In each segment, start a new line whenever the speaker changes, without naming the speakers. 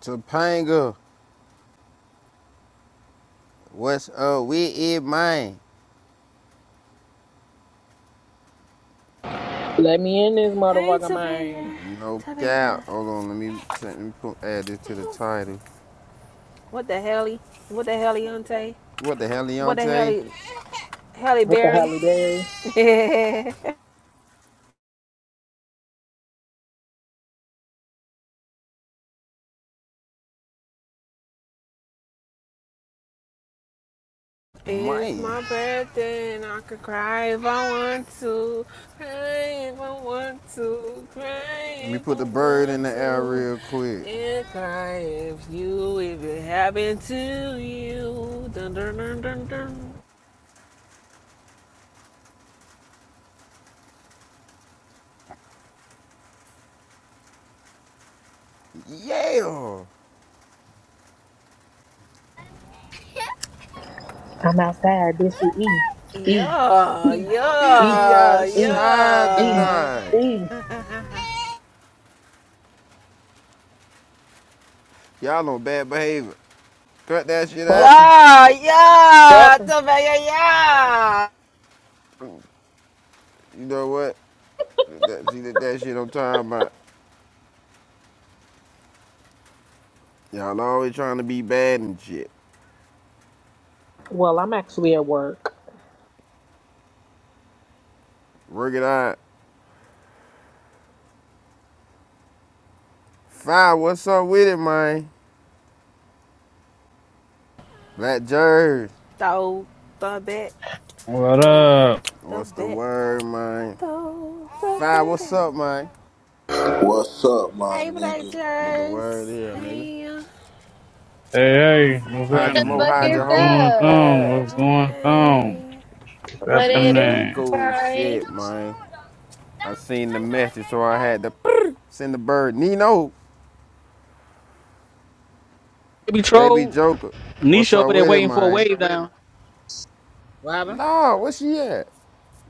Topanga, what's up with it, man?
Let me in this
Hey,
motherfucker, man.
Topanga.
No
Topanga.
cap. Hold on, let me Let me put, add this to the title.
What the hell? he- What the hell, Yonte?
What the hell,
What the hell,
Leontay?
he- Halle
What the
Berry?
Halle Berry?
it's
Man,
my birthday and I could cry if I want to. Cry if I want to.
let
Cry
me
if I
put the bird in
want
the air
to.
real quick.
And cry if you, if it happened to you. Dun dun dun dun dun.
Yeah,
I'm outside. Eat,
Yeah,
be
eat,
we
yeah,
outside
eat,
tonight.
eat.
yeah.
Y'all on bad behavior. Cut that shit out.
Fuck 'em,
Yeah,
fuck
yeah,
'em.
the yeah, yeah.
You know what? That, see that, that shit I'm talking about. Y'all always trying to be bad and shit.
Well, I'm actually at work.
Work it out. Fire, what's up with it, man? Black Jerry.
Throw the back, throw the
What's the
back,
word, man?
throw the
Five, what's
back.
up, man?
What's up,
out.
my
Hey, Black
nigga?
What the word
Jerks.
is, nigga?
Hey. See, how
Hide
you
your mo,
gonna
fuck
hide
is
your
talk
hope.
today,
up?
girl? Hey.
What it
Man,
do,
we cool
Brian?
shit, man. I seen the message, so I had to send the bird. Nino,
Baby
baby
troll,
Joker.
Nisha
What's up
over there
with it,
waiting for a
man?
wave down. What happened?
Nah, where she at?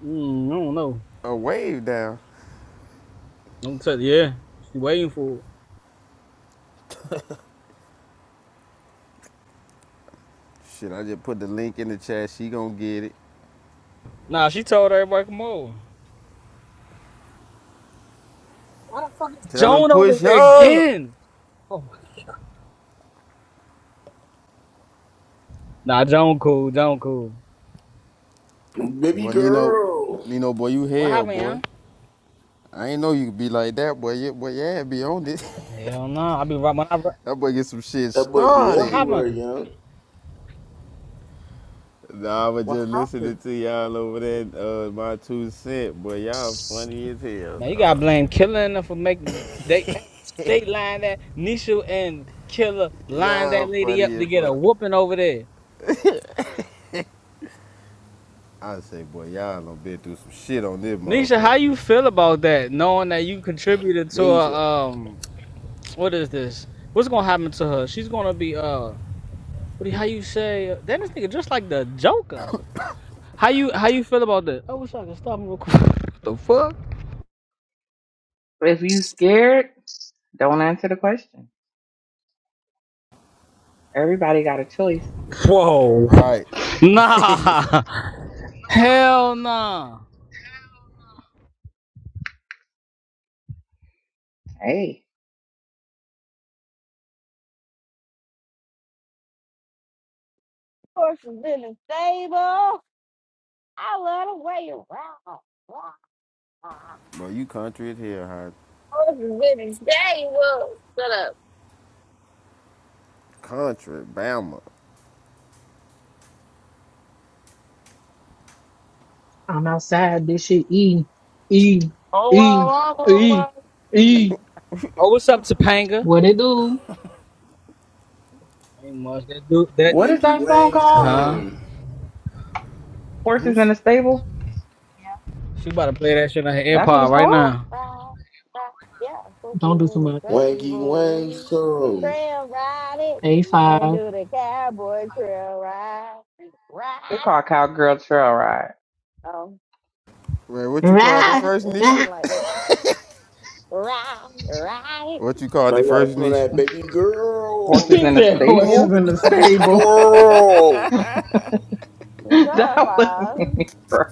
Mm, I don't know.
A wave down.
I'm tell you. yeah, she waiting for. it.
Shit, I just put the link in the chat. She gonna get it.
Nah, she told everybody come over.
Tell him
Joan over
push
here
up.
again. Oh, Nah, Joan cool, Joan cool.
Baby
Boy, Nino,
girl.
Nino, boy, you
what
hell,
happened,
boy.
young?
I ain't know you could be like that, boy. Yeah, boy, yeah, be on this.
Hell no, Nah. I be right when I. right,
That boy get some shit
That boy be
What
started.
everywhere,
happened?
young.
Nah, I was
What
just
happened?
listening to y'all over there, uh, my two cent, boy. Y'all funny as hell,
Man, you gotta
dog.
blame Killer and them for making they hey, they line that Nisha and Killer lined
Y'all
that lady up
funny
to
as
get a
fuck.
whooping over there.
I say, boy, y'all done been through some shit on this
Nisha,
motherfucker.
how you feel about that? Knowing that you contributed to
These
a
shit.
um What is this? What's gonna happen to her? She's gonna be uh. What do how you say? Damn, this nigga just like the Joker. How you how you feel about that? I wish I could stop him real quick. What the fuck?
If you scared, don't answer the question. Everybody got a choice.
Whoa.
Right.
Nah, hell nah.
Hey,
Horses in the stable. I love the way you rock. Horses
Bro, you country as hell, huh?
in the stable. shut up.
Country, Bama.
I'm outside. This shit E. E.
Oh, wow,
E.
wow,
E.
wow, wow.
E.
Yeah.
Oh, what's up, Topanga?
What it do?
Ain't much. That dude, that
what is
Wangy
that song
wang
called?
huh?
some.
Horses
Who's,
in a stable.
She about to play that shit on her
That's what it's
AirPod right
Rock,
called.
now.
rock, rock. Yeah, horses
Don't do too
in the
much.
Wangy wang
stable.
some.
Trail ride it and
A5.
do the cowboy trail ride. Ride
It's called
it.
Cowgirl Trail Ride.
Oh,
man? what you called it
Rah,
well, it
first,
was
Nisha?
something
rah.
like that. Right, right.
What you called
Now
it
you gotta
first,
put on
Nisha?
that baby girl.
Horses
Let
She
in
me
a
see
said
you
horses
dance.
stable.
Let
in
me
the
see you
stable.
twirl.
Shut up,
that wasn't
all.
me, bro.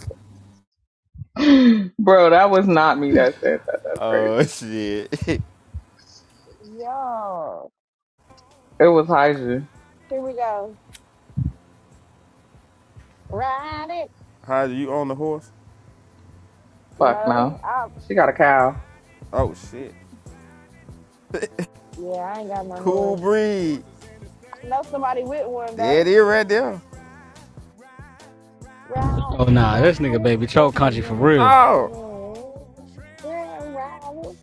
Bro, that was not me that said that. That's crazy.
oh, shit.
Yo,
It was Hydra.
here we go. Ride it.
How you on the horse?
Fuck
No,
no.
I,
She got a cow.
Oh, shit.
yeah, I ain't got my
Cool
horse.
breed.
I know somebody with one,
There it
though.
is right there.
Ride,
Oh nah,
ride
this nigga
it.
baby troll
What's he
country for
gonna
real.
say,
No!
huh? Yeah, ride it.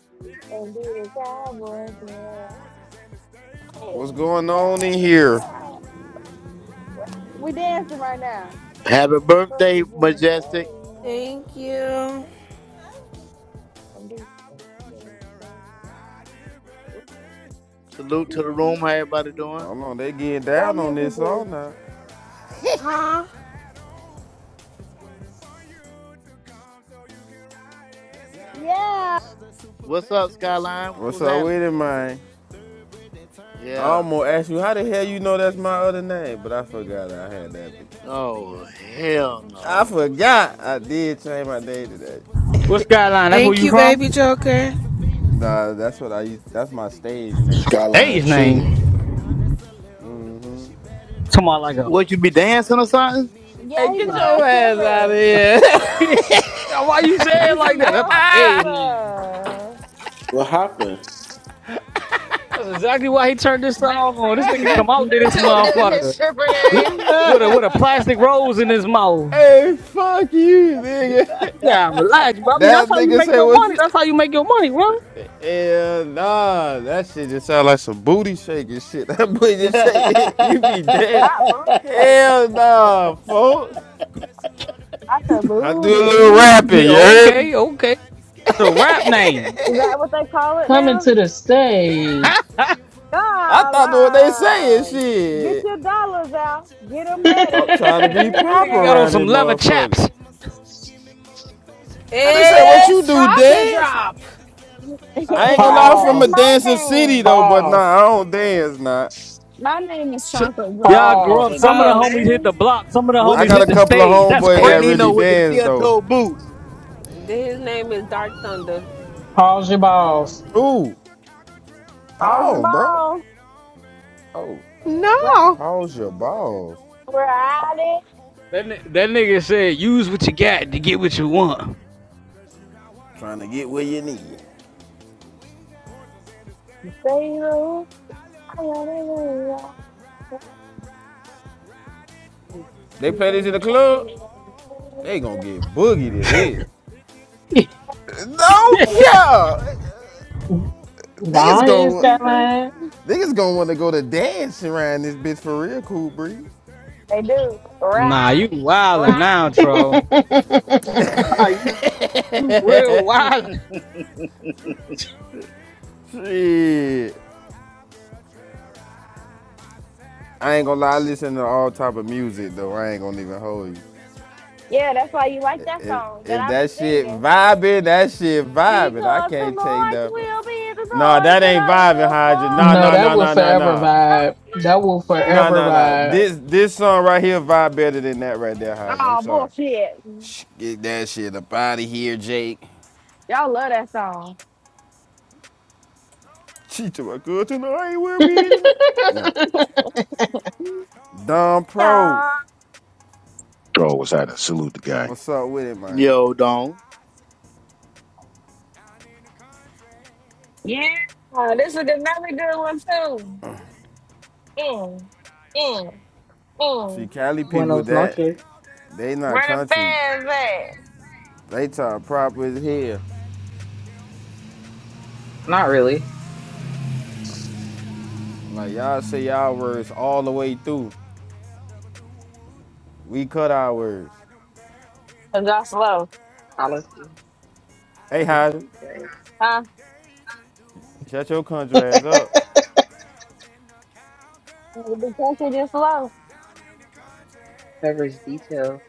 And do the cowboy girl. Hey,
What's going on
yeah,
in
yeah.
here?
We dancing right now.
Happy
What's he
birthday,
gonna say,
Majestic.
Thank
huh?
you.
And do the cowboy girl.
Salute to the room.
Go
How everybody
I
doing?
don't know. They getting down
on
on
mute,
this all night.
Huh?
Yeah.
What's up, Skyline?
What's
What's
up
happening?
with it, man? I
Yeah.
almost asked you how the hell you know that's my other name, but I forgot I had that bitch on.
Oh, hell
I
no.
forgot I did change my name today.
What's Skyline? That's where
Thank
you
you, baby
from?
Joker.
Nah, that's what I used. That's my stage name.
Hey,
Skyline
his
Chili.
name. Talking about like a
What, you be dancing or something?
Hey,
Yeah, he's
get
a
nah.
your
male
ass out of
stripper.
he
here!
Yeah, why you say it
He's a
like that? That's
male
my stage name.
stripper.
What happened?
That's exactly why he turned this
Baby
song on. This nigga
Tracy,
come out to
they
this
told them his
motherfucker
stripper name.
with a with a plastic rose in his mouth.
hey, fuck you, nigga.
You gotta relax, bro. I mean,
That
that's how you
nigga
make
say
your
what?
money.
You,
That's how you make your money, bro.
Hell nah, that shit just sound like some booty shaking shit. That boy just shake, you be dead.
Not booty shaking.
Hell nah, folks.
Not the
I do a little
booty.
rapping,
Yeah,
you heard me?
okay, okay. That's a rap name.
Is that what they call it
Coming
now?
to the stage.
I thought what they saying,
Dollars. Get
shit.
your dollars out. Get them ready.
I'm trying to
Cause
be
here
That
he
proper
nigga got on
around
some
this
leather
comes.
motherfucker.
chaps.
And they say, what you
It's
do,
chocolate
dance?
drop. Oh,
I ain't
hey,
gonna lie,
sorry.
I'm from
that's
a
pause.
my
dancing city
name.
though, but nah,
Pause.
I don't dance, nah.
My name is Chocolate
Y'all
Brown. That
grew up.
Pause.
should be
Some of the
his
Oh,
homies hit
name.
the block. Some of the
Wh-
I
homies
got
hit
a
the
couple of
stage. That's
homeboys
hey,
that really
Nino
crazy.
with the
dance
steel
though.
toe boots.
His name is Dark Thunder.
Pause your balls.
Ooh,
Balls the
pause, bro.
ball.
Oh,
Riding,
No.
pause
it,
your balls.
We're at it.
That ni- that nigga said, "Use what you got to get what you want."
Trying to get where you need.
Say you.
They play this in the club, they gonna get boogied to this. No care. Niggas
Gone is
going to
that line.
niggas gonna want to go to dance around this bitch for real, cool breeze.
They do.
nah,
Ride,
you wildin'
ride.
now, Tro. Ah, you you real wild.
Shit. I ain't gonna lie, I listen to all type of music though. I ain't gonna even hold you.
Yeah, that's why you like that
If
song that
if
I be
that shit
singing.
vibing, that shit vibing. I
Because the
can't take
Lord
that. Bro.
will be the
Nah,
Lord
that
that
ain't
I
vibing,
will
Hydra.
fall
Nah,
for
No,
nah,
that
nah,
will
nah, nah,
forever
nah.
vibe. That will
Nah,
forever
nah, nah.
vibe.
This this song right
him.
here vibe better than that right there, Hydra. I'm
Oh,
sorry.
bullshit.
Get that shit up out of here, Jake.
Y'all love that
She to my good tonight. We're beating up. No. Dom Pro.
song.
Bro was had to salute the guy.
What's up with it, man?
Yo, Don.
Yeah, this is another good one too. Mm, mm,
See,
mm.
Cali people,
Buenos
that
noches.
they not
Where the
country.
fans at?
They talk proper as hell.
Not really.
Like, y'all say y'all words all the way through. We cut our words.
Cause y'all slow,
Policy.
Hey,
Coverage
Hydra,
details.
huh?
shut your country ass up.
The country just slow.
Coverage details.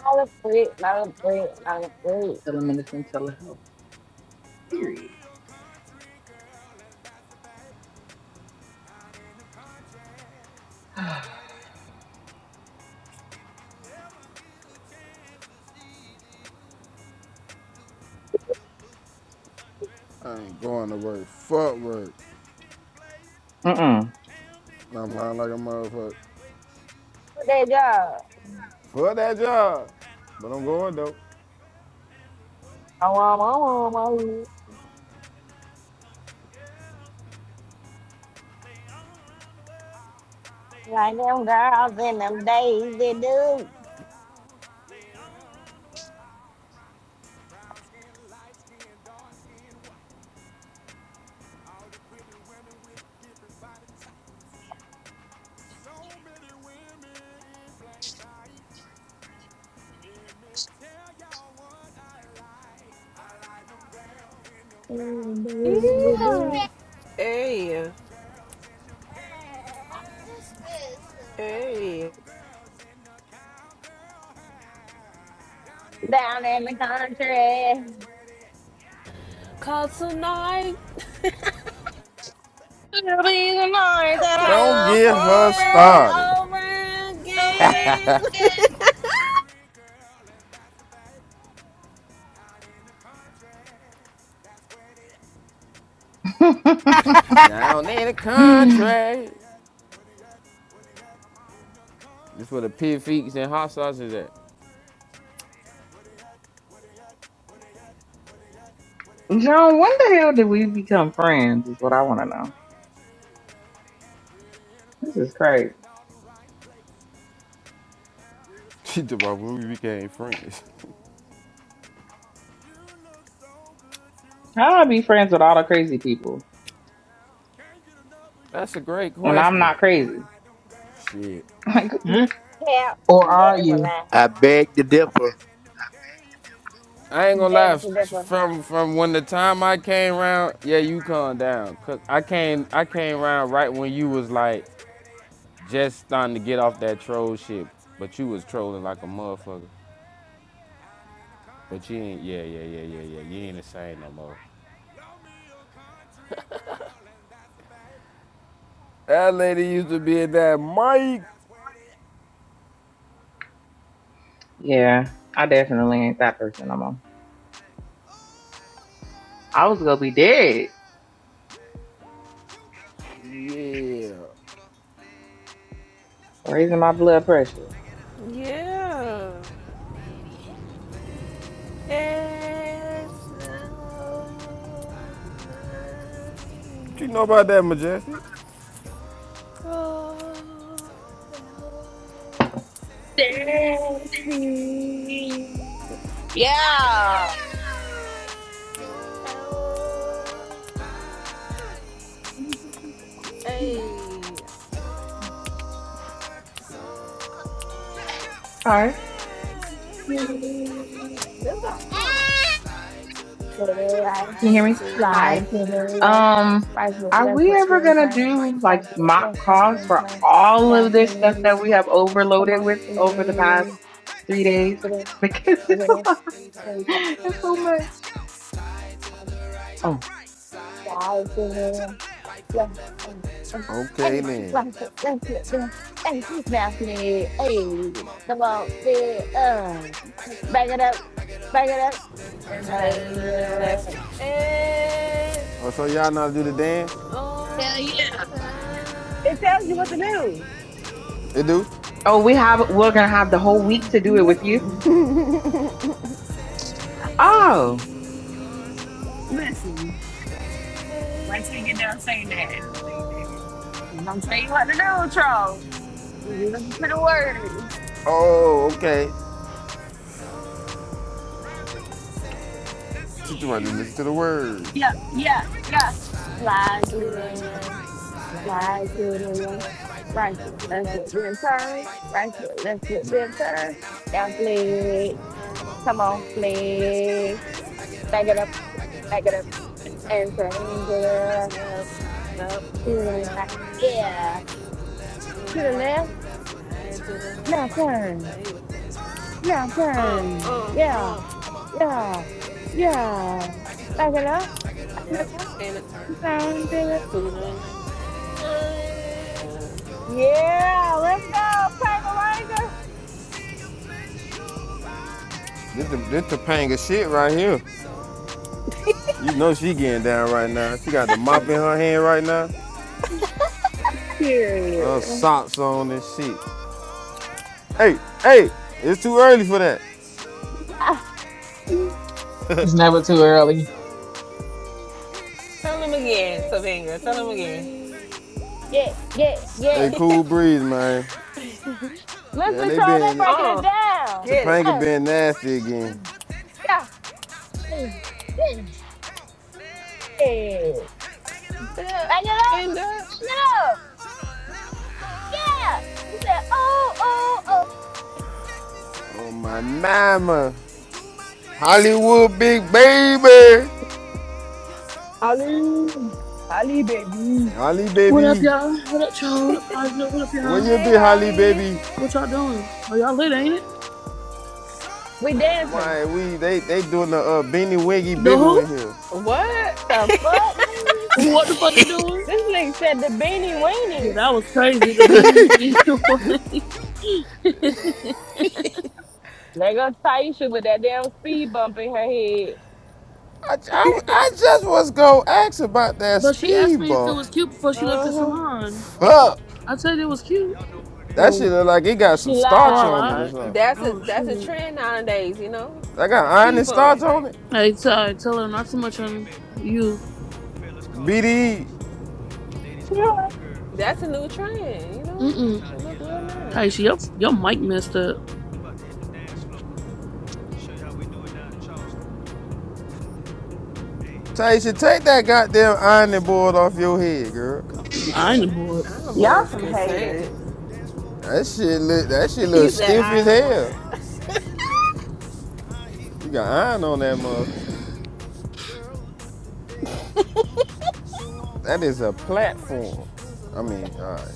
Not a freak, not a freak, not a freak.
Telemedicine telehealth. Period.
I ain't going to work. Fuck work.
Mm-mm.
I'm lying like a motherfucker.
Put that job.
Fuck that job. But I'm going, though.
Oh, oh, oh, oh, oh. Like them girls in them days they do.
Yeah. Hey. Hey.
Down in the country.
Cause tonight,
It'll be the night that I
Don't
will
get
probably
fall
her
you
for
started.
over again.
you.
John,
Down in the country. That's where the pig feet and hot sauce is at.
when the hell did we become friends? Is what I want to know. This is crazy.
She talking about when we became friends.
How do I be friends with all the crazy people
That's a great
when I'm
question.
not crazy?
Shit.
Like,
Hmm?
Cap,
Or
that
are
is a
you?
lie.
I beg to differ.
I
I ain't gonna lie,
beg to differ.
from from when the time I came round, yeah, you calm down. Cause I came I came round right when you was like just starting to get off that troll shit. But you was trolling like a motherfucker. But you ain't yeah, yeah, yeah, yeah, yeah. You ain't the same no more. That lady used to be in that mic.
yeah, I definitely ain't that person no more. I was gonna be dead,
Yeah.
raising my blood pressure.
yeah. It's so nice.
What you know about that, Majestic?
Oh, the whole
Therapy.
fancy.
Yeah.
Hey,
All right,
to
let's go.
the right,
can you
Side
hear me?
to the
lie
Hi.
to the
right,
left,
Um,
right foot,
are
left
we
foot,
ever
then
gonna
turn,
do
right
like
foot,
mock
left foot,
calls
then
for
turn.
all
Now
of this stuff that
please,
we have
come
overloaded
on,
with over the past
please.
three days?
Look at this,
Because
look at this.
it's so much. Oh,
Please, Matthew,
Okay then.
hey, come on, the, uh, let's back it up, back it up, and back
tighter than the
it
left.
up.
It's
Oh, so y'all know how to do the dance?
all
Hell yeah. It tells you what to
dying
do.
It do?
oh, we have we're gonna have the whole
Yeah,
week to do
down.
it with you.
Listen,
Oh, let's
Oh,
see.
listen. Wait till you get done saying that. I'm gonna tell you what to do, troll. Do you listen to the words?
Oh, okay. She too much to listen to the words.
Yeah, yeah, yeah. Fly
To the
to
right, slide
Slide
to
to the
the
left,
left,
right foot, left
slide
foot, then turn. Right foot, left foot, then turn. Now
to
flex.
the
Come on,
right,
flex. Back it up, back it up, and turn
yep, up,
To the
slide
left.
to the
Yeah.
left, to the
To the
right,
left.
slide to the
Now
left,
turn.
slide,
Now
uh,
turn.
uh,
Yeah,
uh,
yeah, yeah. Back it up, back it
yep,
up,
and
turn to the
to the right. Uh, yeah.
Yeah, let's
This this Topanga shit right here. You know she getting down right now. She got the
go,
mop in
Pangalaga.
her hand right now. Uh,
Period.
socks on and shit. Hey, hey, it's too early for that.
It's never too early.
Tell them again,
Yeah,
Tavanga, tell them again.
yeah,
Hey,
yeah.
cool breeze, man. Man,
Listen,
they
troll, they
been
breaking
Uh,
it down.
get it.
Topanga
Hey,
been nasty again.
yeah. Yeah. yeah.
End up.
Back it up.
End up.
Shut up. Yeah. You said, oh, oh,
Oh my mama.
oh.
Hollywood big baby.
Ali. Ali, baby.
Holly
What up,
baby.
y'all? What up, y'all? What up, Positive? What up,
Where
y'all?
you
Hey,
be, Holly
Holly.
baby?
What y'all doing? Are y'all lit, ain't it?
We dancing.
My, we they they doing the uh, beanie wiggy
The
biggle
who?
in here.
What?
The fuck, nigga?
What the fuck they doing?
This nigga said the beanie
Yeah,
weenie.
that was crazy. The beanie weenie.
Nigga Taisha with that damn speed bump in her head.
I, I, I just was gonna ask about that
but she asked
speed
me if it
bump.
was cute before she left the
Uh-huh.
salon.
Fuck,
I said it was cute.
that shit
Oh,
look like it got
she
some
Oh,
starch
I
on it or
lied.
lied?
something.
that's a
Oh,
that's a
shit.
trend nowadays. You know,
That got
a
iron
speed
and
bump.
starch on it.
Hey, t- I tell her not so much on you.
BD,
Yeah.
That's a new trend. You know,
Mm-mm.
they look real
Taisha, your,
nice.
your mic messed up.
Tyson, take that goddamn ironing board off your head, girl.
I ain't bored.
Our
Y'all
boys
some
can
haters.
sing.
That shit look that shit
He
look
said,
stiff
"I
as
am
hell.
one."
You got iron on that mother. That is a platform. I mean, all right.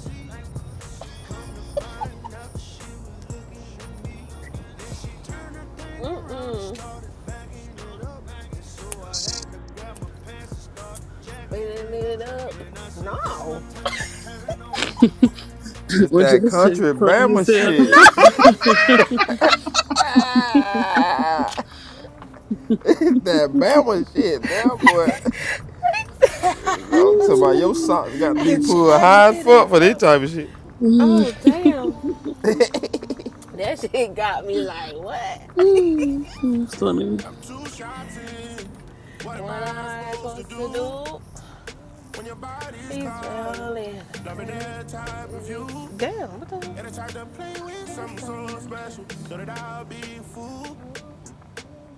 Mm-mm. But they made it up. No.
It's
What
that
you say?
country
Funny
Bama
as hell.
shit.
No.
Ah, that Bama shit, that boy. I'm talking about your socks got to be
and
pulled high as
checking it
fuck for this
up.
type of shit.
Woo.
Oh damn. That shit got me like, what?
Mm, so many.
I'm too shy to. What am
what am
I
I
supposed to
supposed to
do
do?
when your body's
He's
calling?
falling.
Loving
I
that type of you.
Damn, what the hell?
And I tried to play with
There's
something so
something
special. Know
special.
that I'll be a fool.
And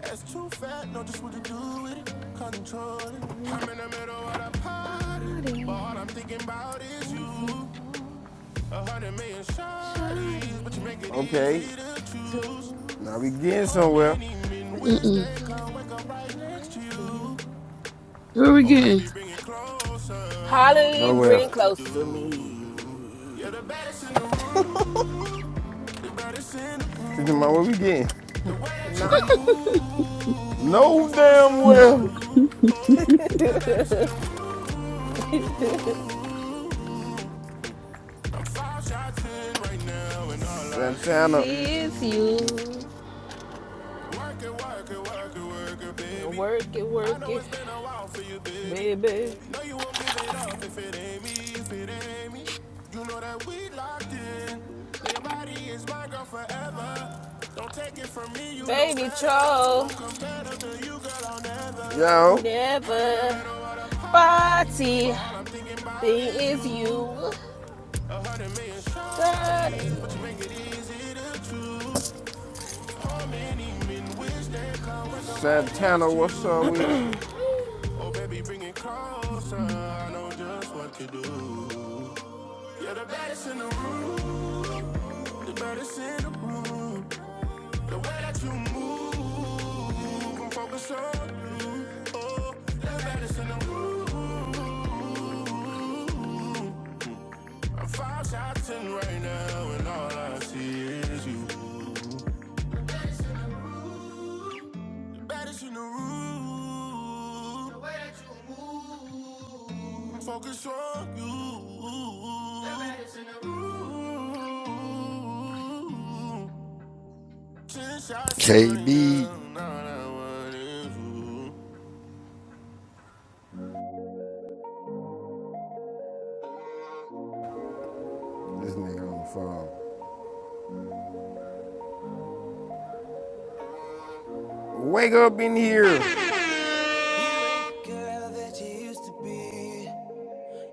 That's too fat, know just what to
I
do with it. Control it.
feel like
I'm in the middle of the party. But
everybody
all I'm thinking about is
is you.
you. A hundred million shawties, but you
Shawty
make it
Okay,
easy to choose.
now we
tools.
getting
How
somewhere.
many men wish
Mm-mm.
they
Beneath your
could wake up
love,
right
I
next to
miss you.
you?
Here we
Oh,
again.
baby, bring it closer. I know
Holly,
just
Nowhere.
bring
what to
close to
do.
me.
You're the baddest in the room. The baddest in the
Keep in mind where
room.
we getting.
The way that you
No.
move,
No
I'm focused
damn well.
on you. Oh, the baddest in the room. I'm five shots in right now, and all I
Santana,
see is
Sees
you.
you.
Work it, work it, work it, work it, baby.
Work it,
I
work
know
it,
it's been a while for you, baby.
baby.
No, you won't give it up if it ain't me, if it ain't me. You know that we locked in. Now your body is my girl forever. Don't take it from me, you know
Baby
better.
troll,
Won't compare them to you, girl, I'll never.
yo,
I'm in the
never
middle of the party, but
party.
all I'm thinking about
Thing
is
is
you.
you,
A hundred million shorties,
daddy.
but you make it easy to choose. How many men wish they could wake up right
Santana,
next to
what's up
you?
with you?
Oh, baby, bring it closer. I know just what to do. You're the baddest in the room, the baddest in the room. The way that you move, I'm focused on you. Oh, the baddest in the room. I'm five shots in right now, and all I see is you. The baddest in the room. The baddest in the room. The way that you move. Focus on you. Ooh, ten shots in right
KB,
now, not I want is you.
This nigga on the phone. Wake up in here.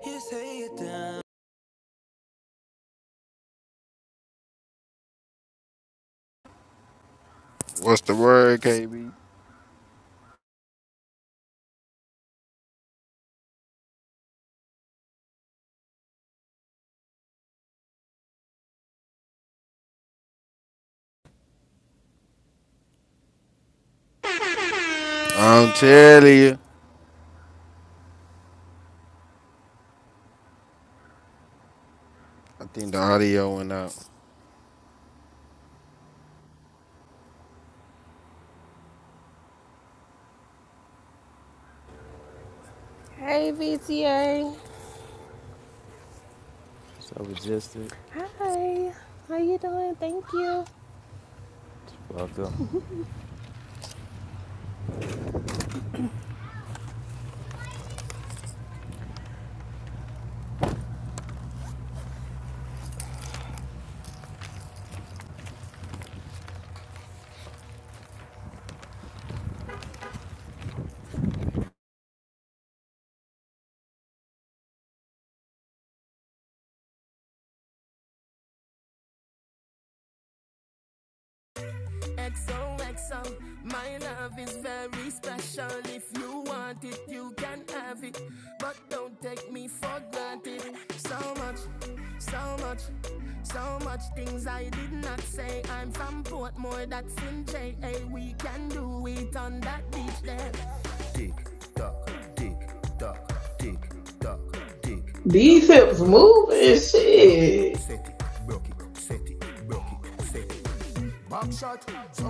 You say it down.
what's the word, KB?
Thank
I'm
you.
telling you. I think the audio went out.
Hey, VTA. Hi. How you doing? Thank you.
Tick tock, tick tock, tick tock, tick tock.
These hips
Broke
move
it, set
and
it, broke it,
shit.
set it, broke it, set it.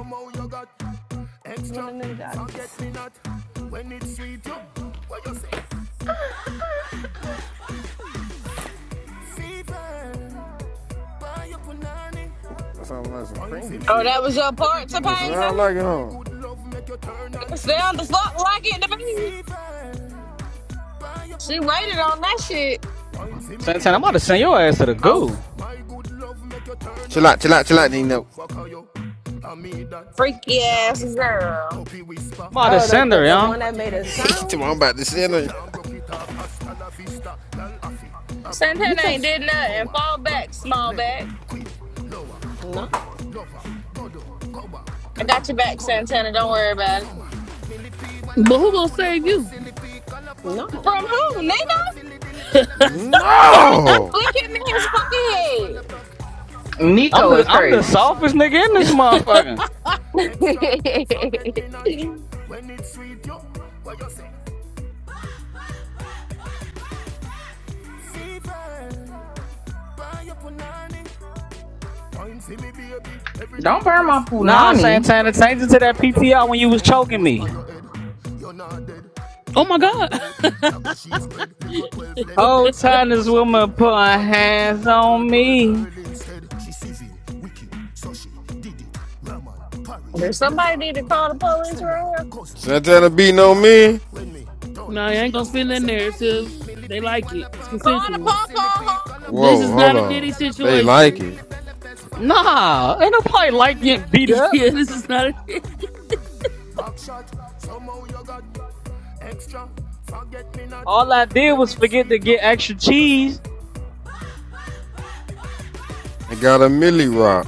Mo you gotcha,
One of the
forget
dots.
me not. When it's sweet, you what you say?
Sounds like some cranky
Oh,
shit.
that was
Yes,
your part,
It
Topanga?
sound like it,
my
huh?
It sounded
spine
fuck like it to me. She waited on that shit.
see me be
Santana, I'm about to send your
pretty.
ass to the
Oh,
goo.
Chill out, chill out, chill out, Nino.
freaky ass girl.
I'm about to
Oh, the,
send
the,
her,
the
young.
one that made a sound?
Tomorrow I'm about to send her.
You
Santana
took...
ain't did nothing. Fall back, small back.
No.
I got your back, Santana. Don't worry about it.
But who gonna save you?
No.
From who, nigga? Grandma
No!
flick him
I'm
Nico
the
is
I'm the
crazy.
softest nigga in this motherfucker.
in his fucking head.
Don't burn my
Nah,
punani.
Santana, change it to that PTR when you was choking me.
oh my God.
Whole time this woman putting hands on me.
Does somebody need to call the police right here?
Santana beating on me?
No, I ain't gonna spin that narrative. They like it. It's
Call the
consensual.
papa, huh?
This
Whoa,
is
hold
not a
on.
Diddy
They like
situation.
it.
Nah, ain't nobody like getting beat up.
yeah, this is not a Diddy.
All I did was forget to get extra cheese.
They got a millie rock.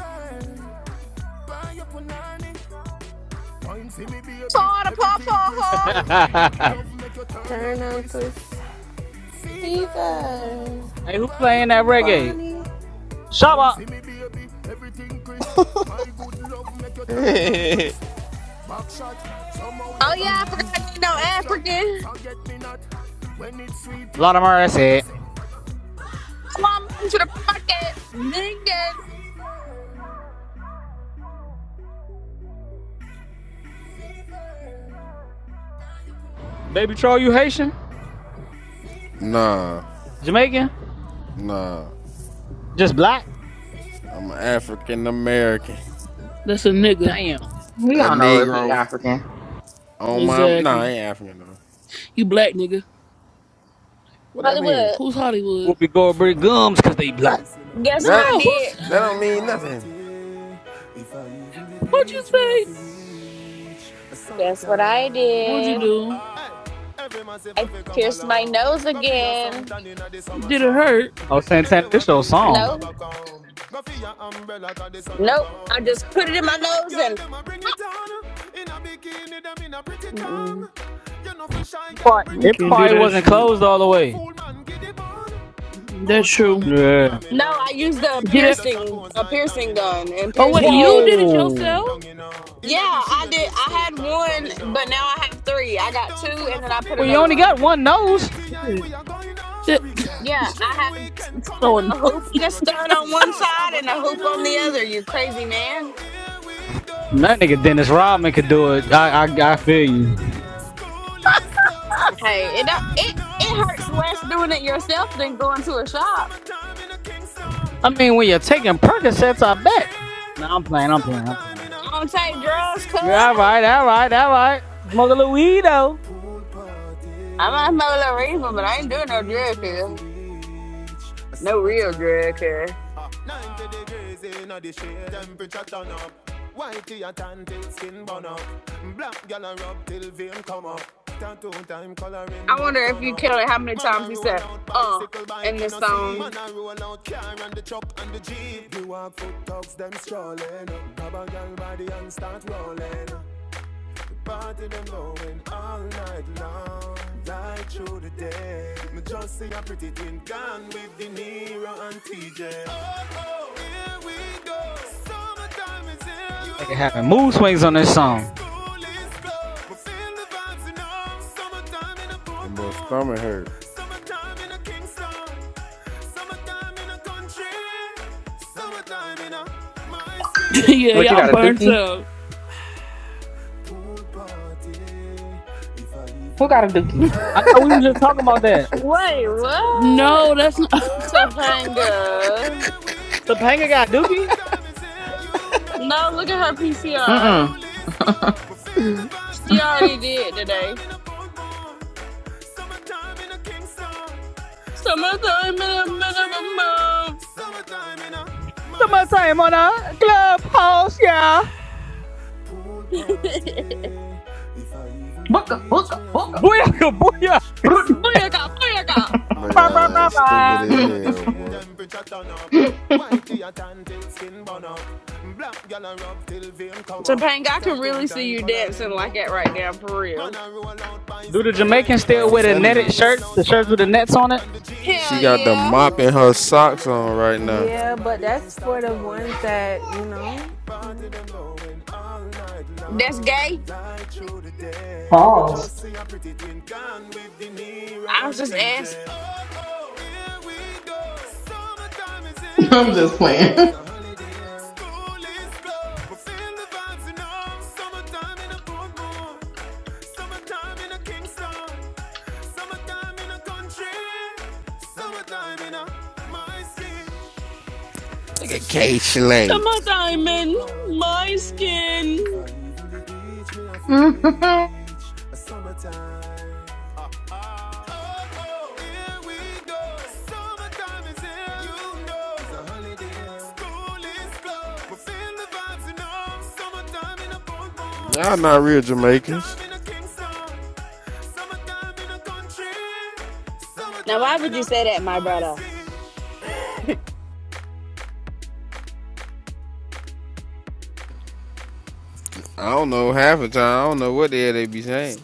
Call the papa,
hey,
huh?
Turn on twist. Fever.
who playing that reggae?
Bonnie.
Shabba.
and crisp. Back shot, somehow
Oh,
you
yeah,
got
I forgot I need no
extra.
African.
Forget me not when it's sweet, yo.
Lord of
What you
mercy.
say?
Mom, I'm to the market. Big day.
Baby troll, you Haitian?
nah,
Jamaican?
nah.
Just black?
I'm an African American.
That's a nigga.
Damn.
We
A
don't know if he
Negro.
African.
On my nah,
Exactly.
I ain't African though.
You black nigga.
What that mean?
Hollywood.
Who's
Hey,
Hollywood?
Whoopi Goldberg
Yannick Cole,
gums
I
because
gonna
they
love
black.
this, you
Guess
know.
what
That
I
No,
did?
who's.
that don't
Pool
mean nothing.
party. If I even the
What'd you
beach, me have to
say?
reach a
Guess what I
summertime.
What'd you
did?
do?
Hey, every man say fi come
Pierced my
along.
nose
Go fi your sun
again.
tan inna the summer
Did it
sun.
hurt?
Oh,
If
Santana,
you
this
want
your
bleach, ya,
song.
go
No,
back home. Go fi your umbrella 'cause the sun a
nope. I just put it
burn.
in my
the young
nose
girl
and
them a bring it on. In a bikini them in a pretty
Mm-mm.
tongue. You know fi shy
It
girl bring
I
probably,
it
can't do
come.
that
wasn't
If you
shit.
closed
have a
all the
fool,
way.
fool man give it bun.
That's
Both more
true.
me come
Yeah.
from me
no,
now.
I used a
Pretty
Did
girl
it.
does a
piercing,
pose
a
like
piercing
domino.
gun and
Oh,
And the
pierced
wait,
it
tongues
you
them
again.
did
a
it
rub
yourself?
them
Whoa.
down you know.
Yeah,
Inna the
I
shade
did.
with
I
straight
had
vibes from me
one, but
now.
now I have three. I got
Uptown
two
full
and
of
then I
fun, you
put
Well,
know.
you
another
only
one.
Nah,
got
bro.
one nose.
Oh,
ATI,
shit.
we are going on.
It's
Cherry Garden.
Yeah,
Dream
I have
Weekend
so
coming on.
a
annoying.
hoop and a
Middlesboro,
stud on
Jackson.
one
Smash, I
side and
got
a
done, you
hoop on
know.
the other. You
Oh,
crazy man.
oh, here we go.
That nigga Dennis
Summertime
Rodman
is
could do
here,
it. I,
you
I,
know.
I
It's
feel
a
you.
holiday. School is closed. we feel
Hey, it
the
don't,
vibes,
it
you
it
know.
hurts less
Summertime
doing
in a
it yourself than going
boardwalk,
to a shop.
Summertime in a
I
Kingston.
mean, when you're taking
Summertime in a
Percocets, I bet.
country.
No, nah, I'm playing. I'm playing. I'm
Summertime
playing.
in a
I don't take
my
drugs, cuz.
city.
Yeah, all right, all right, all right. Smoke a little weed though.
pool party.
I might smoke a
If
little
I
reefer, but I
even
ain't
the
doing no
beach,
drug
me I
cuz.
feel rich? a
No real drug
summertime.
cuz.
Ah, 90 degrees in the shade, temperature turn up. Whitey and tan till skin burn up. Black gal a rub till vein come up. Tattoo time coloring
I wonder
book
if
turn
you
up.
counted how many
Man a
times he
roll
said,
out
uh,
bicycle bike,
in
you
this
no see. Man
song.
a roll out car and the truck and the jeep. The walk foot dogs them strolling. Grab a girl body and start rolling. Oh, true, you pretty the neat. Oh, go.
Nigga having mood swings on this song.
School
That boy stomach hurt.
yeah,
What you
y'all
got a
burnt
dookie?
up.
Who got a dookie?
I know we were just talking about that.
Wait,
No,
what?
that's not.
Topanga.
Topanga got Dookie.
No, look at her PCR.
Mm mm.
She already did today. Summertime in a bit of a
Summertime.
Sumacay
eh.
on a clubhouse, yeah.
move.
day. If I even the
Booka booka
beach, me have
booka.
to
Booyah, booyah.
reach a
Booyaka,
summertime.
booyaka.
Ah,
But
Bah,
y'all
bah, bah,
that
90
stupid
degrees
bah.
as
in
y'all
the
hell,
shade,
boy.
temperature turn up. Whitey and tan till skin burn up. Black gal a rub till vein come up.
Topanga, I can
Tattoo
really see
time
you dancing
coloring
like
book
that
turn
right
up.
now, for
Man
real.
a roll out
Do the
bicycle
Hey,
bike,
Jamaicans
you know
hey,
still
I'm
wear the
see.
telling
Man
netted
a
you,
roll
shirts,
out
the shirts
car
with the
and the
nets
truck
on it?
and the jeep.
she
Hell
The
got the
walk
yeah.
foot
mop in
dogs
her
them
socks
strolling.
on right
Grab a
now.
gal
Yeah, but
body
that's
and
for
start
the ones
rolling.
that, you know.
Party them going all night
That's
long,
gay.
light through the day. Me
Pause.
just see a pretty twin gone with De Niro
I was
and
just
TJ.
asking.
Oh, oh, here we go. Summertime is here,
I'm
you
just
know.
playing.
It's a holiday. School is closed, We feel the vibes, you know. Summertime in a Portmore, summertime in a Kingston, summertime in a country, summertime in a my city.
Look at K
To
Slate.
my
pool
diamond,
party.
my
If I
skin.
even the beach, me have to reach a summertime. Oh no, here we go. Summertime is here. You know it's a holiday. School is closed. We feel the vibes, you know. Summertime in a boom boom.
Y'all not real
Summertime
Jamaicans.
in a Kingston. Summertime in a country.
Now, why
Summertime
would
in
you
a
say that, my
my
brother?
city.
I don't know half the time. I don't know what the hell they be saying.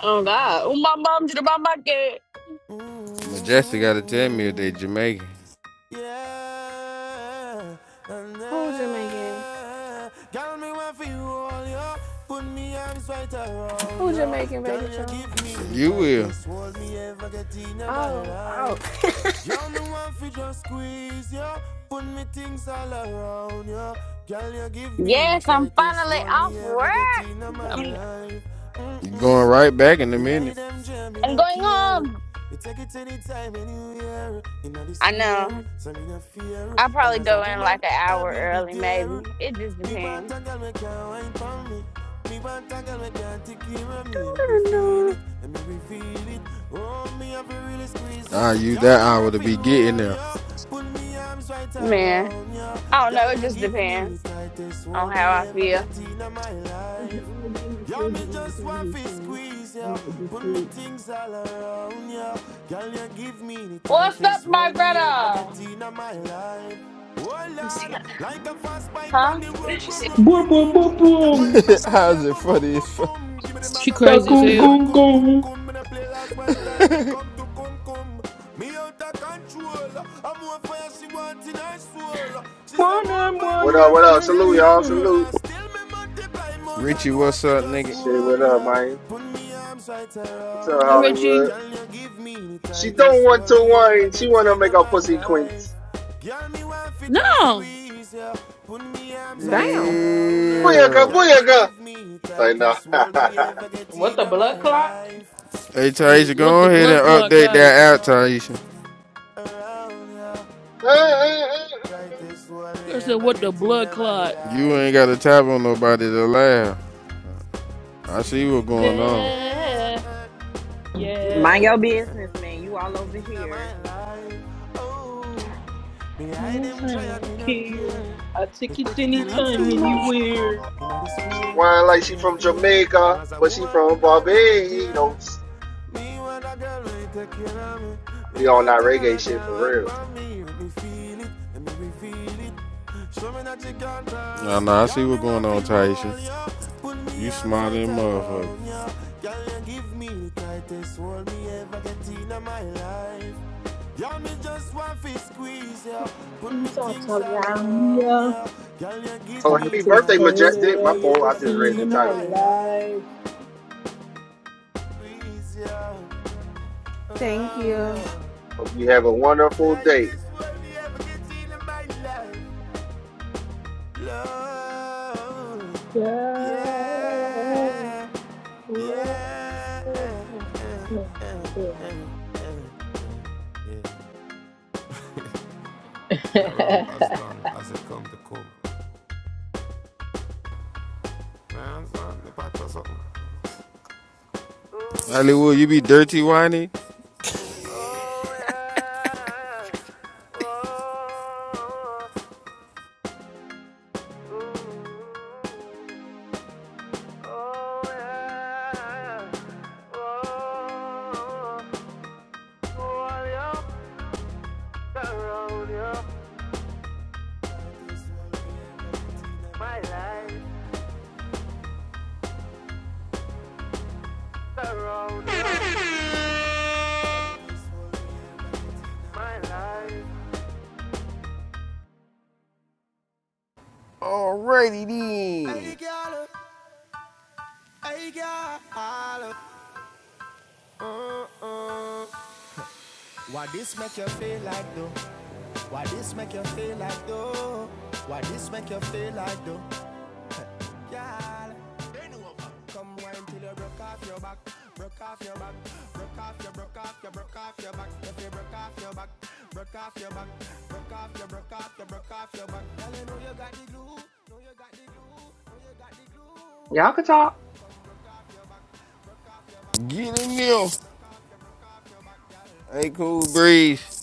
Oh, God. Oh, my mom did about my kid.
Majestic got to tell me if
Mm.
they Jamaican.
Yeah, and
Who Jamaican?
then, girl, me want for you all, yo. Put me arms right around
Who
you.
Jamaican, baby
Girl, you
Charles?
give me the
You will.
tightest hold me ever get in my
Oh, oh.
life. Girl, me want for just squeeze ya Put me things all around ya Girl, you give me the
Yes, I'm
tightest
finally
hold me
off work.
ever get in my
I'm,
life
You going
Mm-mm
right back in a
me
minute.
hide them dream, me
I'm
no
going
care.
home.
Me take it anytime, anywhere. In the
I know.
square, so me no fear.
I'll
Long
probably
as a
go in
woman,
like an
I
hour
will be
early,
there.
maybe. It just
Me want
depends.
a girl, me can't wine for me. Me want a girl, me can't take care of me. Let me feel
Doo-doo-doo-doo.
it, let me reveal it. Oh, me have to really squeeze it.
I use
Girl,
that
me
hour
want
to
for
be
you
getting
all,
there.
yo. Put me arms right
Man,
around you.
I don't know.
Girl,
It
you
just
give me the
depends
tightest
on
hold
how
me
I
ever
feel.
get in my
It's the only
life.
day my
Yeah,
kids
me
don't have
just want
classes,
to
so
squeeze,
I
yeah.
might just
Put me
sleep.
things all around, yeah. Girl, you give me the
What's up,
tightest
my
hold me ever get
brother?
in my life. Oh Lord, like a fast bike on the road,
Huh?
boom, boom,
Boom,
boom,
boom,
boom.
boom,
Girl, on the
boom.
back and she
How's
a
it
boom, boom,
funny as
boom,
fuck?
boom cum. Give me the
She
maga one,
crazy as
not the
Fa-kun,
fat
hell.
kun,
cum cum
kun.
cum. Me I play last one time, it come to cum cum. Me out of control. I'm more fire she want in her soul. She say more
Morning,
and
What up?
more
morning.
What
and
up?
ding,
Salute
still
ding,
she
y'all.
ding.
grown
Salute.
and still me multiply more. Girl,
Richie,
me want
what's
fi
up,
just
nigga?
Shit. What
hold
up,
ya.
man?
Put me arms right
What's up,
around
Hey,
ya.
Richie.
Hollywood?
Can you give me the
She don't
tightest
want
hold
to
me ever
wine. She
get
want to
in
make her
my
pussy quince.
life? Girl, me want to just
No.
squeeze ya. yeah. Put me arms right
Damn.
around ya. yeah.
Booyaka,
Yeah.
Girl, you
booyaka.
give me
Say no.
tightest hold me ever get
What
in
the
my
blood clot?
life.
Hey,
Hey,
Taisha,
what
go
the
ahead
blood
and
clot
update
got it?
Squeeze
that
ya,
out, Taisha.
yeah. around ya. yeah. Tightest hold me
I said,
ever
what the
get in
blood
my
clot?
You
life.
ain't got to tap on nobody to laugh. I
Sweet
see what's
little
going
devil,
on.
Yeah,
eh, eh,
yeah.
Mind your
Yes,
business, man. You all over
in
here.
my life. Oh, me hide
don't
them try and me no
care.
care.
I
Me
take it
take it
Not too
anytime,
anytime,
much.
anywhere.
anywhere.
In the
She's
sphere,
whining
so
like
me
she
no
from
fear. Long
Jamaica,
as a
but she
woman,
from
I will be there.
Barbados.
Me want a girl who take care of me. Me
Be on that
want a girl
reggae
who
shit
can
for
wine
real.
for me. Let me feel it, let me feel it. Show me that you can turn.
Nah, nah, I see
Girl, me
what's going
want for
on,
you
Taisha.
all, yo. Put me
You
arms
smarter
right
than motherfucker.
around you. Girl, you give me the tightest hold me ever get in my life. Girl, me just want fi squeeze ya. Put me
Things all
things all
around
around
ya.
ya. Girl, you give
Oh,
me
happy
the
Tightest
birthday,
hold I
tightest
Majestic.
hold
My
me
ever
fault.
could
I
ever
just
get
read
seen
the
in
in my
title.
my life.
life.
Squeeze ya
Thank
around yeah.
you.
Hope you have a wonderful
Like
day.
this will be ever get in my life
Yeah. Whoa.
And I ramp as long as it come to come Man, son, the part for something
Hollywood, you be dirty whiny?
Oh, oh, oh, yeah. Oh, oh, all you, around you, my life, around you. Remember
Alrighty
could talk.
then. Get in there. Hey, cool breeze.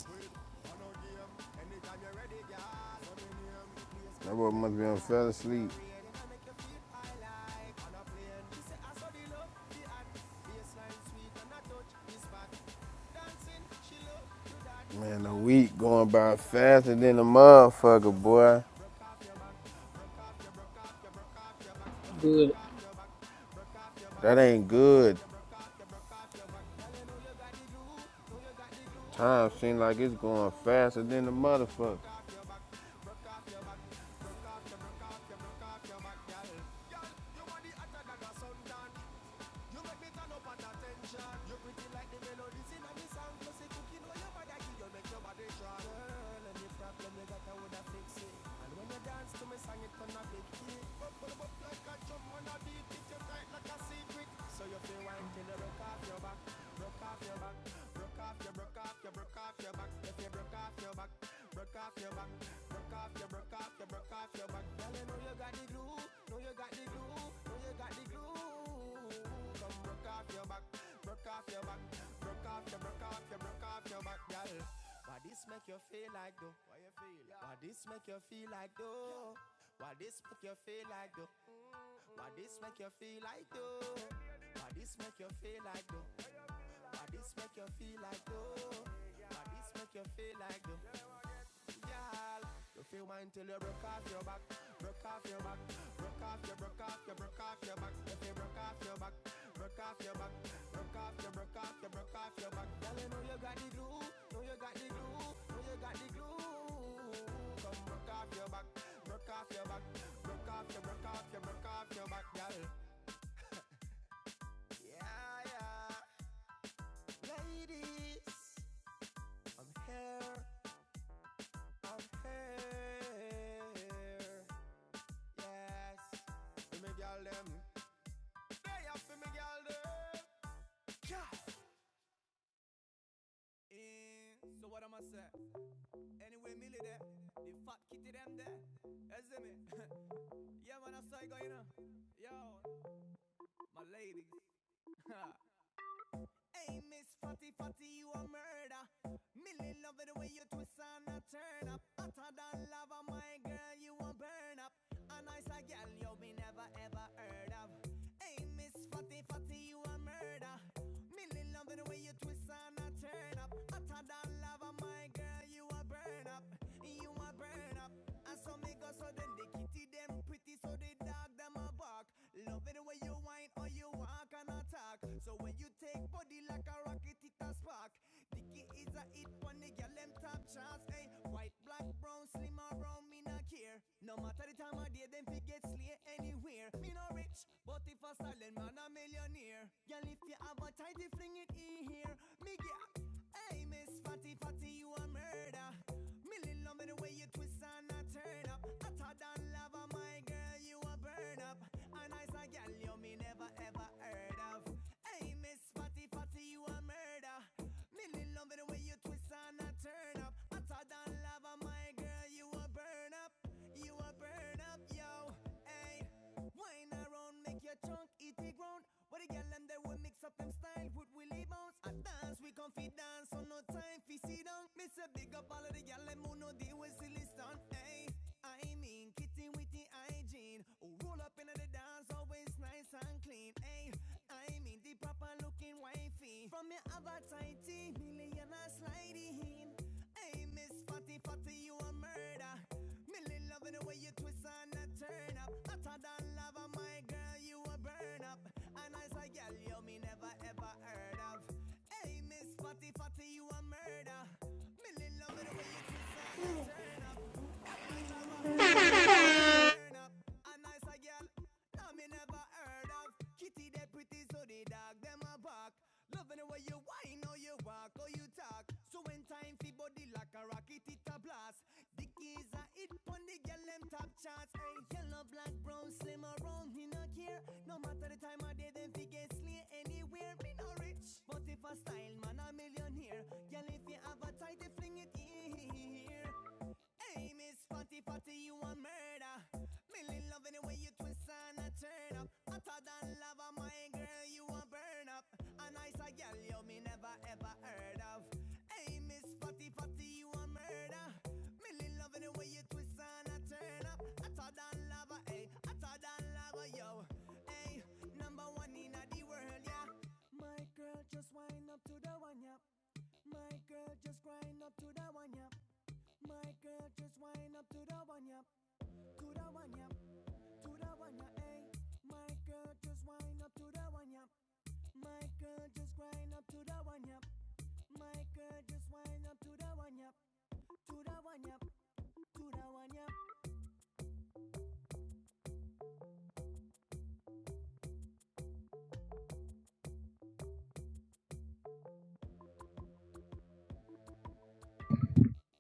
That boy must be on fell asleep. Man, the week going by faster than a motherfucker, boy.
Good.
That ain't good. Time seems like it's going faster than the motherfucker.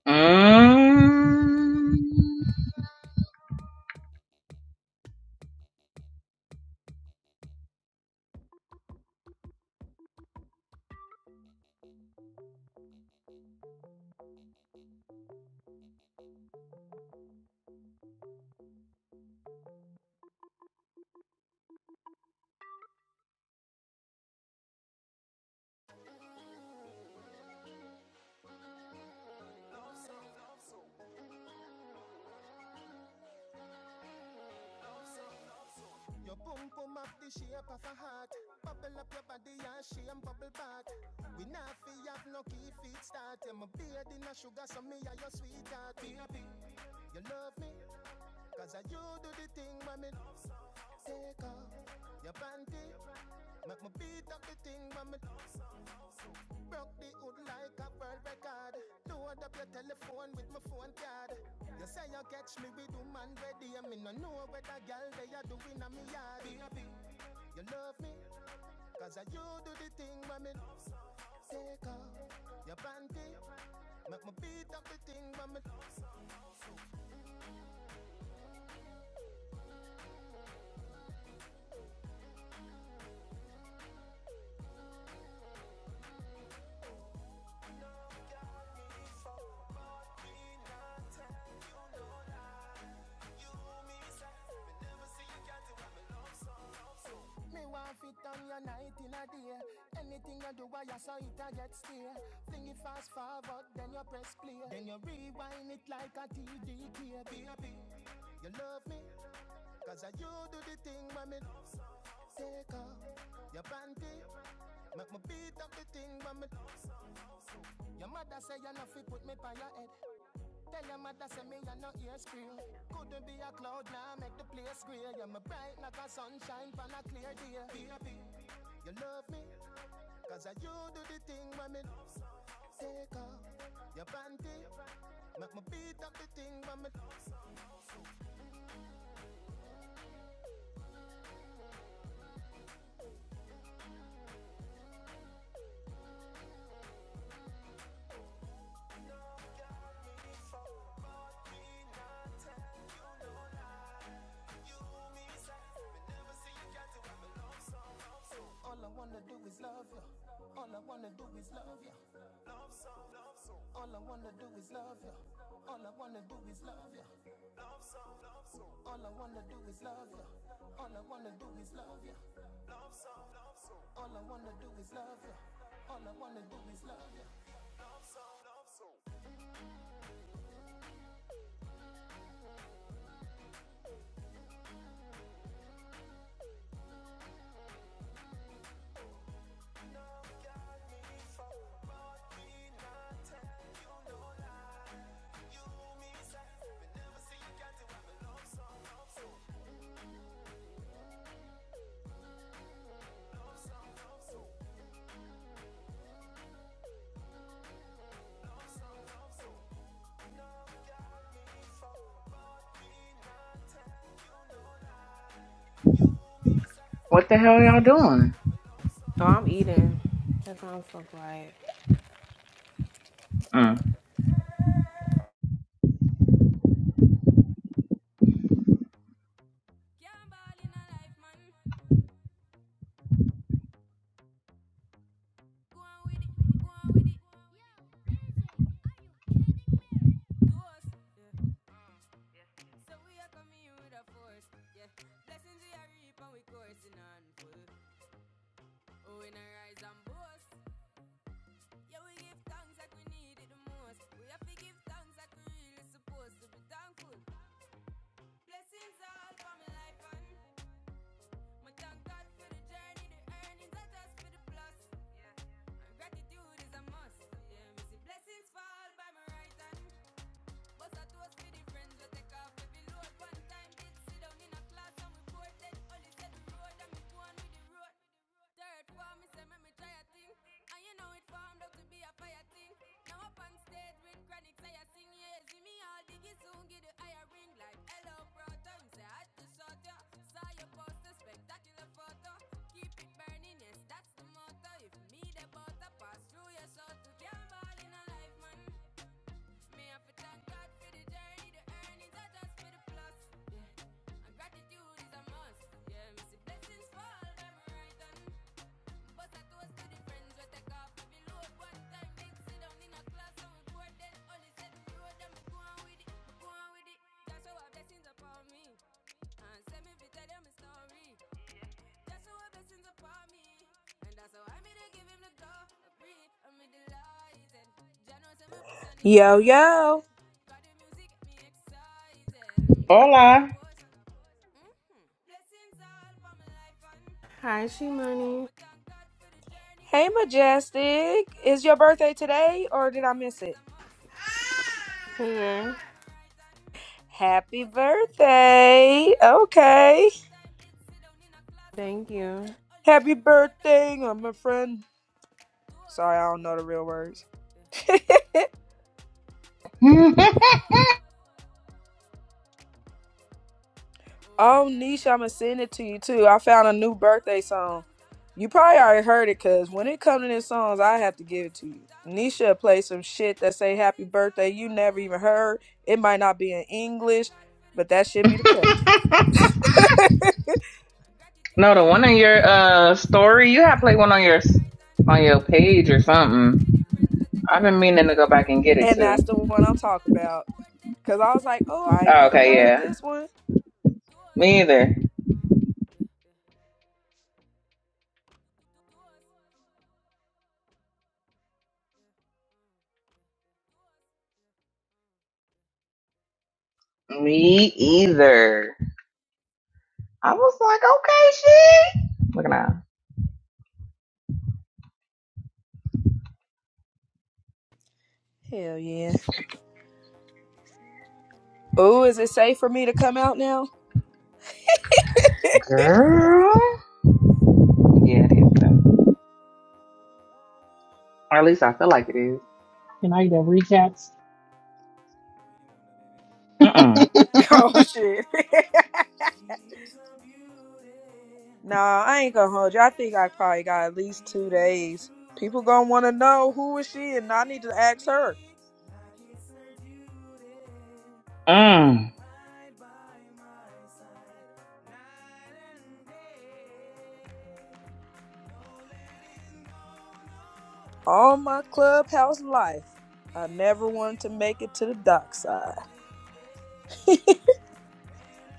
Mm. What the hell y'all doing?
Oh, I'm eating. That's why I'm so quiet.
Mm.
Yo, yo.
Hola.
Hi, She Money.
Hey, Majestic. Is your birthday today or did I miss it?
Yeah.
Happy birthday. Okay.
Thank you.
Happy birthday, I'm friend. Sorry, I don't know the real words. oh, Nisha, I'm going to send it to you too. I found a new birthday song. You probably already heard it because when it comes to these songs, I have to give it to you. Nisha play some shit that say happy birthday you never even heard. It might not be in English, but that should be the cut.
No, the one on your uh story, you have played one on your on your page or something. I've been meaning to go back and get it
And that's
too.
the one I'm talking about. Cause I was like, oh, I ain't
Oh,
never
okay,
heard
yeah.
this one.
Me either. Me either. I was like, okay, she look at that
Hell yeah. Oh, is it safe for me to come out now?
Girl. Yeah, it is. though. Or at least I feel like it is.
Can I get recaps?
Mm-mm.
oh shit. nah, I ain't gonna hold you. I think I probably got at least two days. People gonna wanna know who is she and I need to ask her.
Mm.
All my clubhouse life. I never wanted to make it to the dock side.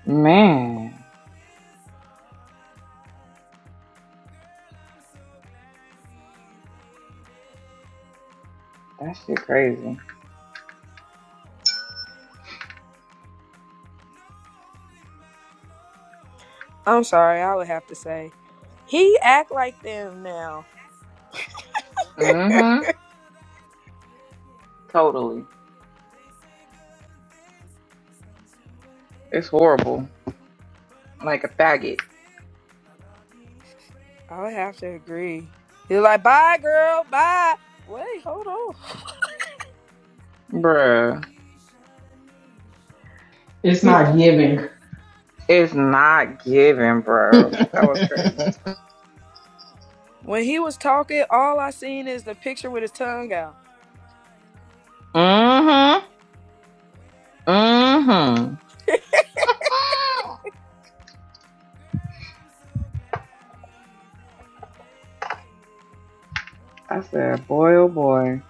Man. That shit crazy.
I'm sorry, I would have to say. He act like them now.
Mm-hmm. Totally. It's horrible. Like a faggot.
I would have to agree. He was like, bye, girl, bye. Wait, hold on.
Bruh.
It's not giving.
It's not giving, bro. That was crazy.
When he was talking, all I seen is the picture with his tongue out.
Mm-hmm. Mm-hmm. I said, boy, oh boy.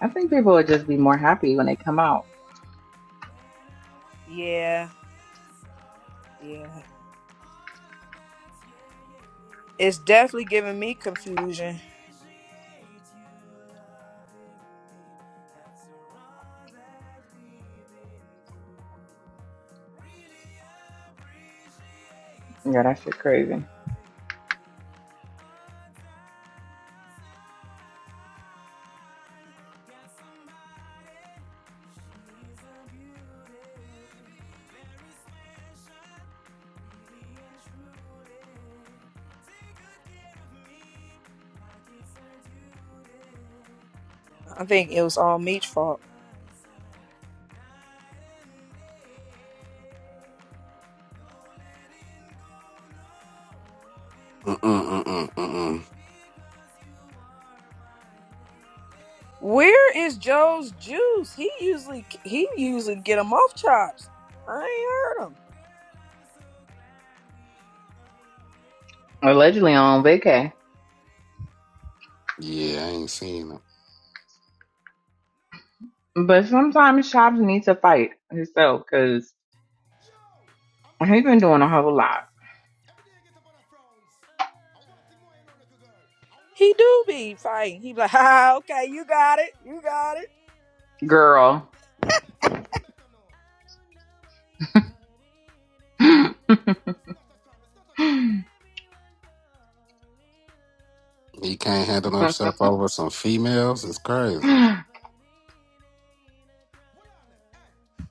I think people would just be more happy when they come out.
Yeah, yeah. It's definitely giving me confusion.
Yeah, that shit crazy.
I think it was all Meech's fault.
Mm mm mm mm mm. mm.
Where is Joe's juice? He usually he usually get him off chops. I ain't heard him.
Allegedly on vacay.
Yeah, I ain't seen him.
But sometimes shops need to fight himself because he been doing a whole lot.
He do be fighting. He be like, ah, okay, you got it, you got it.
Girl.
He can't handle
he
himself
that
over
girl.
some females. It's crazy.
Hold on, eh?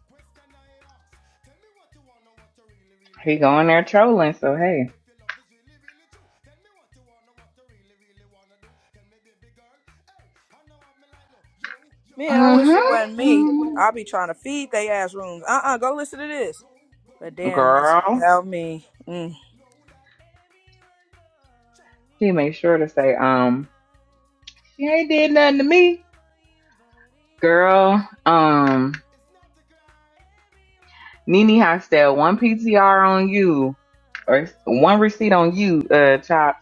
Question I ask. Tell me what you wanna, what you really, really wanna
going
do.
there
Tell me,
trolling, so
baby girl,
hey.
if your love is really, really true. Tell me what you wanna, what you really, really wanna do. Tell me, baby girl, hey, I know I'm like no, yo, yo.
Man, I wish
If
it
you
wasn't
really love
me.
me, let
Mm-hmm.
it
I be
flow,
trying to feed
flow.
they ass
And if
rooms.
you
Uh uh
don't
go
love me,
listen
let
to
me
this.
go, go.
But
What
damn,
in the
that's
road
Girl.
boy
about
will let
me.
you know,
Mm.
know that
He made sure to say, um, She ain't did nothing to me. Girl, um,
it's not the crime.
Nene Hostel, one PTR on you or one receipt on you, uh, Chops.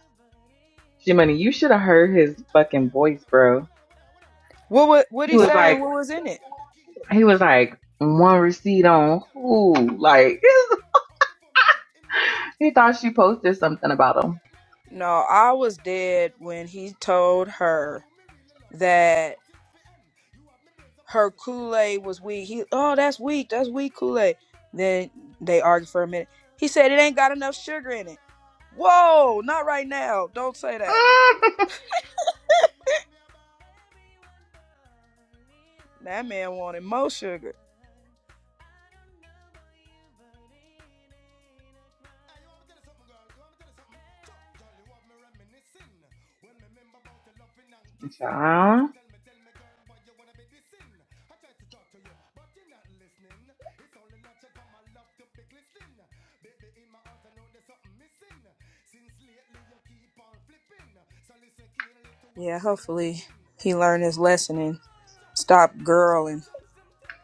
Jiminy, you should have heard his
Hey,
fucking
hey, well on
voice,
it, well on
bro.
it, well on it, well on it, well on it.
What what
Hey,
what
He
beep,
he
was
beep,
saying?
like,
what
the
was in
singer
it?
got the key to
he
the
was
Jeep.
like, one
And we
receipt on
pretty girl want
who?
to meet.
Like,
So tell me what's up before me hit in the street.
he
You
thought she
see, you
posted
see,
something
all
about him.
eight, nine, ten.
No,
The
I
whole of
was
them girl
dead
they want
when
to be
he
our
told
friend. Are
her
you really love? Why you
that
want it for end? You have me brains a
her
puzzle, me
Kool
can't
Aid was weak.
comprehend.
He
But
oh
then
that's weak,
again,
that's weak Kool Aid. Then they argued for a minute. He said it ain't got enough sugar in it. Whoa, not right now. Don't say that. That man wanted more sugar.
chop, jolly sin. When me remember about the loving and kissing. So
Child.
tell me, tell me, girl, why you wanna be dissing? I try to talk to you, but you're not listening. It's only natural for my love to be glistening. Baby, in my heart, I know there's something missing. Since lately, you keep on flipping. So listen keenly to what
Yeah,
the singer
hopefully
singing.
he learned his lesson and stopped girling.
Just the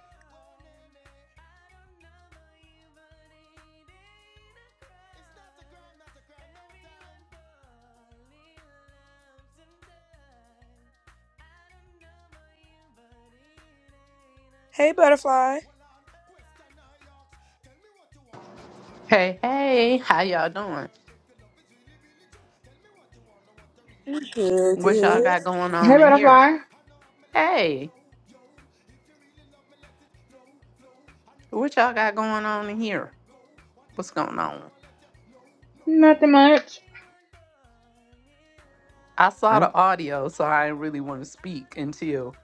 girl, not the girl, no time.
Hey
Hold on,
butterfly.
hold on, question I ask. Tell me what you wanna, what you really,
Hey,
really wanna do.
hey, how
Tell me,
y'all
baby
doing?
girl, if your love is really, really true. Tell me what you wanna, what you really, really
Good,
wanna do.
What y'all
Tell
good.
me,
got
baby
going
Hey,
on
girl,
in here?
hey,
Butterfly.
I know have me like no,
Hey,
yo, yo. If you really love me, let it flow, flow. And if you
what y'all
don't
got
love me,
going
let me
on in
go,
here?
go. One thing
What's
the
going
road boy
on?
won't let you, no, no, that.
Nothing much.
I saw
I,
the audio, so I didn't really want to speak until.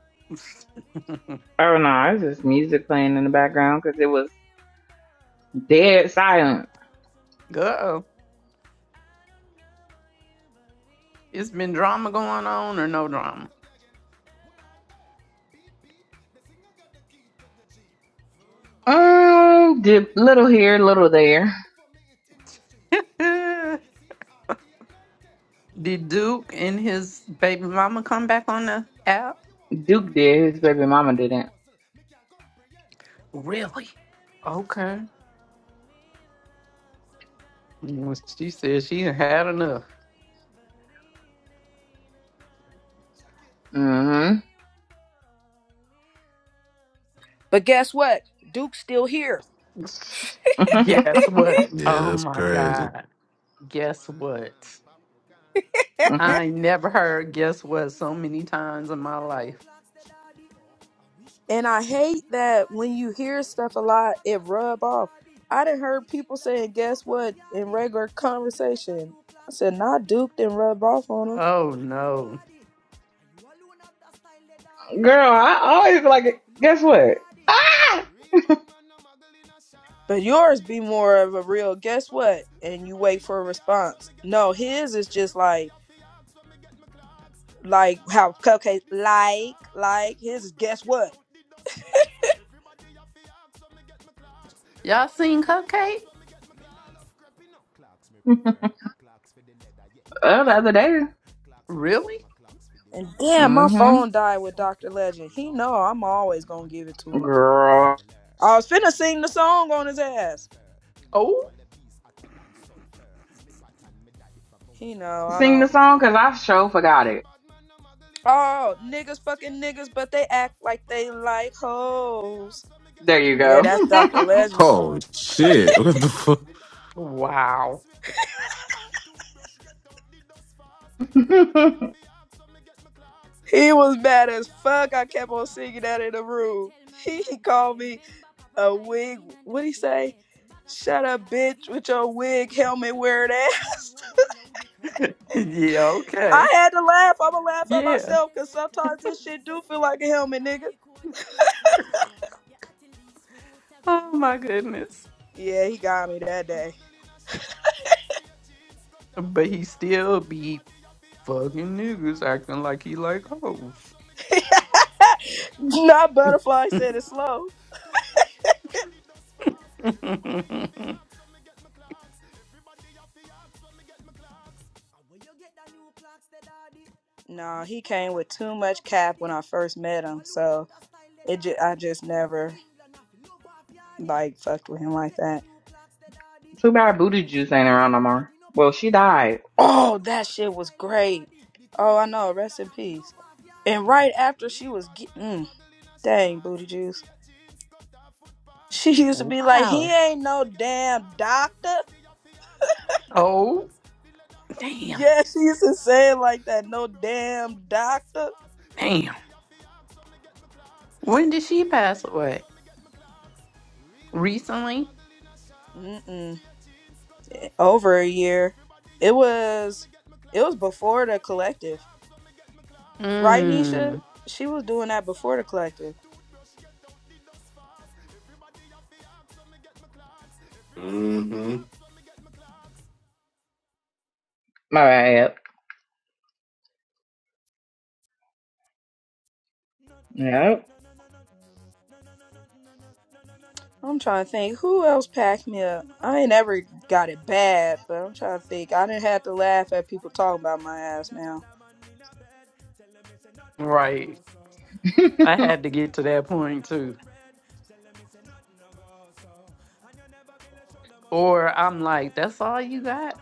oh no, it's just music playing in the background because it was dead silent.
Uh-oh. It's been drama going on or no
If you can't say
drama?
something again, well, the key to G. A weak pretty girl
Um,
want
did
to meet.
little here,
So tell
little
me what's
there.
up before me it in the streets. You see it,
Eh,
you see it at 8, 9, 10. The whole
Did
of them
Duke
girl they
and
want to be
his
my
baby
friend.
mama come
And you
back
me
on the
really love.
app?
Why you want it
Duke
to end?
did. His
You
baby
want me
mama
brains a
didn't.
puzzle. Me can't comprehend. But then
Really?
again.
Okay. Well, she said she had enough.
Mm-hmm.
But guess what? Duke's still here.
Guess what?
Yeah,
Oh
that's
my
crazy.
God. Guess
why
what?
Wagwan popcorn.
I ain't never heard guess what so many times in my life.
And I hate that when you hear stuff a lot, it rub off. I done heard people saying, guess what, in regular conversation. I said, not duped and rub off on them.
Oh no.
Girl, I always feel like. it. Guess what? Ah!
Real bad man no muggle in a
But
shots.
yours be
Straight
more
jeans,
of a
cut
real
off foot
guess what,
pants.
and you
Everybody
wait for
off
a
the axe when
response.
me get my
No,
clocks.
his is just
Everybody
like,
off the axe when me get my clocks. The
like
leather
how
hard,
Cupcake,
the sweat
like,
soft.
like, his is
Toothbrush
guess
get
what.
out the dust fast. Everybody off the axe when me get my clocks clocks.
Y'all
Everybody
seen
off the axe
Cupcake?
when me get my glass. Love crepping up. Clocks me prefer. Clocks for the leather, yeah.
Oh, the
Clocks for
other
the
day.
fur. Clocks for the
Really?
summer, clocks for the
And
winter.
damn, my phone
Clocks
Mm-hmm.
for the
died with
sun,
Dr.
clocks for
Legend.
the
He know
water.
I'm
Me no wear
always gonna
naughty
give it
cap, no.
to him.
that of a fi
Girl,
sailor.
I was finna
Pull off
sing
a
the
tiger,
song
him
on his
a the
ass.
golfer. Me knew
Oh,
wallabies hotter than sulfur. Me pattern me daddy from when I
He
was a
know I
sing
don't.
the song because I
youngster.
sure forgot
Real
it.
bad man no muggle in a
Oh,
shots
niggas
Straight
fucking niggas,
jeans,
but they
cut off
act
foot
like they
pants
like
Everybody have the
hoes.
axe when me get
There
my
you
Yeah,
go.
clocks
that's Dr.
Everybody have
Legend
the
Oh
song.
axe when me get my
shit! What the
clocks
fuck?
The leather hard, the
wow.
sweat soft Toothbrush get out the dust fast Everybody have the axe when me get my clocks
He was
Everybody
mad
have the
as
axe
fuck.
when me
I
get
kept
my
on
clocks
singing that in the room. He, he called me a wig. What'd he say? Shut up, bitch, with your wig helmet wearing ass.
Yeah,
I
okay.
had to laugh. I'ma laugh at
Yeah.
myself because sometimes this shit do feel like a helmet, nigga.
Oh my goodness.
Yeah, he got
Bad
me that
man a
day.
muggle in a shots Straight jeans, cut off
But
foot
he
pants
still be
Everybody have the axe when me
fucking
get my
niggas
clocks
acting like he
Everybody
like
have the axe
hoes.
when me get my clocks The leather
Not
hard, the
butterfly
sweat
said it slow.
soft Toothbrush get out the dust fast Everybody have the axe when me get my clocks
No, he came with too much cap when I first met him, so it ju- I just never like fucked with him like that.
Too bad Booty Juice ain't around no more. Well, she died.
Oh, that shit was great. Oh, I know. Rest in peace. And right after she was get- mm, dang booty juice,
Foot,
she
pa-
used to be like, "He
wow.
ain't
ask when
no
me get my
damn
clocks.
doctor."
Everybody have to ask when me get my
Oh,
clocks. The leather hard,
damn.
Yeah,
the
she used
sweat
to say it
soft.
like that. No
Toothbrush get out
damn
the dust
doctor.
fast.
Damn.
Everybody have to ask when me get my clocks.
When did she
Everybody have to
pass
ask
away?
when me get my clocks. Real bad man, no
Recently?
model in a shots.
Mm-mm.
Straight jeans, cut off foot
Over a
pants.
year.
Everybody
It
have to ask when
was.
me get my
It was
clocks.
before the
Everybody have to
collective.
ask when me get my clocks.
Right,
The leather
Nisha?
Mmm.
hard,
She was
the
doing
sweat
that before the
soft.
collective.
Toothbrush get out the dust fast. Everybody have to ask when me get my clocks. Everybody have the
Mm-hmm.
ask when me get my clocks.
My bad. Yep.
I'm trying to think who else packed me up. I ain't ever got it bad, but I'm trying to think. I didn't have to laugh at people talking about my ass now.
Right. I
Mm-mm.
had to get to that point too. Or I'm like, that's all you got?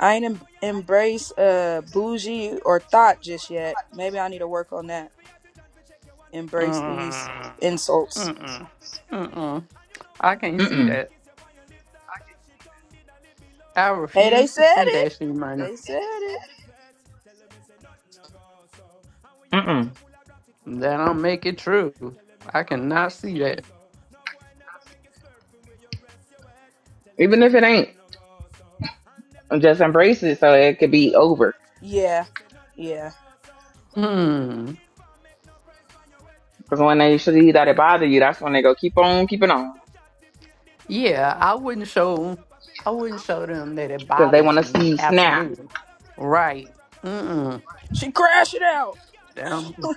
I ain't em- embrace uh bougie or thought just yet. Maybe I need to work on that. Embrace these
Mm,
insults.
Mm-mm. Mm-mm. I can't see that. I
Hey, they
refuse to
said
see
it.
that shit money.
They said it.
Mm-mm.
It's
That don't make it true. I cannot see that.
wet, tell them
Even if it ain't. And Just embrace it so it could be over.
Yeah. Yeah.
Hmm.
Because when they see that it bother you, that's when they go keep on keeping on.
Yeah, I wouldn't show I wouldn't show them that it
Because they want
bothers
to
me.
see you snap.
Absolutely. Right. Mm-mm.
She crashed it out.
Damn.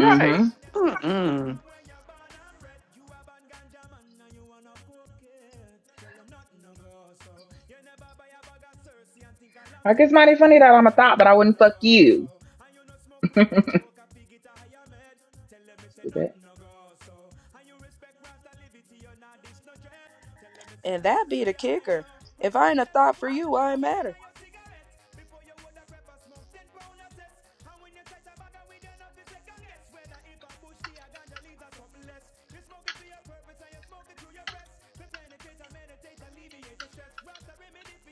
Mm-hmm.
Mm-mm.
go so.
Like it's mighty funny that I'm a thought, but I wouldn't fuck you. Stupid.
and that be the kicker. If I ain't a thought for you, I ain't matter.
Me this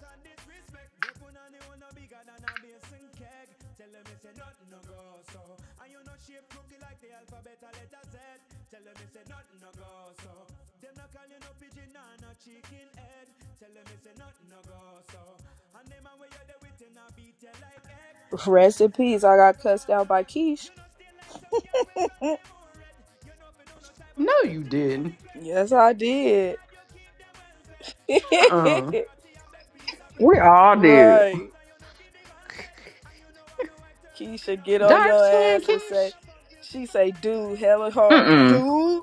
and disrespect go so. And you know shape cookie like the alphabet a letter Z. Tell them it's a nothing no go so. Them no call you no pigeon and no chicken head. Tell them it's a nothing no go so. And them a way you there with and a beat you like egg. Tell
Rest in peace. I
nothing no
got
go
cussed out
so.
by Keish.
You know do no type of
No,
nine a
you didn't.
yes, I did.
jacket.
Uh-uh.
We all do.
right. Keisha get on
Dark
your
skin,
ass and
Keish?
say, she say, dude, hella hard.
Mm-mm.
Dude.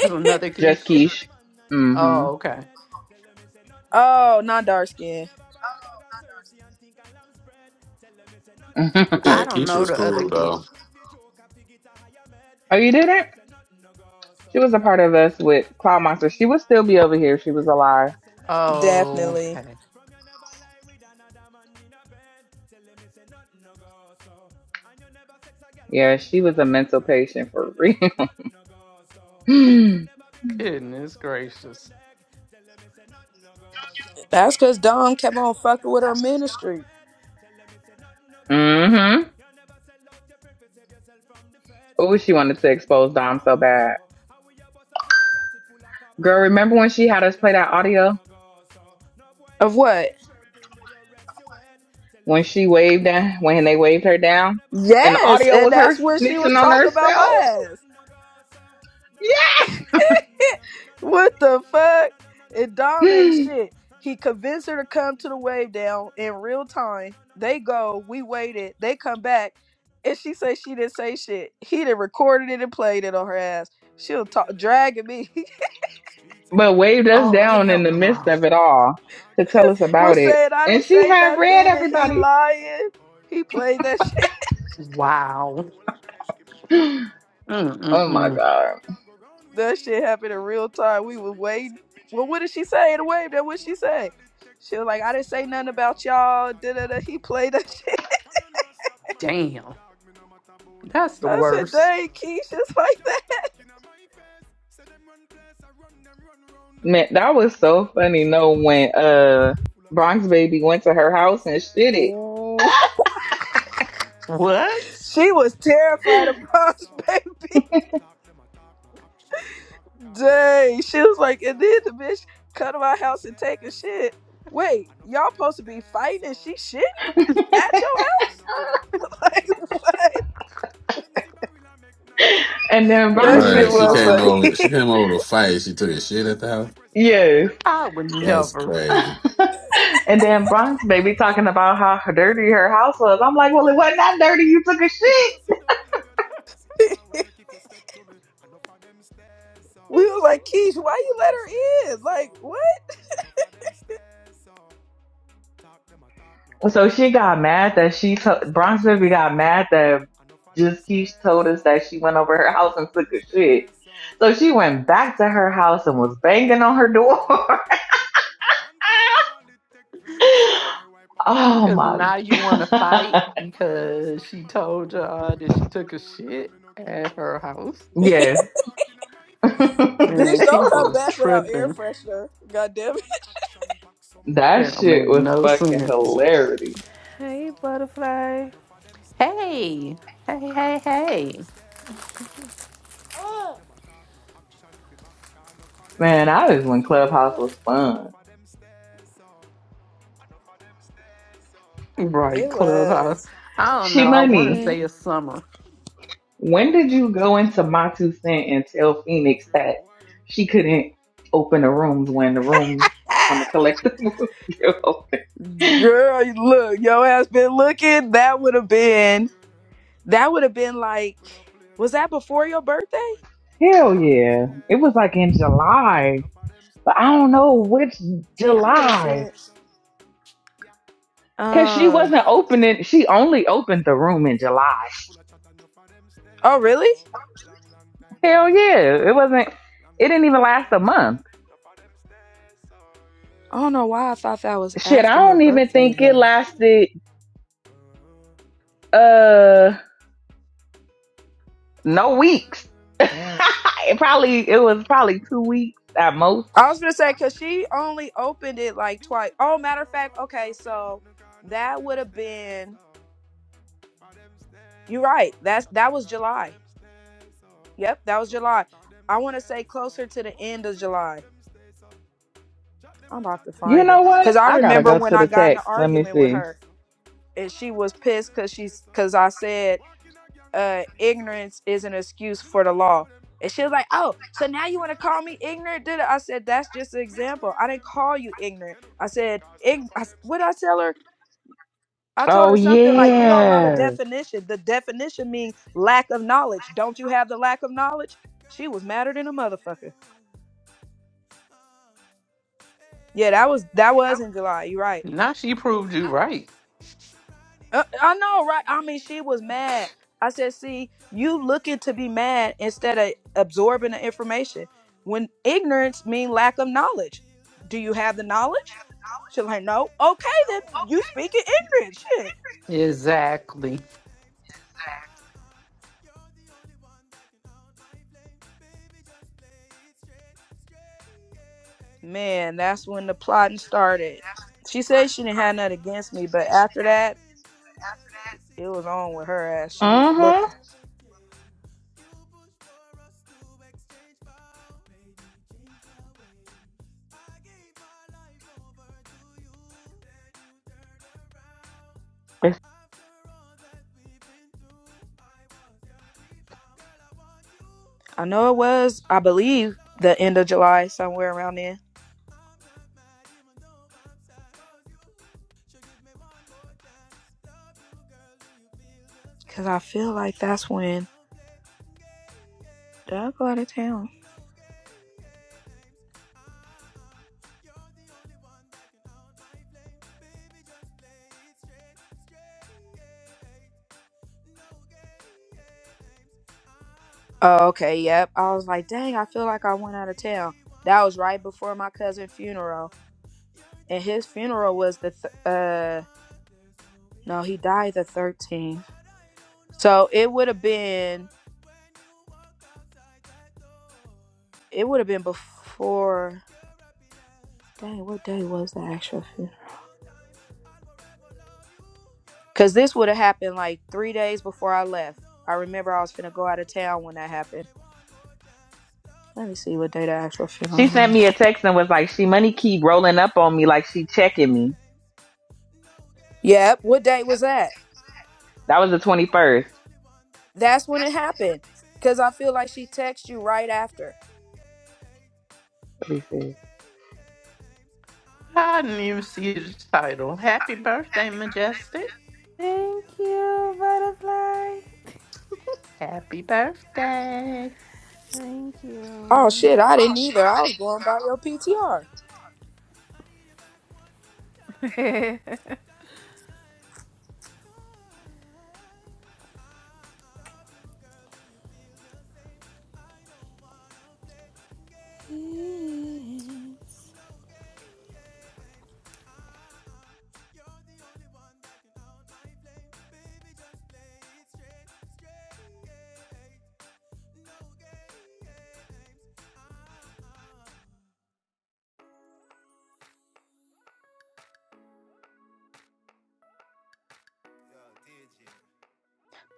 There's another
Just
quiche.
Keish. Mm-hmm.
Oh, okay.
Tell 'em no go
Oh, not
so.
dark skin.
Think a lamb spread. Tell them it no go
Yeah,
I don't
so.
Keisha
know
was
the other
cool though.
quiche.
oh, you did it? She was a part of us with Cloud Monster. She would still be over here. if She was
Tell them
alive.
it's a lassie, I
Oh,
know.
Definitely.
okay.
And, you never sex a girl when
Yeah,
she
she
on
was
a
a
cold
mental
bread.
patient
Tell
for
them
real.
it's a nothing no go so. And you
That's
never build a shoulder
Goodness
muscle with your third
gracious.
leg. Tell them it's a nothing no go so.
That's
No
because
girl never
Dom kept
kiss
on
him off
fucking
that
with
she
her
don't
just
give you
ministry.
head. Tell them it's a nothing no
dumb.
go so.
mm-hmm. Oh, she wanted to expose Dom so bad.
How we your bus a full of ratchet, full of copper
Girl,
and
remember
lead.
when she had
Tell
us
them
play
it's
that
a nothing
audio
no go so. No boy
Of
never
what?
rest your head. Tell them
when
it's
she
a
waved
nothing no go
down when they
so.
waved her
And them
down,
never force you
and the
to
Yes.
audio
join
And
was
no
her
that's
gang
when
and
she was
snitching on
pledge.
talking about
Tell
my
them
herself.
it's a
ass.
nothing no go so. No no no no no no no no no no
what the
no no no
fuck?
no no no no no
And
no
Dom
go
ain't
Yeah,
so.
shit.
No no
He
no no
convinced
no
her to
no
come
no
to the
no no.
wave down in real time. They go, we waited, they come back, and she say she didn't say shit. He done recorded it and played it on her ass. She'll talk dragging me.
but waved us
Oh,
down in
hell
the midst
no.
of it all to tell us about
Was
it,
saying I
and
didn't
she
say
had read
nothing and he
everybody.
lying. He played that shit.
Wow.
oh my
Mm-mm-mm.
god,
That shit happened in real time. We was waiting. Well, what did she say in the wave down? What she say? She was like, I didn't say nothing about y'all. Da da da. He played that shit.
Damn. That's the
I said,
worst.
dang, Keisha's like that.
man, that was so funny. No, when uh Bronx Baby went to her house and shit
Ooh.
What?
She was terrified
it,
of Bronx baby. Dang. She was like, and then the bitch come to my house and take a shit. Wait, y'all supposed to be fighting and she shit at your house? Like, what?
and then
That
Bronx
shit
Right,
Yes,
Baby,
she
was
came
no.
over.
funny.
She came over to fight. She took a shit at the house.
yes,
I would
That's
never.
crazy.
And then Bronx baby talking about how dirty her house was. I'm like, well, it wasn't that dirty. You took a shit.
we was like, Keish, why you let her in? Like, what?
So she got mad that she to- Bronx baby got mad that just Keisha told us that she went over her house and took a shit. So she went back to her house and was banging on her door. oh
Because
my
now you want to fight
god.
because she told y'all that she took a shit at her house.
Yes.
Man,
bitch,
that
don't
people
come
is
back without air
tripping.
freshener. God damn it.
That don't make
shit was
no
fucking
sense.
hilarity.
Hey, Butterfly.
Hey, hey, hey, hey.
Man, I just when Clubhouse was fun.
Right,
It
Clubhouse.
was.
I don't
She
know. I want to
money.
Hmm.
say it's summer.
When did you go into Matu Scent and tell Phoenix that she couldn't open the rooms when the room when the collective was still open?
Girl, you- look, your ass been looking. That would have been that would have been like was that before your birthday?
Hell yeah. It was like in July. But I don't know which
See, I would have
July.
said
Cause she
um
wasn't opening she only opened the room in July.
oh really?
Hell yeah. It wasn't it didn't even last a month.
I don't know why I thought that was
Shit, I
after your
don't even
birthday
think it
though.
lasted Uh. no weeks. Mm. it probably it was probably two weeks at most.
I was gonna say cause she only opened it like twice. Oh matter of fact, okay, so that would have been you're right. That's that was July. Yep, that was July. I wanna say closer to the end of July. I'm about to
You
find it.
know what?
Cause I
I gotta
remember
go
when
to
I
the
got in
text.
an
Let me
argument with
see.
her. and she was pissed because she's because I said uh ignorance is an excuse for the law. And she was like, Oh, so now you want to call me ignorant? Did I? I said, That's just an example. I didn't call you ignorant. I said, Ign- I, s- What did I tell her? I told
Oh
her something like, You don't know the
yeah.
definition. The definition means lack of knowledge. Don't you have the lack of knowledge? She was madder than a motherfucker. Yeah, that was that was in July. You're right.
Now she proved you right.
Uh, I know, right? I mean, she was mad. I said, "See, you looking to be mad instead of absorbing the information. When ignorance mean lack of knowledge. Do you have the knowledge?" She like, "No." Okay, then you speak in ignorance. Shit,
Exactly.
man. That's when the plotting started. She said she didn't have nothing against me, but after that, it was on with her ass. She was
Mhm.
looking. I know it was. I believe the end of July, somewhere around then. Cause I feel like that's when did I go out of town? Oh, okay, yep. I was like, dang, I feel like I went out of town. That was right before my cousin's funeral, and his funeral was the th- uh no, he died the thirteenth. So it would have been it would have been before. Dang, what day was the actual funeral? Cause this would have happened like three days before I left. I remember I was finna go out of town when that happened. Let me see what day the actual funeral
She sent me
was.
a text and was like, "She money keep rolling up on me like she checking me."
Yep, what day was that?
That was the twenty first.
That's when it happened. Cause I feel like she texted you right after.
Let me see.
I didn't even see the title. Happy birthday, Majestic.
Thank you, Butterfly.
Happy birthday.
Thank
Oh
you.
shit, I didn't either. I was going by your PTR.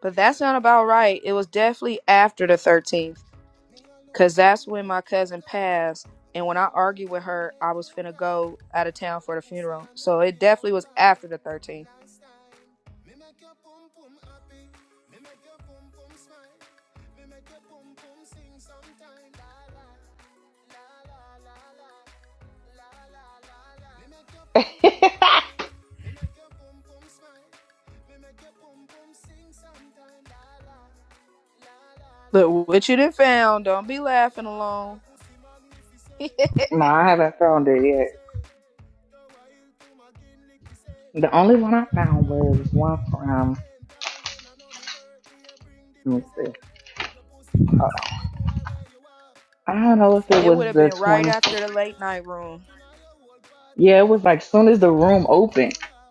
But that's not about right. It was definitely after the 13th. Cause that's when my cousin passed. And when I argued with her, I was finna go out of town for the funeral. So it definitely was after the 13th. But what you done found, don't be laughing alone. it
no, I haven't found it yet.
say. Go wild to my kinlick, we say.
The only one
Me
I
a the
found
rider
was
we
one
win
from.
dividend. All when I know me birthday, I bring the
Let me see.
present. Your pussy
Uh,
vex with the boy where you are.
I
Bring the
don't know if
pussy
it was
would
come,
have
me
the
been
we make
right
twenty.
the
after the
pussy
late
laugh.
night room.
Open all your whole part
Yeah,
in
it
the
was
two
like soon
half
as the
till it's
room
every
opened.
cooler.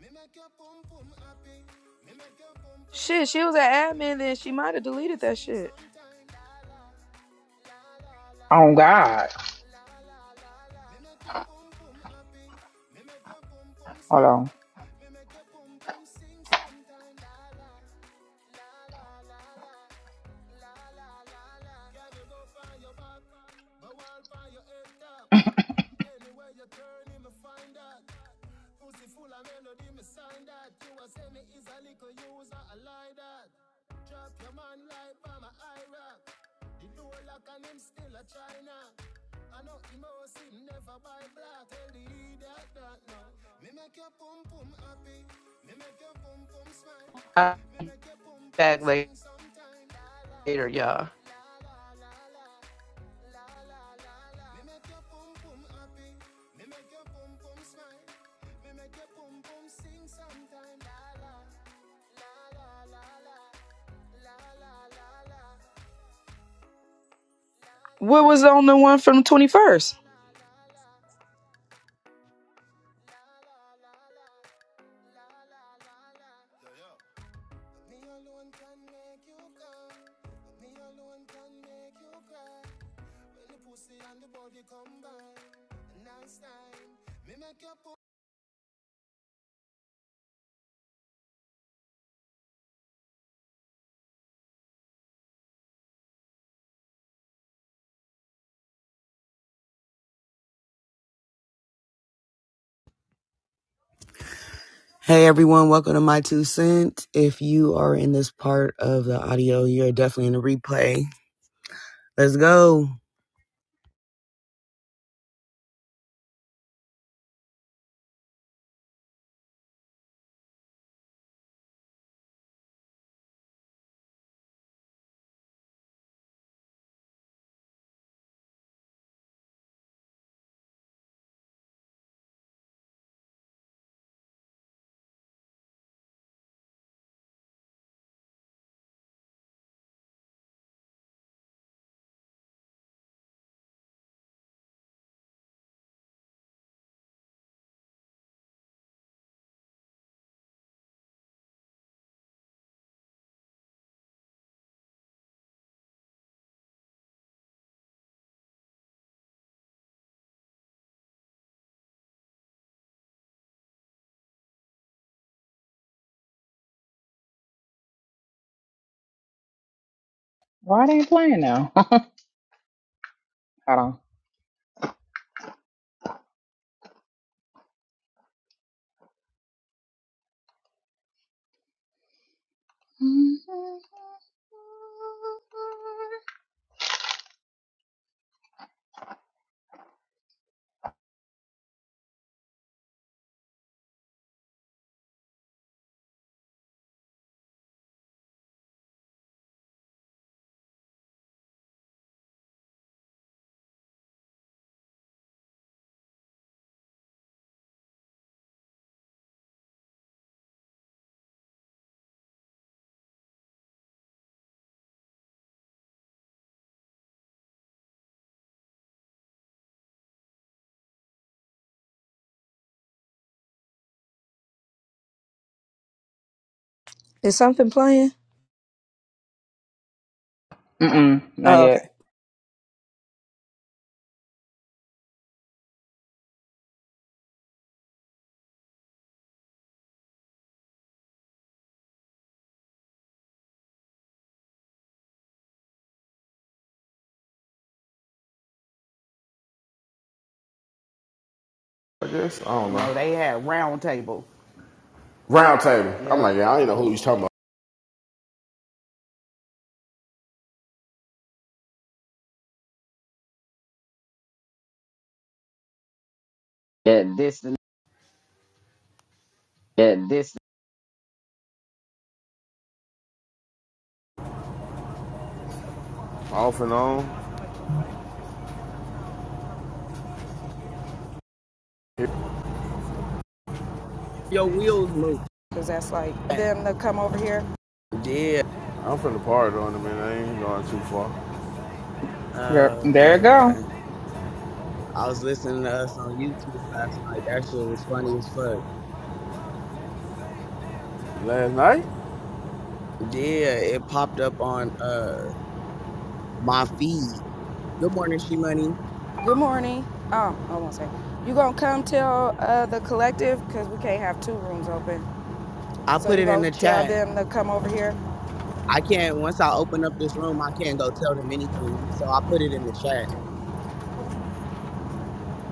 Me make your pum pum happy. Me make your pum pum
Shit, she
smile.
was an admin
Me
then.
make
She
your
might have
pum pum
deleted that
sing
shit.
sometime. La la
Oh God.
la, la la la la. Me make your boom boom happy. Me make your boom boom
Hold
smile.
on.
Me make your boom boom sing sometime. La la, la la la la, la la la la. Girl, you go find your back, but while find your head top. Anywhere you turn, you me find that. Pussy full of melody, me sign that. You a say me is a little user, I lie that. Drop your man like by my eye rock. The door lock and him still a China. I know him house him never buy black. Tell the leader that no. Me make your pum pum happy. Me make your pum pum smile.
I'll
Me make your pum
be
pum
back
sing sometime. La la
later, y'all.
la la la la la la la la. Me make your pum pum happy. Me make your pum pum smile. Me make your pum pum sing sometime. La la la la la. la.
What was on the one from the twenty first?
Hey everyone, welcome to My Two Cents. If you are in this part of the audio, you're definitely in the replay. Let's go.
Why they ain't playing now? Hold on.
Is something playing?
Mm-mm, not
Oh, okay.
yet.
I guess. I don't know. No, they had round. Yeah, this, yeah, this. Off and on. Your wheels move. Yeah. I'm from the party on them, man. I ain't going too far. Oh,
Yep,
uh,
there it
okay,
go.
okay. I was listening to us on YouTube last night. That shit was funny as fuck. Last night? Yeah, it popped up on uh my feed. Good morning, She Money. Good morning. Oh, I won't say. You gonna come tell uh, the collective because we can't have two rooms open. I So put you it in go the tell chat. them over here. I can't, once I open up this room, I can't go tell them anything. So I put it in the chat.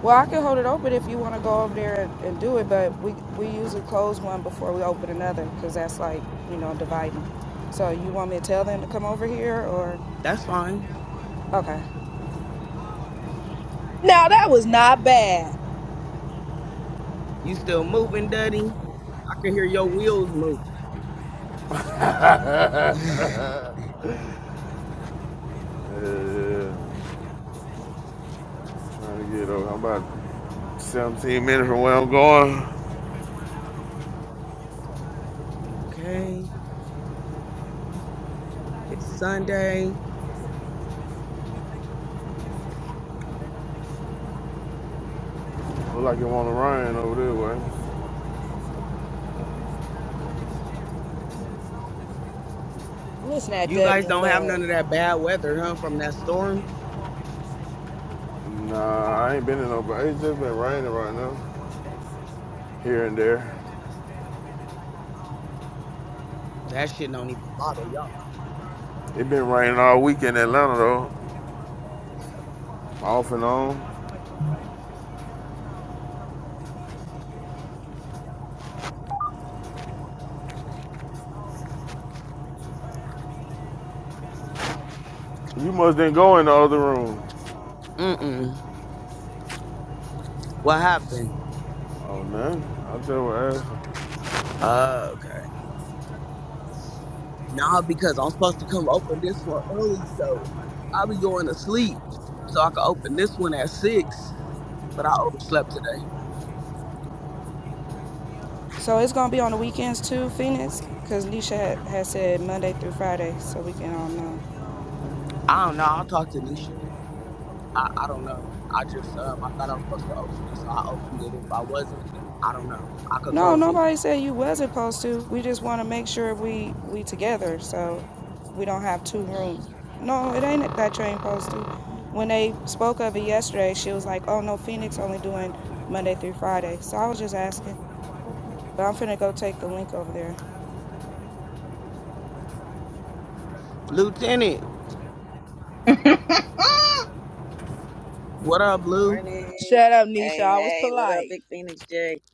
Well, I can hold it open if you want to go over there and, and do it, but we we usually close one before we open another because that's like you know dividing. So you want me to tell them to come over here? Or...
Now that was not bad.
Trying to get over. I'm about 17 minutes from where I'm going. Look like it want to rain over there, way.
Listen at
You
Duddy
guys
and
don't have none
Love.
of that bad weather, huh? From that storm? Nah, I ain't been in no. but It's just been raining right now, here and there. That shit don't even. It been raining all week in Atlanta though, off and on. You must didn't go in the other room. What happened? Uh, okay. Nah, because I'm supposed to come open this one early, so i be going to sleep so I can open this one at six. But I overslept today. It's gonna be on the weekends too, Phoenix, because Nisha had, had said Monday through Friday, so we can all know. I don't know. I'll talk to Nisha. I, I don't know. I just um, I thought I was supposed to open it, so I opened it. If I wasn't, I don't know. I could No, close it. nobody said you wasn't supposed to. We just want to make sure we we together, so we don't have two rooms. No, it ain't that you ain't supposed to. When they spoke of it yesterday, she was like, "Oh no, Phoenix only doing Monday through Friday." So I was just asking, but I'm finna go take the link over there. Lieutenant, what up, Blue? Morning.
Shut up, Nisha. I was polite.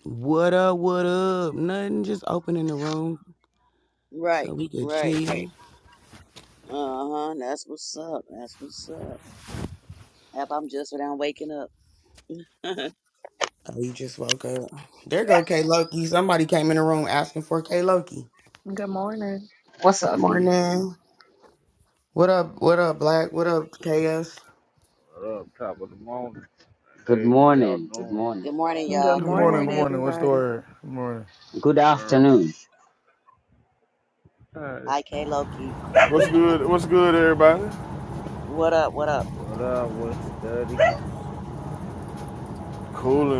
What up, what up? Nothing, just opening the room Right, so we could right. chill. Yep, I'm just up. Oh, you just woke up. There go K Loki. Somebody came in the room asking for K Loki. Good Morning. What's good, everybody? Cool in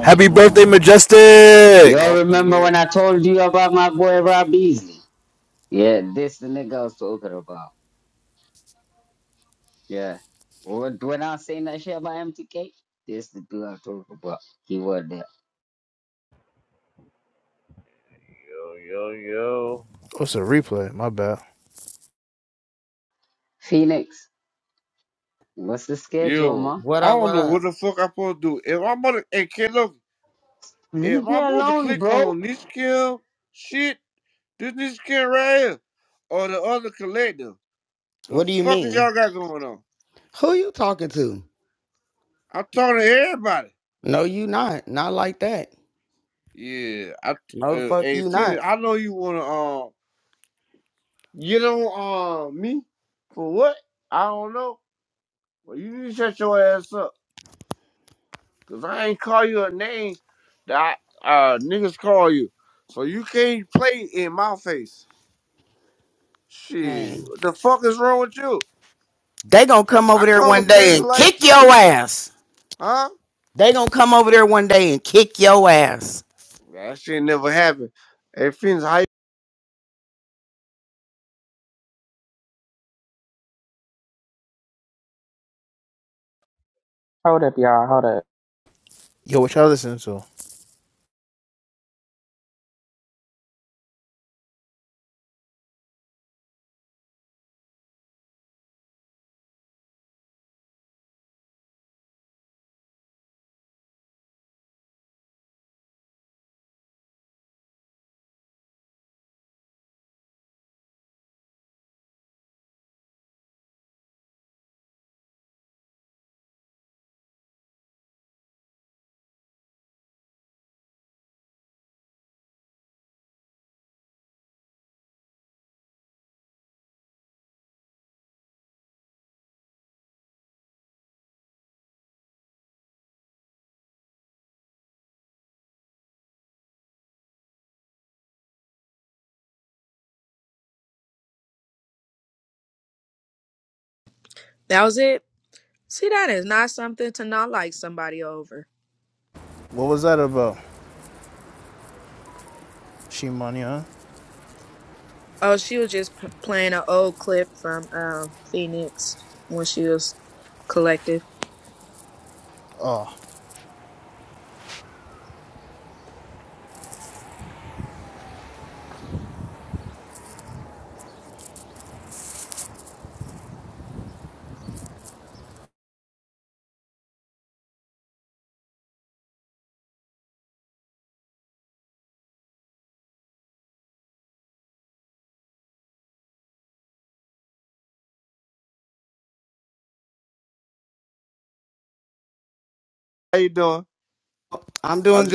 Happy birthday, Majestic!
Remember there. when I told you about my boy Rob Beasley? Yeah, this the nigga I was talking about. Yeah. When when I was saying that shit about MTK, this the dude I was talking about. He was there.
What's a replay? My bad.
Phoenix, what's the schedule, Yo, man? What I up, don't what know up? what the Leave If me I me to alone, click bro. on this kill, shit, this this kill right here, or the other collective, the What do you fuck is mean? y'all got going on? Who you talking to? I'm talking to everybody. No, you not. Not like that. Yeah, I No, uh, fuck hey you Titty, not. I know you wanna um get on Um, me for what? I don't know. Well, you need to shut your ass up. Yeah. They gonna come I over I there one day you and like kick your ass. They gonna come over there one day and kick your ass. That shit never happened. Hey, Phoenix, how you?
hold up, y'all. Hold up.
Yo, what y'all listening to?
That was it. See, that is not something to not like somebody over.
What was that about? She money, huh?
Oh, she was just p- playing an old clip from um, Phoenix when she was collective.
I'm doing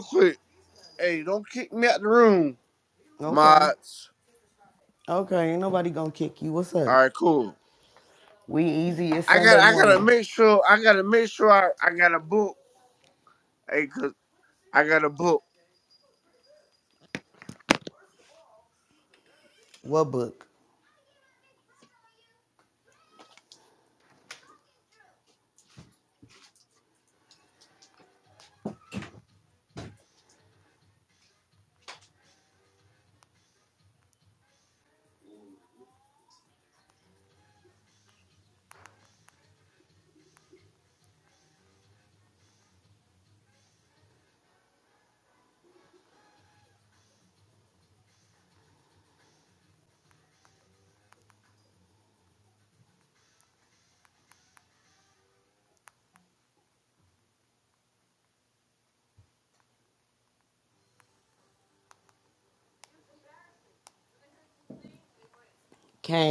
quit. Hey, don't kick me out the room, okay. mods. Okay, what's up? All right, cool. We easy. It's I got Sunday I gotta make sure I gotta make sure I, I got a book. Hey, cause I got a book. What book?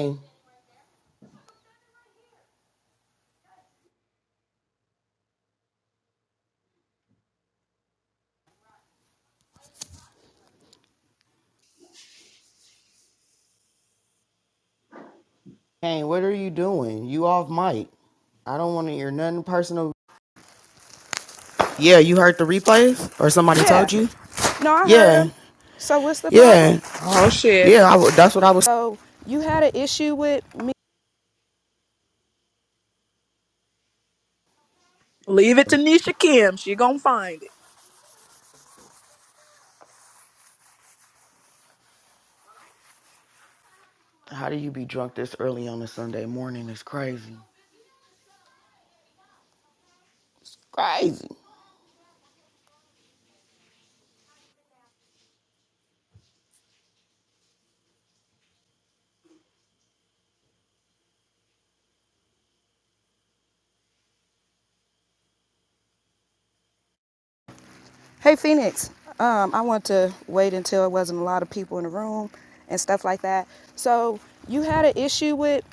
Hey, hey, what are you doing? You off mic. I don't want to hear nothing personal. Yeah, you heard the replays, or somebody Yeah. told you? Yeah,
Oh shit.
yeah. I. that's what I was.
Leave it to Nisha Kim. She gonna find it.
How do you be drunk this early on a Sunday morning? It's crazy. Crazy. Hey Phoenix, um, I want to wait until we're and stuff like that. So you issue with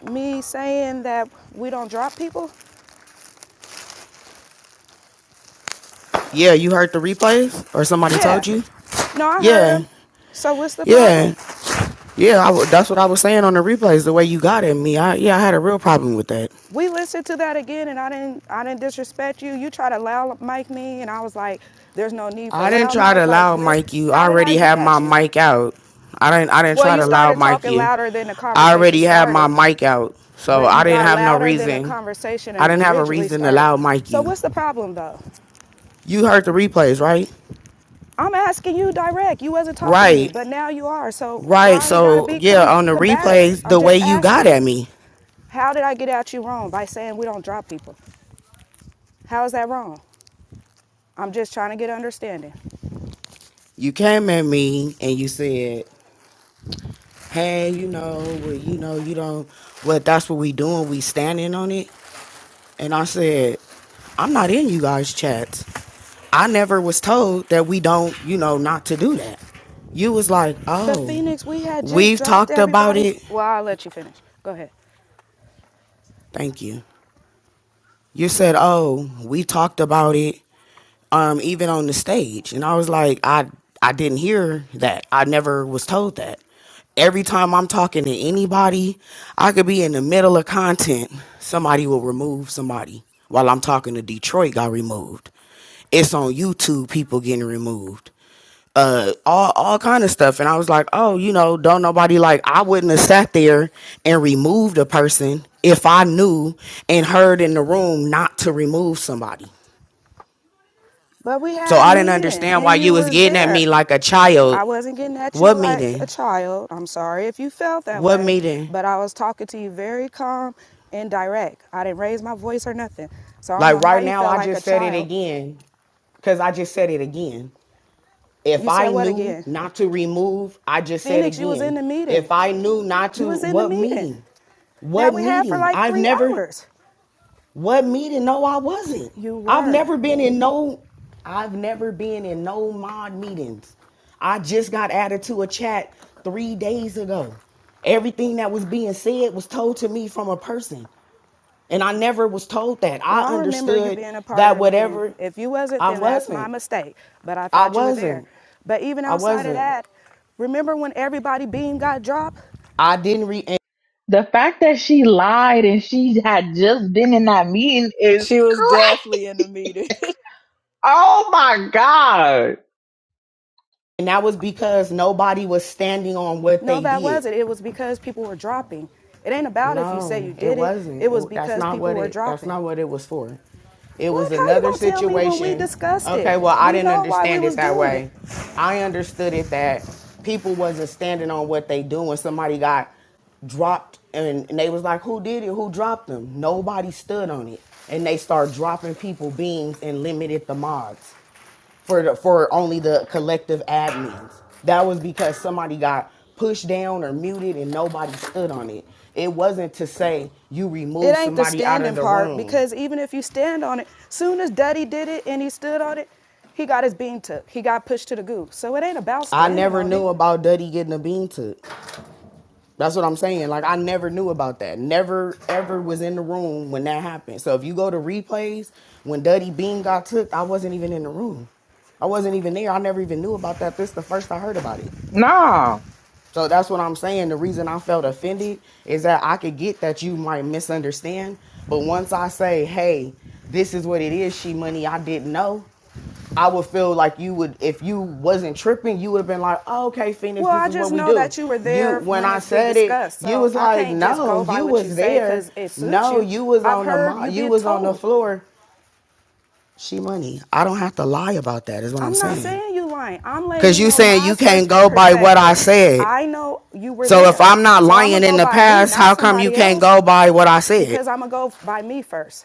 saying that we don't drop people? Yeah, you heard the replays? Or somebody Yeah. told you? No, I heard Yeah. So what's the Yeah. problem? Yeah, I w that's what I was saying on the replays. The way you got at me, I yeah, I had a real problem with that. We listened to that again, and I didn't. I didn't disrespect you. You tried to loud mic me, and I was like, "There's no need for I didn't loud try to like loud this." mic you. you. I How did already I already had at my to you? mic out. I didn't I didn't Well, try you to loud started mic talking you. louder than the I conversation already conversation had my started. mic out, so But you I you didn't got have no louder than the reason. conversation I didn't have a originally reason to started. loud mic So you. what's the problem though? You heard the replays, right? I'm asking you direct. You wasn't talking to me, Right. but now you are. So Right. why are you gotta So be yeah, com- on the combative? replays, I'm the way just you got asking at you. me. How did I get at you wrong by saying we don't drop people? How is that wrong? I'm just trying to get understanding. you came at me and you said, "Hey, you know, well, you know, you don't. Well, that's what we doing. We standing on it." And I said, "I'm not in you guys' chats. I never was told that we don't, you know, not to do that. You was like, But oh, Phoenix, we had just we've dropped talked about everybody. it. Well, I'll let you finish. Go ahead. Thank you. You said, oh, we talked about it, um, even on the stage. And I was like, I, I didn't hear that. I never was told that. Every time I'm talking to anybody, I could be in the middle of content. Somebody will remove somebody. While I'm talking to Detroit, got removed. It's on YouTube, people getting removed. uh all all kind of stuff and i was like oh you know don't nobody like i wouldn't have sat there and removed a person if i knew and heard in the room not to remove somebody But we had so had i a didn't meeting understand and why and you you was was getting at there. me like a child I wasn't getting at you what like a meeting child. I'm sorry if you felt that what way, meeting but I was talking to you very calm and direct. I didn't raise my voice or nothing. So I don't like know how right you now felt i like a just said it child. again because i just said it again if I knew again? not to remove, I just Phoenix, said Phoenix, you was in the meeting. If I knew not to, was in the what the meeting meeting? What we had for meeting? like I've three never, hours. what meeting? No, I wasn't. You were. I've never been in no, I've never been in no mod meetings. I just got added to a chat three days ago. Everything that was being said was told to me from a person. And I never was told that. Well, I I understood being a part that of it, whatever You. if you wasn't, I then I that's my wasn't. my mistake. But I I thought I you wasn't. were there. But even I outside of that, remember when everybody beam got dropped? I didn't re and
The fact that she lied and she had just been in that meeting is
She was
crazy.
definitely in the meeting.
Oh my god.
that was because nobody was standing on what No, they did. No, that wasn't. It was because people were dropping. It ain't about if you say No, you did it. it. wasn't. It was It- that's because that's not people what were it that's dropping. not what it was for. It well, was another going we situation. discussed it? Okay, well, I We didn't understand it that way. it. I understood it that people wasn't standing on what they doing. Somebody got dropped and, and they was like, who did it? Who dropped them? Nobody stood on it. And they start dropping people beans and limited the mods for for only the collective admins. That was because somebody got pushed down or muted and nobody stood on it. It wasn't to say you It remove ain't the somebody out of standing the standing part because even if you stand on it, soon as Daddy did it and he stood on it, he got his bean took. He got pushed to the goo. So it ain't about I never knew about Duddy getting a bean took. That's what I'm saying. Like I never knew about that. Never ever was in the room when that happened. So if you go to replays, when Duddy Bean got took, I wasn't even in the room. I wasn't even there. I never even knew about that. This is the first I heard about it.
No.
So that's what I'm saying. The reason I felt offended is that I could get that you might misunderstand. But once I say, hey, this is what it is, she money, I didn't know. I would feel like you would if you wasn't tripping, you would have been like, oh, "Okay, Phoenix, Well, this I is just what we do. Well, I just know that you were there you, when when I it's being said discussed, it, discussed, you so was I like, "No, you was you say no, you. you was I've on the you you get was told. on the floor." She money. I don't have to lie about that. Is what I'm I'm saying. I'm not saying. you lying. I'm letting Cause you saying you can't go by what I said. I know you were So there. if I'm not so lying so in the past, how come you can't go by what I said? because I'm gonna go by me first.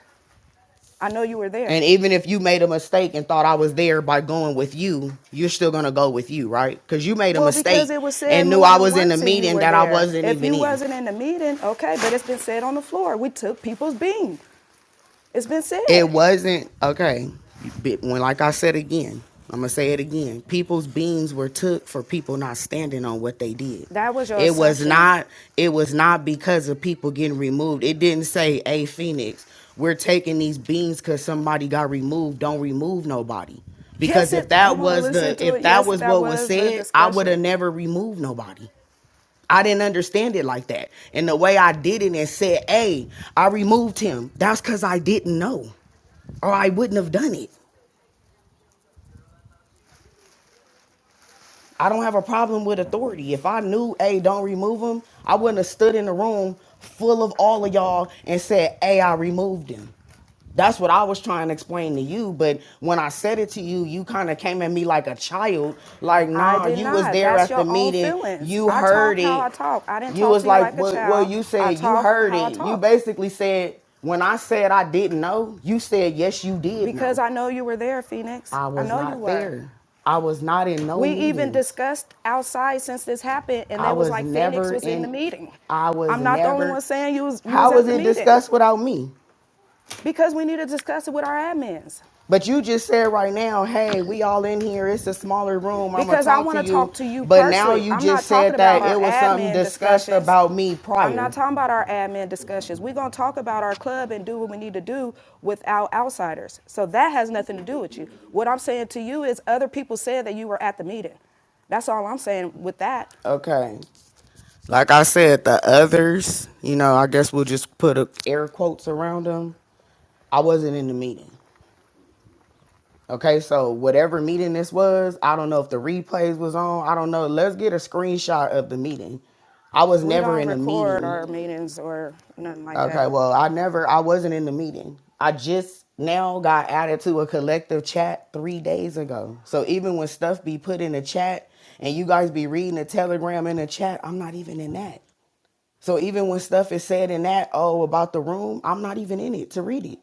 I know you were there. And even if you made a mistake and thought I was there by going with you, you're still gonna go with you, right? Because you made a Well, because mistake because it was said and knew I was in the meeting that I there. wasn't If even you in. wasn't in the meeting, okay, but it's been said on the floor. We took people's beans. It's been said. It wasn't okay. When, like I said again, I'm gonna say it again. People's beans were took for people not standing on what they did. That was your It was assumption. not. It was not because of people getting removed. It didn't say, "Hey, Phoenix, we're taking these beans because somebody got removed. Don't remove nobody." Because Yes, if it, I that will was listen the to if it. that Yes, was that what was was the said, I would have discussion. never removed nobody. I didn't understand it like that. And the way I did it and said, hey, I removed him, that's because I didn't know or I wouldn't have done it. I don't have a problem with authority. If I knew, hey, don't remove him, I wouldn't have stood in the room full of all of y'all and said, hey, I removed him. That's what I was trying to explain to you, but when I said it to you, you kind of came at me like a child. Like, I nah, did you not. was there That's at the your own meeting. feelings. You I heard talk how I it. talk. I didn't You talk was to you like, like a well, well, child. you I said you talk heard how I it. You talk basically said, when I said I didn't know, you said, yes, you did because know. I know you were there, Phoenix. I I was know you not were. there. I was not in no We even meeting. discussed outside since this happened, and I they was was like Phoenix never was in the in. meeting. I was I'm not the only never, one saying you was you was How at was the it meeting. discussed without me? Because we need to discuss it with our admins. But you just said right now, hey, we all in here. It's a smaller room. I'm Because I want to talk to you But now personally. you I'm not just talking said about that our it was something admin discussed discussions. about me I'm not prior. not talking about our admin discussions. We're going to talk about our club and do what we need to do without outsiders. So that has nothing to do with you. What I'm saying to you is other people said that you were at the meeting. That's all I'm saying with that. Okay. Like I said, the others, you know, I guess we'll just put a, air quotes around them. I wasn't in the meeting. Okay, so whatever meeting this was, I don't know if the replays was on. I don't know. Let's get a screenshot of the meeting. I was We never don't in the record meeting. our meetings or nothing like Okay, that. well, I never, I wasn't in the meeting. I just now got added to a collective chat three days ago. So even when stuff be put in the chat and you guys be reading the telegram in the chat, I'm not even in that. So even when stuff is said in that, oh, about the room, I'm not even in it to read it.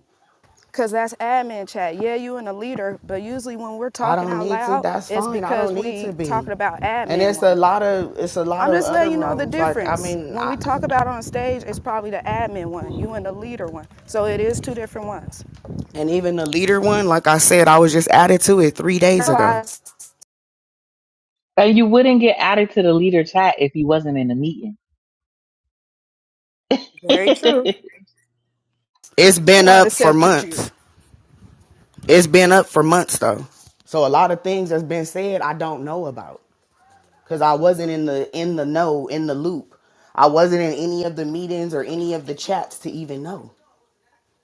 Cause that's admin chat. Yeah, you and a leader, but usually when we're talking out need to. loud, it's fine. because we be. talking about admin. And it's a lot of it's a lot I'm of I'm just letting you know ones. the difference. Like I mean, When I, we talk about on stage, it's probably the admin one, you and the leader one. So it is two different ones. and even the leader one. Like I said, I was just added to it three days ago. I s-
And you wouldn't get added to the leader chat if you wasn't in the meeting.
Very true.
It's been up for months. It's been up for months though. So a lot of things that's been said I don't know about because I wasn't in the in the know in the loop. I wasn't in any of the meetings or any of the chats to even know.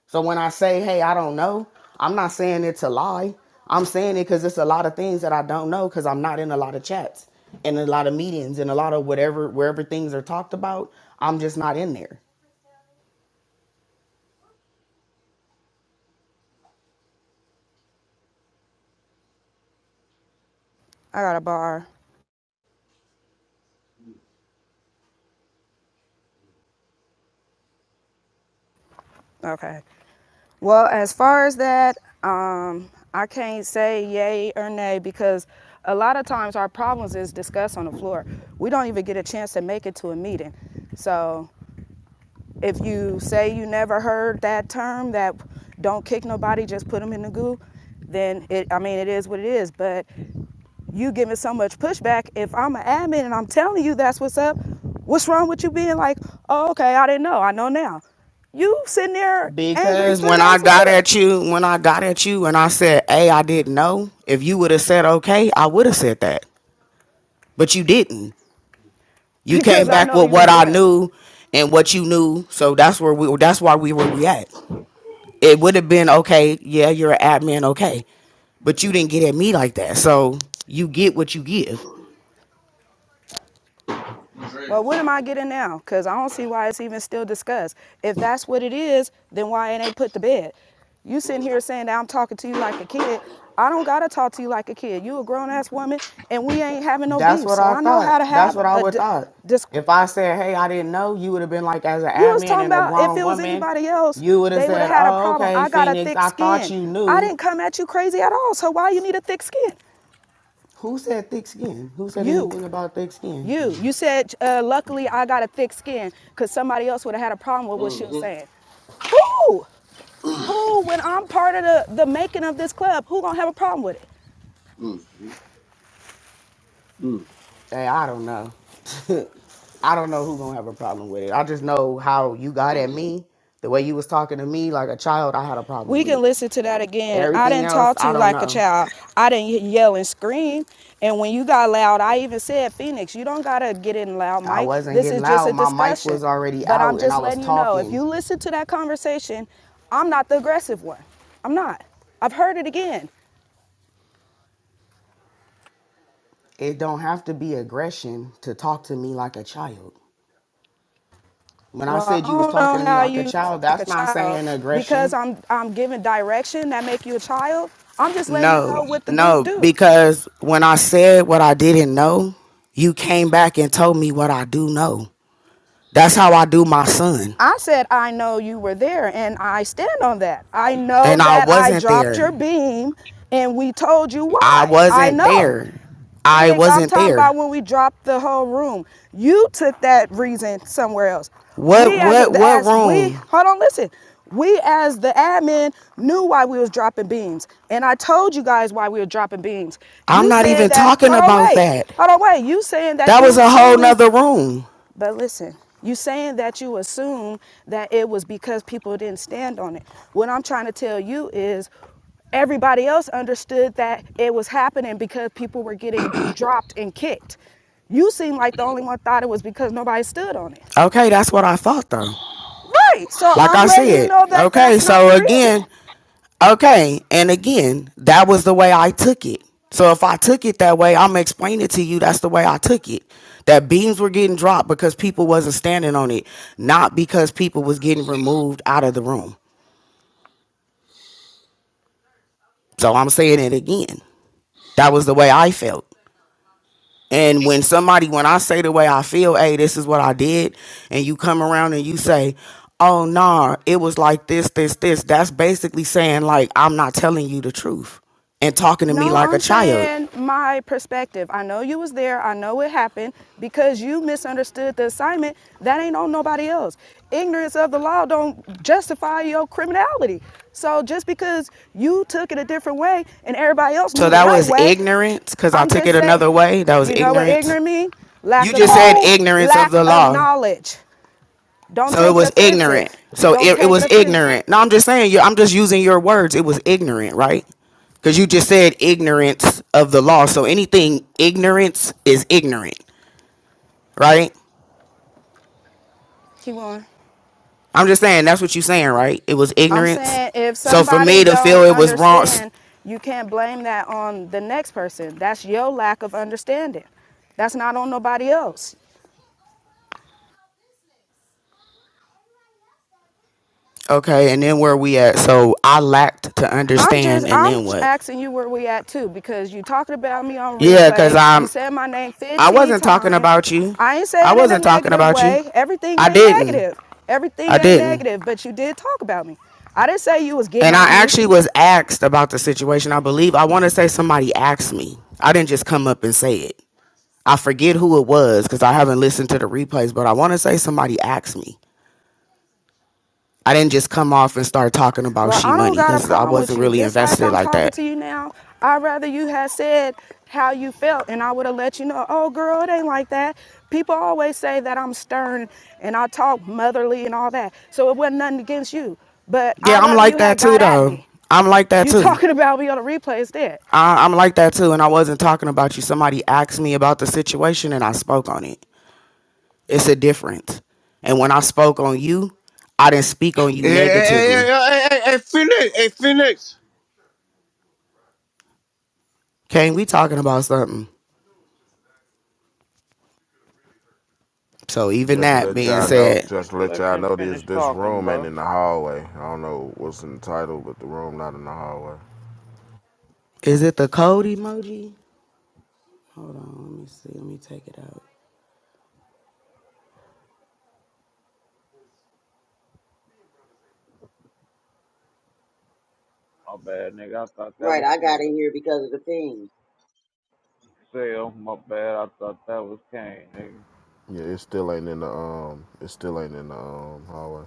So when I say, hey, I don't know, I'm not saying it to lie. I'm saying it because it's a lot of things that I don't know because I'm not in a lot of chats and a lot of meetings and a lot of whatever, wherever things are talked about. I'm just not in there. I got a bar. Okay. Well, as far as that, um, I can't say yay or nay because a lot of times our problems is discussed on the floor. We don't even get a chance to make it to a meeting. So If you say you never heard that term, that don't kick nobody, just put them in the goo, then it, I mean, it is what it is. But you giving so much pushback, if I'm an admin and I'm telling you that's what's up, what's wrong with you being like, oh, okay, I didn't know, I know now. You sitting there angry Because three when I days got later. at you, when I got at you and I said, Hey, I didn't know, if you would have said okay, I would have said that. But you didn't. You came because I back with what I right. knew and what you knew. So that's where we that's why we were we at. It would have been okay, yeah, you're an admin, okay. But you didn't get at me like that. So you get what you give. Well, what am I getting now? Because I don't see why it's even still discussed. If that's what it is, then why it ain't put to bed? You sitting here saying that I'm talking to you like a kid. I don't gotta talk to you like a kid. You a grown ass woman, and we ain't having no That's beef. what So I I know thought. how to thought. That's what I would di- thought. dis- If I said, "Hey, I didn't know," you would have been like, as an You was admin talking and a about if grown it was woman, anybody else, you would have they would have said, had a "Oh, problem. okay, I got a Phoenix. thick I thought skin. you I knew." didn't come at you crazy at all. So why you need a thick skin? Who said thick skin? Who said You, anything about thick skin? you, you said, uh, luckily I got a thick skin because somebody else would have had a problem with what mm-hmm. she was saying. Who? Who, when I'm part of the, the making of this club, who gonna have a problem with it? Hey, I don't know. I don't know who gonna have a problem with it. I just know how you got at me, the way you was talking to me like a child. I had a problem We with can it. listen to that again. I Everything didn't else, talk to I you don't like a know. child. I didn't yell and scream. And when you got loud, I even said, Phoenix, you don't gotta get in loud, I Mike. wasn't This getting is just loud. a My mic discussion. was already But I'm out, and I just was letting you know if talking. you listen to that conversation, I'm not the aggressive one. I'm not. I've heard it again. It don't have to be aggression to talk to me like a child. When I Well, said you was I don't talking don't know like a you child, like a that's not child saying because aggression. I'm I'm giving direction that make you a child. I'm just letting you know No, what the do. no, do. because when I said what I didn't know, you came back and told me what I do know. That's how I do my son. I said, I know you were there, and I stand on that. I know And that I wasn't dropped there. your beam, and we told you why. I wasn't I know. there. I and wasn't Nigga, I'm talking there. about when we dropped the whole room. You took that reason somewhere else. What We what the what as we room? hold on, listen. We as the admin knew why we was dropping beams, and I told you guys why we were dropping beams. You I'm not even that? talking about wait. that. Hold on, wait. You saying that That was a whole feeling nother room. But listen, you saying that you assume that it was because people didn't stand on it. What I'm trying to tell you is everybody else understood that it was happening because people were getting dropped and kicked. You seem like the only one thought it was because nobody stood on it. Okay, that's what I thought though. Right. So Like I'm I letting you said, know that okay, that's not so the again, real. Okay, and again, that was the way I took it. So if I took it that way, I'm explaining to explain it to you that's the way I took it. That beams were getting dropped because people wasn't standing on it, not because people was getting removed out of the room. So I'm saying it again. That was the way I felt. And when somebody, when I say the way I feel, hey, this is what I did, and you come around and you say, oh, nah, it was like this, this, this, that's basically saying, like, I'm not telling you the truth and talking to me No, like a I'm child. saying my perspective. I know you was there. I know it happened because you you misunderstood the assignment that ain't on nobody else ignorance of the law don't justify your criminality so just because you took it a different way and everybody else So knew the that right was ignorance because I took it another way. That was ignorance. you know what ignorance. ignorant mean You just said ignorance of lack the of law. Lack of knowledge don't So it was ignorant. So it, it was ignorant. No, I'm just saying, you I'm just using your words. It was ignorant, right? Because you just said ignorance of the law. So anything ignorance is ignorant, right? keep on. I'm just saying that's what you're saying, right? It was I'm ignorance. I'm saying if So for me to feel it was wrong, you can't blame that on the next person. That's your lack of understanding. That's not on nobody else. Okay, and then where we at? So I lacked to I'm just understand, just and I'm then just what? asking you where we at too because you talking about me on Yeah, cause replays. You I'm said my name I 15 wasn't talking times. about you. I ain't I saying it in a wasn't talking negative about you. way. Everything I ain't didn't. negative. Everything I ain't didn't. negative, but you did talk about me. I didn't say you was getting And I on me. actually was asked about the situation. I believe I want to say somebody asked me. I didn't just come up and say it. I forget who it was because I haven't listened to the replays, but I want to say somebody asked me. I didn't just come off and start talking about Well, she I money because I wasn't really invested like invested I'm like talking that. to you now, I'd rather you had said how you felt and I would have let you know, oh, girl, it ain't like that. People always say that I'm stern and I talk motherly and all that. So it wasn't nothing against you. But Yeah, i am like that too, though. I'm like that too. You talking about me on the replay instead. I, I'm like that too, and I wasn't talking about you. Somebody asked me about the situation, and I spoke on it. It's a difference. And when I spoke on you, I didn't speak on you Yeah, negatively. yeah, yeah, negatively. yeah. Kane, we talking about something. So even Just to that let being y'all know, said, just to let Let y'all him know this finish this talking, room ain't bro. in the hallway. I don't know what's in the title, but the room not in the hallway. is it the code emoji? Hold on, let me see. Let me take it out. That Right, was I got in here because of the thing. Yeah, it still ain't in the um it still ain't in the um hallway.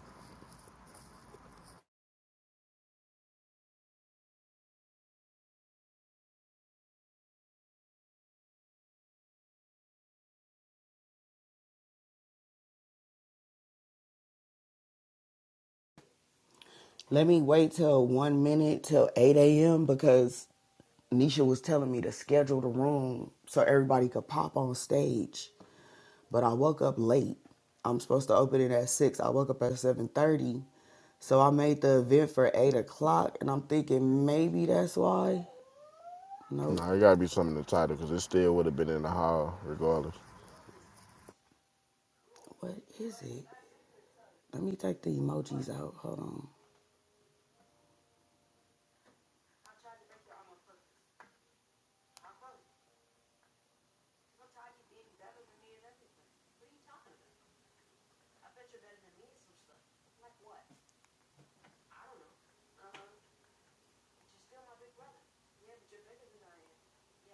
Let me wait till one minute till eight a.m. because Nisha was. to schedule the room so everybody late. Supposed to open it at six thirty, so I made the event for eight o'clock, and I'm thinking maybe that's why. No, Nope. Nah, it gotta be something in the title because it still would have been in the hall regardless. What is it? Let me take the emojis out. Hold on.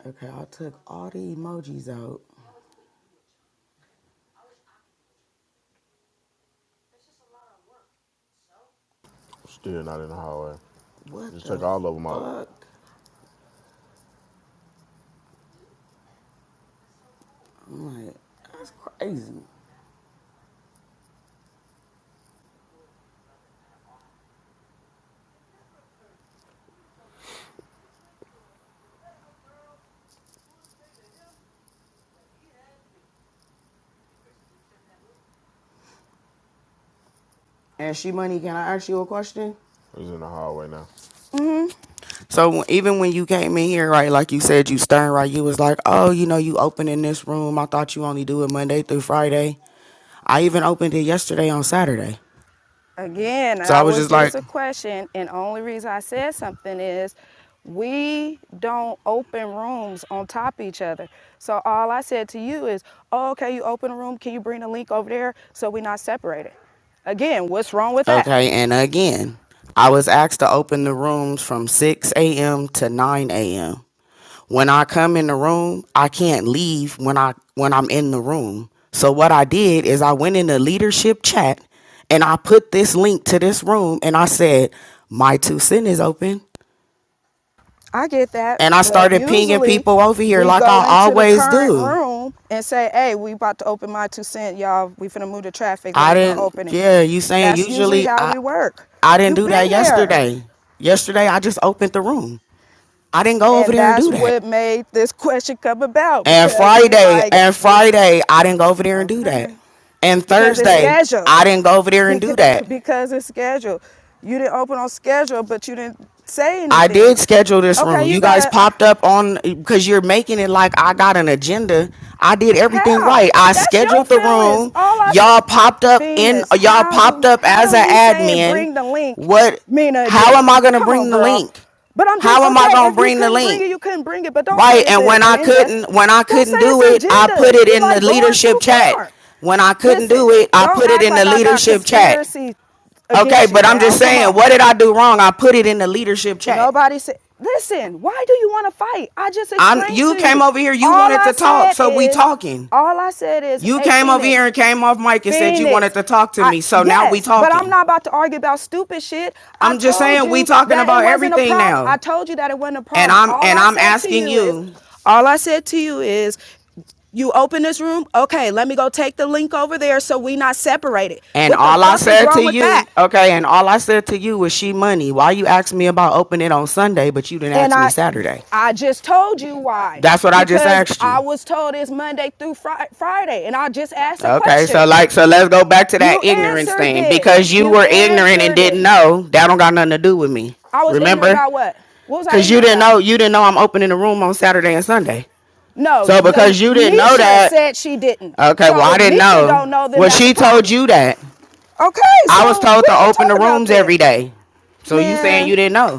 Okay, I took all the emojis out. Still not in the hallway. What Just the took all of them out. fuck? out. I'm like, that's crazy. And she money, can I ask you a question? It's in the hallway now. So even when you came in here, right, like you said, you stern, right, you was like, oh, you know, you open in this room. I thought you only do it Monday through Friday. I even opened it yesterday on Saturday. Again, So I was just like, a question, and the only reason I said something is we don't open rooms on top of each other. So all I said to you is, oh, okay, you open a room, can you bring the link over there so we're not separated? Again, what's wrong with that? okay, and again, I was asked to open the rooms from 6 a.m. to 9 a.m when I come in the room, I can't leave when I when I'm in the room. So what I did is I went in the leadership chat and I put this link to this room and I said, My two cent is open. I get that, And I but started pinging usually people over here we like I go I into the always the current do. room and say, "Hey, we about to open my two cent, y'all. We finna move the traffic. I didn't open it." yeah, you saying That's usually usually how I we work. I didn't you do that there. yesterday. Yesterday I just opened the room. I didn't go over And there and do that. That's what made this question come about And Friday, like, and Friday, I didn't go over there and do that. okay, And Thursday, I didn't go over there and do that. because it's scheduled. You didn't open on schedule, but you didn't say anything. I did schedule this okay, room. Okay, you You guys got popped up on because you're making it like I got an agenda. I did everything how? right. I That's scheduled the room. Y'all popped up in y'all popped up as an admin. bring the link? What how am I gonna Come bring on, the girl. link? But I'm just How am okay, I okay gonna bring the could bring link? it, you couldn't bring it. But don't Right. And when I couldn't when I couldn't do it, I put it in the like leadership chat. When I couldn't do it, I put it in the like leadership chat. Okay, but I'm just saying, what did I do wrong? I put it in the leadership chat. Nobody said, listen, why do you want to fight? I just I'm explained to you to came you. over here, you All wanted I to talk, said so is, we talking. all I said is, You hey, came Phoenix, over here and came off mic and Phoenix, said you wanted to talk to me, so I, yes, now we talking. but I'm not about to argue about stupid shit. I I'm just saying we talking about everything now. I told you that it wasn't a problem. and I'm All and I I'm asking you is, you. all I said to you is, you open this room, okay? Let me go take the link over there so we not separated. And What all I said to you, that? okay, and all I said to you was she money. Why you asked me about opening it on Sunday, but you didn't And ask I, me Saturday? I just told you why. That's what because I just asked you. I was told it's Monday through Fri- Friday, and I just asked a Okay, question. Okay, so like, so let's go back to that You ignorance thing it. because you You were ignorant and didn't it. know. That don't got nothing to do with me. I was Remember? ignorant about what? What was I Cause you didn't know. You didn't know I'm opening the room on Saturday and Sunday. No. So because you didn't know Nisha know that- Said she didn't. Okay, So well I didn't Nisha know. Don't know that well, she told you that. Okay. So I so was told to open the rooms every day. So yeah. you saying you didn't know?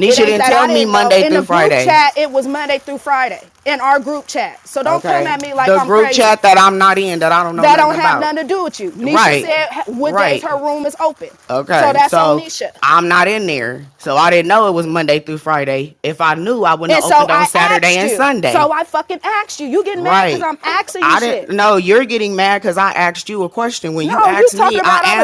Nisha didn't tell me Monday through Friday. in the group chat. It was Monday through Friday in our group chat. So don't come at me like the I'm crazy. The group chat that I'm not in that I don't know nothing about. that don't have nothing to do with you. Nisha Right. said h- what days Right. her room is open. Okay, So that's on so Nisha. I'm not in there, so I didn't know it was Monday through Friday. If I knew, I wouldn't have so opened on I Saturday asked and you. So I fucking asked you. You getting mad because Right. I'm asking you I shit. didn't. No, you're getting mad because I asked you a question. When you No, you asked talking me, about I I'm a, i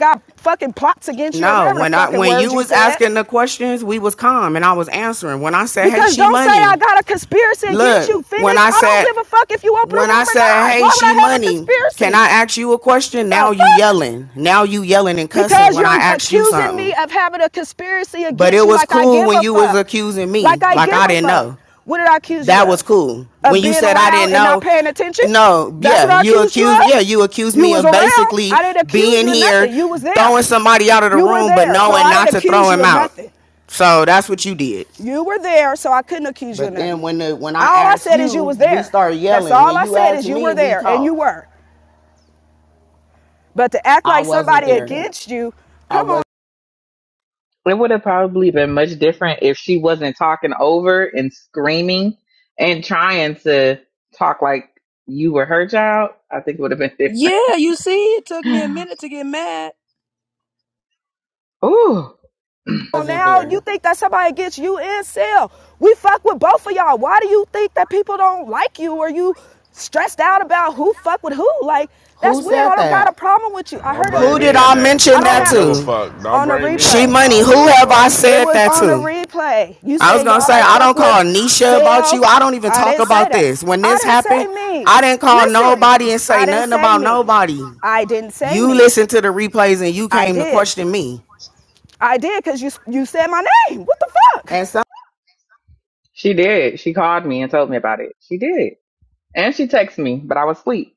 got fucking plots against you No, when I when you was asking the questions, questions, we was calm and I was answering. When I said, "Hey, Because hey, she don't money. Don't say I got a conspiracy against you. look. When I I said, I don't give a fuck if you open when I or not. said, now. "Hey, she I money," can I ask you a question? Now you yelling. Now you yelling and cussing Because when I ask you something. Because you are accusing me of having a conspiracy But against it you But it was you, like I cool when a you was fuck. Was accusing Like me. Like I Like I a didn't know. What did I accuse that you of? That was cool. Of When you said I didn't and not know, paying attention? no, That's yeah, you accused you yeah, you accused You me of basically being here, throwing somebody out of the You room, but there. So knowing not to throw him out. nothing. So that's what you did. You were there, so I couldn't accuse but you of But then when the, when I All I asked I said you, is you was you, we there. You started That's yelling. That's all I said is you were there, and and you were. But to act like somebody there. against no. you, come on
It would have probably been much different if she wasn't talking over and screaming and trying to talk like you were her child. I think it would have been different.
yeah, you see, it took me a minute to get mad.
Ooh,
now, there. you think that somebody against you and Sel. We fuck with both of y'all. Why do you think that people don't like you or you stressed out about who fuck with who? Like, that's Who weird. said I don't that? got a that? problem with you. I heard it I said I mentioned that do to? on the She money. Who have I said was that to? on the to? replay. You I was gonna say I don't call Nisha about you. I don't even talk about this. When this happened, I didn't call Listen, nobody and say nothing say about me. nobody. I didn't say You me. listened to the replays and you came to question me. I did because you you said my name. What the fuck? And so
she did. She called me and told me about it. She did. And she texted me, but I was asleep.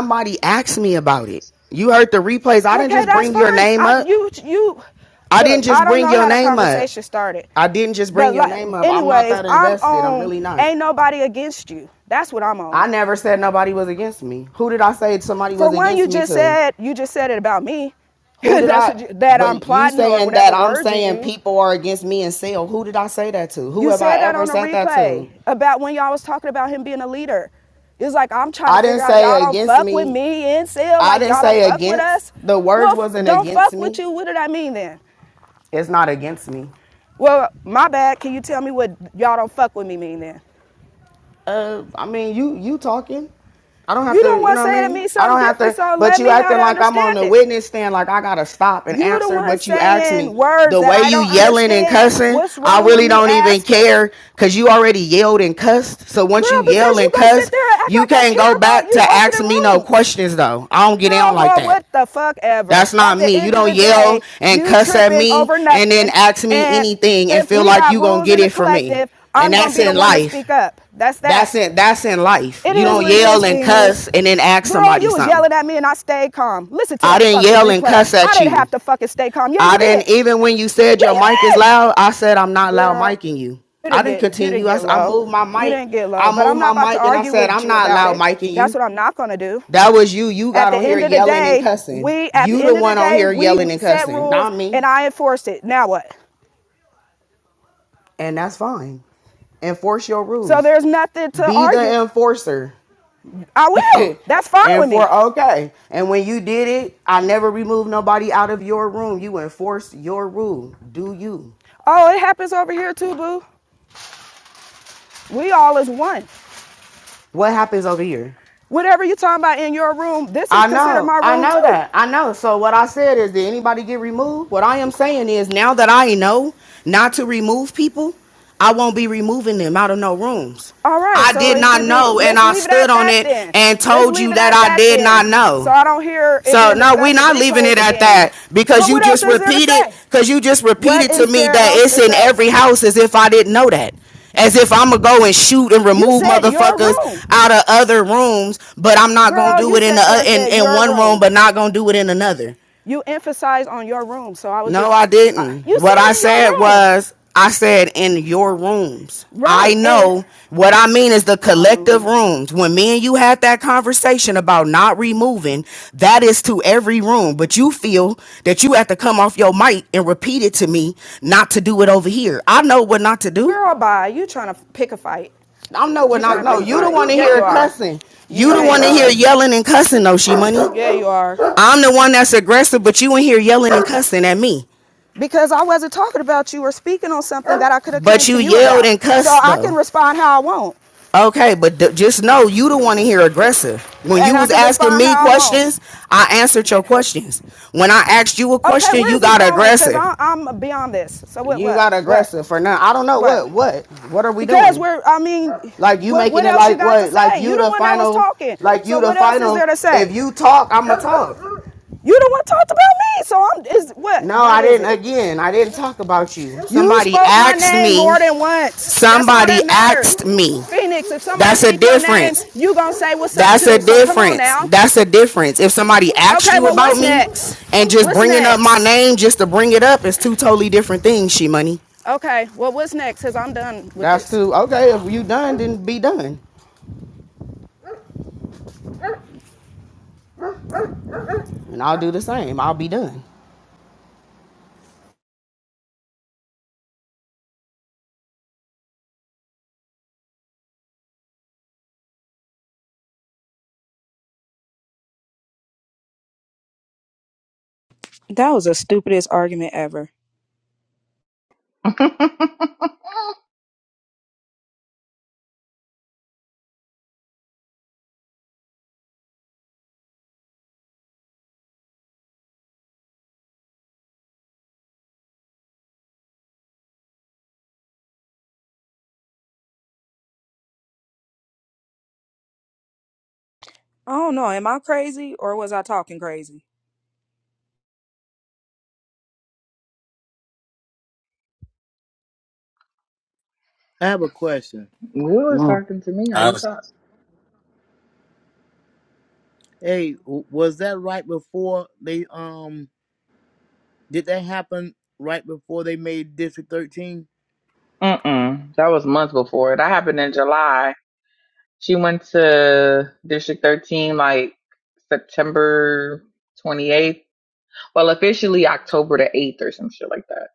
Somebody asked me about it. You heard the replays. I okay, didn't Okay, just that's bring fine. your name I up. you you I didn't just I bring your name up. conversation started. I didn't just bring But your like name up. Anyways, I'm not anyways, that I'm invested. I'm on I'm really not. ain't nobody against you. That's what I'm on. I never said nobody was against me. Who did I say somebody For was one, against you me For one, you just to? said you just said it about me. That's I? you, that But I'm plotting or saying that I'm word you saying people are against me and sale. Who did I say that to? Who You have I said that ever on the said that to? replay about when y'all was talking about him being a leader. It's like I'm trying. I to didn't figure out y'all say don't against fuck me. with me. and Sil. I Like didn't y'all don't say fuck with against. us. The words Well, f- wasn't don't against fuck with me. you. What did I mean then? It's not against me. Well, my bad. Can you tell me what y'all don't fuck with me mean then? Uh, I mean, you you talking? I don't have You to, You don't want to say to me something? I don't have to, so but you acting like I'm on the witness stand, like I gotta stop and answer what you asked me. The way you yelling and cussing, I really don't even care because you already yelled and cussed. So once you yell and cuss, you like can't go back to ask me no questions though. I don't get Girl, on like that. what the fuck ever. That's not me. You don't yell and cuss at me and then ask me anything and feel like you gonna get it from me and I'm going that's in life. speak up. That's that. That's in that's in life. It You don't yell and cuss and then ask Girl, somebody you something. You was yelling at me and I stayed calm. Listen to me. I didn't yell and cuss at you. I didn't have to fucking stay calm. Yeah, I you did. didn't even when you said Yeah, your you mic is loud, I said I'm not loud Girl, micing you. you I didn't didn't get didn't continue. I, get s- I moved my You mic. You didn't get low. I moved my mic and I said I'm not loud micing you. That's what I'm not gonna do. That was you. You got on here yelling and cussing. You the one on here yelling and cussing, not me. and I enforced it. Now what? And that's fine. Enforce your rules. So there's nothing to Be argue. Be the enforcer. I will. That's fine with me. for okay. And when you did it, I never removed nobody out of your room. You enforced your rule. Do you? Oh, it happens over here too, boo. We all is one. What happens over here? Whatever you're talking about in your room, this is I know, considered my room. I know too. that, I know. So what I said is, did anybody get removed? What I am saying is, now that I know not to remove people, I won't be removing them out of no rooms. All right, I so did not know, and I stood on it then. and told you that I did then. not know. So I don't hear So no, we're not leaving it at that because you just repeated because you just repeated to me that it's in every house as if I didn't know that. As if I'm gonna go and shoot and remove motherfuckers out of other rooms, but I'm not Girl, gonna do it in the in in one room, room. but not gonna do it in another. You emphasize on your room, so I was No, just I didn't. you What I said was, I said in your rooms. Right, I know And what I mean is the collective rooms. When me and you had that conversation about not removing, that is to every room. But you feel that you have to come off your mic and repeat it to me not to do it over here. I know what not to do. girl by you trying to pick a fight. I know what I know you the one to Yeah, hear cussing. You Yeah, the you one to hear yelling and cussing though, she money. Yeah, you are. I'm the one that's aggressive, but you in here yelling and cussing at me. Because I wasn't talking about you or speaking on something that I could have But you yelled and cussed. So I can respond how I want. Okay, but d- just know you don't want to hear aggressive. When And you I was can asking respond me how I want. questions, I answered your questions. When I asked you a Okay, question, where you where's this got going with? Because aggressive. I, I'm beyond this. So what, You what, got what, aggressive for now. I don't know what? what, what, what are we Because doing? we're, I mean, Like you what, what making What it else you like got to what? Like say? You you the the one that was final? talking. Like So you the what else is final? there to If say? you talk, I'ma talk. You the one talked about me, so I'm is what? No, What I didn't. it? Again, I didn't talk about you. You Somebody spoke my asked name me. more than once. Somebody asked me. Phoenix, if somebody That's a speak your name, you gonna say what's up That's a too. So difference. That's a difference. If somebody asks Okay, you well about me next? and just What's bringing next? up my name just to bring it up is two totally different things, she money. Okay, well what's next? Cause I'm done with That's this. too okay. If you done, then be done, and I'll do the same. I'll be done.
That was the stupidest argument ever.
Will
I don't know. Am I crazy or was I talking crazy?
I have a question.
was
Mm.
talking to me. How
I
you
was
talk?
Hey, w- was that right before they, um, did that happen right before they made District 13?
Mm-mm. That was months before. That happened in July. She went to District 13 like September 28th Well, officially October the 8th or some shit like that.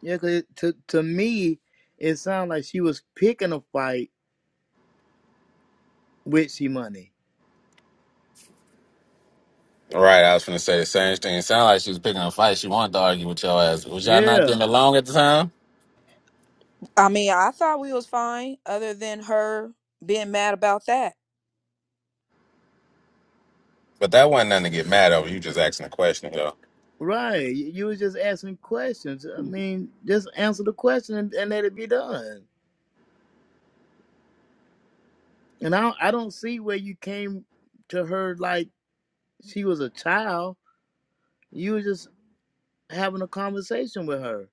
Yeah, 'cause it, to to me, it sounded like she was picking a fight with she money.
right. I was gonna say the same thing. It sounded like she was picking a fight. She wanted to argue with your ass. Was y'all not
Yeah,
getting along at the time?
I mean, I thought we was fine, other than her being mad about that.
But that wasn't nothing to get mad over. You just asking a question, though.
right. You, you was just asking questions. I mean, just answer the question and, and let it be done. And I don't, I don't see where you came to her like she was a child. You was just having a conversation with her.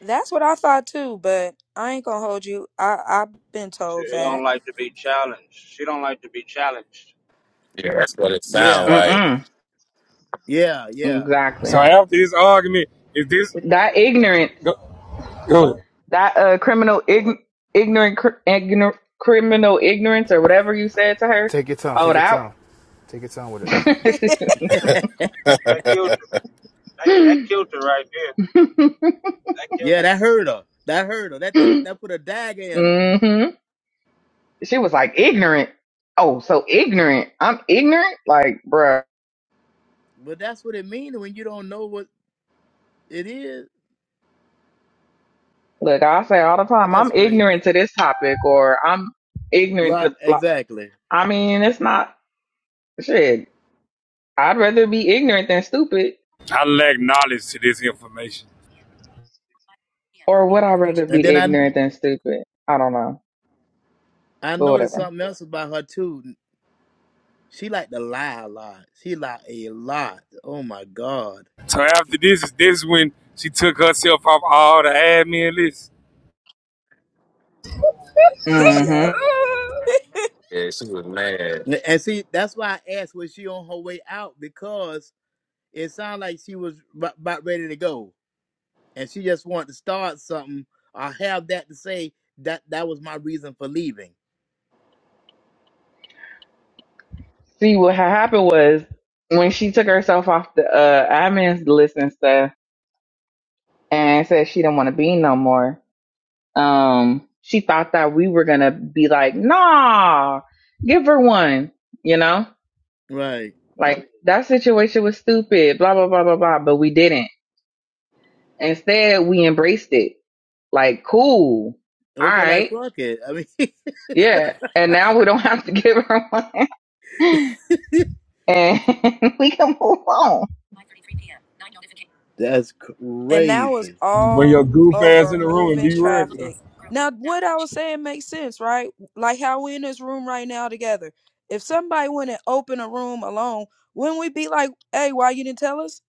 That's what I thought too. But I ain't gonna hold you. I I've been told that.
Yeah, that's what it sound
Yeah,
like.
Mm-mm.
yeah, yeah,
So
Exactly.
yeah,
after this argument, if this
That ignorance,
go, go
that uh, criminal ign- ignorant, cr- ignor- criminal ignorance, or whatever you said to her.
Take your time,
Oh,
take your
that.
time. Take your time with it.
yeah,
yeah. That hurt her. That hurt her. That that, that put a dagger in her.
hmm She was like ignorant. Oh, so ignorant. I'm ignorant. Like, bruh,
But that's what it means when you don't know what it is.
look, I say all the time,
That's
I'm
crazy.
ignorant to this topic, or I'm ignorant
Right,
to. Like,
exactly.
I mean, it's not shit. I'd rather be ignorant than stupid,
I lack knowledge to this information.
or would I rather be
I
ignorant than stupid? I don't know,
I
but
noticed
whatever.
something else about her too. She liked to lie a lot. She lied a lot. Oh my god.
So after this, is this when she took herself off all the admin lists.
yep.
hmm
she was mad.
And and see, that's why I asked was she on her way out because it sounded like she was b- about ready to go, and she just wanted to start something or have that to say that that was my reason for leaving.
See, what ha- happened was when she took herself off the uh, admin's list and stuff, and said she didn't want to be no more. Um, she thought that we were gonna be like, nah, give her one, you know,
Right.
like that situation was stupid, blah, blah, blah, blah, blah. But we didn't. Instead, we embraced it like, cool. All
Okay. Like
right.
fuck it. I mean,
Yeah. And now we don't have to give her one and we can move on.
that's
and that was
crazy.
Bring your
all
goof ass
over
in the room and
moving
be regular.
traffic. Now, what I was saying makes sense, right? Like how we in this room right now together. If somebody went and opened a room alone, wouldn't we be like, "Hey, why you didn't tell us?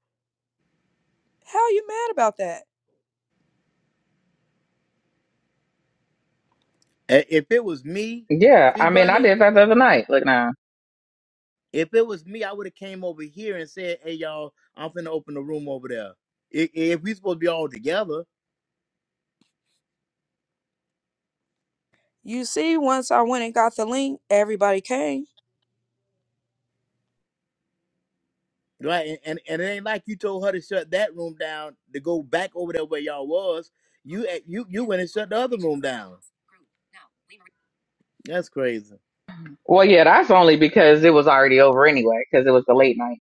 How you mad about that?"
A- If it was me,
Yeah.
see,
I mean, I
Bunny.
did that the other night. Look now.
If it was me, I would have came over here and said, "Hey, y'all, I'm finna open the room over there." If, if we supposed to be all together,
You see, once I went and got the link, everybody came.
right? And, and and it ain't like you told her to shut that room down to go back over there where y'all was. You at- you you went. And, that's crazy.
Well, yeah, that's only because it was already over anyway, because it was the late night.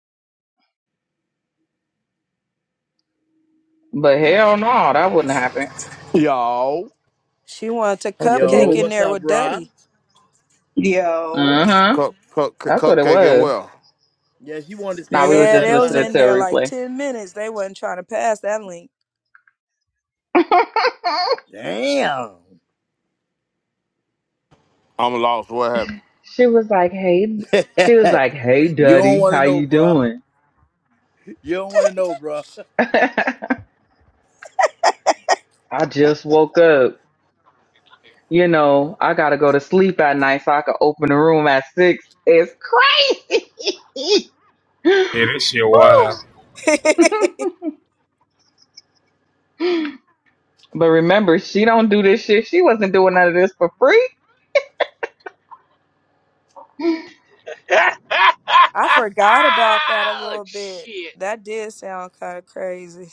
But hell no, that wouldn't happen.
Yo,
She wanted to
What's the
Yo,
cupcake
dealie?
in
what's
there
up,
with
bro?
Duddy.
Yo.
Uh huh.
cup, cup, cu-
That's what it
cupcake and
was.
well.
Yeah, she wanted to
Now
stand
we
there
were
with
Yeah,
just
Duddy
they
by
was
listening
in
to a
there
herself.
like
replay.
ten minutes. They wasn't trying to pass that link.
Damn.
I'm happy.
she was like, "Hey," she was like, "Hey,
you don't
Daddy,
want to
how
know,
you
bruh.
doing?"
You don't want to know, bruh.
I just woke up. You know, I gotta go to sleep at night so I can open the room at six. It's crazy.
Yeah, that shit
Whew.
wild.
but remember, she don't do this shit. She wasn't doing none of this for free.
I forgot about that a little bit. That did sound kind of crazy.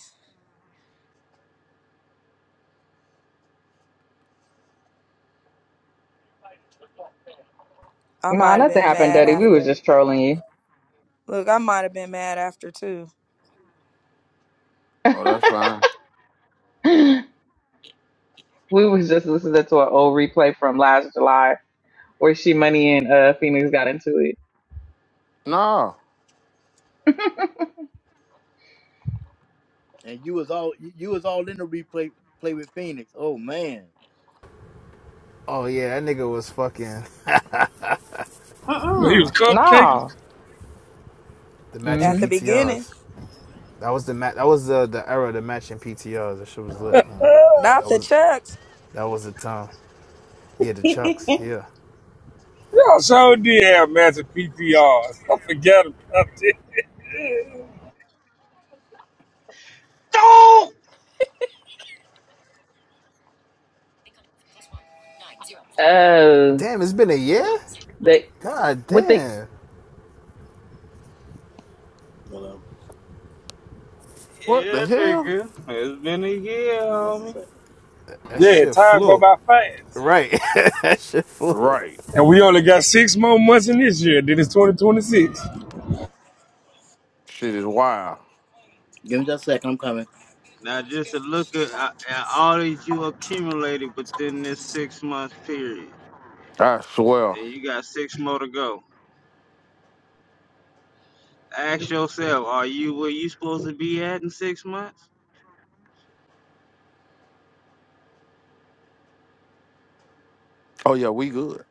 I
Nah,
might have
nothing
been
happened,
mad
Daddy. We was
after.
just trolling
Look, I might have been mad after too.
Oh, that's
you.
fine.
We was just listening to an old replay from last July where she money and uh Phoenix got into
Nah,
it.
And you was all you you was all in the replay play with Phoenix. Oh man.
Oh yeah, that nigga was fucking
He was
Uh-uh.
cupcaking.
No.
the matching
At
Mm-hmm.
the beginning,
PTRs. That was the ma- that was the the era of the matching PTRs. That shit was lit, man. That
not the
was
Chucks.
that was the time. Yeah, the chucks, yeah.
Y'all sure did have massive PPRs. I forgot about that.
Oh,
Damn, it's been a year?
they
God
with the
damn.
Hello.
what the hell?
Give me just a second.
That
Yeah,
shit
time go
flew.
by fast.
Right.
Right.
And we only got six more months in this year, then it's 2026.
Shit is wild.
Give me just a second. I'm coming.
I swear. Oh yeah, we good.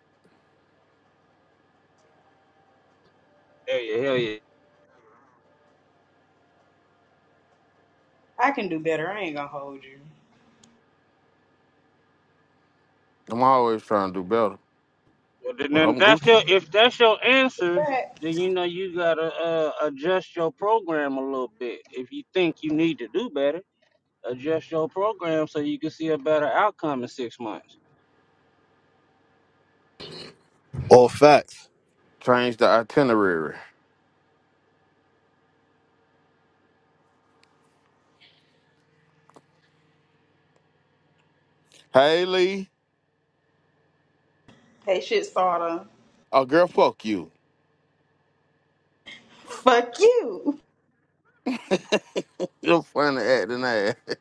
I can do better. I ain't gonna hold you.
I'm always trying to do better, but I'm Gucci.
But,
All facts.
Change the itinerary. Haley,
hey, shit, Sada.
a girl, fuck you.
Fuck you.
You're funny acting ass.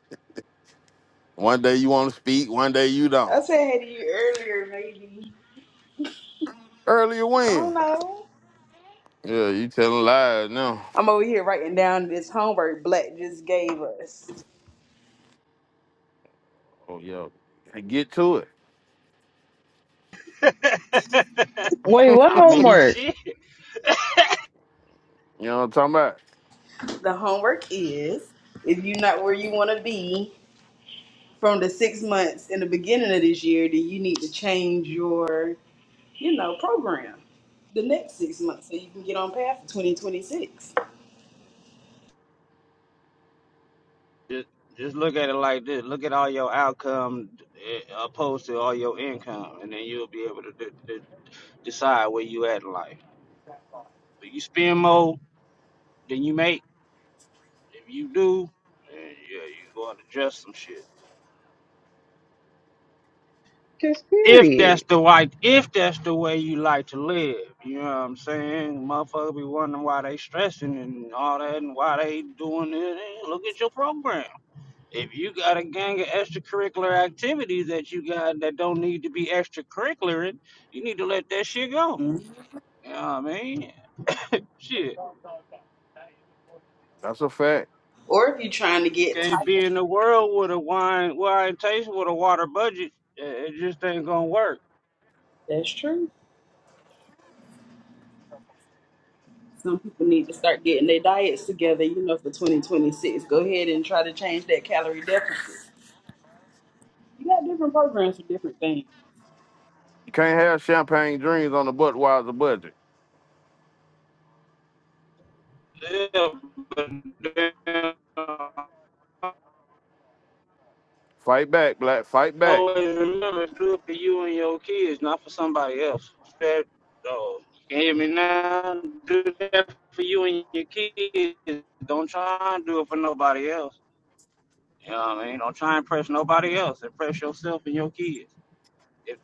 One day you want to speak, one day you
I
don't.
said hey to you earlier, maybe.
Earlier
I
when?
don't know.
Yeah, you telling lies now.
I'm over here writing down this homework Black just gave us.
Oh yeah, And get to it.
wait, what homework?
You know what I'm talking about?
The homework is if you're not where you want to be from the six months in the beginning of this year, then you need to change your, you know, program the next six months so you can get on path for 2026.
Just period.
Mhm.
That's a fact.
Or if you're trying to get That's true. Some people need to start getting their diets together, you know, for 2026. Go ahead and try to change that calorie deficit. You got different programs for different things.
You can't have champagne dreams on the Budweiser budget. Fight back, Black. Fight back.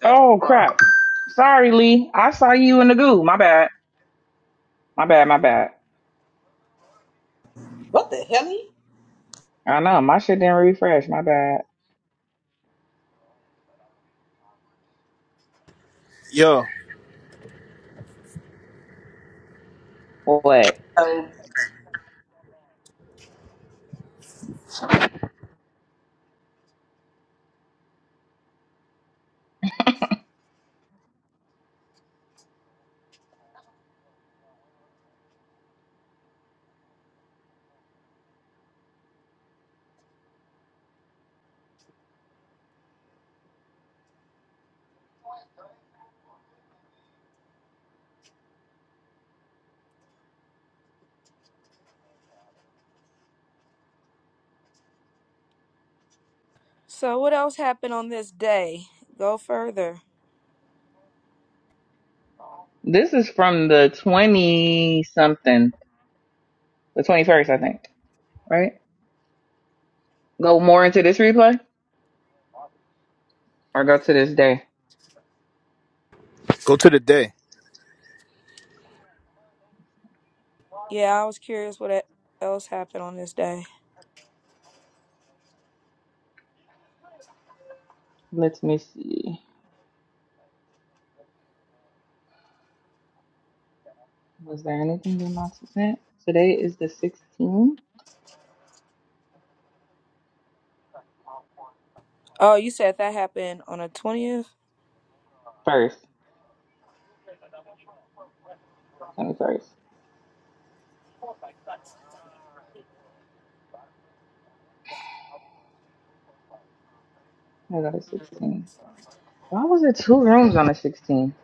Oh crap. Sorry, Lee. I saw you in the goo. My bad. My bad. My bad.
What the hell?
I know my shit didn't refresh. My bad.
Yo,
What?
Oh,
So, what else happened on this day? Go further.
This is from the twenty something, the twenty first, I think. Right? Go more into this replay or go to this day.
go to the day.
Yeah, I was curious what e- else happened on this day.
Let me see. Was there anything your mom sent? Today is the 16th,
Oh, you said that happened on the 20th?
first, 21st. I got a 16. Why was it two rooms on the 16?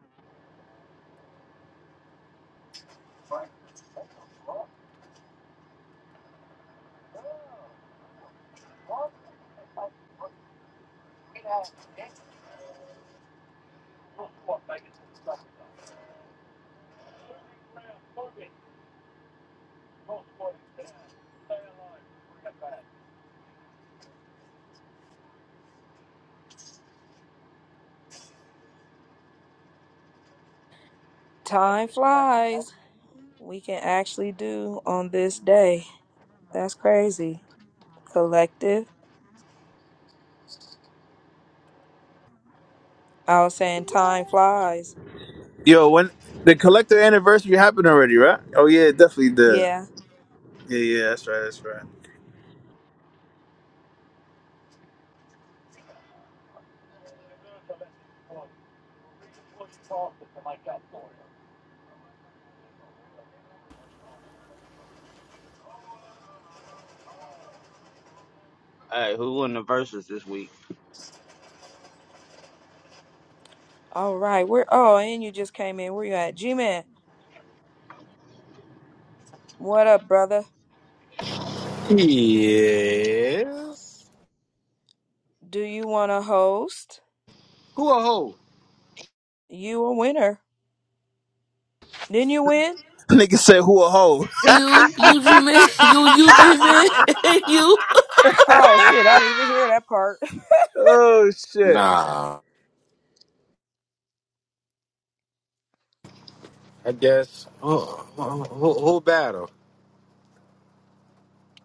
Time flies. We can actually do on this day. That's crazy. Collective. I was saying time flies.
Yo, when the collector anniversary happened already, right? Oh yeah, it definitely did.
Yeah.
Yeah, yeah, that's right, that's right.
All right. We're, oh, and you just came in. Where you at? G Man. What up, brother?
Yes.
Do you want to host?
Who a hoe?
You a winner. Didn't you win?
Nigga said who a hoe.
You, Eugene Man, you, Eugene Man, and you.
Oh shit, I didn't even hear that part.
Oh shit.
Nah,
I guess. Oh, Who, who, who battle?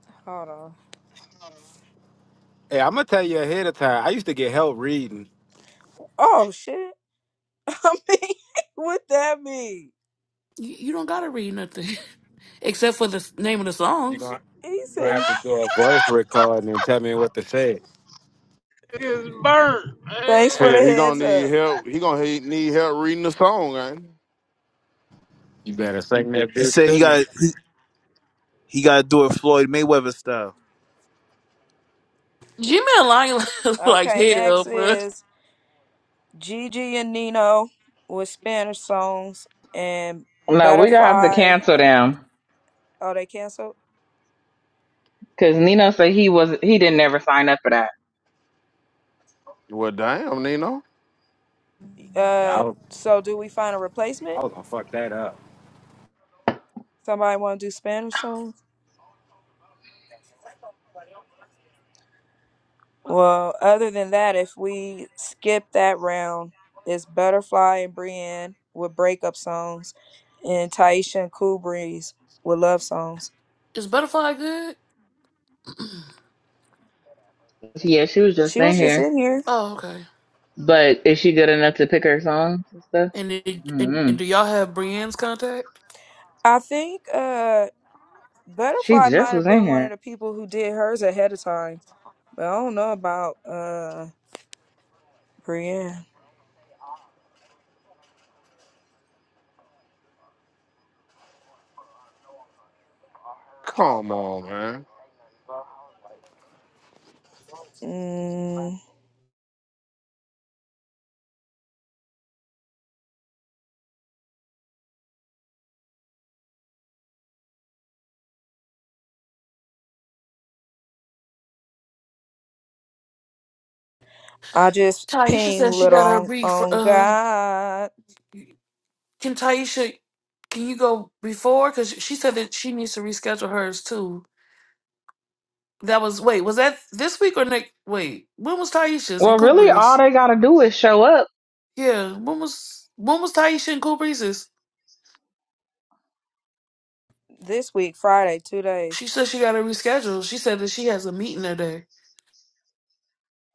Hold on.
Hey, I'm gonna tell you ahead of time. I used to get help reading.
Oh shit. I mean, what that mean?
You you don't gotta read nothing except for the s- name of the
You
songs.
gonna
He
you gonna
said,
have
he-
to do a voice recording and tell me what to say.
thanks for
Hell,
the
he gonna
heads
need
up.
help. He gonna he- need help reading the song, man.
You better sing that
He
bitch
said he
to me.
got he, he got to do it Floyd Mayweather style.
G-Man lying like, like
Okay,
hell,
next
bro.
is Gigi and Nino with Spanish songs and
No, we gonna have to
Butterfly.
cancel them
Oh, they canceled?
because Nino said he was he didn't ever sign up for that.
Well, damn, Nino.
Yeah, I
Uh,
was,
so do we find a
I
replacement?
was gonna fuck that up.
Somebody want to do Spanish songs? Well, other than that, if we skip that round, it's Butterfly and Brienne with breakup songs and Taisha and Cool Breeze with love songs.
Is Butterfly good?
Yeah, she was just
She
in
was just
here,
in here.
oh, okay.
but is she good enough to pick her songs and stuff?
And, it, and and
mm
do y'all have Brienne's contact?
I think uh
She
Butterfly
just
might
was
have
in
been one of
here.
the people who did hers ahead of time. But I don't know about uh Brienne.
Come on, man.
Mm, I just
Taisha
ping
said she
little
got her
on,
brief. For,
on
uh,
God
can Taisha? Can you go before? Cause she said that she needs to reschedule hers too. That was wait. Was that this week or next? Wait, when was Taisha's and
Well, really,
Cooper's?
all they gotta do is show up.
Yeah, when was when was Taisha in Cool Breezes?
this week, Friday, two days.
She said she got to reschedule. She said that she has a meeting today.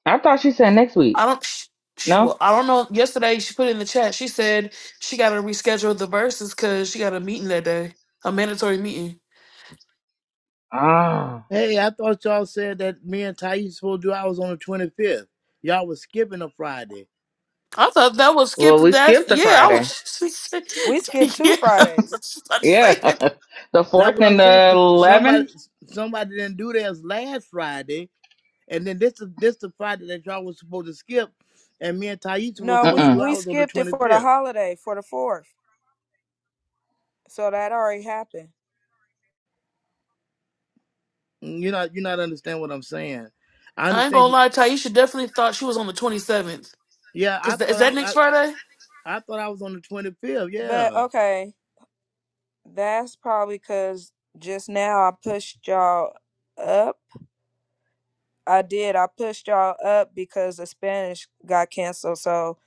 I thought she said next week.
I don't. She, she
No.
well, I don't know. Yesterday she put in the chat. She said she got to reschedule the verses because she got a meeting that day, a mandatory meeting.
Ah.
Hey, I thought y'all said that me and Thais supposed to do ours on the 25th. Y'all was skipping a Friday.
I thought that was
Well,
skipped.
we
That's
skipped a
yeah. I
Friday.
was
We skipped two
yeah. I
Fridays.
was just about to say
Yeah,
that.
the
That's
fourth
what
and
I'm saying.
the
'cause Somebody,
eleventh.
somebody didn't do theirs last Friday, and then this is this the Friday that y'all was supposed to skip, and me and Thais was
No,
supposed
we
to
Uh-uh.
do
we
ours on the
skipped it for the
25th.
holiday for the fourth, so that already happened.
You not you not understand what I'm saying? I
I ain't
understand.
gonna
You,
lie. Taisha definitely thought she was on the twenty seventh.
yeah,
Cause
I
th- is
thought
that
I,
next
I
Friday?
I thought I was on the 25th.
But
Yeah,
okay, that's probably because just now I pushed y'all up. I did. I pushed y'all up because the Spanish got canceled. So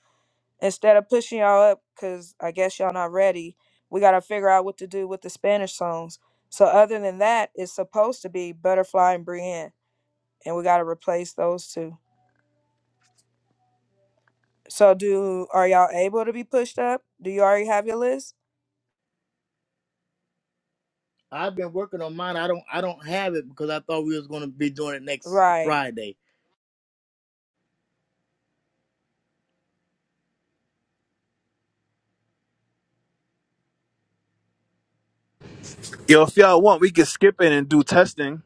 instead of pushing y'all up, because I guess y'all not ready, we gotta figure out what to do with the Spanish songs. So other than that, it's supposed to be Butterfly and Brienne, and we gotta replace those two. So do are y'all able to be pushed up? Do you already have your list?
I've been working on mine. I don't I don't have it because I thought we was going to be doing it next
Right.
Friday.
Yo, if y'all want, we can skip it and do testing.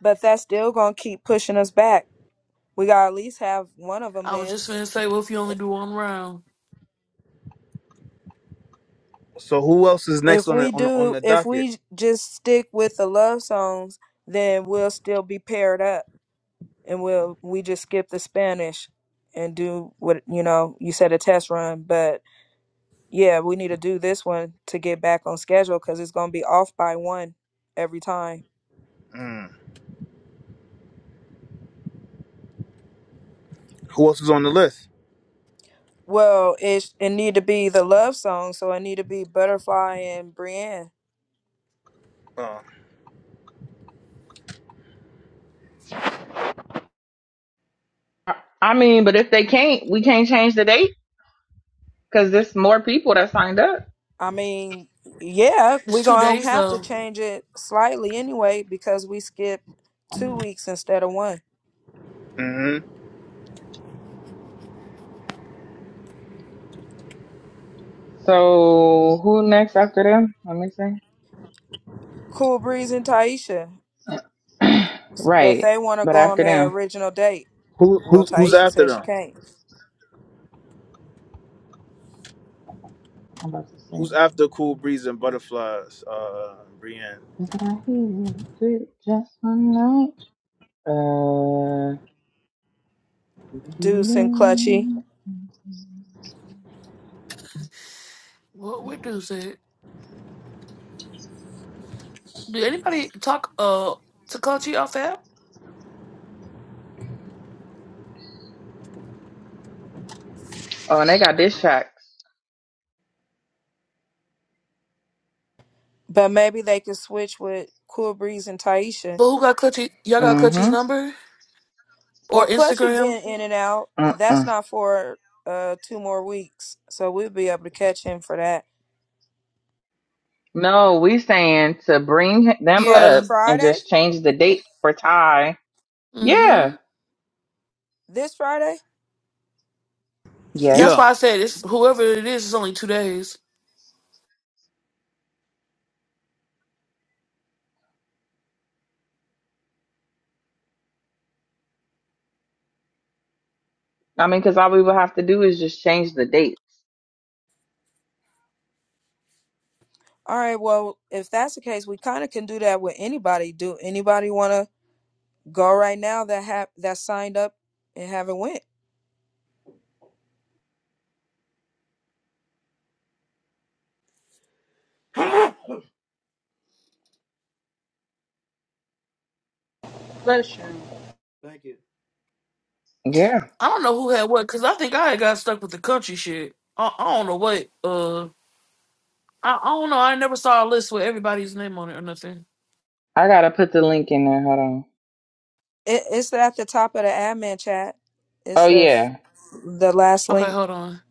But that's still going to keep pushing us back. We got to at least have one of them
I was
then.
just gonna say, well, if you only do one round,
So who else is next
If
on the
we
on, the- on
do,
the
if
docket?
we just stick with the love songs, then we'll still be paired up and we'll, we just skip the Spanish and do what, you know, you said a test run. But yeah, we need to do this one to get back on schedule because it's going to be off by one every time.
Mm. Who else is on the list?
Well, it, it need to be the love song. So it need to be Butterfly and Brienne.
Uh,
I I mean, but if they can't, we can't change the date because there's more people that signed up.
I mean, yeah,
it's
we're
two
gonna
days
have to
though.
change it slightly anyway because we skipped two weeks instead of one.
hmm
So who next after them? Let me see.
Cool Breeze and Taisha, but
right,
they want to
but
go on
after
their
them,
original date.
Who who
Well,
who's
Taisha
after
says she
them?
can't.
I'm about to say.
Who's after Cool Breeze and Butterflies? Uh, Brienne.
Look at I hear good just one night. Uh.
Deuce and Clutchy,
doo-doo-doo-doo-doo.
What what do say? Did anybody talk uh to Clutchy off the app?
Oh, and they got diss tracks.
but maybe they could switch with Cool Breeze and Taisha
But who got Clutchy? Y'all got Clutchy's
Mm-hmm.
number or
Well, Clutchy
Instagram?
been in and out. That's
Uh-uh.
not for uh two more weeks, so we'll be able to catch him for that
No, we saying to bring them
for
Yeah.
up and
Friday.
just change the date for Ty. Yeah.
Mhm.
This Friday.
That's
Yes.
Yeah.
why I said it's whoever it is. It's only two days.
I mean, because all we would have to do is just change the date.
All right. Well, if that's the case, we kind of can do that with anybody. Do anybody want to go right now that have that signed up and haven't went?
Bless you.
Thank you.
Yeah.
I don't know who had what because I think I had got stuck with the country shit. I, I don't know what. Uh, I, I don't know. I never saw a list with everybody's name on it or nothing.
I gotta put the link in there. Hold on.
It, it's at the top of the admin chat.
Oh
It's the f-
yeah,
the last
Okay,
link.
hold on.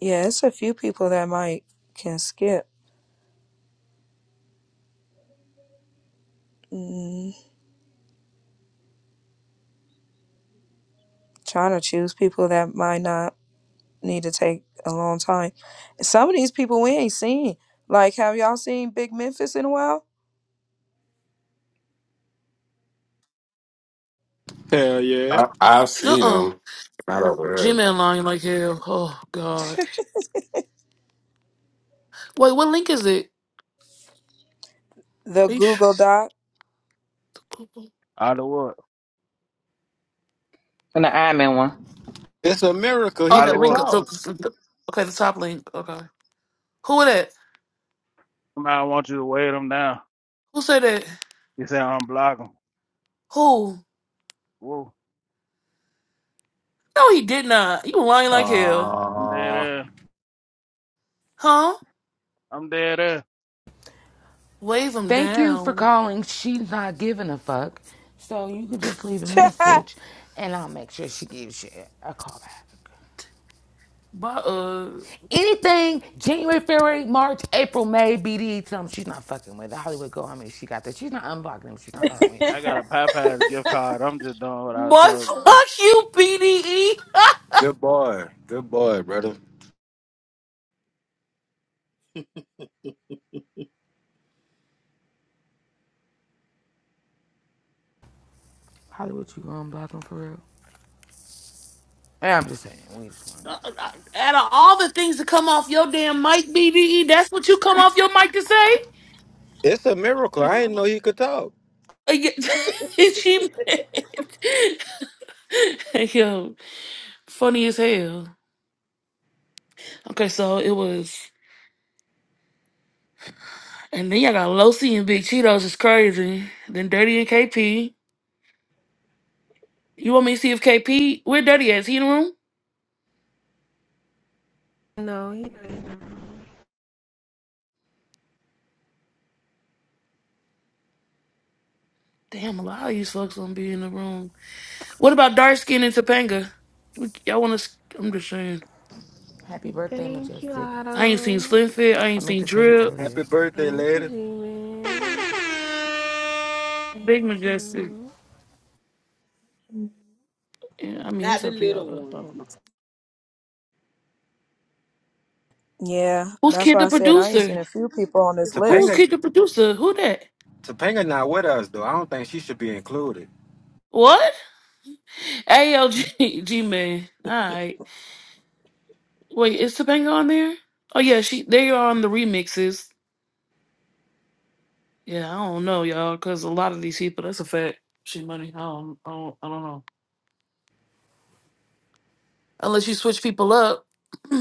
Yeah, it's a few people that might can skip. Mm, trying to choose people that might not. need to take a long time. Some of these people we ain't seen. Like, have y'all seen Big Memphis in a while?
Hell yeah!
I, I've
Uh
seen
uh
him. Not over
Gmail line like hell. Oh god. Wait, what link is it?
The
Are you sure?
Google Doc.
Out of what?
and the admin one.
It's a miracle
Oh,
he
Out
that
of
could
link. The,
what?
talk.
the, okay, the top link. Okay. Who it at?
Somebody want you to weigh them down.
Who said that?
You say unblock them.
Who?
Whoa,
No, he did not. You lying like hell.
I'm dead
Aww.
ass.
Huh?
I'm dead ass.
Wave him
Thank you for
down.
calling. She's not giving a fuck. So you can just leave a message and I'll make sure she gives you a call back.
By, uh,
Anything January, February, March, April, May, BD, something she's not fucking with. The Hollywood go, I mean, she got that. She's not unblocking him. She's not calling him either.
I got a Popeyes gift card. I'm just doing what I was
boy,
told.
fuck you, BDE.
Good boy. Good boy, brother.
Hollywood, you gonna unblock him for real? And I'm just saying, we just want to.
Out of all the things to come off your damn mic, BDE, that's what you come off your mic to say?
It's a miracle. I didn't know he could talk.
Uh, yeah, she mad. Yo, funny as hell. Okay, so it was, and then y'all got Losi and Big Cheetos is crazy. Then Dirty and KP. You want me to see if KP where Daddy at? Is he in the room?
no, he doesn't.
Damn, a lot of these fucks gonna be in the room. What about dark skin and Topanga? We- Y'all want to? I'm just saying.
Happy birthday,
Thank you,
Majestic.
I ain't seen
Autumn.
Slim Fit. I
I
ain't
meant
seen
to tell you
Drip.
Happy
earlier.
birthday,
Thank you,
lady.
G Man.
Big
Thank
Majestic.
you.
Yeah, I mean,
not
it's
the
up to y'all.
little
Though. I
one.
don't know.
yeah,
Who's
that's
kid
why
the
I said I ain't seen
producer?
a few people on this
Who's
Topanga
list.
kid the producer? Who that?
Topanga not with us though. I don't think she should be included.
What? ALG G G man. All right. Wait, is Topanga on there? Oh yeah, she. They are on the remixes. Yeah, I don't know, y'all, because a lot of these people. That's a fact. She money. I don't. I don't. I don't know. unless you switch people up.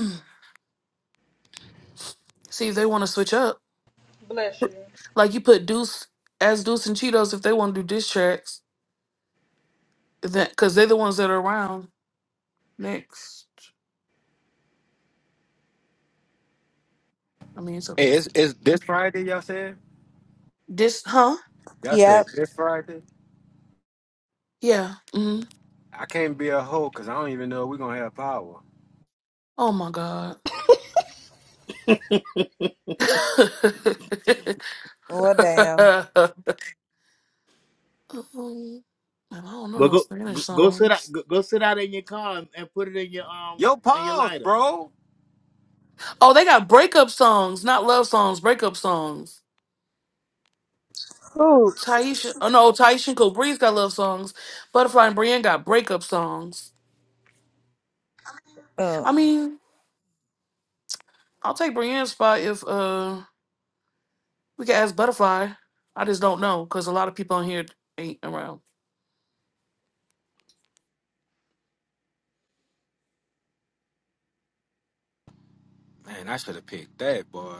See if they want to switch up.
Bless you.
Like you put Deuce as Deuce and Cheetos if they want to do diss tracks, then because they're the ones that are around next. I mean, it's up to
Hey,
you.
it's it's this Friday, y'all said?
This, huh?
Y'all
Yep.
said this Friday?
Yeah. hmm
I can't be a hoe because I don't even know if we're gonna have power.
Oh my god.
Well, damn.
Um, I don't know
But
no
go
Spanish
go go sit out
songs.
go, go sit out in your car and, and put it in your um
Yo,
in your
pause,
lighter.
bro.
Oh, they got breakup songs, not love songs. Breakup songs.
Who?
Taisha, oh no, Taisha and Cole Breeze got love songs. Butterfly and Brienne got breakup songs.
Uh,
I mean, I'll take Brienne's spot if uh we can ask Butterfly. I just don't know because a lot of people on here ain't around.
Man, I should have picked that, boy.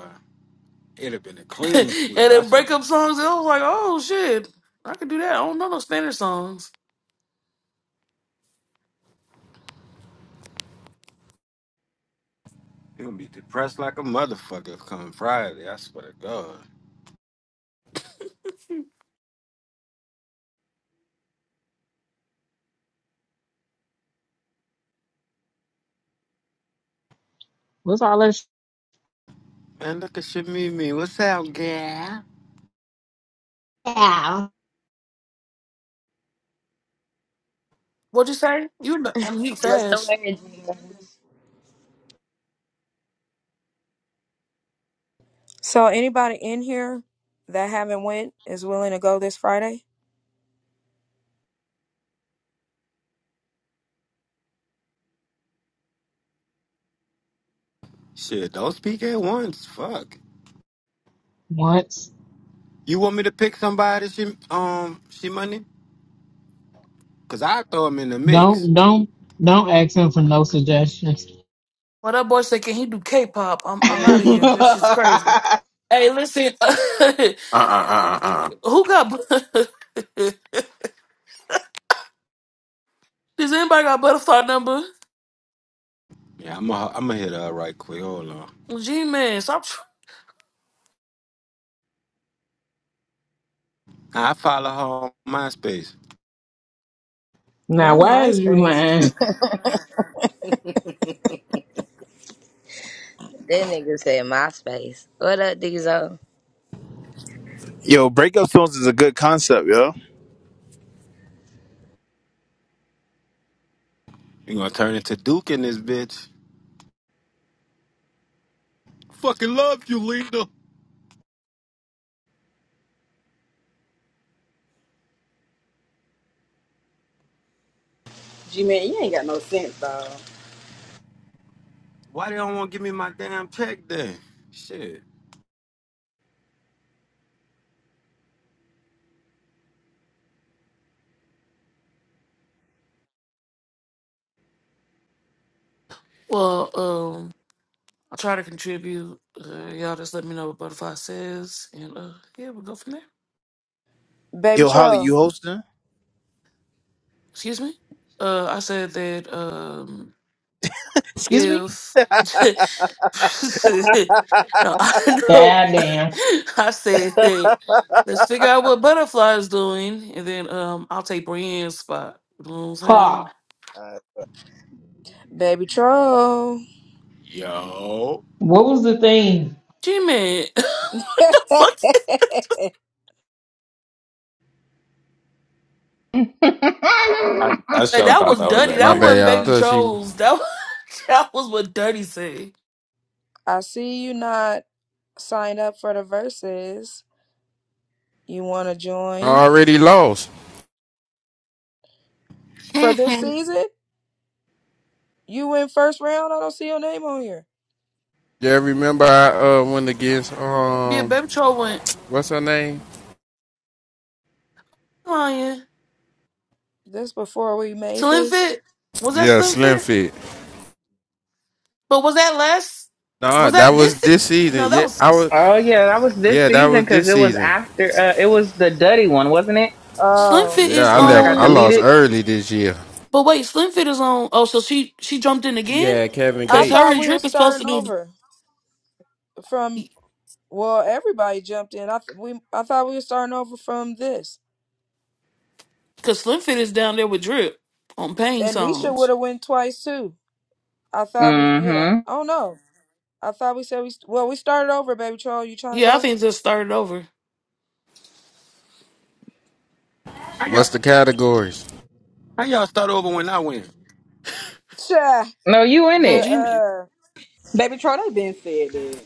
It'd have been a
and
clean sweep, I
then
swear to God.
breakup songs, I was like, oh shit, I could do that. I don't know no Spanish songs.
You're gonna be depressed like a motherfucker come Friday, I swear to God.
What's all this?
Man, look at your Mimi. What's up, girl?
Yeah.
What'd you say? You know, I'm heat
What's the
fast.
word?
so anybody in here that haven't went is willing to go this Friday?
Shit, don't speak at once. Fuck.
What?
You want me to pick somebody, she, um, she money? Cause I throw him in the mix.
Don't don't don't ask him for no suggestions.
Well, that boy said, can he do K-pop? I'm I'm out of here. That's just crazy. Hey, listen,
there. Uh uh uh uh. uh.
who got? Does anybody got butterfly number?
Yeah, I'm gonna I'm gonna hit her up right quick. Hold on.
G man, stop. Tr-
I follow her on MySpace.
Now,
Not
why is you
MySpace.
lying?
That nigga said MySpace. What up, Diesel?
Yo, breakup songs is a good concept, yo.
You gonna turn into Duke in this bitch? Fucking love you, Lena.
G man, you ain't got no sense, dog.
Why they don't want to give me my damn check then? Shit.
well, um, I try to contribute. Uh, y'all just let me know what Butterfly says, and uh, yeah, we'll go from there.
Baby
Yo, Holly,
Troll.
you hosting?
Excuse me. Uh, I said that um,
Excuse me?
if no, I know.
God damn.
I said that let's figure out what Butterfly is doing, and then um, I'll take Brienne's spot. You know what I'm
Fuck.
saying?
Baby Troll.
Yo.
What was the thing?
G man, what the fuck?
I I
Like
sure
that
thought
was
that was
Dirty.
that
That
My bad,
nigga.
wasn't
y'all.
Baby
'Cause she
Troll's. That was, that was what Dirty said.
I see you not signed up for the verses. You want to join
already lost.
for this
How
season? You win first round. I don't see your name on here.
Yeah, remember I uh, went against
Yeah,
um,
Baby Troll went
what's her name?
lying.
This before we made
Slim
this.
Fit was that
Yeah,
Slim
Slim
Fit?
Fit.
But was that last?
Nah,
Was
that
that
was
this? se-
this season.
No, that
Yeah,
was
I was.
oh yeah, that was this
Yeah, that
season
was this
because it was
season.
after. Uh, it was the Duddy one, wasn't it?
Slim
Oh,
Fit
Yeah,
is
The
I
one I
left.
got
I
on.
lost
deleted.
early this year.
But wait, Slim Fit is on. Oh, so she she jumped in
She
again?
had Kevin
I
Cause her
thought
Gates.
and
we were
Drip is supposed to
starting
be.
over from. Well, everybody jumped in. I th- we I thought we were starting over from this,
Cause Slim Fit is down there with Drip on Pain
and Nisha would
songs.
have went twice too. I thought we yeah.
Mm-hmm.
Oh no, I thought we said we st- well we started over, baby troll. You trying to
Yeah, I
go?
think this started over.
y'all,
What's the categories?
how y'all start over when I win?
Cha
No, you in
the
Well,
it.
G
uh
Baby Troy, they been said that.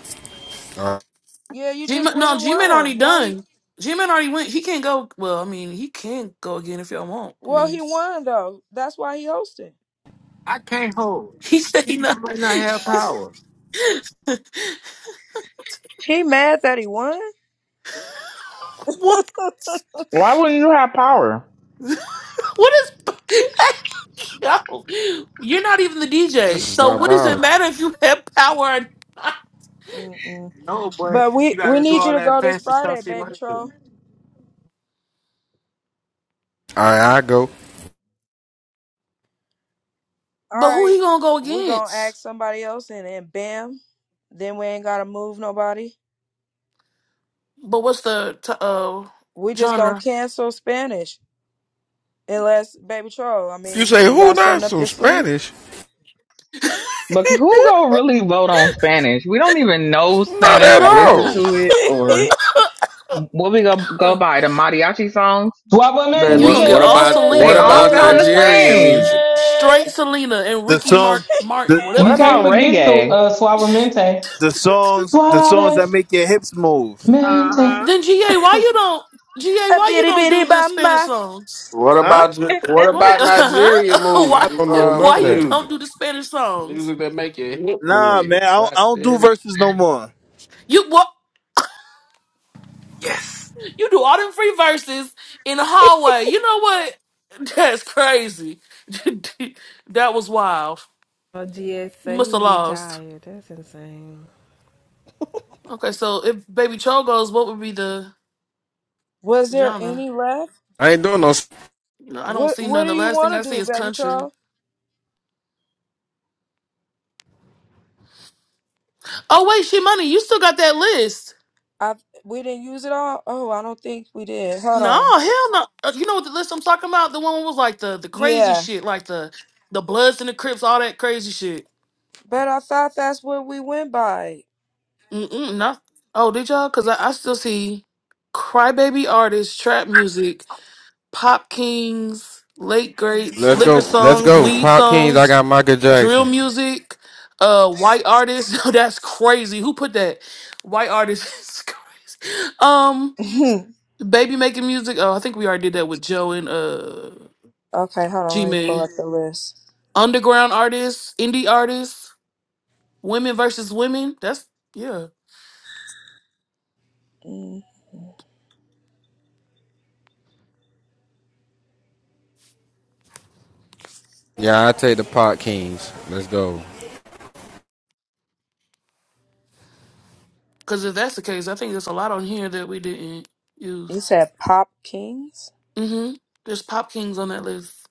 Uh,
yeah you
G
just went
no,
and
G Man
won.
already
Why you?
done. G Man already went. He can't go. Well, I mean, he can go again if y'all want. I
Well,
mean,
he won though. That's why he hosted.
I can't hold.
he said he
I
not.
might not have power.
He mad that he won?
What?
Why wouldn't you have power?
What is? Hey, yo, you're not even the DJ.
this is
So
not
what does it
bothering.
matter if you have power? Or not?
Mm-mm.
No, but
But we
you
we
gotta do
need you
all
to
that
go this
fancy
Friday,
stuff she
baby
might
troll.
do.
All right, I go.
All
But who
right,
he gonna go
we gonna
against?
ask somebody else, and then bam, then we ain't gotta move nobody.
But what's the t- uh
We just gonna
genre?
cancel Spanish unless baby troll. I
You
mean,
say
you
who?
got
Not
something up
some
your sleeve?
Spanish?
But who gonna really vote on Spanish? We don't even know
Not
Spanish
at
or listen
all.
to it or what we go go
Huh.
by the mariachi songs,
And
the
You
Suavemente.
gonna
What
beat.
get
what
all
about
They
what
That's
Selena,
all
about
sound the
racist.
Nigerian
same.
music?
straight Selena and
The
Ricky
song,
Mart- Martin,
the
whatever
What
You
the
can't
about
fuck.
forget so
reggae?
uh Suavemente.
the songs, the songs
Suavemente.
that make your hips move.
Uh-huh.
Then Ga, why you don't? Ga,
A
why you
bitty
don't do
bitty
the Spanish
bamba.
songs?
What
Huh?
about your- what
Why?
about Nigerian
Uh-huh.
mood
why?
I don't know
uh,
Why
none of
you
that.
don't
music?
do the Spanish songs?
Music that make you hip
Nah,
move.
man, I don't, I don't do
Goddamn.
verses no more.
You what?
Yes.
You do all them free verses in the hallway. You know what? That's crazy. that was wild.
Oh, GS
You
say
must
he
have lost.
retired. That's insane.
Okay, so if Baby Cho goes, what would be the
Was there
genre?
any left?
I ain't doing no.
You know, I don't
What
see
What
none.
do
The
you
last thing
want
I
to
see
do,
is
baby
country.
troll?
Oh wait, shit, money. You still got that list?
I we didn't use it all. Oh, I don't think we did. Hold
No,
on.
hell no. Uh, You know what the list I'm talking about? The one was like the the crazy
Yeah.
shit, like the the Bloods and the Crips, all that crazy shit.
But I thought that's what we went by.
Mm-mm, not, oh, did y'all? Because I, I still see crybaby artists, trap music, pop kings, late
Mhm.
greats,
Let's
liquor
go. Let's
songs,
go.
weed
Pop Kings. I
songs,
got Michael
drill
Jackson.
music, uh, white artists. That's crazy. Who put that? White artists is crazy. Um, baby making music. Oh, I think we already did that with Joe and uh
okay, hold on.
G
Let me pull
Man.
up the list.
Underground artists, indie artists, women versus women. That's yeah.
Mm.
Yeah, I take the Pop Kings. Let's go.
Because if that's the case, I think there's a lot on here that we didn't use.
You said Pop Kings?
hmm There's Pop Kings on that list.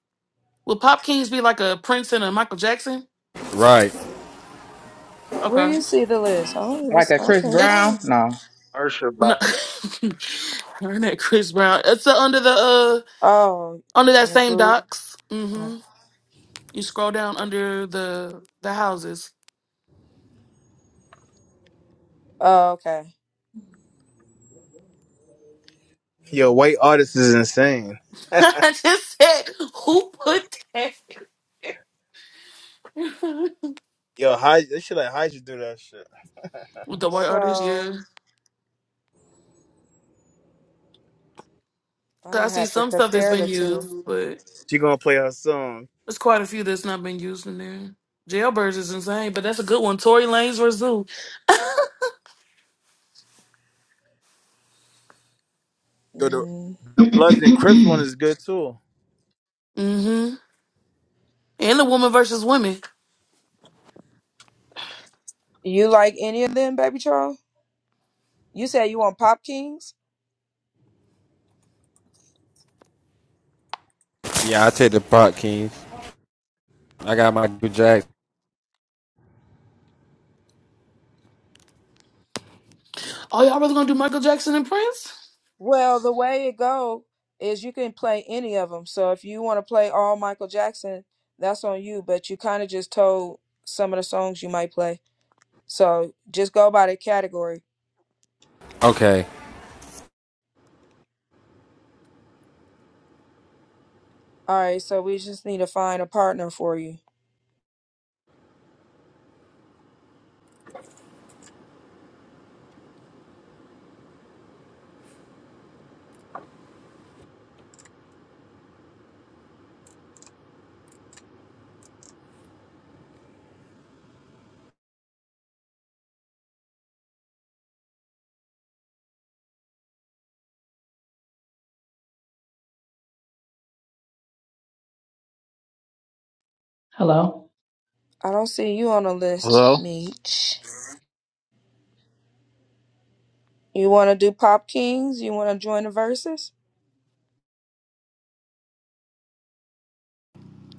Will Pop Kings be like a Prince and a Michael Jackson?
Right.
Where
Okay.
you see the list? I don't even.
Like
s-
a
I
Yeah.
Chris
can't
It's
find
Brown?
it.
No,
Worship,
no.
bye.
Darn that Chris Brown. It's uh, under the
Oh,
uh under that
in a
same
group.
docs.
Oh,
hmm You scroll down under the the houses.
Oh, okay.
Yo, white artist is insane.
I just said who put that
Yo, Hydra, they should let Hydra do that shit.
with the white artists? Yeah.
So
'Cause I
I
see
have to
some stuff that's
compare
been
the
used,
two.
but
She gonna play her song.
There's quite a few that's not been used in there. Jailbirds is insane, but that's a good one. Tory Lanez versus Zoo.
Yo, the,
Mm.
the Bloods and Crips one is good too.
Mm-hmm. And the woman versus women.
You like any of them, Baby Troll? You said you want Pop Kings?
Yeah, I take the pot, Kings. I got my good jack.
Oh, y'all really gonna do Michael Jackson and Prince?
Well, the way it go is you can play any of them. So if you want to play all Michael Jackson, that's on you. But you kind of just told some of the songs you might play. So just go by the category.
Okay.
All right. So we just need to find a partner for you.
Hello.
I don't see you on the list,
Hello?
Meech. You want to do Pop Kings? You want to join the verses?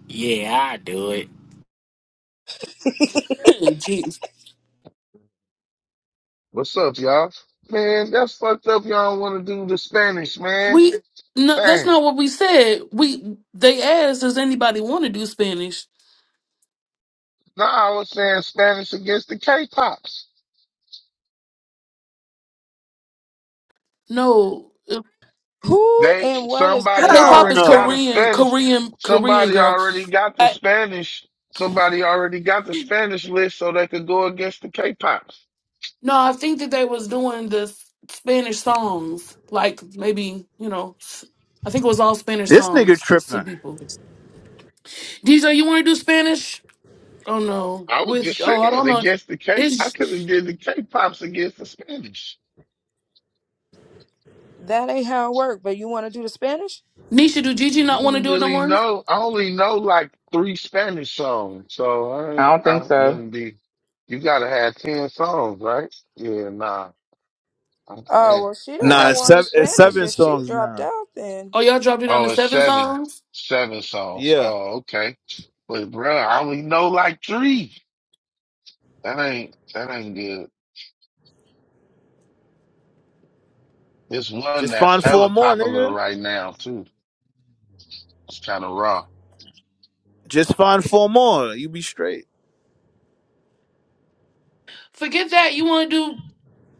Yeah, I do it.
Jeez.
What's up, y'all? Man, that's fucked up. Y'all want to do the Spanish, man.
We no, that's
Dang.
not what we said. We they asked, does anybody want to do Spanish?
No, I was saying Spanish against the K-pops.
No. Uh,
Who
They
and what is
somebody
Hell
K-pop is
already
K-pops?
got a
no.
Korean,
Spanish.
Korean, Korean
Somebody
girl.
already got the
I,
Spanish. Somebody already got the Spanish list, so they could go against the K-pops.
no, I think that they was doing the s- Spanish songs, like maybe you know, I think it was all Spanish
This nigga
songs, just two
tripping.
people. DJ, you want to do Spanish? Oh no.
I was
With
just
oh, I
saying
don't know.
against the K. I
Is
could have did the K-pops against the Spanish.
That ain't how it work. But you want to do the Spanish?
Nisha do Gigi
I
not want to
don't
do it no
really
more?
know. I only know like three Spanish songs, so I
I
ain't,
don't think
I
so.
wouldn't be. You gotta have ten songs, right? Yeah, nah. I'm
Oh
saying
well, she the
I
Nah,
one
got
it's
some.
wanting
seven,
s-
it's
Spanish.
seven
Yeah.
If she
songs
dropped
now.
out, then.
Oh, y'all dropped it on
Oh,
the
it's
seven
seven,
songs.
seven songs.
Yeah.
Oh, okay. But bro, I only know like three. That ain't that ain't good. It's one
Just
that's
find four
hella
more,
popular
nigga.
right now too. It's kind of raw.
Just find four more. You be straight.
Forget that. You want to do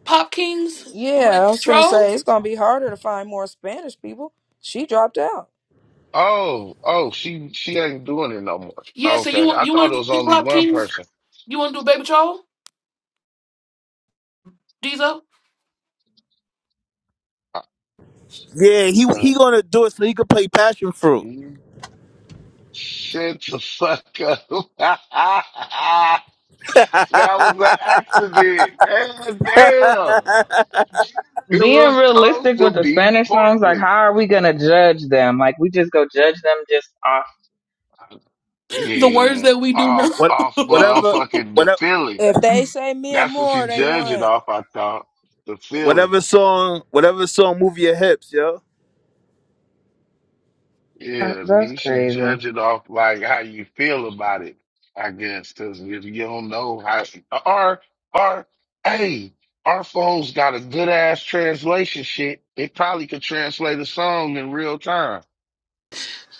Pop Kings
Yeah,
with
I was gonna
Troll?
say it's gonna be harder to find more Spanish people. She dropped out.
Oh, oh, she she ain't doing it no more.
Yeah. So you
Okay,
want
I
you
thought
want
it
to
was
do
only
Pop
one
Kings?
person.
You want to do Baby Troll? Diesel?
Uh,
Yeah, he
uh,
he gonna do it so he could play passion fruit.
You Shut the fuck up. that was an accident. Man, damn. It
Being
was supposed
realistic
to
with the
be
Spanish songs, like
Portland.
how are we gonna judge them? Like we just go judge them just off.
The words
Yeah.
that we do know.
Off,
what
off
whatever
motherfucking the
whatever
feeling.
If they say me and
That's what you
more, they
judge it
won.
off, I thought. The feeling.
whatever song whatever song move your hips, yo.
Uh,
Yeah,
That's
you should
crazy.
judge it off like how you feel about it, I guess, because if you don't know how, our our hey, our phones got a good ass translation shit. It probably could translate a song in real time.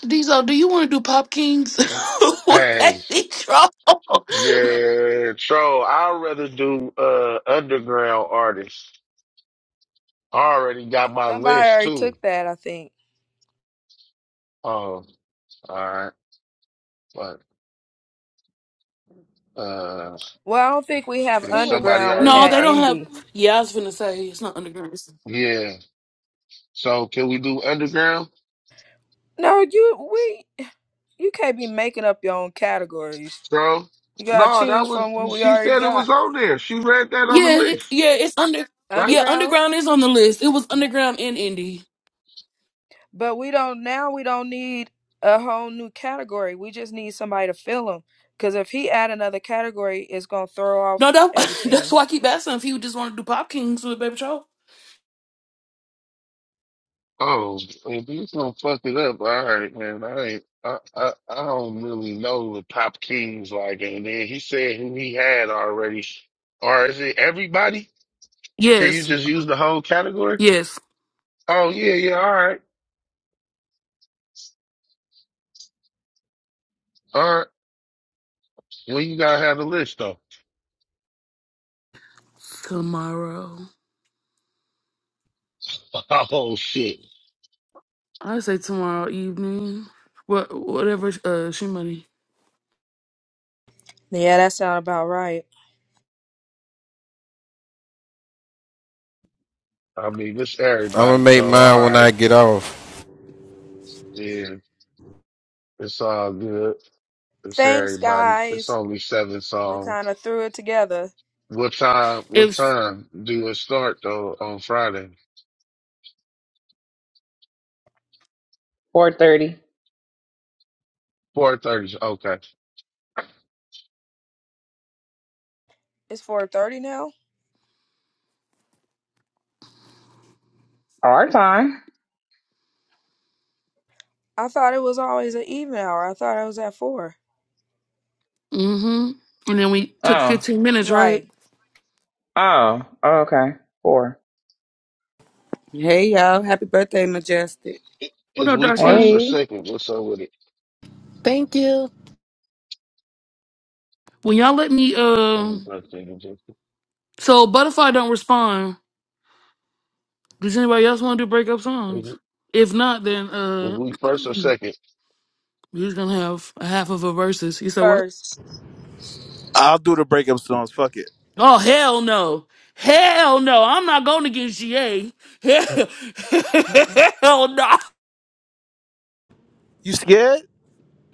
Diesel, do you want to do Pop Kings with
Hey,
Baby Troll?
yeah, troll. I'd rather do uh underground artists. I already got my
Somebody
list
already
too.
took that, I think.
Um, all right, but uh,
Well, I don't think we have
if
Who else?
somebody
underground. We
already
No,
had
they
got
don't have.
indie.
Yeah, I was gonna say it's not underground.
yeah. So can we do underground?
No, you we you can't be making up your own categories.
So
You gotta
no, that
choose from
was
what we
she
already
said it
got.
was on there. She read that on
Yeah,
the
it,
leaf,
yeah, it's under.
right?
Yeah,
Underground,
underground is on the list. It was underground and indie.
but we don't now. We don't need a whole new category. We just need somebody to fill them. Because if he add another category, it's gonna throw
No,
off
that, that's
everything.
why I keep asking if he would just want to do Pop Kings with Baby Troll.
Oh, if you gonna fuck it up, all right, man. I ain't, I, I I don't really know the Pop Kings like, and then he said who he had already, or is it everybody? Can you
Yes,
just use the whole category?
yes.
Oh yeah, yeah, all right, all right. Well, you gotta have the list though.
Tomorrow,
Oh shit!
I say tomorrow evening. What, whatever. Uh, she money.
Yeah, that sound about right.
I mean, it's
I'm gonna
everybody,
make
so all
mine when
right,
I get off.
yeah, it's all good. It's
Thanks,
everybody. It's
guys.
only seven
We kind
songs.
of threw it together.
What time? What
It's
time do it start though? On Friday,
Four thirty
four thirty. Okay.
It's 4:30 now.
our time.
I thought it was always an even hour. I thought I was at four.
mm-hmm. And then we took
Oh,
fifteen minutes, right?
Right.
oh, okay. Four.
Hey y'all, happy birthday, Majestic.
What
Is
up,
we
dark
first
skin?
or
Hey.
second? What's up with it?
Thank you.
When y'all let me,
Let
uh,
me go think of this.
so Butterfly don't respond. Does anybody else want to do breakup songs?
it-
If not, then
is
uh.
we first or second?
You're gonna have a half of a versus. He said, "What?
First,
I'll do the breakup songs. Fuck it.
Oh hell no, hell no! I'm not going against GA. Hell, hell no.
You scared?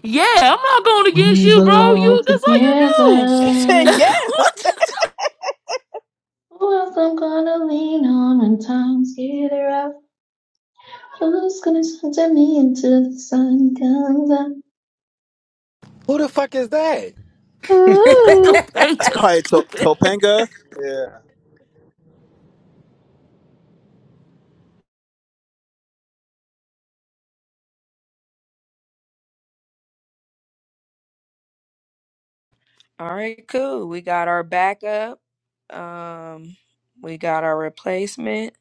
Yeah, I'm not going against
We
you, bro.
belong
You that's all you
she
do.
said
together.
yes.
what?
Who else I'm gonna lean on when times get rough? Who's gonna shelter me until the sun comes up?
Who the fuck is that?
this
That's
Topanga
probably to-
stupid.
Topanga. Yeah.
All right, cool. We got our backup. Um, we got our replacement.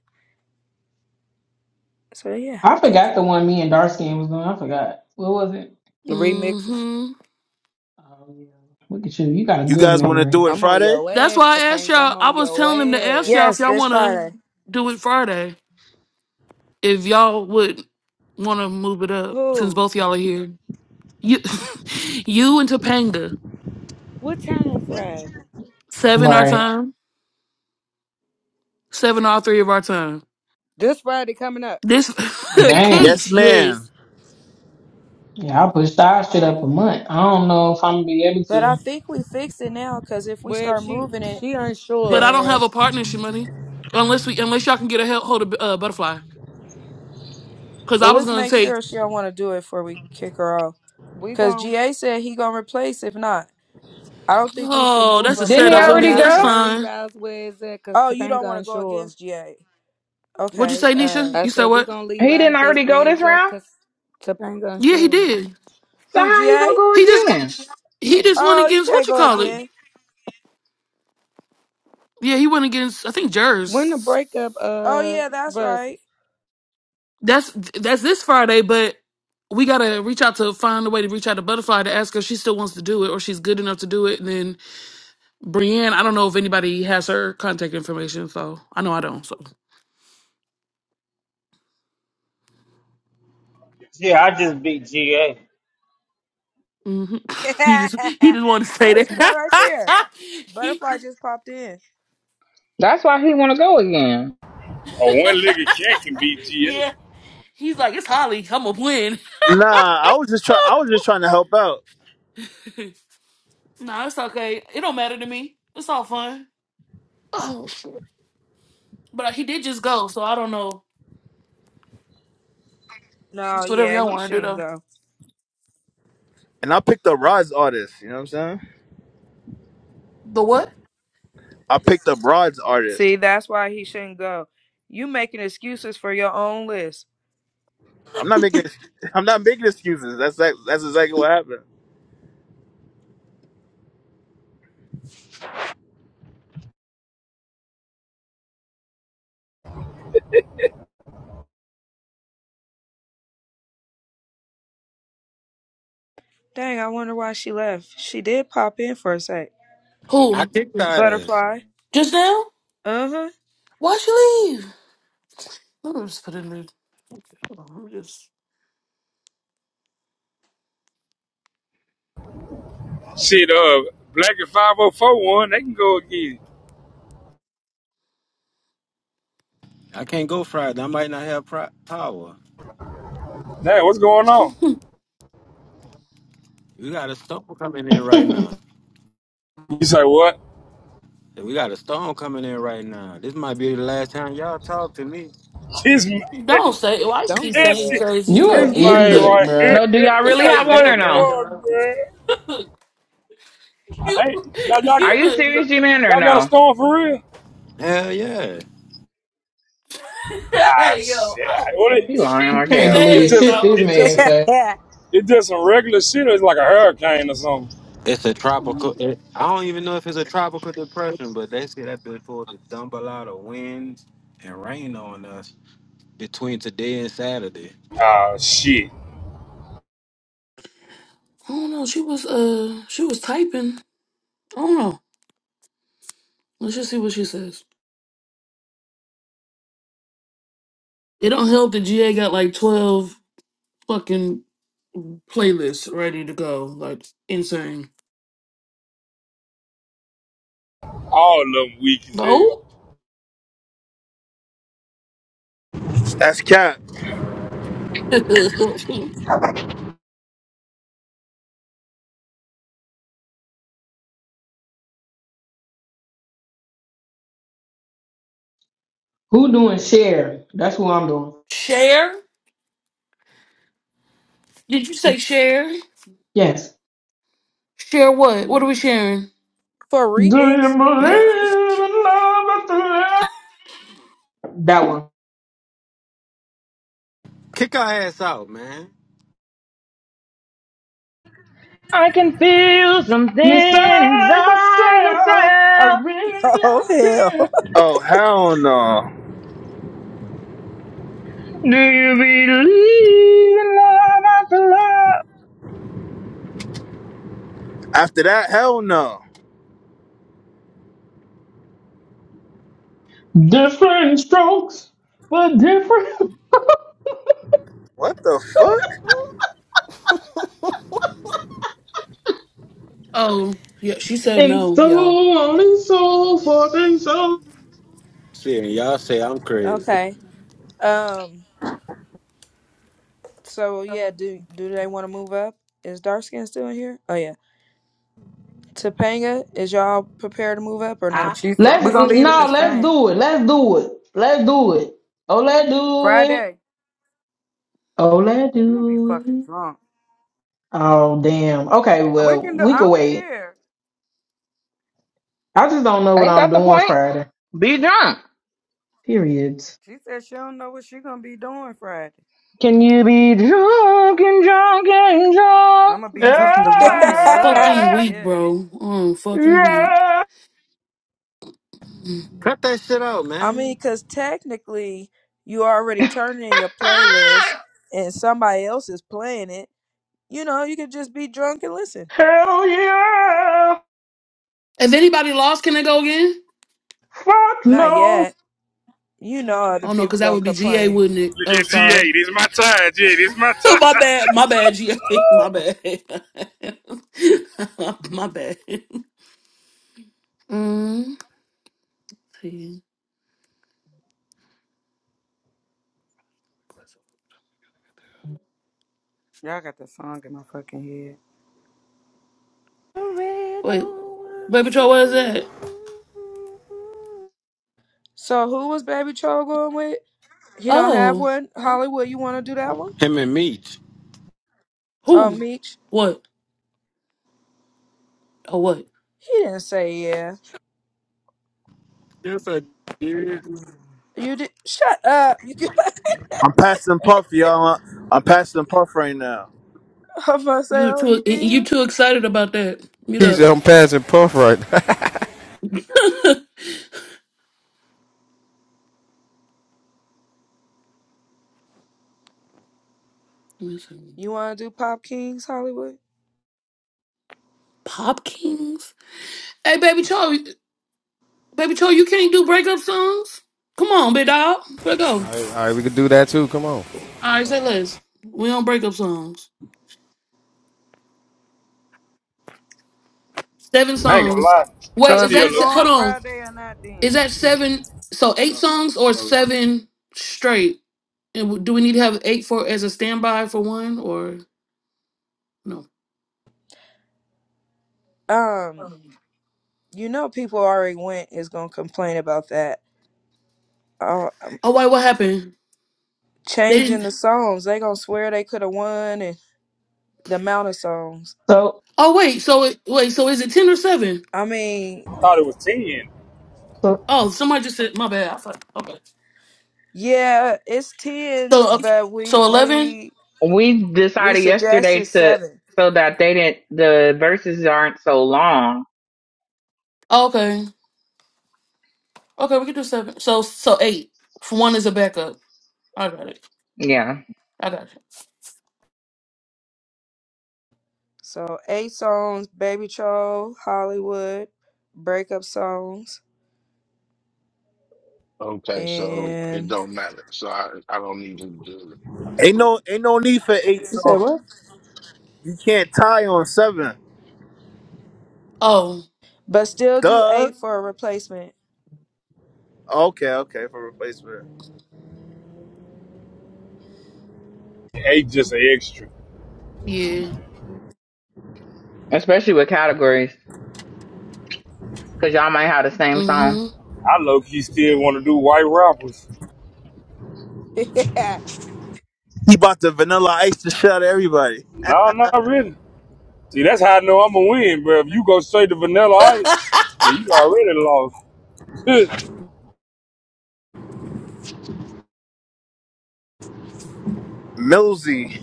So yeah.
I forgot the one me and dark skin was doing. I forgot. What was it?
Remixes.
hmm
Oh yeah. Look at you. You got a
You
good
guys want to
memory.
do it
I'm on
Friday?
your
That's
ass,
why I asked
Topanga.
y'all.
I'm
I
on
was
your
telling them to ask
ass.
y'all if
Yes,
y'all
this
want to
Friday.
do it Friday. If y'all would want to move it up, since
Who?
both y'all are here. You, you and Topanga,
What time Friday?
seven our
Right.
time. Seven all three of our time.
This Friday coming up.
This
Damn.
Yes,
Keish,
ma'am.
yes.
Yeah, I pushed our
All
shit
right.
up a month. I don't know if I'm gonna be able
But I think we fixed it now because if we
Well, if
start
she
moving it,
she
But
unsure,
I don't
then
have
so
a partnership money. Unless we unless y'all can get a hel- hold of uh, butterfly. Cause I
well,
was
let's
gonna
make
take
sure she don't want to do it before we kick her off.
we
Cause
gon'
GA said he gonna replace if not. I don't think we should
oh,
move
that's a
him
Didn't
if
he
setup
we
for
don't
me.
already
have
Hollywood.
That's
We
go?
to.
gonna leave
fine.
ours where it's at, cause
Oh, you don't
Topanga
want to go
unsure.
against GA.
What'd you
Okay.
say,
Uh,
Nisha?
I
You said
said we
what?
gonna leave
He
our
didn't
date
already go
where
this
it's at,
round.
cause Topanga
Yeah, he
unsure.
did.
So
who
how he
GA?
gonna go
He just
again?
he just went
Oh, you
against what
can't
you
go
call it?
again.
Yeah, he went against I think Jers.
When the breakup
Oh
uh
yeah, that's right.
verses?
That's that's this Friday, but we gotta reach out to find a way to reach out to Butterfly to ask her if she still wants to do it or she's good enough to do it. And Then. Brienne, I don't know if anybody has her contact information, so I know I don't. So hmm he
there
just he just wanted to say
she go right there.
that. he
Butterfly
just,
just popped in.
That's why he wanna go again.
A one-legged cat can beat GA.
yeah, he's like it's Holly. I'm gonna win.
Nah, I was just try I was just trying to help out,
nah, it's okay. It don't matter to me. It's all fun. Oh, shit. but uh, he did just go, so I don't know.
No,
It's whatever
yeah,
y'all
he
want to do
shouldn't
though.
go.
and I picked up Rod's artist. You know what I'm saying?
The what?
I picked up Rod's artist.
See, that's why he shouldn't go. You making excuses for your own list.
I'm not making I'm not making excuses. That's that, that's exactly what happened.
Dang, I wonder why she left. She did pop in for a sec.
I
Who?
kicked her ass.
Butterfly.
Just now?
Uh
Why'd you leave? Let me just put it in. the- Hold on, Let me just.
Shit, uh, Black and 504 one, they can go again.
I can't go Friday. I might not have pro- power.
Damn, what's going on?
We got a storm coming in right
to.
now.
You say what?
We got a storm coming in right now. This might be the last time y'all talk to me.
This,
Don't say why you keep
Don't do
this,
saying
this
that.
crazy
you
stuff.
an
man
You
idiot,
right here.
bro.
No, do y'all
This
really
what
have
ain't
one or no?
anything, dog.
the fuck, man?
You,
Hey, y'all, y'all,
Are
you,
you serious, G Man, or
y'all got a
no?
storm for real?
Hell yeah.
Ah,
hey, yo,
shit.
I don't,
What it,
He lying
she
You
like
can't
hell.
it's
believe
says,
shit
just,
this
dog.
it's just,
man
a-
said.
huh.
it's just some regular shit. Or it's like a hurricane or something.
It's a tropical. It, I don't even know if it's a tropical depression, but they say that bitch supposed to dump a lot of winds and rain on us between today and Saturday.
Ah, shit.
I don't know. She was, uh, she was typing. I don't know. Let's just see what she says. It don't help that GA got like 12 fucking playlists ready to go. Like, insane.
All of them weak as
No?
hell.
That's cat.
Who doing share? That's who I'm doing.
share? Did you say share?
Yes.
Share what? What are we sharing?
for
Do you
remix?
believe in love after love? That one.
Kick our ass out, man.
I can feel something
Inside
inside
myself, I
myself.
really
Oh
don't care.
hell.
Oh hell no.
Do you believe in love after love?
After that, hell no.
Different strokes for different
What the fuck?
oh, yeah, she said
and
no,
so
y'all.
on and so forth and so.
Shit, and y'all say I'm crazy.
Okay. Um. So yeah, do do they want to move up? Is dark skin still in here? Oh yeah. Topanga, is y'all prepared to move up or no?
I
She said
Let's
we're gonna leave it the
no, let's
same.
do it. Let's do it. Let's do it. Oh, let's do it.
Friday.
Oh, let's
I'm gonna be
do
fucking
it.
drunk.
Oh, damn. Okay,
We
well,
can do.
we
I
can
don't
wait.
care.
I just don't know what
Ain't
I'm
that the
doing
point?
Friday.
Be drunk.
Period.
She said she don't know what she gonna be doing Friday.
Can you be drunk and drunk and drunk?
I'm gonna be
I'm
drunk the
fucking, I'm
fucking
fucking
love.
Yeah,
weak,
Yes.
bro. I'm fucking weak.
yeah,
If
Cut that shit out,
I mean,
man.
cause technically you already turning in your playlist, and somebody else is playing it. You know, you could just be drunk and listen.
hell yeah.
anybody lost, can they go again?
Fuck
Not
no.
yet. You know, other
Oh no,
people
because that
gonna
would be GA,
complain.
wouldn't it?
Look
Oh,
at G
sorry.
eight. It's my time, G eight. It's my time.
my bad. My bad, GA. My bad. my bad. Mm, see.
Y'all got the song in my fucking head.
The red
Wait,
don't
baby, Troy, what is that?
So who was Baby Troll going with? He don't have
Oh,
one. Hollywood, you want to do that one?
Him and Meach.
Uh,
who?
Meech.
What? Oh, what?
He didn't say yeah.
Yes, I did.
You did. Shut up. You. could.
I'm passing Puff, y'all. I'm passing Puff right now.
I'm about to
You
say,
were
oh, you
too? You
did?
too excited about that? Mute
He's
up.
on passing puff right now.
Let me see.
You want to do Pop Kings Hollywood?
Pop Kings. Hey, baby, Troy. Baby Cho, you can't do breakup songs? Come on, big dog. Let's go.
All right, all right, we can do that too. Come on.
All right, say less. We don't breakup songs. Seven
I ain't gonna
songs.
lie. I
So
Wait, is
is
still
that,
we
low
se- hold
going
key
on.
Friday or not?
Is
Then
that seven, so eight
So,
songs or
so
seven straight? And w- do we need to have eight for as a standby for one or no?
Um, you know people already went is going to complain about that. Uh, um,
Oh, wait, what happened? They
changing the
didn't,
songs. They going to swear they could have won and the amount of songs.
So,
oh, wait, so it, wait, so is it 10 or seven?
I mean,
thought it was 10.
so
Oh, somebody just said, my bad. I thought, okay.
yeah, it's 10,
So, uh,
but we
so 11?
we
we
we
decided yesterday
suggested
to
7.
so that they didn't the verses aren't so long.
okay. Okay, we can do seven. So so eight. For one is a backup. I got it.
Yeah,
I got it.
So, 8 songs, Baby Troll, Hollywood, breakup songs,
okay. So it
and
don't matter. So I, I don't need to do
Ain't
it.
no ain't no need for eight
you said
songs.
what?
You can't tie on seven.
Oh
But still do
Duh.
8 for a replacement.
Okay, okay, for replacement.
Hey, just an extra.
yeah.
especially with categories because y'all might have the same song.
Mm-hmm.
I low key still want to do white rappers.
He bought the vanilla ice to shut everybody.
No, not really. See, that's how I know I'm gonna win, bro. If you go straight to Vanilla Ice, yeah, you already lost.
Millsy.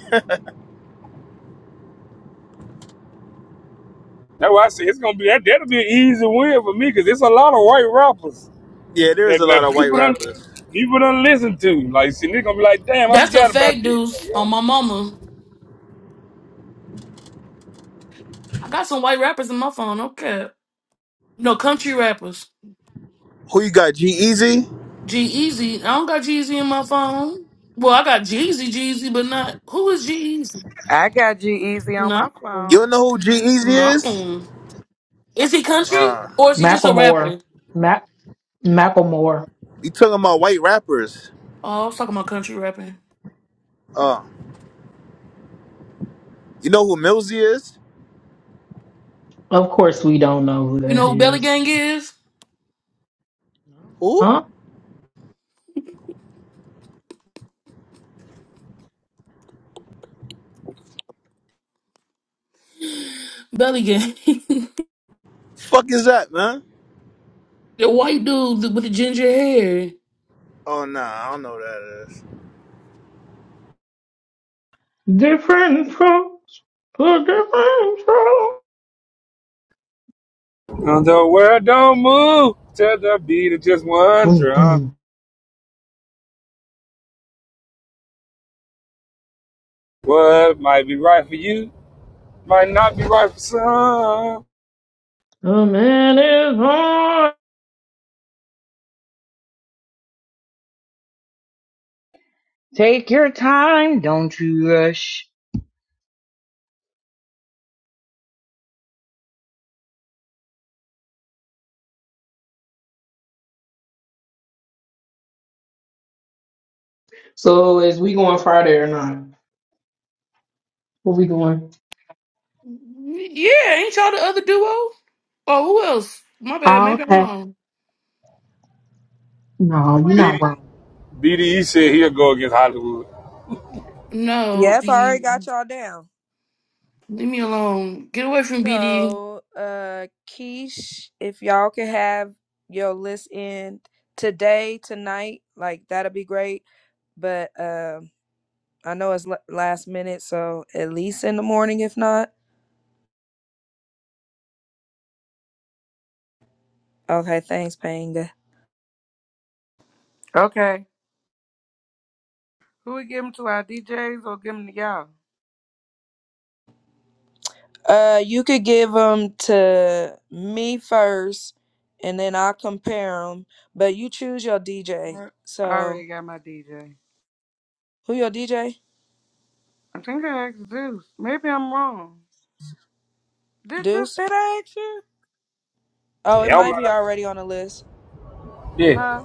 that's why I say it's gonna be that. That'll be an easy win for me because it's a lot of white rappers
Yeah, there's
that,
a lot
that
of white
people don't
rappers.
people don't listen to. Like, see, they are gonna be like, damn, I
That's a
forgot about
fact,
this.
dudes. On
Yeah.
my mama, I got some white rappers in my phone. Okay. No country rappers.
Who you got? G Easy?
G Easy. I don't got G Easy in my phone. Well, I got Jeezy, Jeezy, but not who is G Easy?
I got G Easy on
No,
my
You
phone.
don't know who G Easy is?
no. Is he country
Uh
or is he just a
Macklemore,
rapper?
Mac, Macklemore.
you talking about white rappers.
Oh, I was talking about country rapping.
Uh you know who Millsy is?
Of course, we don't know who
You
that
know who Belly
is.
Gang is?
Who?
Huh?
Belly Gang.
Fuck is that, man?
The white dude with the ginger hair.
Oh nah, I don't know who that is.
Different strokes for different strokes.
the world don't move to the beat of just one
Boom,
drum.
boom.
What might be right for you might not be right for some.
A man is on.
Take your time, don't you rush.
So, is we going Friday or not? Where we going?
Yeah, ain't y'all the other duo? Oh, who else? My bad.
Oh,
Maybe I'm
okay.
wrong.
No, you're
Beat
not
it.
wrong.
BDE said he'll go against Hollywood.
No,
Yep, I already
BD,
got y'all down.
leave me alone. Get away from BD.
So, uh, Keish, if y'all could have your list in today, tonight, like that'd be great. But um, I know it's l- last minute, so at least in the morning, if not. Okay, thanks, Panga.
Okay. Who we give give 'em to? Our DJs or give give 'em to y'all?
Uh, you could give them to me first, and then I'll compare them. But you choose your DJ.
I I
So,
already got my DJ.
who your DJ?
I think I asked Zeus. Maybe I'm wrong. Did this?
Deuce?
Did I ask you?
Oh,
It
it
don't
might be
matter.
already on the list.
Yeah.
Huh?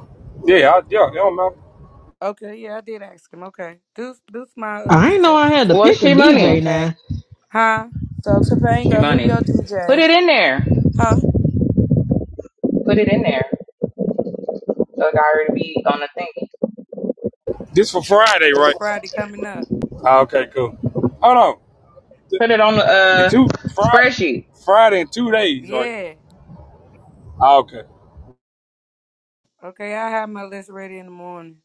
Yeah, I, yeah, it don't matter.
Okay, yeah, I did ask him. Okay, do do my uh,
I ain't know
DJ,
I had to
Well,
pick a
she
Oh,
DJ
money,
okay.
now.
huh?
So
she
Topanga, who
money.
your
Put
DJ?
it in there.
Huh?
Put it in there. So it got already be on the thing.
This for Friday,
This
right?
Friday coming up.
Ah, okay, cool. Hold on. Th-
Put it on the
In
uh
two Friday,
spreadsheet.
Friday in two days, right?
Yeah.
Ah, okay.
Okay, I have my list ready in the morning.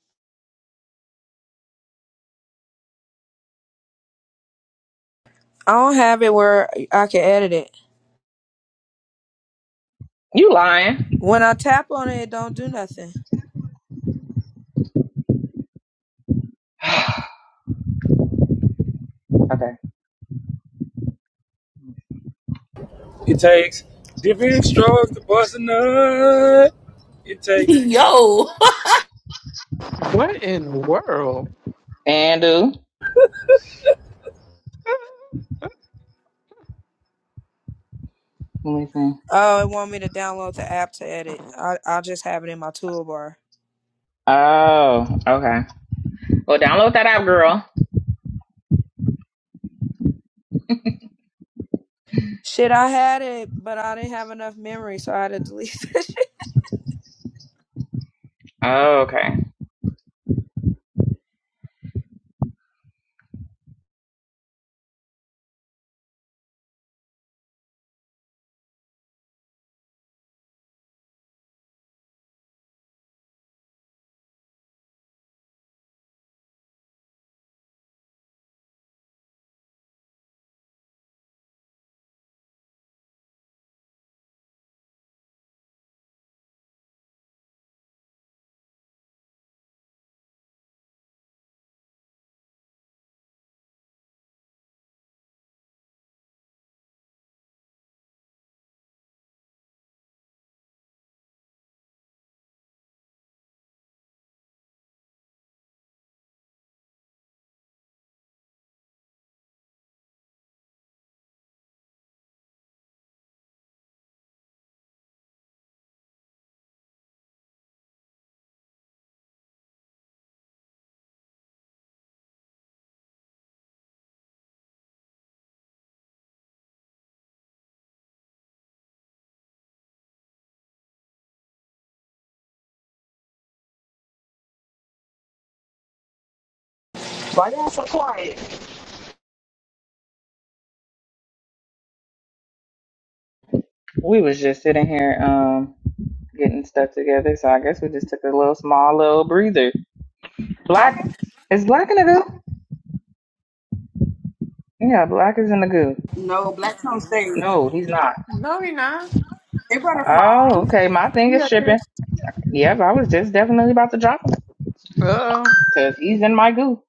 I don't have it where I can edit it.
You lying?
When I tap on it, it don't do nothing.
Okay.
It takes different strokes to bust a nut. It takes.
Yo.
What in the world?
And do. Let me see.
Oh, it want me to download the app to edit. I i just have it in my toolbar.
Oh, okay. Well, download that app, girl.
Shit, I had it, but I didn't have enough memory, so I had to delete that shit.
Oh, okay.
Why y'all so quiet?
We was just sitting here um getting stuff together, so I guess we just took a little small little breather. Black
Okay.
is black in the goo? Yeah, black is in the goo.
No, black on stage.
No, he's not.
No, you're not.
Hey, butterfly.
Oh, okay. My thing is
Yeah,
shipping. Yep, I was just definitely about to drop him
Oh,
because he's in my goo.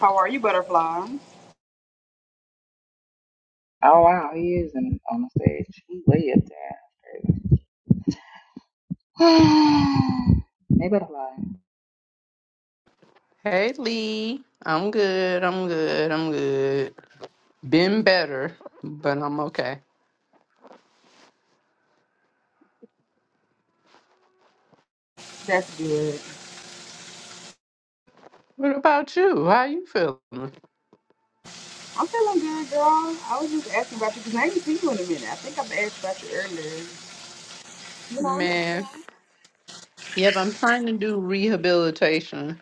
How are you, butterfly?
Oh wow, he is in, on the stage. He way up there. they better lie.
hey Lee. I'm good. I'm good. I'm good. Been better, but I'm okay.
That's good.
What about you? How you feeling?
I'm feeling good, girl. I was just asking about you because I ain't seen you in a minute. I think I've asked about you earlier. You know?
Man. Yep, I'm trying to do rehabilitation.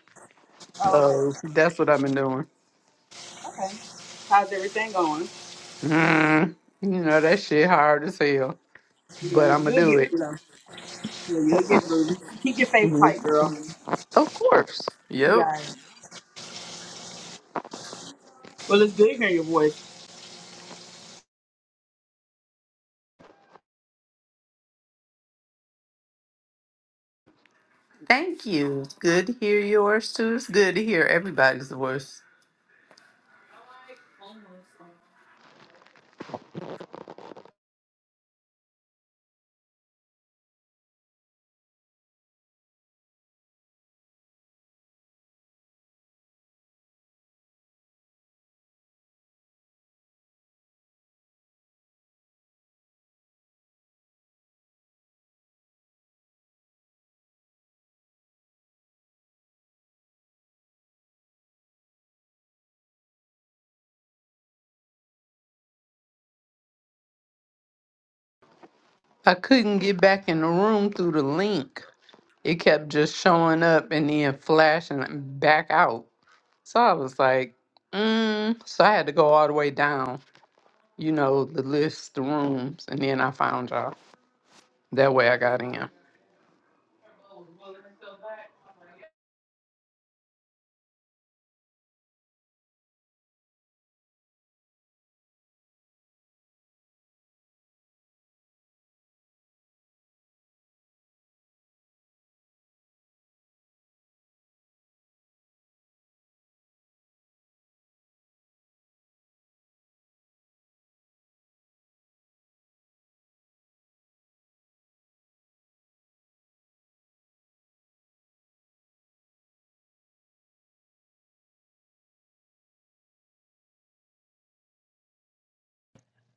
Oh,
So
okay,
that's what I've been doing.
okay, okay. How's everything going?
Mm, you know, that shit hard as hell.
Yeah,
But I'm going to
you'll
do
get through
it.
though. Yeah, you'll get through. Keep your faith
Mhm.
tight, girl.
Of course. Yep.
Yeah. Well, it's good hearing your voice.
Thank you. Good to hear yours too. It's good to hear everybody's voice. I couldn't get back in the room through the link. It kept just showing up and then flashing back out. So I was like, mm. so I had to go all the way down you know, the list, the rooms, and then I found y'all. That way I got in.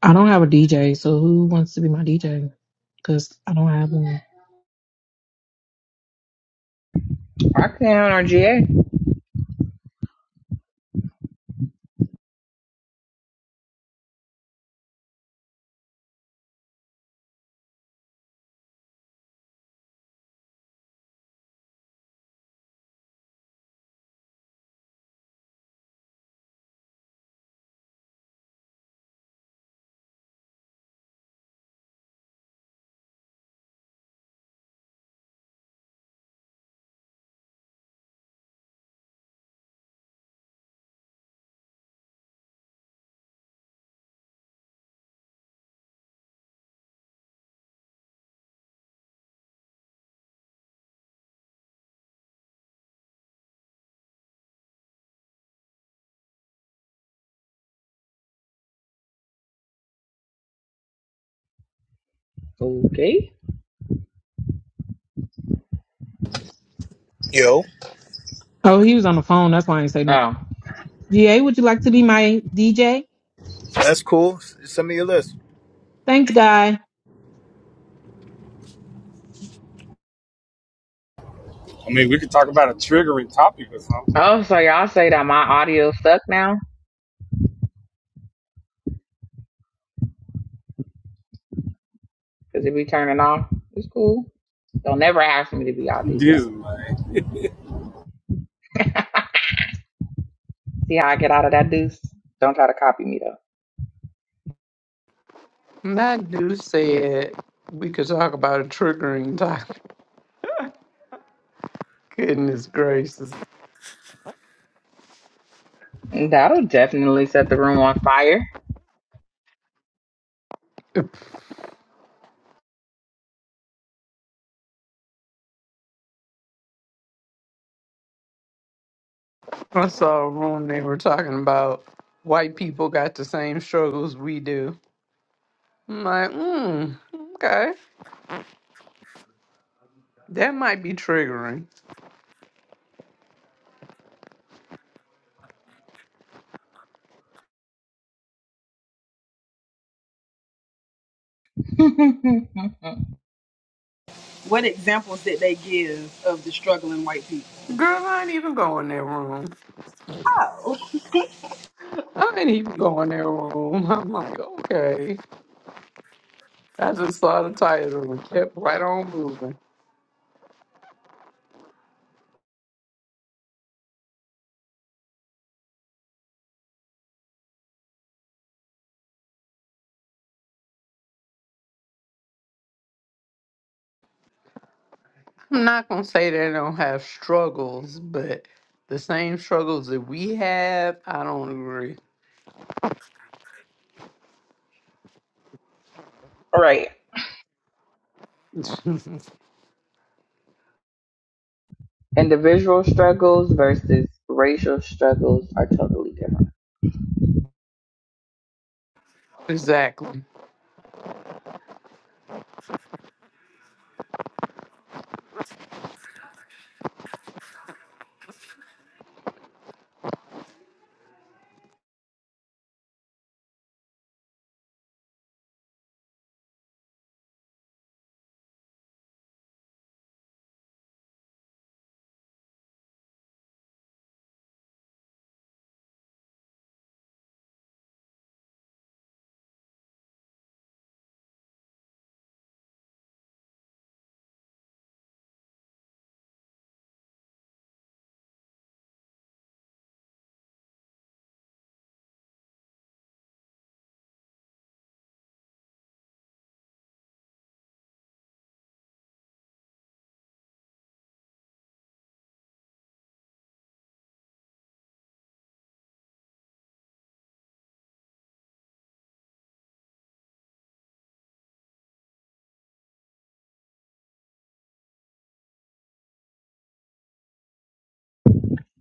I don't have a DJ, so who wants to be my DJ? Because I don't have one.
Roxanne or GA? Okay.
Yo,
Oh, he was on the phone. That's why I ain't say nothing.
Oh.
GA, would you like to be my DJ?
that's cool. Send me your list.
Thanks, guy.
I mean, we could talk about a triggering topic or something.
Oh, so y'all say that my audio stuck now? Cause it be turning off. It's cool. Don't never ask me to be y'all DJ.
This man.
See how I get out of that deuce? Don't try to copy me though.
And That dude said we could talk about a triggering topic. Goodness gracious.
That'll definitely set the room on fire.
I saw a room they were talking about white people got the same struggles we do. I'm like, mm, okay. That might be triggering.
All
What examples did they give of the struggling white people?
Girl, I ain't even go in that room.
Oh,
I ain't even go in that room. I'm like, okay. I just saw the title and kept right on moving. I'm not gonna say they don't have struggles, but the same struggles that we have, I don't agree.
right. Individual struggles versus racial struggles are totally different.
exactly.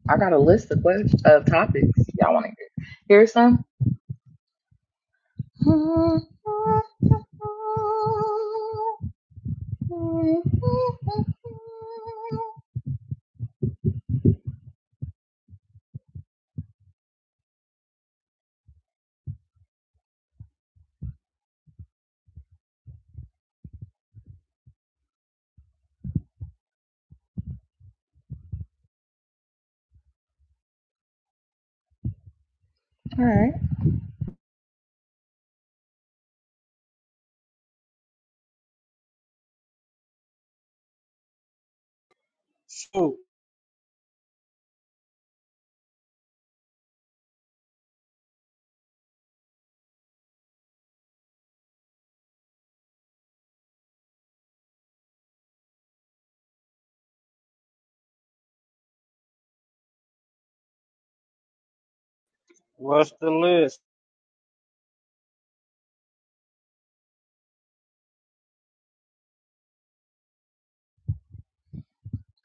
I got a list of questions of topics y'all want to hear. Hear some? All right.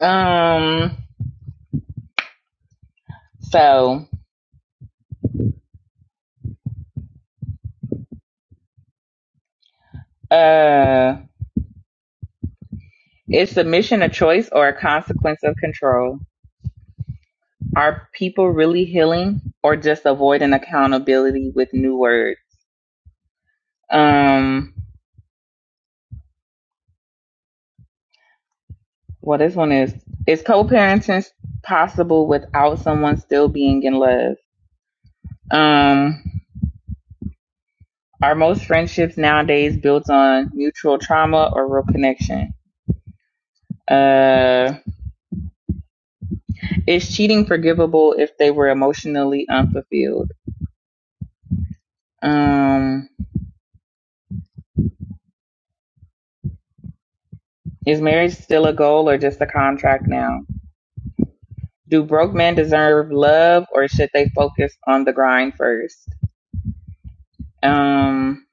Um. So, uh, is submission a choice or a consequence of control? Are people really healing or just avoiding accountability with new words? Um, well, this one is Is co parenting possible without someone still being in love? Um, are most friendships nowadays built on mutual trauma or real connection? Uh, is cheating forgivable if they were emotionally unfulfilled? Um, is marriage still a goal or just a contract now? do broke men deserve love or should they focus on the grind first? Um,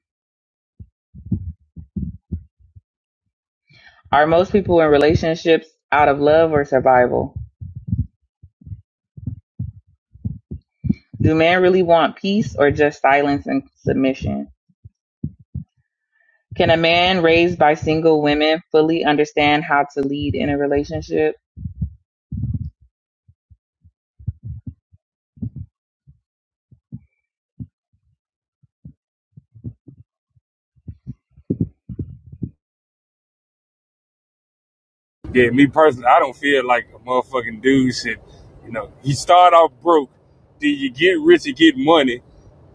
are most people in relationships out of love or survival? Do men really want peace or just silence and submission? Can a man raised by single women fully understand how to lead in a relationship?
Yeah, me personally, I don't feel like a motherfucking dude should, you know, you start off broke, then you get rich and get money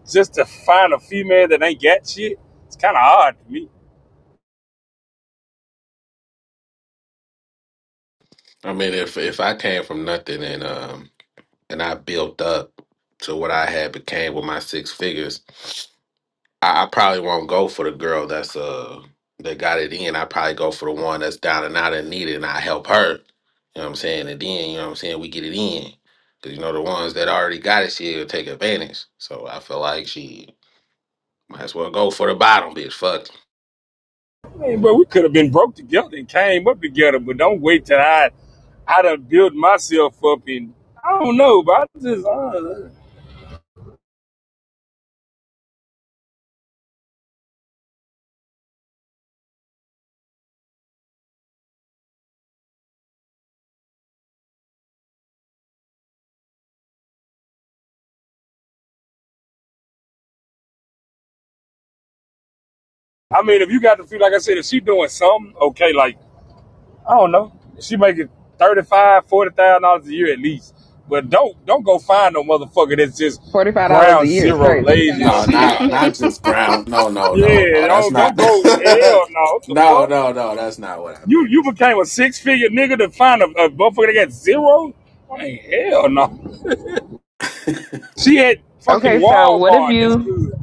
just to find a female that ain't got shit. It's kind of odd to me.
I mean, if if I came from nothing and um and I built up to what I had became with my six figures, I, I probably won't go for the girl that's uh that got it in. I probably go for the one that's down and out and needed, and I help her. You know what I'm saying? And then you know what I'm saying we get it in because you know the ones that already got it, she'll take advantage. So I feel like she might as well go for the bottom bitch. Fuck.
I mean, but we could have been broke together and came up together, but don't wait till I, I done built myself up and I don't know, but I just, I, I mean, if you got to feel like I said, if she doing something, okay, like I don't know. She making thirty five, forty thousand dollars a year at least. But don't don't go find no motherfucker that's just
$45 a
ground
year is
zero
crazy.
lazy
No, not
shit.
not just ground. No, no, no,
Yeah,
no. That's
don't
not.
don't go hell no. What the
no,
fuck?
no, no. That's not what I
You
meant.
you
That's not.
became a six figure nigga to find a, a motherfucker that got zero? Man, hell no. She had fucking
Okay, so what if
Walmart. That's
you,
good.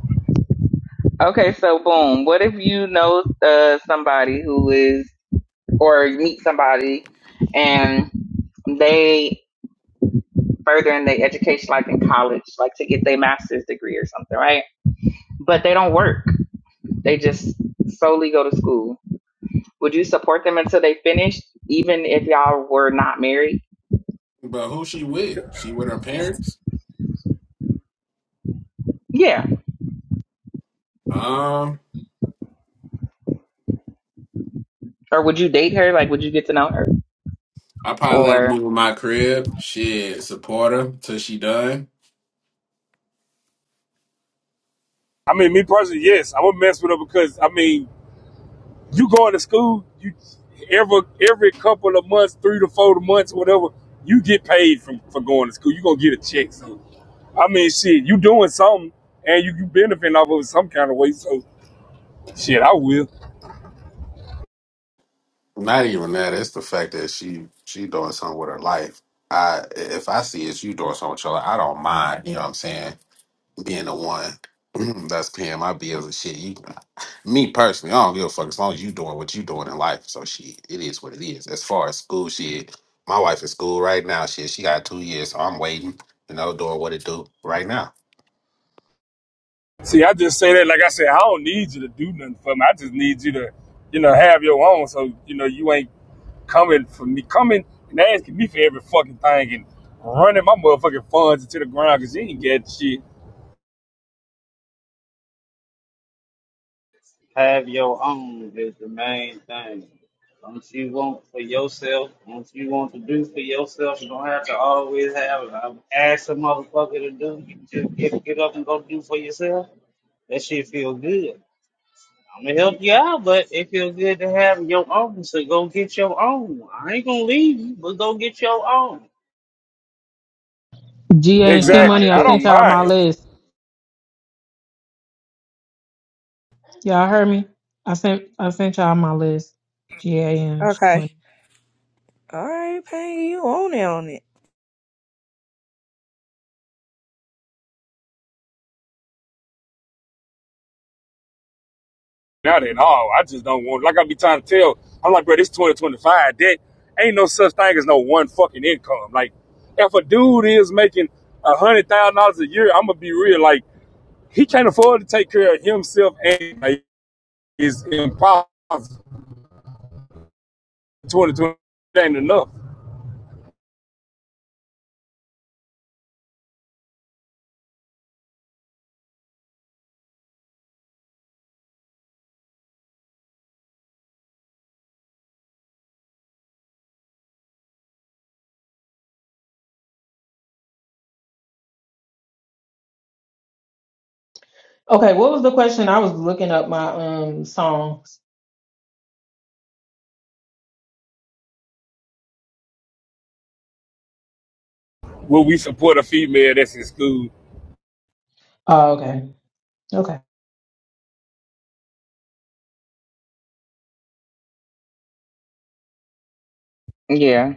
okay, so boom, what if you know uh, somebody who is, or meet somebody and they? Furthering their education, like in college, like to get their master's degree or something, right? But they don't work. They just solely go to school. Would you support them until they finish, even if y'all were not married?
But who she with? She with her parents?
Yeah. Or would you date her? Like, would you get to know her?
I probably let her
Or,
move in my crib. Shit, support her till she done.
I mean, me personally, yes, I would mess with her because I mean you going to school, you every every couple of months, three to four months, whatever, you get paid from for going to school. You're gonna get a check. So I mean shit, you doing something and you, you benefiting off of it some kind of way. So shit, I will.
Not even that. It's the fact that she she doing something with her life. I if I see it's you doing something with your life, I don't mind. You know what I'm saying? Being the one that's paying my bills and shit. You, me personally, I don't give a fuck as long as you doing what you doing in life. So shit, it is what it is. As far as school shit, my wife in school right now. Shit, she got two years, so I'm waiting. You know, doing what it do right now.
See, I just say that like I said, I don't need you to do nothing for me. I just need you to, you know, have your own. So, you know, you ain't coming for me, coming and asking me for every fucking thing and running my motherfucking funds into the ground because you ain't get shit.
GA and She
nah, I
Exactly.
Money, I
I
feel
don't
sent
you.
y'all my
mind him
list. Y'all heard me? I sent I sent y'all my list. G A N She
Okay.
Money.
All right, Pang, you on it on
not at all. I just don't want. Like I be trying to tell, I'm like, bro, this 2025. That ain't no such thing as no one fucking income. Like, if a dude is making a hundred thousand dollars a year, I'm gonna be real. Like, he can't afford to take care of himself, and like, it's impossible. 2020 ain't enough.
Okay, what was the question? I was looking up my um songs.
Will we support a female that's in school?
Oh, okay. Okay.
Yeah.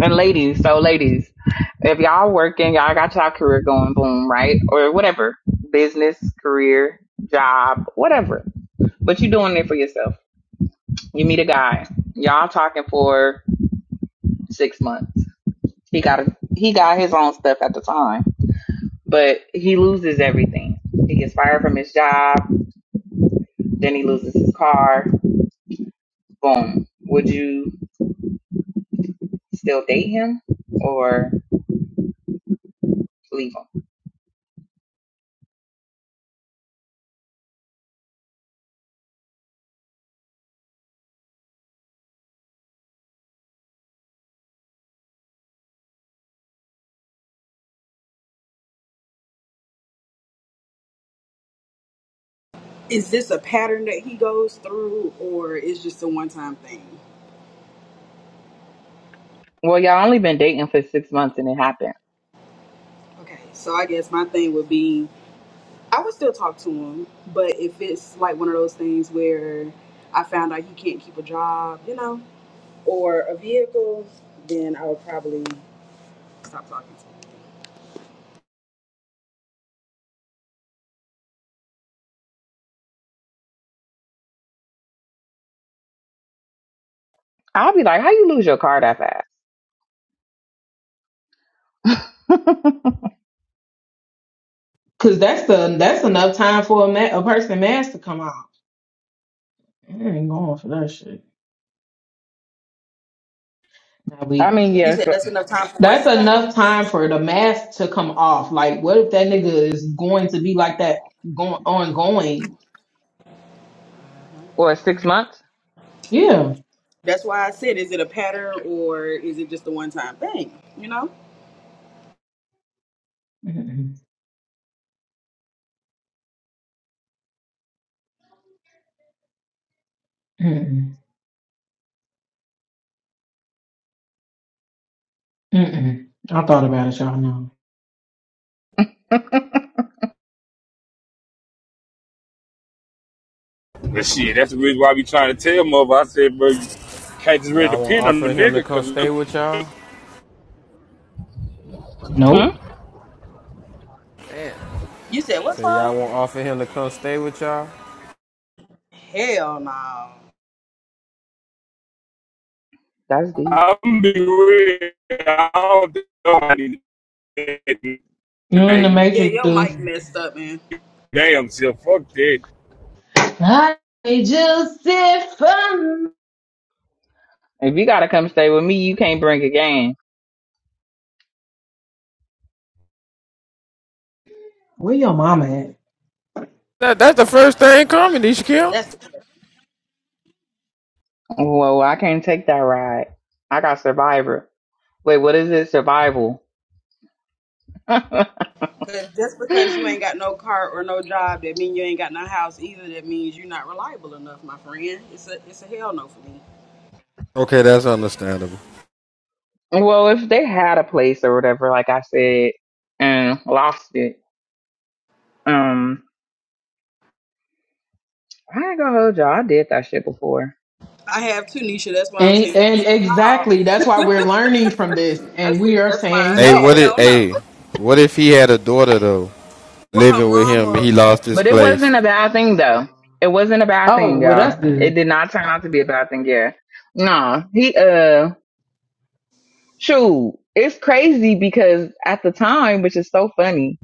And ladies, so ladies, if y'all working, y'all got y'all career going, boom, right? Or whatever, business, career, job, whatever. But you doing it for yourself. You meet a guy, y'all talking for six months. He got a, he got his own stuff at the time, but he loses everything. He gets fired from his job, then he loses his car. Boom. Would you still date him or leave him?
is this a pattern that he goes through, or is just a one-time thing?
Well, y'all only been dating for six months and it happened.
Okay, so I guess my thing would be I would still talk to him, but if it's like one of those things where I found out he can't keep a job, you know, or a vehicle, then I would probably stop talking to him.
I'll be like, how you lose your car that fast?
Cause that's the that's enough time for a ma- a person mask to come off. I ain't going for that shit. Nah,
I
we
mean,
You
yeah,
said
for,
that's enough time for what?
that's
Val?
enough time for the mask to come off. Like what if that nigga is going to be like that going ongoing?
or six months.
Yeah.
That's why I said, is it a pattern or is it just a one time thing? You know?
Mm-mm, mm-mm, mm-mm. I thought about it, y'all know.
But shit, that's the reason why I be trying to tell mother. I said, bro, you can't just really
Y'all won't
depend on a
offer him to
nigga
come
because
stay with y'all?
Hmm?
Nope.
Yeah.
You said what?
So
Paul?
y'all won't offer him to come stay with y'all?
Hell no.
That's deep.
I'm gonna be real. I don't think nobody
you in the
Like,
Yeah,
matrix,
your
dude.
mic messed up, man.
Damn, so fuck that.
I just sit from
If you gotta come stay with me, you can't bring a game.
Where your mama at?
That, that's the first thing comedy, Shaquille.
That's the.
Whoa, I can't take that ride. I got Survivor. Wait, what is it? Survival. well,
Cause just because you ain't got no car or no job, that mean you ain't got no house either. That means you're not reliable enough, my friend. It's a it's a hell no for me.
Okay, that's understandable.
if they had a place or whatever, like I said, and lost it, um, I ain't gonna hold y'all. I did that shit before,
I have two, Nisha. That's why I'm
and,
saying
and
hell no.
exactly that's why we're learning from this
I
and we
said
are
that's why I
saying
Hey, what
said
no.
if
hell no.
hey, what if he had a daughter though
Well, her
living with him and
mama.
he lost his
but it
place?
wasn't a bad thing though. It wasn't a bad
Oh,
thing,
well
y'all.
that's
It
good.
did not turn out to be a bad thing. Yeah, no, he uh, shoot, it's crazy because at the time, which is so funny,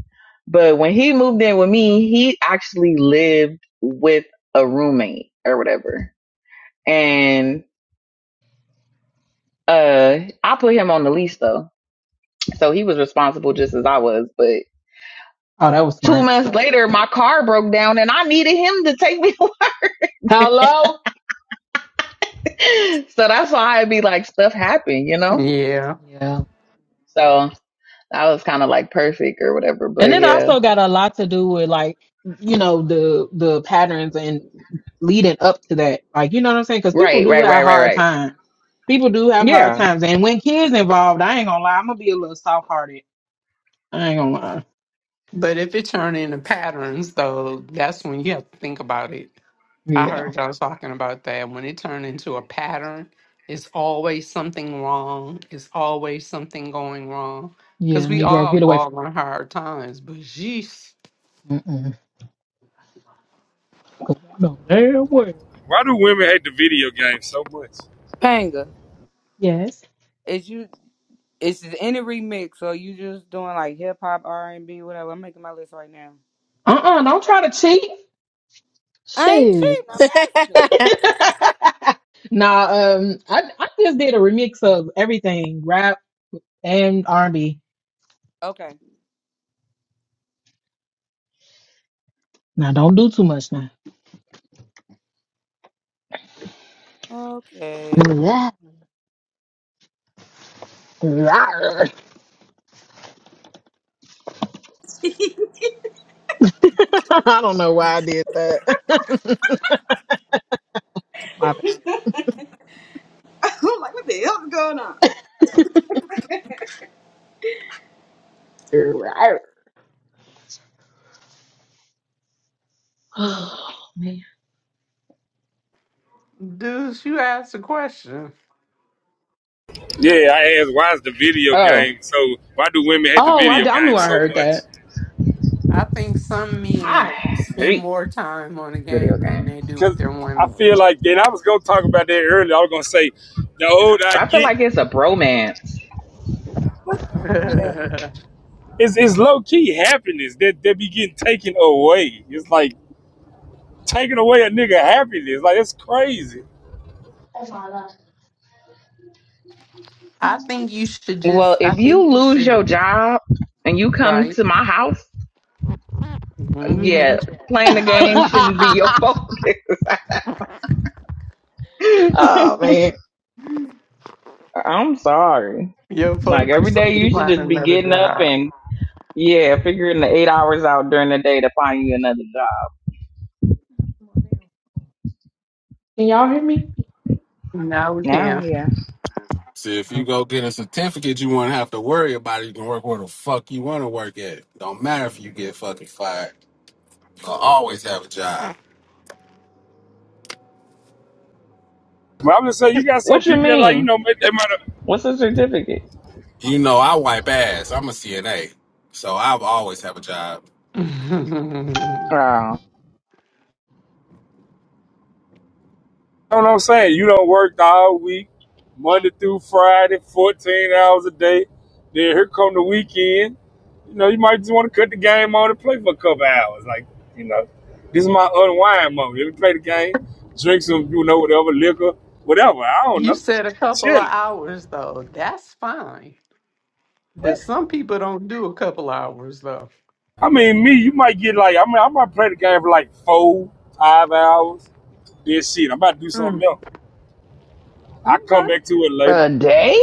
but when he moved in with me, he actually lived with a roommate or whatever, and Uh, I put him on the lease though, so he was responsible just as I was. But
Oh, that was
two
smart.
months later, my car broke down, and I needed him to take me.
Hello?
away. so that's why I'd be like, stuff happened, you know.
Yeah.
Yeah.
So that was kind of like perfect or whatever. But
And it
yeah,
also got a lot to do with like, you know, the the patterns and leading up to that. Like, you know what I'm saying? Because people
right,
do
right, right,
have
right,
hard
right.
times. People do have hard
Yeah.
times. And when kids involved, I ain't gonna lie, I'm gonna be a little soft hearted. I ain't gonna lie.
But if it turn into patterns though, that's when you have to think about it. I
Yeah.
heard y'all talking about that. When it turn into a pattern, it's always something wrong. It's always something going wrong.
Yeah,
Cause we
Negro,
all
get away
fall
from me.
on hard times. But jeez,
Mm-mm. 'Cause I know damn well.
Why do women hate the video game so much?
Panga,
Yes.
is you is it any remix or you just doing like hip hop, R and B, whatever? I'm making my list right now.
Uh Uh-uh, don't try to cheat.
I ain't
Shit.
cheating. I'm asking.
it.
nah, um, I I just did a remix of everything, rap and R and B.
Okay.
Now don't do too much now.
Okay.
Yeah. Rawr. I don't know why I did that. My bad.
I'm like, what the hell is going on?
Rawr. Oh man.
dudes, you asked a question.
Yeah, I asked why is the video
Oh,
game so? Why do women hate the
Oh, I,
video
I knew
game
I
so
heard that.
much?
I think some
I
men spend
hate
more time on a
video
game than
games.
they do with
Because
their
I
women.
feel like, and I was gonna talk about that earlier. I was gonna say, the older I
I feel
get,
like it's a bromance.
it's, it's low key happiness that that be getting taken away. It's like taking away a nigga happiness. Like it's crazy.
I think you should
Well,
just. I
if you
think you
lose your
should.
job and you come
Right.
to my house, yeah,
hmm
playing the game shouldn't be your focus.
oh man.
I'm sorry.
Your
Like every
focus should
day,
be
you should
on
just be
another
getting up
job.
and yeah, figuring the eight hours out during the day to find you another job.
Can y'all hear me?
Now we
Now,
can.
yeah.
See, if you go get a certificate, you won't have to worry about it. You can work where the fuck you want to work at. Don't matter if you get fucking fired. You'll always have a job.
But I'm just saying, you got some
What you
people that like, you
mean?
know, they might have
What's a certificate?
You know, I wipe ass. I'm a CNA. So I'll always have a job.
Oh,
You know what I'm saying? You don't work the whole week, Monday through Friday, 14 hours a day. Then here come the weekend. You know, you might just want to cut the game on and play for a couple hours. Like, you know, this is my unwind moment. Let me play the game, drink some, you know, whatever, liquor, whatever. I don't
you
know.
said a couple of
Chilling.
hours though. That's fine. But some people don't do a couple hours though.
I mean, me, you might get like, I mean, I might play the game for like four, five hours. Then shit, I'm about to do
Mm,
something else. I come
Okay.
back to it later.
a day?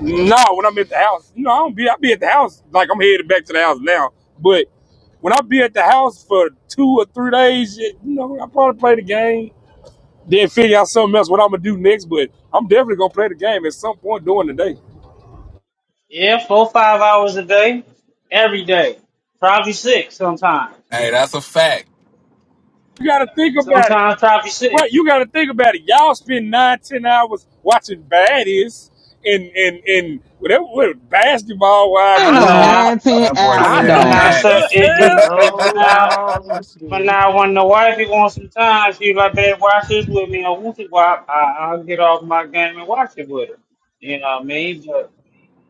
No, when I'm at the house, no, I don't be. I be at the house like I'm headed back to the house now. But when I be at the house for two or three days, you know, I probably play the game. Then figure out something else what I'm gonna do next. But I'm definitely gonna play the game at some point during the day.
Hey, that's a fact.
You gotta think about it,
Sometimes top you
right?
six,
You gotta think about it. Y'all spend nine, ten hours watching baddies and and and whatever, whatever basketball wives
Ain't
but
I
and
no
shit.
don't.
nah,
nine, ten
That boy
I
hours,
but
said
don't.
nah,
man.
sir,
baddies.
it, it, it, but
No,
now,
not all
right,
of us
but
do.
now when the wifey wants some time, she like, babe, watch this with me on Wookie Wop. I, I'll get off my game and watch it with her. You know what I mean? But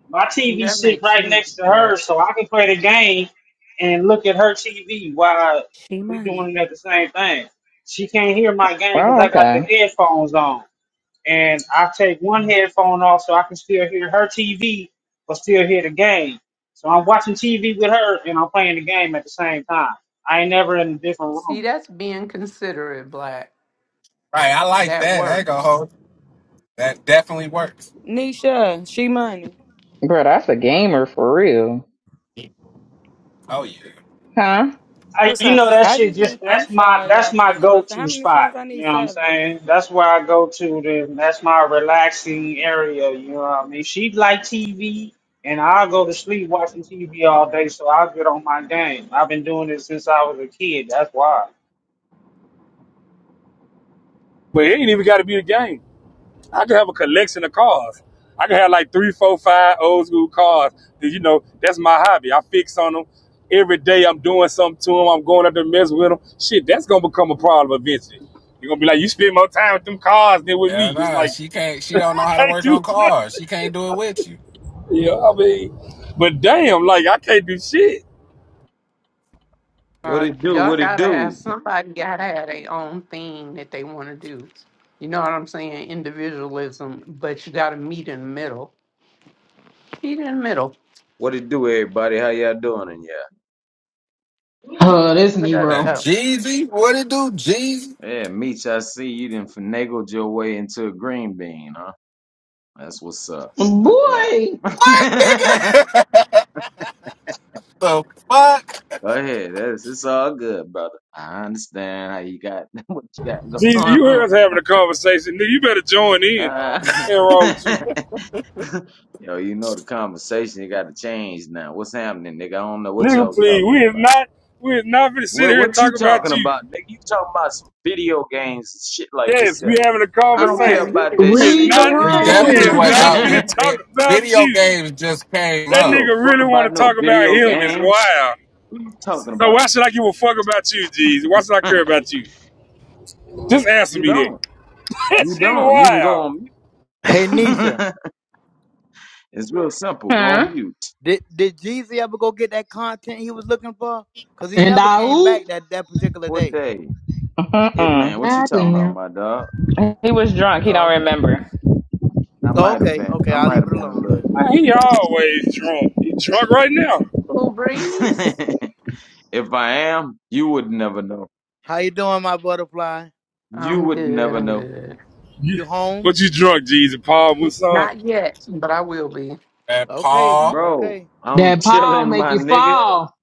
my
See,
TV
That
sit
makes
right next to
sense.
her, so I can play the game and look at her TV while
She
we
money.
doing it at the same thing. She can't hear my game because
Oh,
I got the
okay.
headphones on. and I take one headphone off so I can still hear her TV but still hear the game. So I'm watching TV with her and I'm playing the game at the same time. I ain't never in a different
See,
room.
that's being considerate, Black.
I like
That
that. That go
works.
hold. That definitely works.
Nisha, she money.
Bro, that's a gamer for real.
Oh, yeah.
Huh?
I,
What's
you
up?
know that
I
shit
just
just
need. I'm
that's my
sorry, y'all,
that's
for
my
interrupting.
go-to
How many songs
spot.
I
You
need?
know what I'm
Seven.
saying? That's where I go to. The, that's my relaxing area. You know what I mean? She like TV, and I go to sleep watching TV all day, so I get on my game. I've been doing it since I was a kid. That's why.
But it ain't even got to be the game. I could have a collection of cars. I could have like three, four, five old school cars. 'Cause, You know, that's my hobby. I fix on them every day. I'm doing something to them. I'm going up there mess with them. Shit, that's gonna become a problem eventually. You're gonna be like, you spend more time with them cars than with
Hell
me. It's
nah,
like
she can't, she don't know
I
how to
can't
work
do.
on
nothing.
cars. She can't do it with you.
yeah, I mean, but damn, like I can't do shit.
What
Uh,
it do?
y'all
What it
gotta have
do?
somebody gotta have their own thing that they want to do. You know what I'm saying? Individualism, but you gotta meet in the middle. Meet in the middle.
What it do, everybody? How y'all doing? And yeah,
Oh, this
Yeah,
Uh,
Negro.
uh, uh,
Jeezy? What it do, Jeezy?
yeah, Meech, I see you done finagled your way into a green bean, huh? That's what's up. Good job.
Boy,
What, nigga? the fuck?
Go ahead. That's it's all good, brother. I understand how you got what you got going
Jesus, you heard
on.
us having a conversation, nigga. You better join in.
Uh,
Ain't wrong with you,
yo, you know the conversation you got to change now. What's happening, nigga? I don't know what
nigga.
y'all
Please,
talking
we is
about.
not, we is not gonna sit
What
here and
what you
talk about
talking
you.
about, nigga? You talking about some video games and shit like this?
Yes,
Here.
we having a
I don't
yeah,
care
conversation.
you
about
can
that
We is
come in
shit,
read the
not
here and
nigga.
We
change the
we
definitely
is
room.
went
you
to
not
talk.
conversation.
finna
We
I
talk
it,
about
video
you.
games just came
That
don't give
up
a
nigga
fuck
really wanna
about no
talk about
video
him It's
games.
wild.
What you talking
So
about?
why should I give a fuck about you, G's? Why should I care about you? Just answer
you
me that.
don't.
that
You
shit
don't. You can go
wild.
on mute.
Hey Nisha,
it's real simple. Go
Huh?
on mute.
did did Jeezy ever go get that content he was looking for? Cause he
And
never
I
came back
oop.
that that particular
What
day.
day? It man,
Mm-mm.
what you talking about,
Goddamn.
my dog?
He was drunk. He
Oh
don't
okay.
remember.
I
Oh
might have
okay.
been.
Okay,
I
I'll
might
leave
have
it
been a
alone
little
then.
Man, he
inebriated.
always drunk. He drunk right now.
Cool breeze.
if I am, you would never know.
How you doing, my butterfly?
You
I'm
would
good.
never
I'm
know.
good.
You-
You home?
What you drunk, G's and Paul Musan?
Not yet, but I will be.
at
Okay.
Paul.
Bro,
Okay.
I'm
That Paul
chilling,
make
my
you
nigga.
fall.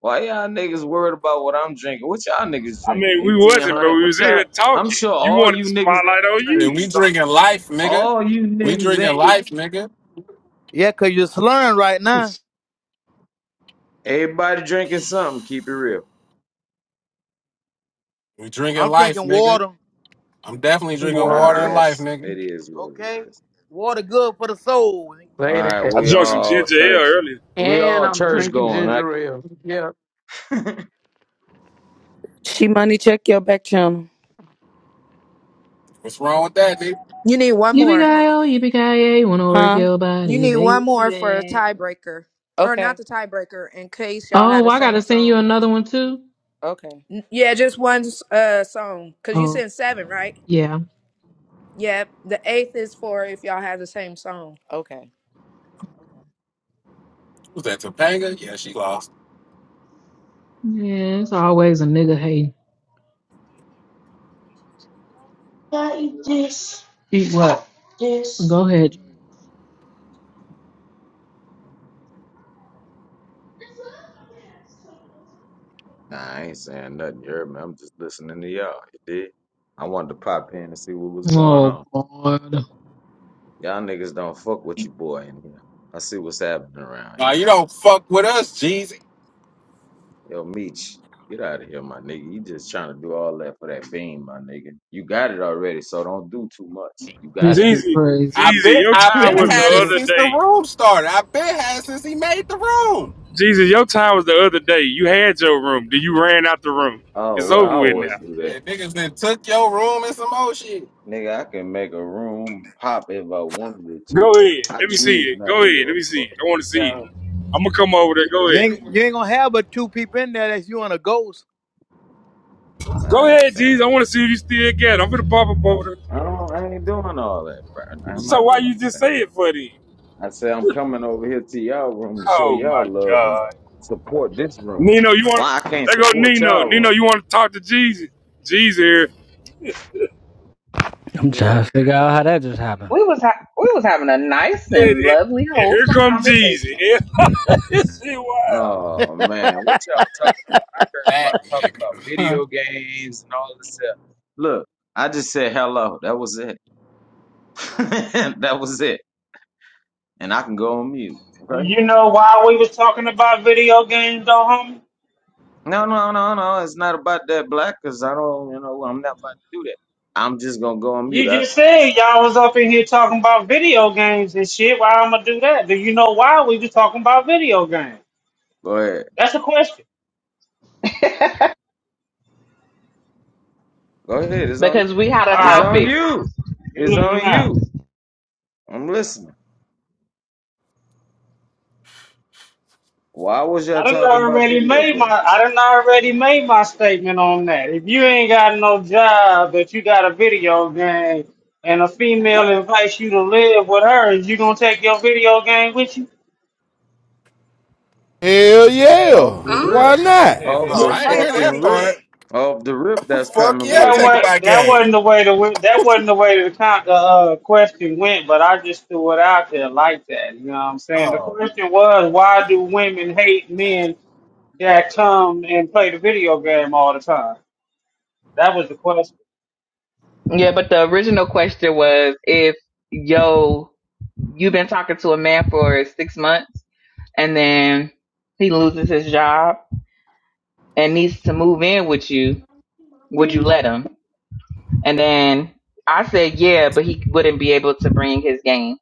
Why y'all niggas worried about what I'm drinking? What y'all niggas
I
drinking?
mean, we wasn't, but
1800?
we
What
was in
y'all?
here
I'm
talking.
sure
You
all
wanted
you
the
niggas in
spotlight
here
on
Shit,
drinking
we
you.
something.
drinking life, nigga.
All you
We
niggas
drinking
in here.
life, nigga.
Yeah, cause you're slurring right now.
Everybody drinking something. Keep it real.
We drinking
I'm
life,
drinking
nigga.
water.
I'm definitely drinking
I
water and
Water
life,
guess
nigga.
it is what it
Okay.
is.
Water good for the soul.
All right,
later,
I
we
drunk some
all
ginger ale
church.
earlier.
We
and
all
I'm
church
drinking
going. I
ginger
get
ale. Yeah.
it.
She money. Check your back channel.
What's wrong with that, nigga?
need one more.
Yippee-ki-yo, yippee-ki-yay, wanna work
Huh?
your
You
body,
need one more for a
baby.
tiebreaker, or not
Okay.
the tiebreaker, in case y'all
Oh,
had the
well, I
same
gotta send you
song.
another one too?
Okay.
N- Yeah, just one uh song, cause you
Oh,
said seven, right?
yeah.
Yeah, the eighth is for if y'all had the same song.
Okay.
Was that Topanga? Yeah, she lost.
Yeah, it's always a nigga hating. Can I eat this? Eat what? This. Go ahead.
nah, I ain't saying nothing. You heard me? I'm just listening to y'all. You did? I wanted to pop in and see what was going
Oh,
on.
God.
Y'all niggas don't fuck with your boy in here. I see what's happening around
Nah,
y'all.
you don't fuck with us, Jeezy.
Yo, Meech, get out of here, my nigga. You just trying to do all that for that beam, my nigga. You got it already, so don't do too much. You got
This
it.
shit
Jeezy,
crazy.
I
Jeezy,
been
your
I
time
been
was the
had it
other
since the
day.
room started. I been had it since he made the room.
Jesus, your time was the other day. You had your room. Then you ran out the room.
oh,
It's
well, I
over with
always
now.
do
Yeah,
that.
niggas then took your room and some old shit.
Nigga, I can make a room pop if I wanted it to.
Go ahead.
I
Let me see
choose
it.
not
Go
to give
ahead. Let me
a
see it. I want to see
Yeah.
it. I'm gonna come over there. Go
You
ahead.
ain't,
fuck.
you ain't gonna have but two people in there that's you and a ghost.
All
Go
right,
ahead, Jesus.
fam.
I want to see if you still got it. I'm gonna pop up over there.
I don't. I ain't doing all that, bro. I'm
So
not
why you
doing it,
just say
fam.
it for then?
I say I'm coming over here to y'all room to show
Oh
y'all
my
love and
God.
support this room.
Nino, you want?
Why I
to...
can't
There go
support
Nino.
y'all
Nino,
room?
you want to talk to Jesus? Jesus here.
I'm
Yeah.
trying to figure out how that just happened.
We was ha- we was having a nice
And,
and
and-
lovely,
and here
wholesome
comes Jesus.
conversation
It's wild.
Oh man, what y'all talking about? I heard about
That
talking about
nigga.
video games and all this stuff. Look, I just said hello. That was it. that was it. And I can go on mute. Okay?
You know why we was talking about video games though, homie?
No, no, no, no. It's not about that black because I don't, you know, I'm not about to do that. I'm just gonna go on mute.
You
I,
just said y'all was up in here talking about video games and shit. Why I'ma do that? Do you know why we was talking about video games?
go ahead.
That's a question.
Go ahead. It's on
because
you.
we had a
It's
Alright,
on
topic.
you.
good
It's
looking
on
out.
you. I'm listening. Why was y'all
I done
talking about
already
video
made my
games?
I done already made my statement on that. If you ain't got no job but you got a video game and a female invites you to live with her, is you gonna take your video game with
Hell yeah.
Off the
Why
rip.
Uh-huh.
not?
you?
Off
oh,
Get
the
them
I didn't
right,
hear
fucking
that
OG
rip.
part.
Black.
Off the rip that's
Fuck
coming
yeah, I'm
with
That
me.
taking
was
my
that
game.
wasn't the way the win- that wasn't the way the con- the uh, question went, but I just threw it out there like that. You know what I'm saying? The
Oh,
question was, why do women hate men that come and play the video game all the time? That was the question.
Yeah, but the original question was if yo you've been talking to a man for six months and then he loses his job and needs to move in with you, would you let him? And then I said yeah, but he wouldn't be able to bring his game.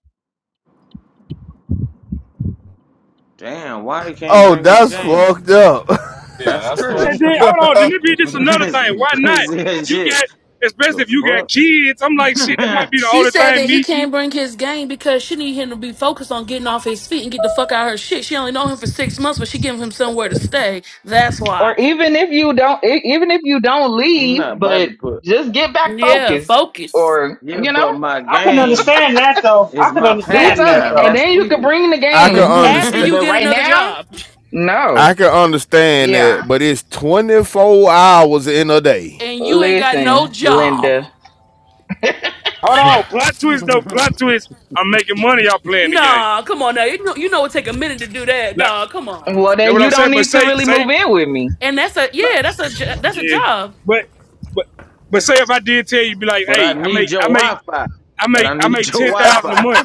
Damn, why he can't
Oh,
bring his
that's
game?
fucked up.
yeah,
That's
that's fucked.
And
crazy.
then hold on, then it be just another
That's
thing.
some
Why not?
crazy ass
You
shit.
got, especially
The
if you got
fuck?
kids. I'm like, shit, that might be
I'm
the
She
only
said
thing.
that he
Me,
can't bring his game because she need him to be focused on getting off his feet and get the fuck out of her shit. She only known him for six months, but she giving him somewhere to stay. That's
Or
why.
even if you don't, e- even if you don't leave,
not about
but
to put.
just get back
Yeah,
Mm-mm.
focused,
focus.
or
Yeah,
you know,
but my
I can
game
understand that though. I
is
can
my
do
understand
something,
that
pastime.
and
though.
That's
then you could
weird.
bring the
I can
game.
After
but
understand.
you
But
get
right
another
now,
job
no.
I can understand
yeah.
that, but it's twenty four hours in a day.
and you ain't got no
Listen,
job.
Linda.
hold on, plot twist though,
I
plot twist. I'm making money. Y'all playing the game.
Nah, come on now. You know, you know it take a minute to do that,
Like
dog. Come on.
Well,
that
then
what
you
I'm saying.
don't
But
need to
say,
really move
say,
in with me.
And that's a yeah, that's a jo- that's a
yeah.
job.
But, but, but say if I did tell you, be like, hey, I make,
need your
I make,
Wi Fi.
I
But
make,
I
I
need
make
your
ten
Wi
thousand a
Fi.
month.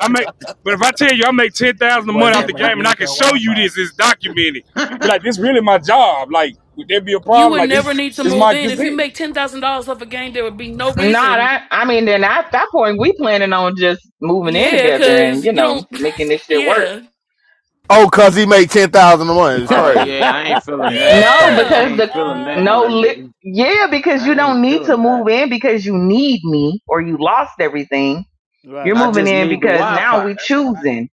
I make, but if I tell you I make ten thousand a
Boy
month out
said,
the
but I
game, and I
need
can
your
show
Wi
you
Fi.
this, it's documented. Be like, this really my job. Like, would that be a
You
problem?
would
Like
never
this,
need to
this
move
my,
in
this
if you
it.
make ten thousand dollars off a game. There would be no
Nah,
reason.
that I mean, then at that point, we planning on just moving in
Yeah,
together and
cause
you
you
know
don't.
making this shit work.
Yeah,
oh, cause he make ten thousand a month. It's
oh,
crazy.
yeah, I ain't feeling
Yeah, that's
that.
No,
crazy.
I
yeah.
because
ain't
the
feeling that,
no
my
li-
nigga.
yeah, because you
I
don't
ain't
need to
feeling
move
that.
in because you need me or you lost everything. You're
I
Right.
moving
just
in
need the
because
Wi
now
Fi.
we
That's what
choosing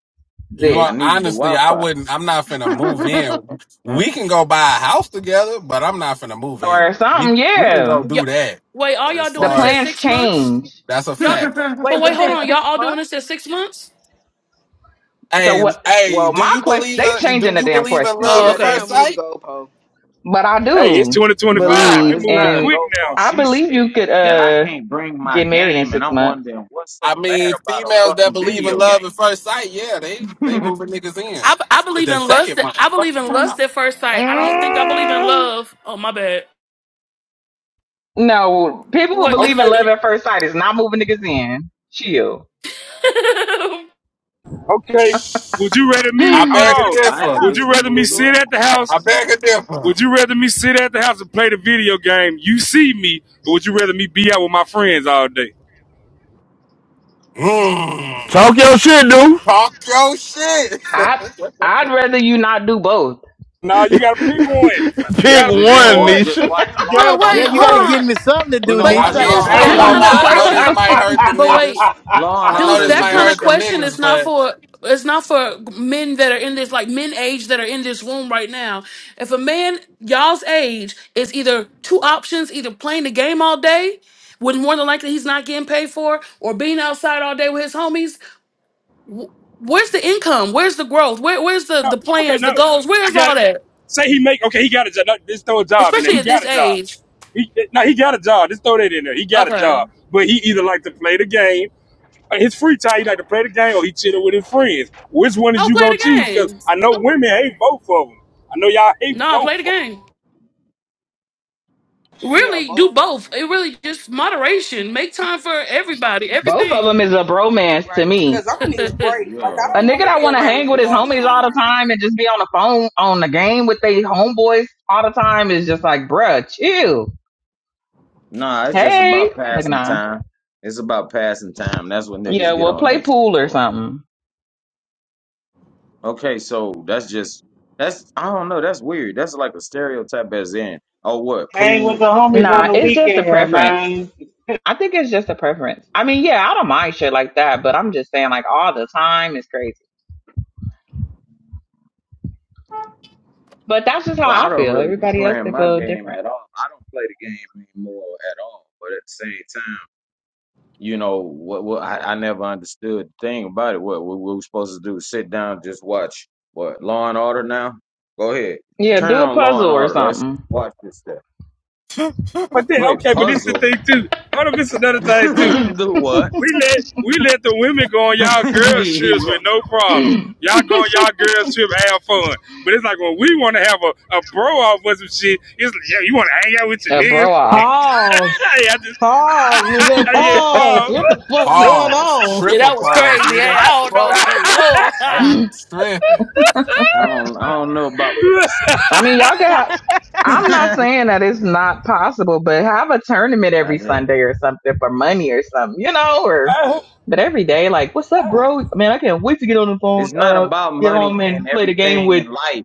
You
I
this
are
needed the
honestly,
Wi
I
Fi.
wouldn't. I'm not finna move in. We can go buy a house together, but I'm not finna move
or
in. We
something.
we can
Yeah,
go
Yo.
do that.
Wait, all
But
y'all
as
the
doing
far
this at
as
plans
six months?
change.
that's a
Y'all,
fact.
but
Wait,
wait, hold
within
on.
six
Y'all all doing
months?
this at six months?
So
Hey,
what?
hey,
Well,
do
my
you
question
believe
they
in do
changing the
you
damn
believe in
question
love
Oh,
at
Yeah,
shit.
they
okay.
first
done moved
sight?
the goalpost.
But I
Hey, it's
do
2025.
no,
We
believe,
it's
moving
not a
and
quick
GoPro.
now.
I
She said
believe you could
that I
uh
can't bring my
get married in
game, and
six
I'm
months.
wondering what's so
I
bad
mean,
about a
females that
fucking
believe in
video game.
love at first sight, yeah, they they moving niggas in.
I I believe
The
in lust.
second
I
month.
believe
Fuck you
in
talking
lust
about?
at first sight. I don't think I believe in
Mm,
love. Oh, my bad.
No, people who
What?
believe
Okay,
but
in
we,
love at first sight is not moving niggas in. Chill.
okay. Would you rather
I
me?
I
beg a
Hold on.
I
differ.
had
Would
All of
bitches
you rather me
move
that
me
sit
girl.
in.
at the house?
I beg a differ.
Would you rather me sit at the house and play the video game? You see me, or would you rather me be out with my friends all day?
Mm.
Talk your shit, dude.
Talk your shit.
I'd rather you not do both.
No, you gotta pick one. You
Pick
gotta
Just
pick
then
one,
what?
one.
Just
Nisha.
watch
You
Law and
gotta
Order.
wait,
Yeah,
pick
you got to
hold
one.
give
on.
me something to
We're
do,
gonna
But
I
Nisha.
watch
I
mean,
got
Deuce,
Law
to
and
be
I ain't
able
Order
that
to do
gonna
all
kind of
both
day.
lie. I know
something.
this
question.
might hurt the
But wait,
niggas.
Law and
I know
Deuce,
Order
this
is a
that
might
kind
good
of
hurt
show
the
to
question
watch.
is
niggas,
not
but
for. It's not for men that are in this like men age that are in this room right now. If a man y'all's age is either two options, either playing the game all day, with more than likely he's not getting paid for, or being outside all day with his homies. wh- Where's the income? Where's the growth? Where, where's the the
Okay,
plans, the
no,
goals?
I
Where's
got
all
it.
that?
Say he make okay, he got a job. No, Just throw a job in there.
Especially
He
at
got
this
a job.
age.
He no, he got a job. Just throw that in there. He got a
Okay,
job, but he either like to play the game uh, his free time, he like to play the game or he chilling with his friends. Which one is
I'll
you
play
gonna
the
choose? Because
game.
I know women hate both of them. I know y'all hate
No,
both
play
of
the
them.
game.
Hell,
Really,
both
do
of
both. It
them.
really just moderation. Make time for everybody,
of them
everything.
is a bromance to
Right,
me.
because I'm
yeah,
gonna need a
that
break. Like
Yeah.
I
A
don't want
nigga
to
that
be
want to
around
hang with
you
his
all the
homies all the
time.
time and just be on the phone on the game with they homeboys all the time is just like, bruh, chill.
Nah, it's just
Hey,
about
look at
passing
I.
time. It's about passing time. That's what
Yeah,
niggas get
well,
on
play
that shit
pool or
for.
something.
Okay, so that's just that's I don't know. That's weird. That's like a stereotype as in, oh what
Hang with
pool
the homies
make
on
Nah,
me
the
it's
different.
just a
weekend,
preference.
man.
I think it's just a preference. I mean, yeah, I don't mind shit like that, but I'm just saying, like, all the time is crazy. But that's just how
Well, I
I
don't
feel.
really be
Everybody else
playing
can
my
feel
game
different.
at all. I don't play the game anymore at all. But at the same time, you know what? What I, I never understood the thing about it. What, what we were supposed to do? Sit down, just watch what Law and Order now. Go ahead,
Yeah,
turn
do a
on Law
puzzle
and
or
Order. Let's just
something.
watch this stuff.
But then,
Play
okay, but this is the
puzzle.
thing too. Hold on, this is another thing too.
Do what?
We let we let the women go on y'all girls trips with no problem. Y'all go on y'all girls trip, have fun. But it's like when we want to have a, a bro off with some shit. It's like, yeah, you want to hang out with your
a
niggas?
bro off.
Pause.
hey, I just
Pause, nigga.
yeah,
I
Pause.
Paul.
What
yeah,
the fuck going
pause,
on?
triple
was
pause,
crazy. Hey,
nigga.
I don't
Fuck,
know. Hey, yo, ah,
Ooh, tripping.
I don't I don't know about what he said just
mean, y'all can
now,
have. I'm not
but
saying that it's not possible, but have a tournament
I
every
did.
Sunday or something for money or something, you know, or but every day, like, what's up, bro? Man, I can't wait to get on the phone,
It's not
uh,
about
get
money
home
and
and play the game
everything
with
in life.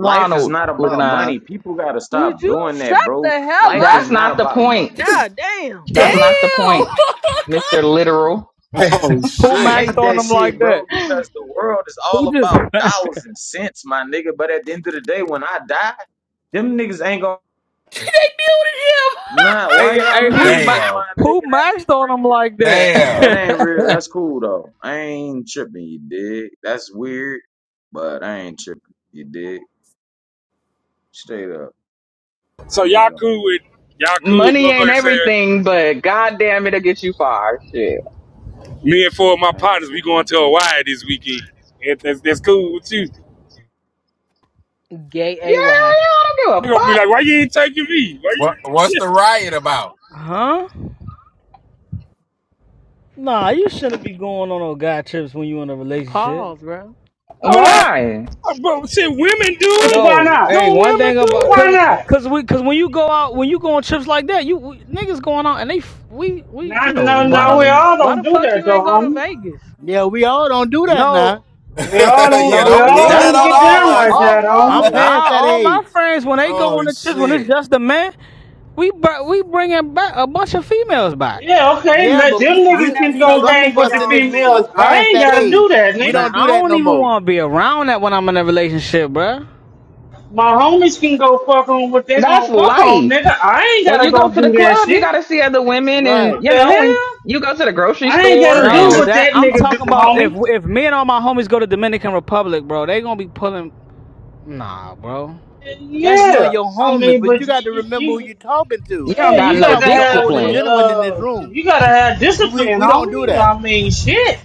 Life is not
Looking
about
eyes.
money. People gotta
Would
stop
you
doing
shut
that,
the
bro.
hell
Life is
That's
up?
not
not the
about
point.
money.
God damn.
That's not the
damn,
point, Mr. Literal.
Hey,
oh
who
I
shit!
maxed
hate
on
that
them like
shit, bro,
that?
because the world is
Who
all
just?
about dollars and cents, my nigga. But at the end of the day, when I die, them niggas ain't gonna
they muted him.
Nah, why
hey,
y'all
hey, who
muted me,
ma-
Damn,
my
who
nigga? That
maxed
ain't
on them
real.
like
That
damn.
ain't real.
that?
That's cool though. I ain't tripping, you dig? That's weird, but I ain't tripping, you dig? Straight up,
so y'all
nigga.
cool with y'all cool with
Money ain't
motherfuckers saying
everything, but goddamn, it'll get you far. Shit.
me and four
Yeah,
of my
I ain't
partners we
tripping,
going
my
to
nigga.
Hawaii this weekend. If that's that's cool with you,
Yeah, yeah,
Gay AY.
I don't
they
give a
gonna be
fuck.
like, why you ain't taking me? Why you?
What what's the riot about?
huh? Nah, you shouldn't be going on no guy trips when you in a relationship.
Pause, bro.
Hold on.
Why?
Uh, Bro, shit, women do
Which
it.
why
No,
not?
hey,
Don't
one
women
thing
do
about
it?
Why
cause
not?
cause we cause when you go out when you go on trips like that, you we, niggas going out and they f- we we
No,
you know what we
no,
Why
no.
doing
the
We
we
all
why the
don't do
fuck
that
you
though,
ain't go to
homie.
Vegas?
Yeah, we all don't do that
no
now.
We all
We
yeah,
don't.
all
We
don't
don't do
all
keep
Whoa,
that
that.
that's
don't
on
get
whoa,
all
down
whoa,
us.
like
whoa,
all
that,
I'm
homie.
whoa.
past
nah
that
all my
age.
friends when they go on
Oh
the trips when it's
shit.
just the man we br- we bringing back a bunch of females back
Yeah, okay.
Yeah,
Now
but
Let
them
me
we
find
niggas
out
can
Nino
go
some
speaking
hang
of
for
with
us
the
in
y'all
this room
mean.
females.
is
I
past
ain't
that
gotta do
age.
that,
We
nigga.
man
don't do
I
that
don't
no
even
more.
want to be around that when I'm in a relationship, bruh.
My homies can go fuck on what they gonna
That's
fuck on,
life.
nigga. I ain't
When
gotta
you
go
go to
do
the
that
club, you
shit.
gotta see other women, and
What
Right.
you
the
know, when
hell?
you go to the grocery
I ain't
store,
gotta do
No,
and
what
that
that
I'm
nigga do,
talking about if
homie.
if me and all my homies go to Dominican Republic, bro, they gonna be pulling nah, bro.
That's you and
Yeah,
your
I
homies,
mean,
but you
but
got to
you,
remember who
you
you're talking
you
to.
don't
yeah,
got
you
you
no
got
talking
to
to
have,
older
discipline.
gentlemen in this
uh,
room.
you gotta have
We
discipline,
we don't do
homie.
that.
I mean, shit.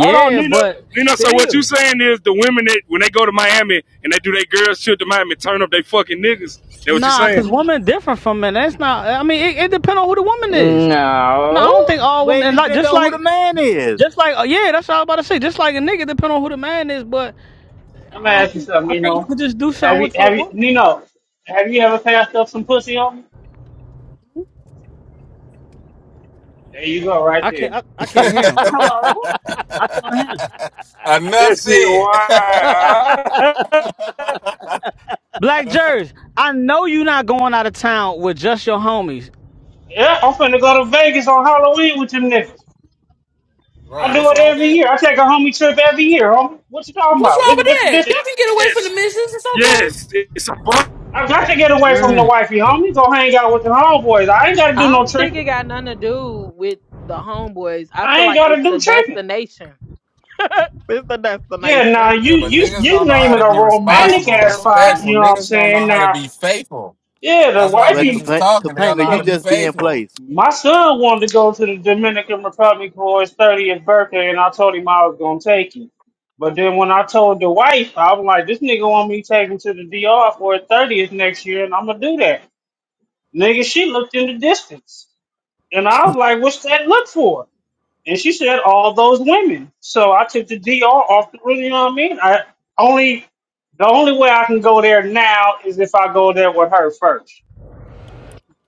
Hold on, Nina.
but
Nina, so what you
still.
saying is the women that when they go to Miami and they do their girls trip to Miami, turn up they fucking niggas. That what you
Nah, cause
saying?
women different from men. That's not. I mean, it, it depends on who the woman is. No, I
No.
don't think all
Well, it
women. And like
depends
just
on who the
like
man is.
just like uh, yeah, that's what I was about to say. Just like a nigga, depend on who the man is. But I,
Let me
don't, I
ask you
think
something,
I think you
Nino.
could just do something
Have you,
with a
have you,
woman.
Nino? Have you ever passed up some pussy, homie? There you go, right
I can't.
there.
I, I can't hear him. I'm-
Hello?
I can not hear him.
Enough
That's it.
said.
Why?
Black Jers, I know you not going out of town with just your homies.
Yeah, I'm finna go to Vegas on Halloween with you niggas.
right,
I
what's
do it
wrong with
every
that?
year. I take a homie trip every year, homie. What you talking
What's
about?
wrong
What's,
with
what's the
that?
difference?
Y'all can get away from the
yes.
missions. It's okay.
Yes. It's a bu-
I got to get away from the
Man.
wifey, homie. Go hang out with the homeboys. I ain't gotta do
I
no
don't think
tricking.
it got nothing to do with the homeboys. I feel
I ain't
like it's
gotta
the
do tricking.
destination. it's the
Yeah, now
destination.
you
Yeah, but
you
niggas
you
don't know
name
how
it
to
a
be
romantic
responsible,
Best
ass spot.
healthy.
respectful.
You know what I'm
Niggas don't know
saying?
how to
Now,
be faithful.
yeah, the
That's why
Well,
niggas
wifey.
is
Topa-
talking. They don't know
Topanga,
how
you
to be
just be in
faithful.
place.
My son wanted to go to the Dominican Republic for his 30th birthday, and I told him I was gonna take him. But then when I told the wife, I was like, "This nigga want me to take him to the DR for his 30th next year, and I'm gonna do that." Nigga, she looked in the distance, and I was like, "What's that look for?" And she said, "All those women." So I took the DR off the. room. You know what I mean? I only the only way I can go there now is if I go there with her first.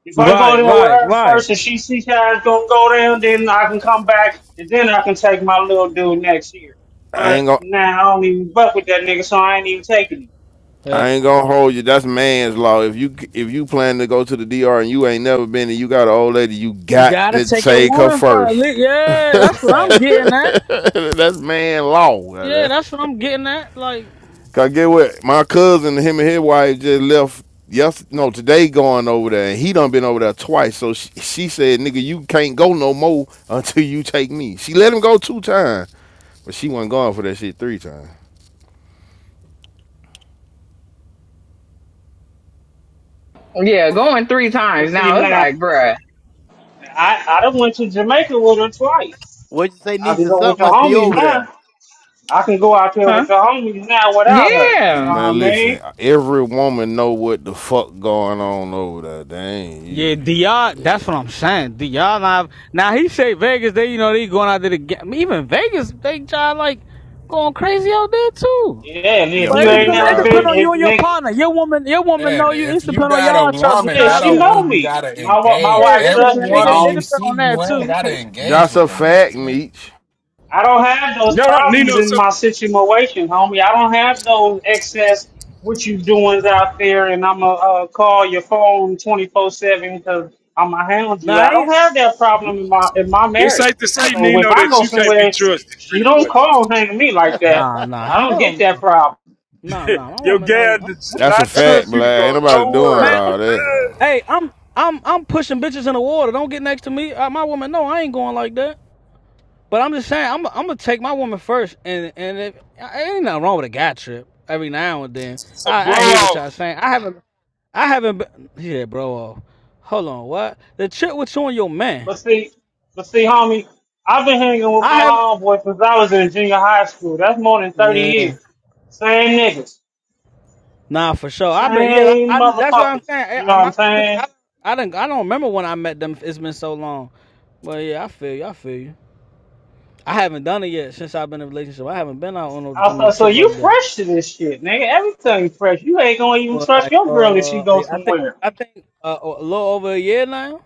If I go
Right,
there with
right,
her
right.
first and she sees how it's gonna go down, then I can come back and then I can take my little dude next year.
I
But
ain't gonna.
now I don't even buck with that nigga, so I ain't even taking him.
Yeah.
I ain't gonna hold you. That's man's law. If you if you plan to go to the DR and you ain't never been and you got an old lady, you
You
got
gotta
to
take your
take her
woman for a
first.
least. Yeah,
That's a
that's what I'm
fact.
getting at.
that's man law.
Yeah, that's what I'm getting at. Like.
Cause get what my cousin, him and his wife just left. Yes, no, today going over there, and he done been over there twice. So she, she said, "Nigga, you can't go no more until you take me." She let him go two times, but she wasn't going for that shit three times.
Yeah, going three times
Cause see
now. It's
now,
like, bruh,
I I done went to Jamaica with her twice.
What you say,
I can
Nisha?
go with
Something
the
must be
homies
over there.
now. I can go out there
huh?
with the homies now without her. You
Yeah.
know
Man,
what I
listen,
mean?
every woman know what the fuck going on over there. Dang,
Yeah,
yeah.
Dr. That's what I'm saying. Dr. Now, now he say Vegas. They, you know, they going out there to get. Even Vegas, they try like going crazy out there too.
Yeah, and if
But
Yo,
you
it
Vegas
ain't
depend. It
never
wild
been,
depend
too.
on you
if
and your
nigga,
partner. Your woman. Your woman
Man,
know you. It
if you
depend on
got a
y'all trust with
woman,
yeah,
that
y'all
she
don't
girl.
know
mean you
me.
gotta
My wa- my
Yeah,
engage.
wife
it
Every
trusts
depend.
me,
It,
woman
it
homie.
you
depend
see,
on
you
that
ain't
too.
gotta engage
That's
with
a
them
fact,
bitches, man.
Meech.
I don't have those
No, no, Nino.
problems in
So
my situation, homie. I don't have those excess what you doings out there, and I'ma uh, call your phone twenty four seven because I'ma hound
Nah,
you.
I
I
ain't,
don't have that problem in my in my
it's
marriage.
safe to
I
say,
ain't-
So if
Nino,
I
that
go
you can't be
somewhere,
trusted
she
pretty
don't
much.
call and hang me like that.
nah, nah,
I don't
hell
get that
no,
problem.
nah, nah. My
Your
woman
gal
know. I'm,
does
I'm
That's a
not
straight.
fact,
trust you to
Black. Ain't
go
nobody doing
man.
all
nowhere.
I'm,
that.
hey, I'm, I'm, I'm pushing bitches in the water. Don't get next to me. Uh, my woman know I ain't going like that. But I'm just saying, I'm I'm gonna take my woman first, and and if, ain't nothing wrong with a guy trip every now and then.
it's a
I I
bro
hear what y'all
off.
saying. I haven't I haven't been yeah, bro. uh, Hold on, what the trip with you and your man?
But see, but see, homie, I've been hanging with
I
my
have
homeboy since I was in junior high school. That's more than thirty
yeah.
years. Same niggas,
Nah, for sure. I've been yeah. I,
same
I- that's what I'm
motherfuckers.
saying. Eh,
You
I,
know what
my,
I'm saying?
I I don't I don't remember when I met them. It's been so long. But yeah, I feel you. I feel you. I haven't done it yet since I've been in a relationship. I haven't been out on no on no
Also, so
trip
you
like that.
fresh to this shit, nigga. Everything fresh. You ain't gonna even
Well,
trust
like
your girl if she
uh,
goes somewhere.
I think uh, a little over a year now.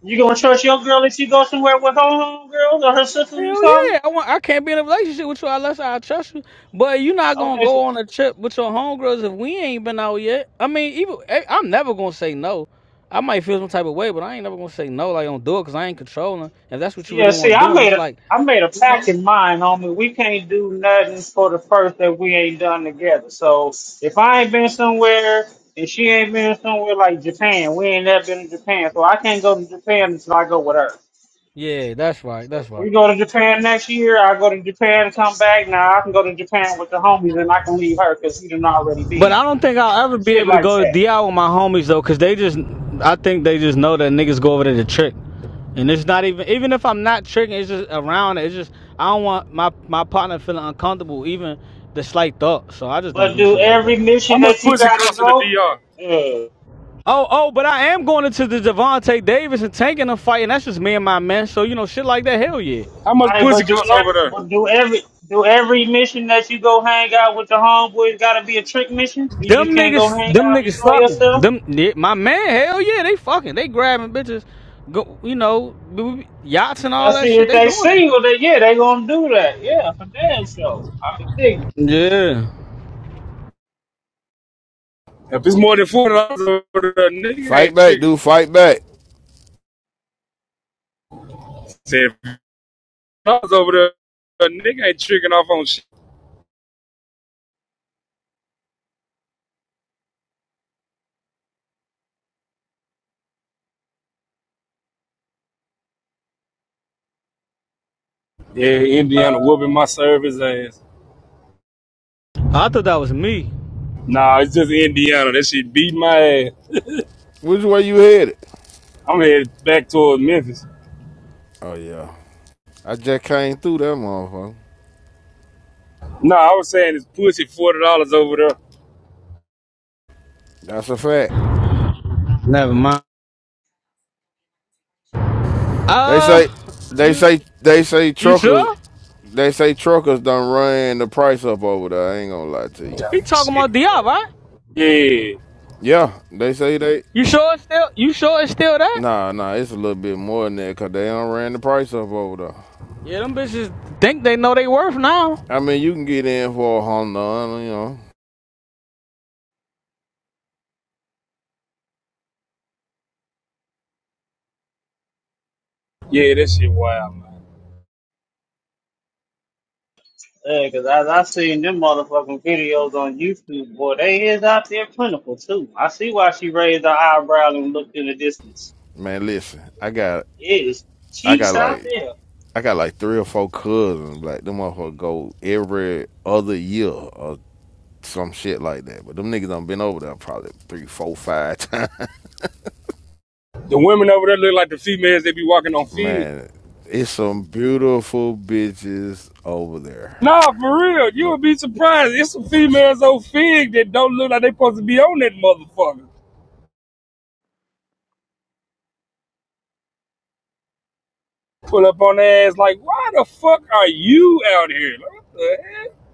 You gonna trust your girl if she goes somewhere with her homegirls or her sisters or
Hell
something?
yeah, I want. I can't be in a relationship with you unless I trust you. But you're not gonna
Okay, so,
go on a trip with your homegirls if we ain't been out yet. I mean, even eh, I'm never gonna say no. I might feel some type of way, but I ain't never gonna say no. Like don't do it because I ain't controlling. If that's what you
yeah.
really
See,
want
I
doing,
made
it's
a
like,
I made a pact in mind, homie. We can't do nothing for the first that we ain't done together. So if I ain't been somewhere and she ain't been somewhere like Japan, we ain't never been to Japan. So I can't go to Japan until I go with her.
yeah, that's right,
So,
that's right.
We go to Japan next year. I go to Japan, come back. Now I can go to Japan with the homies, and I can leave her because he done already
But
been.
I don't think I'll ever be
Shit
able to
like
go to
that.
DI with my homies though, cause they just, I think they just know that niggas go over there to trick, and it's not even, even if I'm not tricking, it's just around. It's just I don't want my my partner feeling uncomfortable, even the slight thought. So I just don't
But
do
do
shit like
every
that.
How
mission
much
that you
pussy
gotta
cost in the
go.
DR?
Yeah.
Oh, oh, but I am going into the Devontae Davis and tanking a fight, and that's just me and my man. So you know, shit like that, hell yeah.
How much
I
pussy
but do
costs over
every,
there?
but do every do every mission that you go hang out with the homeboys gotta be a trick mission. You
Them
just can't go
niggas,
hang
them
out and
niggas
enjoy
fucking.
yourself.
Them, yeah, my man, hell yeah, they fucking. They grabbing bitches, go, you know, b- b- yachts and
I
all that
see
shit.
if
They
they
doing that
single, then yeah, they gonna do that. Yeah, for damn sure. I can dig. it.
shit. Yeah,
If it's more than forty dollars over there, nigga
Fight
ain't
back,
tricking.
dude. Fight back.
Said dollars over there, a nigga ain't tricking off on shit. Yeah, Indiana whooping my service ass.
I thought that was me.
Nah, it's just Indiana. That shit beat my ass.
Which way you headed?
I'm headed back towards Memphis.
Oh yeah. I just came through that motherfucker.
Nah, I was saying it's pussy forty dollars over there.
That's a fact.
Never mind.
They
Uh,
say, they
you,
say, they say
you
truckers,
sure?
they say truckers done ran the price up over there. I ain't gonna lie to you.
He talking
shit.
about Diop, right?
Yeah,
Yeah, they say they.
You sure it's still, you sure it's still that?
Nah, nah, it's a little bit more than that because they done ran the price up over there.
Yeah, them bitches think they know they worth now.
I mean, you can get in for a Honda, you know.
yeah, that shit wild, man.
Yeah, cause I, I seen them motherfucking videos on YouTube, boy, they is out there plentiful too. I see why she raised her eyebrow and looked in the distance.
Man, listen, I got,
It is
I
cheeks
got
out
like,
there.
I got like three or four cousins. Like them motherfuckers go every other year or some shit like that. But them niggas done been over there probably three, four, five times.
The women over there look like the females they be walking on feed.
Man, it's some beautiful bitches over there.
Nah, for real, you
Nope.
would be surprised. It's some females on Fig that don't look like they supposed to be on that motherfucker. Pull up on their ass like, why the fuck are you out here? Like, what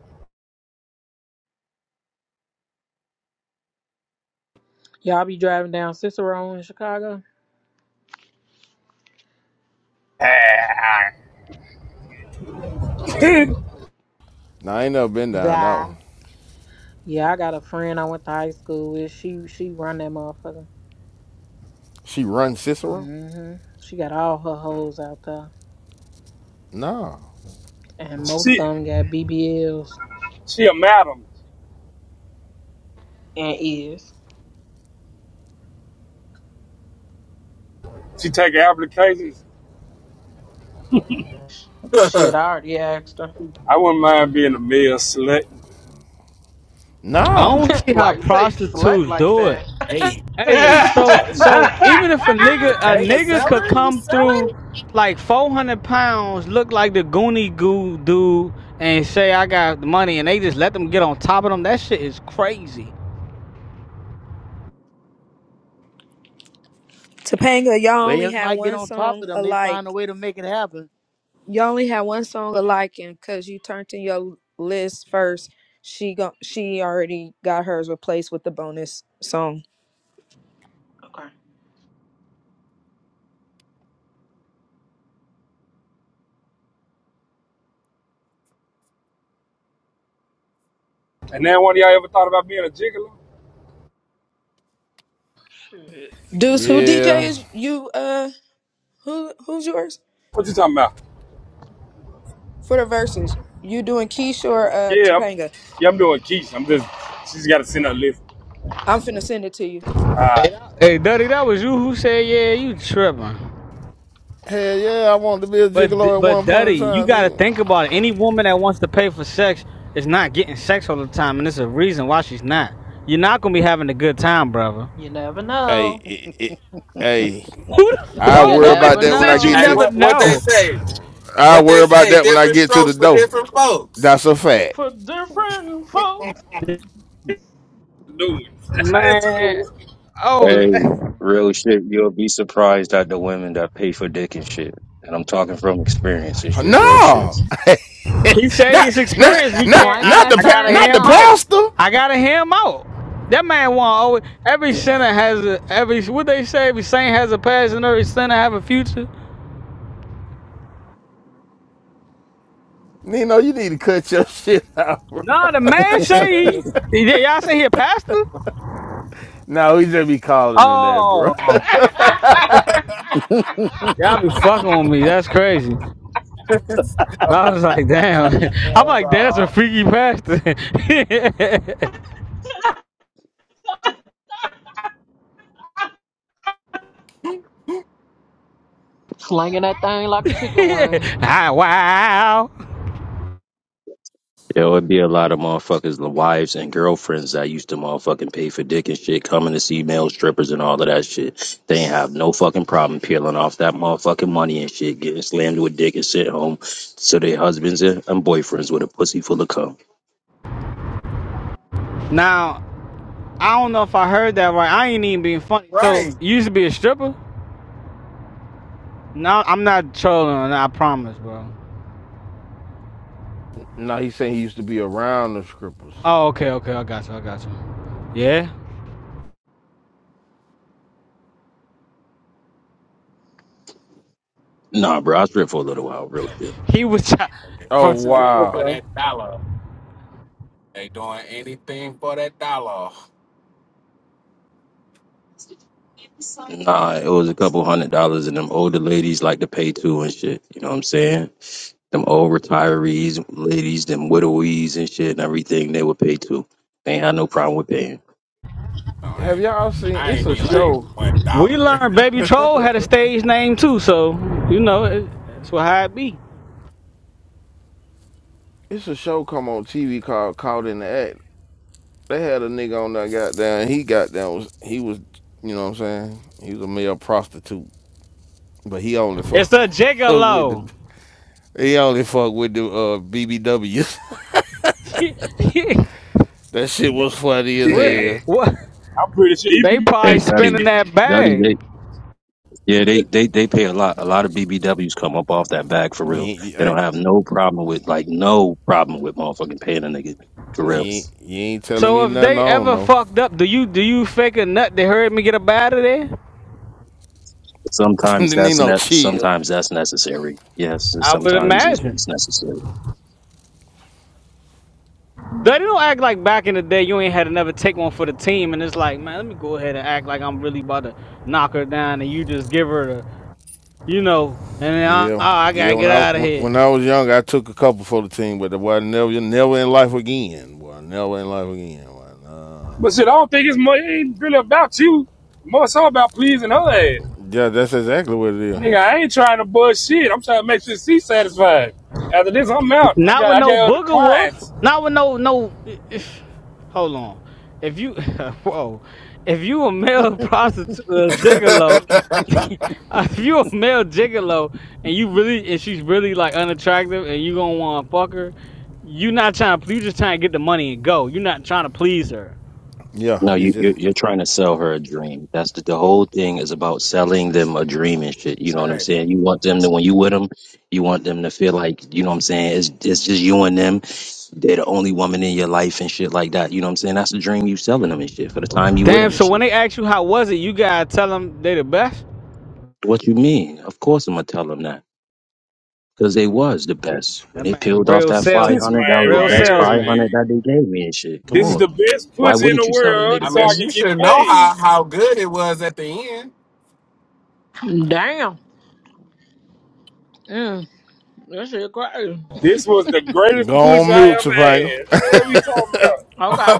Y'all be driving down Cicero in Chicago?
the heck?
Now, I ain't never been down that one.
Yeah, I got a friend I went to high school with. She she run that motherfucker.
She run Cicero?
hmm She got all her hoes out there,
No.
and most
she,
of them got BBLs
she a madam.
and is.
She take applications.
Shit, I already asked her.
I wouldn't mind being a male slut.
I don't
No.
see how
Why you say slut
prostitutes
like
do it.
that?
hey,
Hey,
hey,
so
hey.
so even if a
The
nigga a
pay is
nigga could
selling? You
come
selling?
through like four hundred pounds, look like the Goonie Goo dude, and say I got the money, and they just let them get on top of them. That shit is crazy.
Topanga, y'all
Well,
only
if
had
not, get
one
on top
song
of them. They find a
alike.
way to make it happen.
You only had one song
What you? s-
alike, and cause you turned in your list first, she go she already got hers replaced with the bonus song.
Okay.
And then one of y'all ever thought about being a gigolo?
Shit.
Deuce, who DJ
Yeah.
is you? Uh, who who's yours
What you talking about?
for the verses? You doing Keisha or uh
Yeah, I'm,
Topanga?
yeah, I'm doing quiche. I'm just, she's got to send her a list.
I'm finna send it to you.
All right,
Hey, Duddy, that was you who said yeah, you tripping.
Hell yeah, I wanted to be a
But
gigolo at
but
one point
Duddy,
in
you
time,
gotta
nigga.
think about it. Any woman that wants to pay for sex is not getting sex all the time, and there's a reason why she's not. You're not gonna be having a good time, brother.
You never
Hey,
know.
it, it, hey,
Who,
I
You
what
worry
woman
about
never
that when I
said you
get
Hey,
to.
never
know.
what what they
know?
say?
I
What
worry
they
about
say?
that when I
Different
get to the
strokes for
door.
different folks.
That's a fact.
For different folks.
new one. It's a new
Man,
one.
oh,
Hey, real shit. You'll be surprised at the women that pay for dick and shit. And I'm talking from experience and shit, real shit.
No,
he say
not
he's
not
experienced.
You
We
not
can't.
slanging
not
I,
the
that
I
pa-
gotta
not
hear
thing,
the
him
huh?
out.
pastor.
I gotta hear him out. That man want always. Every sinner has a every. What they say? Every saint has a past, and every sinner have a future.
Nino, you need to cut your shit out.
Nah, the man say he. y- Y'all say he a pastor?
No, he just be calling in there, bro.
Oh, y'all be fucking with me. That's crazy. I was like, damn. I'm
So,
like, damn, that's
uh,
a freaky pastor.
Slanging that thing like a chicken wing.
ah, wow.
Yeah, it would be a lot of motherfuckers, the wives and girlfriends that used to motherfucking pay for dick and shit, coming to see male strippers and all of that shit. They ain't have no fucking problem peeling off that motherfucking money and shit, getting slammed with dick and sit home to their husbands and, and boyfriends with a pussy full of cum.
Now. I don't know if I heard that right. I ain't even being funny.
right.
So you used to be a stripper? No, I'm not trolling. on that, I promise, bro.
no, he saying he used to be around the strippers.
Oh, okay, okay. I got you. I got you. Yeah.
Nah, bro, I stripped for a little while, real shit.
He was try-
Oh
for sure.
Anything
For
for
wow.
sure.
that dollar. They doing anything for that dollar.
Nah, it was a couple hundred dollars, and them older ladies like to pay too and shit. You know what I'm saying? Them old retirees, ladies, them widowies and shit and everything, they would pay too. They ain't had no problem with paying.
No, I
Have
ain't. mean-
y'all seen
I
it's
ain't
a
mean like
show.
one
We
dollar.
learned Baby Troll had a stage name too, so you know it, that's what how it be.
It's a show come on TV called Caught in the Act. They had a nigga on that goddamn he got down was he was you know what I'm saying? He was a male prostitute. But he only fuck
It's a
with
gigolo.
the he only fuck with the uh BBWs. that shit was funny as
what?
hell.
Yeah,
What?
I'm pretty sure.
They
even
Hey,
probably
Duddy,
spinning that
Duddy,
bag.
they yeah, they they they pay a lot. A lot of BBWs come up off that bag for
You
real. They don't
ain't,
have no problem with like no problem with motherfucking paying a nigga for
you
real.
ain't, you ain't telling
So
me
if
nothing I
they
don't
ever
know.
fucked up, do you do you fake a nut? They heard me get up out of there.
Sometimes
Didn't need
that's
no
ne-
chill.
sometimes that's necessary. Yes, and
I would
sometimes it's,
imagine.
it's necessary.
They don't act like back in the day you ain't had to never take one for the team, and it's like, man, let me go ahead and act like I'm really about to knock her down, and you just give her the, you know, and then I,
Yeah,
I, I
yeah.
gotta
When
get
I
out of here.
when I was young, I took a couple for the team, but boy, I never never in life again. Boy, never in life again. Boy,
But
nah.
shit, I don't think it's more, it ain't really about you. More so about pleasing her ass.
Yeah, that's exactly what it is.
Nigga, I ain't trying to buzz shit. I'm trying to make sure she's satisfied. After this, I'm out. I
Not
got
with
I
no
got other
booger wolf.
clients.
Not with no no. Hold on. If you whoa, if you a male prostitute uh, gigolo, if you a male gigolo and you really and she's really like unattractive and you gonna want to fuck her, you not trying to. You just trying to get the money and go. You're not trying to please her.
Yeah,
No,
it's
you
just
you're, you're trying to sell her a dream. That's the, the whole thing is about selling them a dream and shit. You know what I'm
right.
saying? You want them to when you with them, you want them to feel like you know what I'm saying. It's it's just you and them. They're the only woman in your life and shit like that. You know what I'm saying? That's the dream you selling them and shit for the time you with them
Damn.
and
So when
shit.
they ask you how was it, you gotta tell them they the best.
What you mean? Of course I'm gonna tell them that because they was the best when
That
they
man, a
peeled off
real
that
salesman.
This man
500. That was the
Real
right
best
here,
salesman.
500
nigga.
that they gave me and shit. Come
This is
on,
the best
why
pussy in the
wouldn't you sell them they
world,
the
I
so I
mean,
best?
you
can get
should know how
paid.
how good it was at the
Damn. Mm, that shit crazy.
This was the greatest
go
pussy
on
I
mute,
ever
Topanga.
had. What are we talking about?
Okay.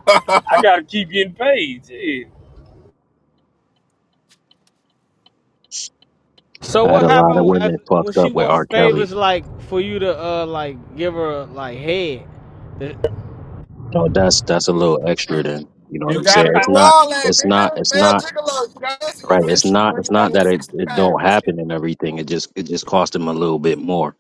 I
end.
gotta keep getting paid. Shit.
So
I had
what
a lot of
happened as,
women
when
fucked
she
up with R.
wants
Kelly.
favors like for you to uh like give her like head?
No, that's that's a little extra then. You know what
You
I'm saying?
gotta do
It's not
all that,
it's not
nigga.
it's
Male
not
gigolo. You gotta listen,
right.
even if
It's
she's
not it's not that it,
360
it don't
pounds.
happen and everything. It just it just cost them a little bit more.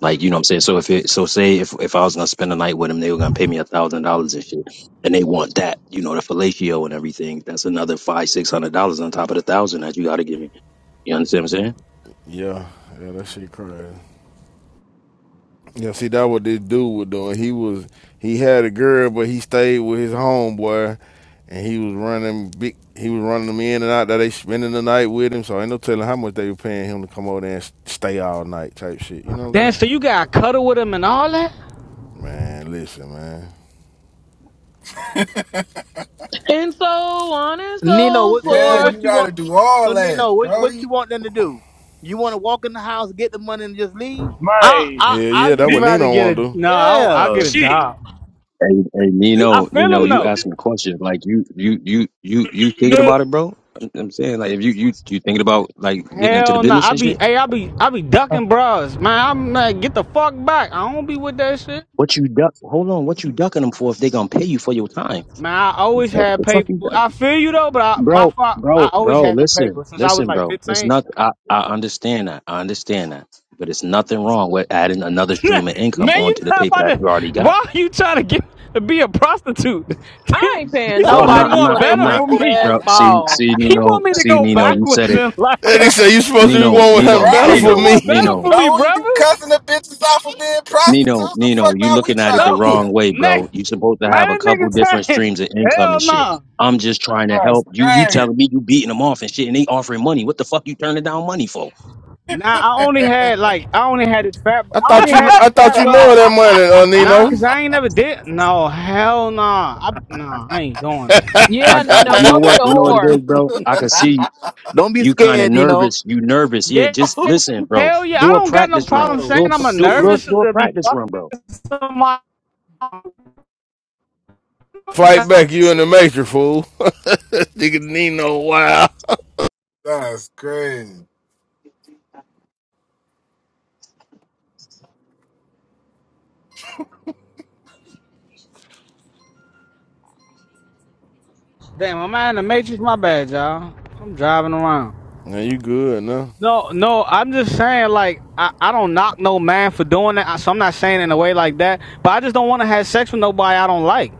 Like, you know what I'm saying? So if it so say if if I was gonna spend a night with them, they were gonna pay me a thousand dollars and shit. And they want that, you know, the fellatio and everything. That's another five, six hundred dollars on top of the thousand that you gotta give me. You understand what I'm saying?
Yeah, yeah, that shit crazy. Yeah, see, that what this dude was doing. He was he had a girl, but he stayed with his homeboy, and he was running big. He was running them in and out. That they spending the night with him, so ain't no telling how much they were paying him to come over there and s- stay all night type shit. You know what I'm
Damn,
saying?
so you got to cuddle with him and all that?
Man, listen, man.
and so on and
Nino,
so
what, so, so
Yeah,
forth.
you
what you want?
gotta do
So
all that,
Nino, what, what you
Brody.
want them to do? You want to walk in the house, get the money, and just leave?
I
Man,
Hell
I I
yeah, that
just
nigga,
what
rather
Nino
get
want
a
to do.
no. I I
Yeah.
get a
shit.
job.
Hey, hey,
I
Nino,
feel
Nino,
him
you
though.
asking questions like you, you, you, you,
do
you thinking
nothing
about it, bro? I'm, I'm saying like if you, you, you thinking about like getting into the
Hell no.
business
I
and
be
shit.
hey I be I be ducking bras. Man, I'm like get the fuck back. I don't be with that shit.
What you duck? Hold on, what you ducking them for? If they gonna pay you for your time,
Man, I
it's
always
like
had
it's like
paper.
you duck,
I feel you though, but I, my
bro,
fault. I
bro,
always
bro.
had some paper
Listen,
since I was
listen,
like
bro. It's
15.
not. I, I understand that. I understand that. But it's nothing wrong with adding another stream of income
Man, you
onto the
not
paper
about
that
to.
you already got,
Why are you trying to get to be a prostitute?
I ain't
you
paying
bro. I'm
supposed to
not.
nobody
I'm not.
want
for they
I'm
better
not.
for
wrinkled
me.
ass
Bro, see,
ball.
see,
He want
Nino,
me to
see,
go
Nino. You said
backwards
it.
in life.
And he said you supposed to be
Nino,
one with him
Nino,
better
You
Right.
for
should
Nino,
me.
want better
Nino,
for me,
Don't be
brother.
cussing the bitches off for being
Nino,
prostitutes. The
Nino,
fuck
you
now we
looking at it
trying to
the
be
No,
wrong
them.
way, bro.
next
You supposed to have a
man, this
couple
nigga
different
trying.
streams of income
Hell no.
and shit.
Nah,
I'm just trying to
That's
help you. You telling me you beating them off and shit, and they offering money. What the fuck you turning down money for?
Nah, I only had like I only had this fat.
I
I
thought
only
you,
had
I
this
thought
fat
you lower
bra.
that money, uh,
Nah, cause
Nino.
I ain't never did. No, hell nah. I, nah, I ain't doing that.
I,
yeah,
I
Nino,
you know
go be
what?
a
You know what it
whore.
is, bro. I can see
Don't be
you kind of
scared, Nino.
nervous. You nervous? Yeah.
Yeah,
crazy.
Just listen, bro.
hell yeah. I
Do a
don't got no
practice run.
problem saying
Do a
oh
pr-
I'm a
do bro.
shit.
nervous
Do a
to be
practice run,
fucking
bro.
somebody.
Fight back, you in the major fool. nigga Nino, wow.
That's crazy.
Damn, am I in the matrix? My bad, y'all. I'm driving around.
Now you good, no?
No, no, I'm just saying like I, I don't knock no man for doing that. So I'm not saying it in a way like that. But I just don't want to have sex with nobody I don't like.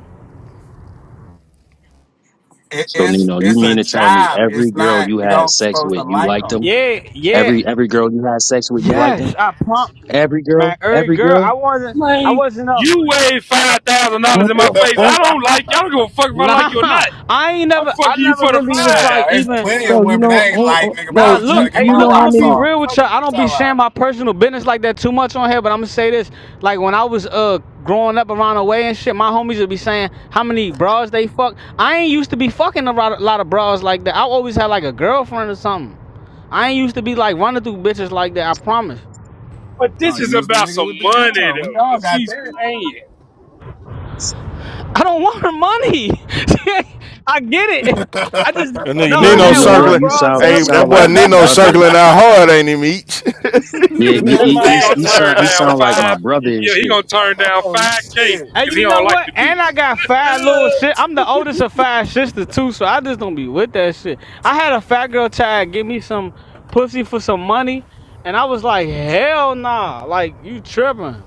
It,
So
it's
Nino, you
it's a
mean to tell me
job.
every
It's
girl
not
you
you
had
don't
sex
supposed
with,
to
you
like
liked
them.
them?
Yeah, yeah,
Every every girl you had sex with, you liked them?
yes. I prompt
Every girl,
man, every
every
girl. I
girl.
wasn't, I
Man,
wasn't up.
you wave five thousand dollars
What
in my
the
face. I
fuck,
don't like you. I don't give a fuck if I like you or
Nah,
not.
I ain't
I'm
never, I
fucking you
never
for the
really was
Hell no,
like
there's
even.
plenty
five.
of
bro? You
women
know,
I ain't
oh,
like,
oh,
nigga, but I
bro,
Nah,
was
you
trying
look,
to get
hey,
my
you
look,
know
I'm
how
gonna
rocks
be
many?
off.
real with
Fuck
y'all.
is
I
you
don't be
talking
sharing
about?
my personal business like that too much on here, but I'm gonna say this. Like when I was uh growing up around the way and shit, my homies would be saying how many bras they fuck. I ain't used to be fucking a lot, a lot of bras like that. I always had like a girlfriend or something. I ain't used to be like running through bitches like that. I promise.
But
Oh,
this is
you was the
about
nigga
some
with the Girl,
money
we
though,
all
and
got
she's
this.
paying.
I don't want her money. I get it. I just
That nigga
no.
Yo,
I
Nino
you
had
know what?
one
circling.
You
bra
sound you
tell
Hey,
me
that
sound
that.
boy
like my
Nino
brother.
circling out hard, ain't him each?
Yeah, he
That
he
man
he,
ain't gonna
he
Facts.
turn
sound he
down
sound like my
five.
brother and
Yeah, he
shit.
gonna turn down
oh
five k
shit.
And
because
you
he
know
don't like
what?
the
And I
bitch.
got five little shit. I'm the oldest of five sisters too, so I just don't be with that shit. I had a fat girl try to give me some pussy for some money, and I was like, hell nah, like you tripping?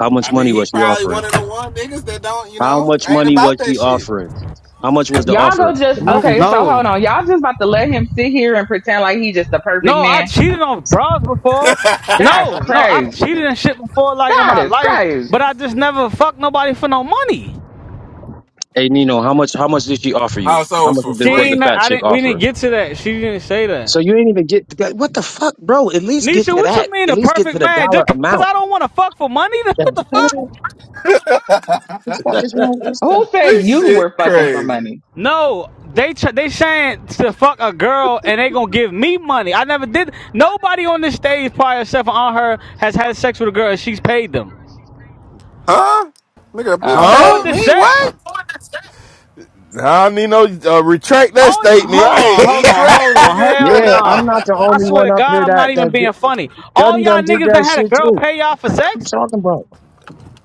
How
I
much
mean,
money
he
was she
probably
offering?
one of the one niggas that don't, you
How
know,
much
ain't
money
about
was
that
she
shit.
offering? How much was the
Y'all
offer?
go
The
just
money.
No,
okay. So hold on.
no,
Y'all just about to let him sit here and pretend like he just the
no.
perfect
I
man.
cheated on bras before.
That's
No, no, I've
crazy.
cheated and shit before, like in
That
my
is
life, but
crazy.
I just never fucked nobody for no money.
Hey Nino, how much how much did she offer you?
Oh, so it
How
was
much
for
was
She
the, was the
ain't.
free.
fat
I
chick
didn't. We didn't
offering?
get to that. She didn't say that.
So you ain't even get to that. What the fuck, bro? At least get
Nisha,
to
what you
that.
mean
At
a
least get
perfect
to the
man?
dollar
Just cause
amount.
I don't want to fuck for money?
What
What the fuck?
the fuck is wrong with this thing?
Who said
this
you
shit
were fucking for
crazy.
money?
No, they they saying to fuck a girl and they gonna give me money. I never did. Nobody on this stage, probably except for on her, has had sex with a girl and she's paid them
Huh? Nigga, bitch
Oh,
for
paid
huh?
the
me?
sex.
What?
Nah, Nino, uh, retract that
Oh,
statement
hold
Right,
on, hold on,
retract,
hold on.
nigga.
Hell
Yeah, I'm
nah.
not the
I
only
swear
one
to
up here
God, I'm not
that
even
that di-
being funny. All
Duddy
y'all
done did
niggas that
that
had a
shit
girl
too.
pay y'all for
What you
sex?
talking about?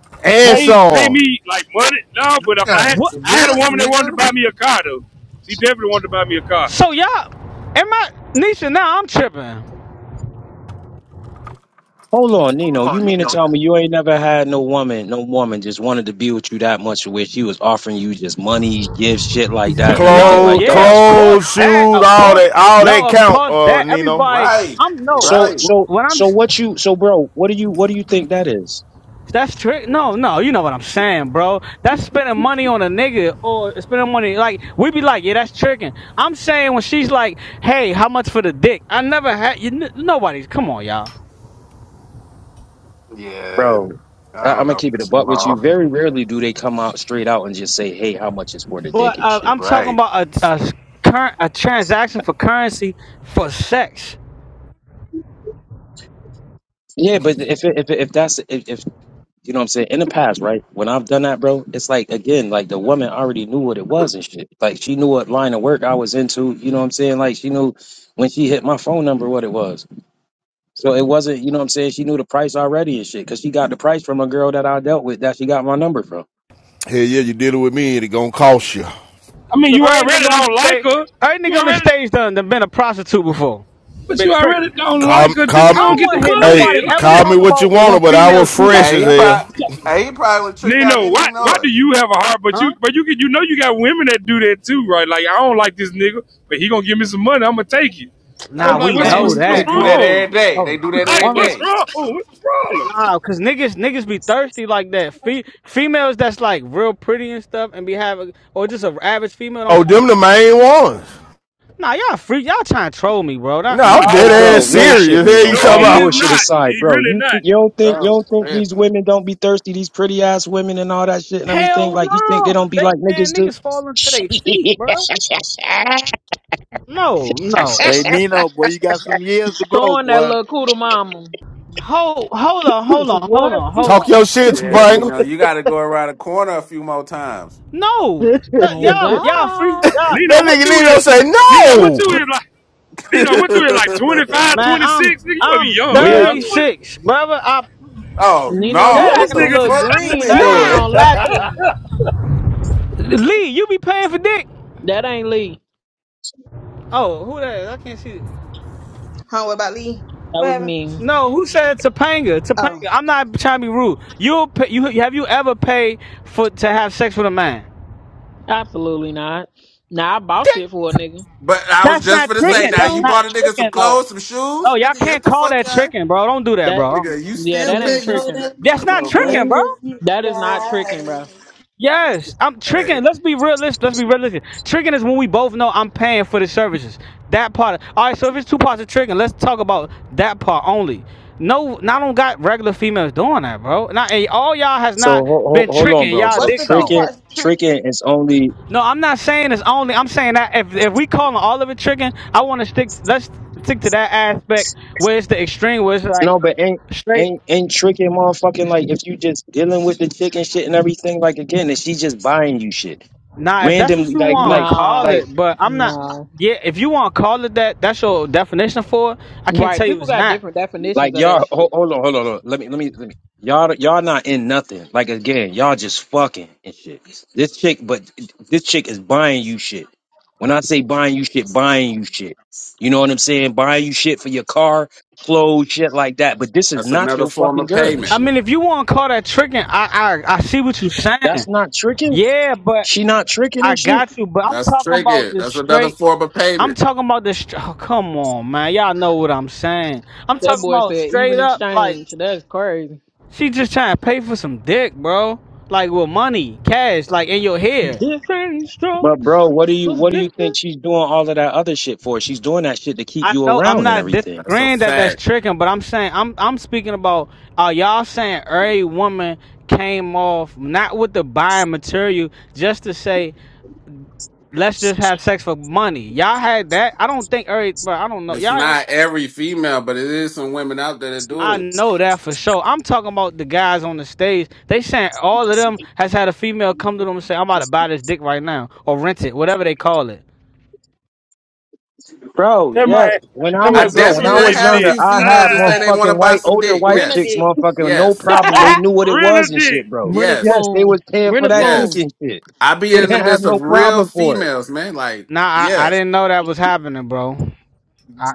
and
pay pay
some.
me like money? No, but if I had,
What?
yes,
I had a
yes,
woman that wanted to
nigga.
buy me a car though. She definitely wanted to buy me a car.
So y'all, am I Nisha? Now I'm tripping.
Hold on,
Come
Nino. You
on,
mean to
nigga.
tell me you ain't never had no woman, no woman just wanted to be with you that much, where she was offering you just money, gifts, shit like that, and
Yeah,
everything
no,
like
Clothes,
that?
yeah,
ass.
of course
clothes,
that,
shoes,
of
all
course,
that, all that
no, of
count.
course
Uh,
that.
Nino.
Everybody,
Right,
I'm no.
So,
right.
so,
When I'm
so what you, so bro, what do you, what do you think that is,
That's trick. No, no, you know what I'm saying, bro. That's spending money on a nigga or spending money like we be like, yeah, that's tricking. I'm saying when she's like, hey, how much for the dick? I never had you. nobody's. Come on, y'all.
Yeah,
bro? I,
I
I'm
don't
gonna
know
keep it a
what
buck
you
with you.
all.
Very rarely do they come out straight out and just say, "Hey, how much is for the
But
dick and
uh,
shit."
I'm talking
Right.
about a, a current a transaction for currency for sex.
Yeah, but if it, if it, if that's if, if You know what I'm saying? In the past, right? When I've done that, bro, it's like again, like the woman already knew what it was and shit. Like she knew what line of work I was into. You know what I'm saying? Like she knew when she hit my phone number what it was. So it wasn't, you know what I'm saying? She knew the price already and shit, cause she got the price from a girl that I dealt with that she got my number from.
Hell yeah, you dealing with me and it gonna cost you.
I mean,
So
you
every
already
nigga on the
don't like
stage,
her.
every
You
nigga on the
already.
stage done, done been a prostitute before,
But
been
you already
tricking.
don't like
Call,
her. Just
call,
I
go and
don't
get
want
the
to hear
hey,
nobody ever
money.
call me
talk
what you
about when
want, but I
females
was
do this,
fresh
Hey,
as
he
bro.
hell.
probably, hey, he probably was tricked out.
Nino,
Didn't
why
he
why
know
do
it?
you have a heart? But
Huh?
you but you can you know you got women that do that too, right? Like I don't like this nigga, but he gonna give me some money. I'm gonna take it. So
That's
Nah,
it's
a
like,
we
what's
fact.
know
what's
They
what's
that.
do that
wrong?
every day.
Hold
They do
up,
that
bro.
Like
every
Woman,
what's
day,
wrong? What's the problem?
Nah, cause niggas niggas be thirsty like that. Fe- females that's like real pretty and stuff, and be having or just a average female don't
Oh,
got to
them the
do.
main ones.
Nah, y'all freak. Y'all trying to troll me, bro.
No,
That,
No,
come
I'm
on,
Hey,
bro.
dead
bro,
ass
he's
real
not.
shit,
serious.
you
Hell, you
know,
No,
talking
all
he is
about
bullshit
not.
aside,
He
bro.
really
You
not.
th- you don't think you
bro.
don't think these
Listen.
women don't be thirsty? These pretty ass women and all that shit and everything.
Hell
Like you think they
no.
don't be like
They
niggas
man
do?
niggas falling to their feet, bro. No, no,
Hey,
bro.
Nino, boy, you got some years to grow,
Throwing that
boy.
little cooter mama.
Hold hold on, hold on,
what,
hold on, hold
talk
on.
your shit,
Yeah, you
Bangle?
know, you got to go around the corner a few more times.
No, Look,
Oh
y'all y'all free
God.
y'all
Nino,
That
what
nigga
you
Nino
is?
say
Nino, what you
no.
is like? Nino, what you is like Twenty
oh
five,
man.
twenty
I'm
six. Nigga, you wanna be
I'm
young. You in your
Yep.
nigga?
20s.
36, brother. I
Nino, you
no!
Damn,
What
this
acting a
the
little
fuck
nigga.
you
green.
been
I ain't even
doing?
nah.
gonna lie to you.
Lee, you be paying for dick.
That ain't Lee.
Oh, who that is? I can't see.
Huh? What about Lee?
That
What
was
happened?
me.
No, who said Topanga? Topanga.
Oh,
I'm not trying to be rude. You'll pay, you have you ever paid for to have sex with a man?
Absolutely not. Nah, I bought shit for a nigga.
But I was
That's
just
not
gonna
me
say,
tricking.
now
That's
you
too.
not
bought a nigga some
tricking. No,
clothes, some shoes,
no, y'all
nigga. Yes,
can't
the
call
fuck,
that
y'all.
tricking, bro. Don't do that,
That
bro. Don't-
Nigga, you
yeah,
still
Cause
that
you
pay?
ain't
You
know
st-
tricking.
that
That's
come
not
on, man.
tricking,
tricking
bro.
if you
That is not
got
tricking,
it.
bro.
Yes, I'm tricking.
Hey,
Let's be realistic. Let's be realistic. Tricking is when we both know I'm paying for the services. That part. All right. So if it's two parts of tricking, let's talk about that part only. No, I don't got regular females doing that, bro. Not and all y'all has
So
not
ho- ho-
been
hold on,
tricking
bro.
y'all
So
What's
dicks
the two
off.
tricking,
parts of tricking?
tricking is only
No, I'm not saying it's only. I'm saying that if if we calling all of it tricking, I want to stick. To, Let's stick to that aspect where it's the extreme, where it's like
no, but ain't
straight.
ain't ain't tricking, motherfucking. Like if you just dealing with the chick and shit and everything, like again, and she just buying you shit
Nah, if that's what
randomly,
you
like
want
like
to call
like.
No.
it, but I'm not.
No.
Yeah, if you want to call it that, that's your definition for it. I can't
Right.
tell you
People
it's
got
not.
different definitions
Like
of that
y'all,
shit.
hold, hold on, hold on, hold on. Let me, let me, let me. Y'all, y'all not in nothing. Like again, y'all just fucking and shit. This chick, but this chick is buying you shit. When I say buying you shit, buying you shit. You know what I'm saying? Buying you shit for your car, clothes, shit like that. But this is
that's
not
another
your
form
fucking
of
girl and
payment.
I
shit.
mean, if you want to call that tricking, I I I see what you're
That's
saying.
not tricking.
Yeah, but
She not tricking
I
and shit.
got you. But I'm
That's
talking about
triggered.
the
That's another
straight.
form of
I'm
payment.
talking about the. str- Oh, come on, man. Y'all know what I'm saying. I'm
That
talking
boy
about
said
straight
even
up, like
exchange. That's crazy.
She just trying to pay for some dick, bro. Like with money, cash, like in your head.
Different
But
strokes.
bro, what do you, what do you
Bring
think she's doing all of that other shit for? She's doing that shit to keep
I
you
know I'm
around and
not
everything.
That's a
disagreeing that that's
fact.
tricking, but I'm saying I'm I'm speaking about uh y'all saying every woman came off not with the buying material just to say let's just have sex for money. Y'all had that. I don't think every but I don't know
It's
y'all.
not every female, but it is some women out there that do
I
it.
know that for sure. I'm talking about the guys on the stage. They saying all of them has had a female come to them and say, "I'm about to buy this dick right now" or rent it, whatever they call it.
Bro,
That
yes.
might
When I
that
I
might
was
say
bro, when
she
definitely
I
done
was
renting
had a
younger,
few
dick.
I
females
had
that say
Ah,
they want to
motherfucking
buy
white,
some
older
dick.
white
Yes,
chicks,
Renegade.
motherfucking no
yes,
problem. They knew what it
rent a
was and
dick.
shit, bro.
a
yes,
Yes, they
spoon.
was paying
Bring
for
a
that dick
yes.
spoon.
and shit.
I be
They
in
didn't
the
have
midst
no
of real
problem for it.
females, man. Like,
Nah, I, I
yeah,
didn't know that was happening, bro. I,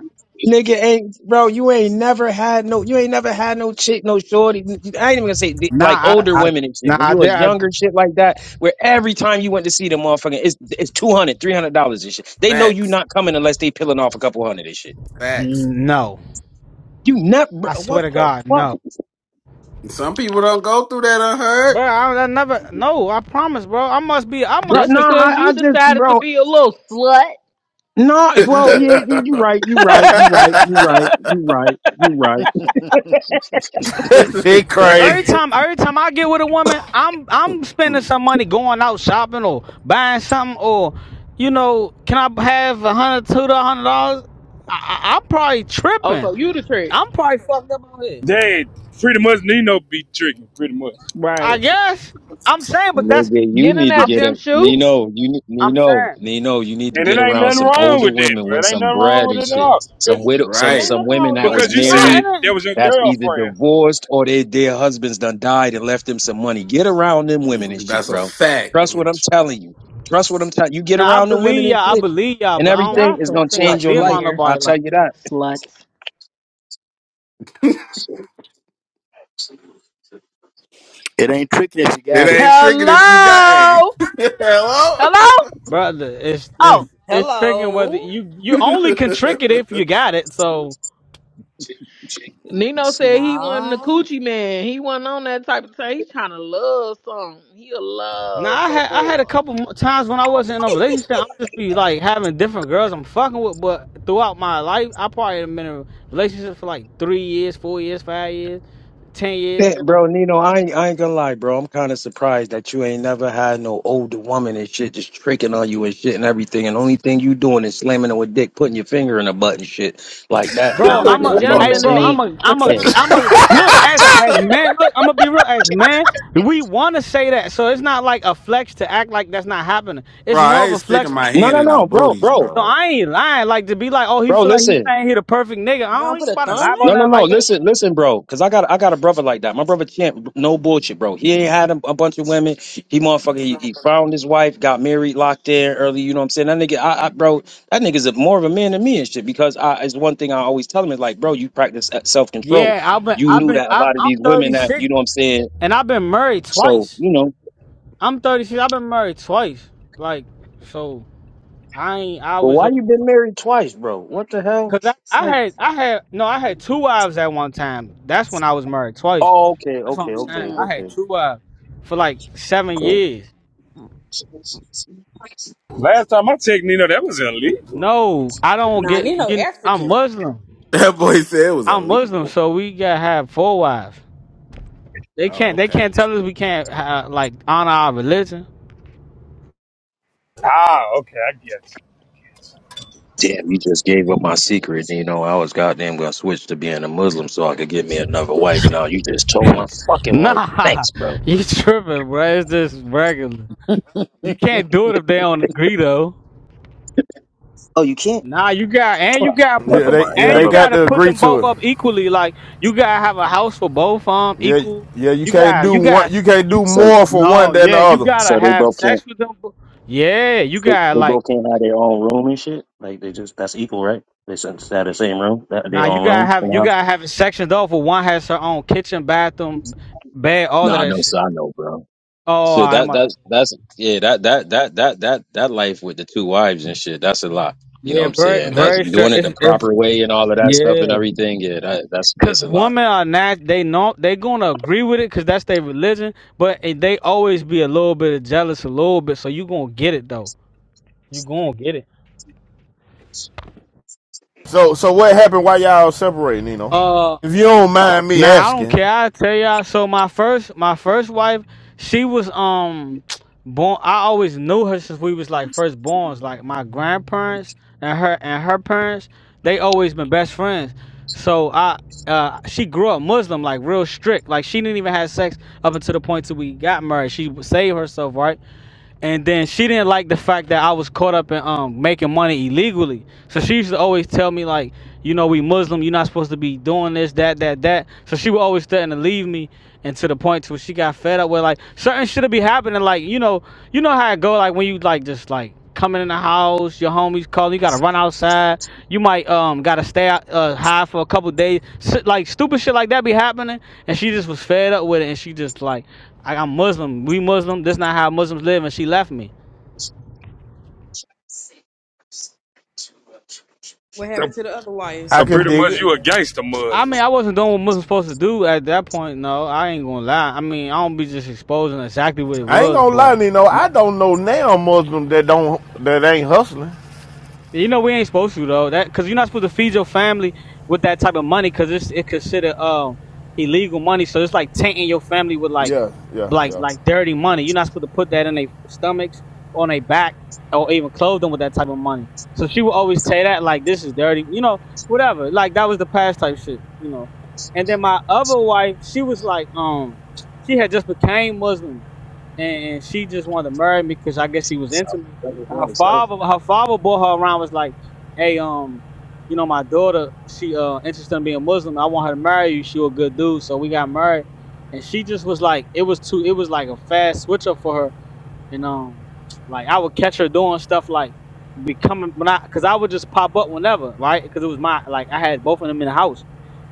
Nigga ain't bro, you ain't never had no you ain't never had no chick, no shorty. I ain't even gonna say the-
nah,
like
I,
older
I
women and shit.
nah,
When
I,
you was
there, I,
younger, shit like that, where every time you went to see them motherfucking it's it's two hundred, three hundred dollars and shit. They know you
facts,
not coming unless they peeling off a couple hundred and shit.
facts.
no.
You never
I swear
what
to
the
God, no,
fuck?
Some people don't go through that
bro. I, I never, no. I promise, bro. I must be. I
No,
must
Just
no,
just
because
I, I
you
just,
decided to
bro.
be a little slut.
No, it's- well,
Yeah.
yeah, you, you
unhurt.
right, you right, you right, you right, you right, you right.
shit
every
Great.
crazy.
time, every time I get with a woman, I'm, I'm spending some money going out shopping or buying something or, you know, can I have a hundred, two to a hundred dollars? I, I, I'm probably
oh,
tripping.
so you the trick.
I'm probably fucked up on here.
Dad, pretty much Nino be tricking, pretty much.
I
Right.
guess. I'm saying, but that's,
Nigga, you
Get in
need to
that
I'm,
get
gym
a
shoe.
Nino. You ne-
I'm
Nino,
saying.
Nino. You need to
And it
get
ain't
around
nothing
some
wrong
older
with that,
women
bro.
with
It ain't
some
nothing wrong
bread
with
and
it at
shit.
all.
Some
Cause
widow, some
It ain't
Right.
some
nothing wrong
women
with
that
being the
was
because you
tricker.
Nah,
said
married,
it ain't.
that was your
that's either
girlfriend.
divorced or they, their husbands done died and left them some money. Get around them women and shit,
That's a
bro.
fact.
Trust what I'm telling you. Trust what I'm telling you. Get
Now I
around them women
believe
and
y'all, I
shit,
believe y'all,
and
but I don't,
everything
Y'all
I
is
some
don't
gonna
think I
change
sluts
your
be
in
life.
around
here.
I'll
nobody
tell
like
you
that,
that.
Sluts.
It
It ain't tricky if you got
ain't tricking if you got a.
Hello. Hello?
brother. It's
Oh.
it's it's tricking whether
Hello.
you you only can trick it if you got it. So
Nino said he wasn't a
Nah.
coochie man. He wasn't on that type of thing. He's trying to love something. He a
now I
love a
had I had a
boy.
couple mo- times when I wasn't in a relationship, I'm just be like having different girls I'm fucking with, but throughout my life, I probably have been in a relationship for like three years, four years, five years, ten years,
Yeah,
shit like
bro, Nino, I ain't, I ain't gonna lie, bro. I'm kind of surprised that you ain't never had no older woman and shit just tricking on you and shit and everything. And only thing you doing is slamming her with dick, putting your finger in a butt and shit like that and
Bro,
Sound like
Hello?
I'm
a
everything.
a
You know what
hey
I'm
gentleman
Whoa.
to
bro,
saying?
I'm
me.
a I'm a
Yeah.
I'm a look as as man, look, I'm gonna be real as man, we wanna say that. So it's not like a flex to act like that's not happening.
bro,
It's more
I
of
ain't
a
sticking
flex.
my
So
No,
hand
no,
in no
no, bro,
booties,
bro,
bro.
I ain't lying, like to be like, oh, he
bro.
feel like he's
Listen,
saying he the perfect nigga.
You
I
don't
don't
put
even
a
about to
thumb
lie about
No,
in
no,
nothing
it?
no.
like that.
Listen, listen, bro. Cause I got I got a brother like that. My brother Champ, no bullshit, bro. He ain't had a, a bunch of women. He motherfucker. He, he found his wife, got married, locked in early. You know what I'm saying? That nigga, I, I bro, that nigga's a, more of a man than me and shit. Because I, it's one thing I always tell him is like, bro, you practice self control.
Yeah, I've been
You
I've
knew
been
that a
I'm,
lot of
I'm
these women that you
36
know what I'm saying.
and I've been married
So
twice.
you know,
I'm 36, I've been married twice. Like, so I ain't I
but
was
why you
over
been married twice, bro? What the hell?
Cause I,
It's
I
like,
had I had no I had two wives at one time. That's when I was married twice.
oh, okay,
That's what
okay,
I'm
okay,
saying.
Hmm.
I
okay,
had two wives for like seven
okay.
years.
Last time I checked Nino, that was illegal.
No, I don't
Nah,
get
Nino
you. I'm
African.
Muslim.
That boy said it was
I'm Muslim,
illegal.
so we gotta have four wives. They can't
Oh,
they
okay.
can't tell us we can't have, like honor our religion.
Ah, okay, I get you.
Damn, you just gave up my secret. You know, I was goddamn gonna switch to being a Muslim so I could get me another wife. Now you just told my fucking wife.
Nah,
Thanks, bro.
you tripping, bro? It's just regular. You can't do it if they don't agree though.
Oh, you can't?
Nah, you got and you
Fuck.
gotta put
Yeah,
Never
them
they
mind.
yeah
and
they
you
Never
got
mind.
gotta
to
put
agree
them
to
both
it.
up equally. Like you gotta have a house for both um
Yeah,
equal.
yeah, you
You
can't
got
do
you
one.
got
You can't
you.
do
So,
more for
No,
one than the
yeah, you
other.
gotta
so they
have
both can't.
sex with them. bo- Yeah, you
They,
got
they
like
both can't have their own room and shit. Like they just that's equal, right? They should have the same room, that-
nah,
their
you
own
gotta
room in
have
the
you
house.
gotta have it sectioned off. Where one has her own kitchen, bathroom, bed, all
No,
of
I
that
know,
shit.
so I know, bro.
Oh,
Shit, that
I'm about
that's
to.
that's yeah, that that that that that that life with the two wives and shit, that's a lot. You know what
Yeah,
I'm
very
saying? That's
very straight.
doing it the
It's, it's
proper way and all of that stuff and
yeah.
everything. Yeah, that that's that's
Cause
a lot.
women are not they know they gonna agree with it because that's their religion, but it- they always be a little bit jealous, a little bit. So you gonna get it though. You gonna get it.
So, so what happened while y'all separating, Nino?
Uh.
If you don't mind me
Nah, I don't
asking,
care. I tell y'all. So my first, my first wife, she was um born. I always knew her since we was like first borns. Like my grandparents and her and her parents, they always been best friends. So I, uh, she grew up Muslim, like real strict. Like she didn't even have sex up until the point till we got married. She saved herself, right? and then she didn't like the fact that I was caught up in um making money illegally. So she used to always tell me like, you know, we Muslim, you're not supposed to be doing this, that, that, that. So she would always threaten to leave me, and to the point to where she got fed up with like certain shit be happening. Like you know, you know how it go. Like when you like just like coming in the house, your homies calling, you gotta run outside. You might um gotta stay out, uh, high for a couple days. Shit, like stupid shit like that be happening, and she just was fed up with it, and she just like I, I'm Muslim. We Muslim. This not how Muslims live, and she left me.
What happened to the other wife?
I
So
can
pretty
dig
much
it.
you a gangster
I mean,
Muslim.
I wasn't doing what Muslims supposed to do at that point. No, I ain't gonna lie. I mean, I don't be just exposing exactly what it
I ain't
was,
gonna lie,
but
Nino. I don't know now Muslim that don't that ain't hustling.
You know we ain't supposed to though. That because you're not supposed to feed your family with that type of money because it's it considered um illegal money. So it's like tainting your family with like
Yeah, yeah,
like
yeah,
like dirty money. You're not supposed to put that in their stomachs, on their back, or even clothe them with that type of money. So she would always say that like this is dirty, you know, whatever. Like that was the past type shit, you know. And then my other wife, she was like um she had just became Muslim, and, and she just wanted to marry me because I guess she was
So,
into me.
number
And her
one, so-
father her father brought her around was like hey um you know my daughter she uh interested in being muslim i want her to marry you she a good dude so we got married and she just was like it was too it was like a fast switch up for her and um like i would catch her doing stuff like becoming when i because i would just pop up whenever right because it was my like i had both of them in the house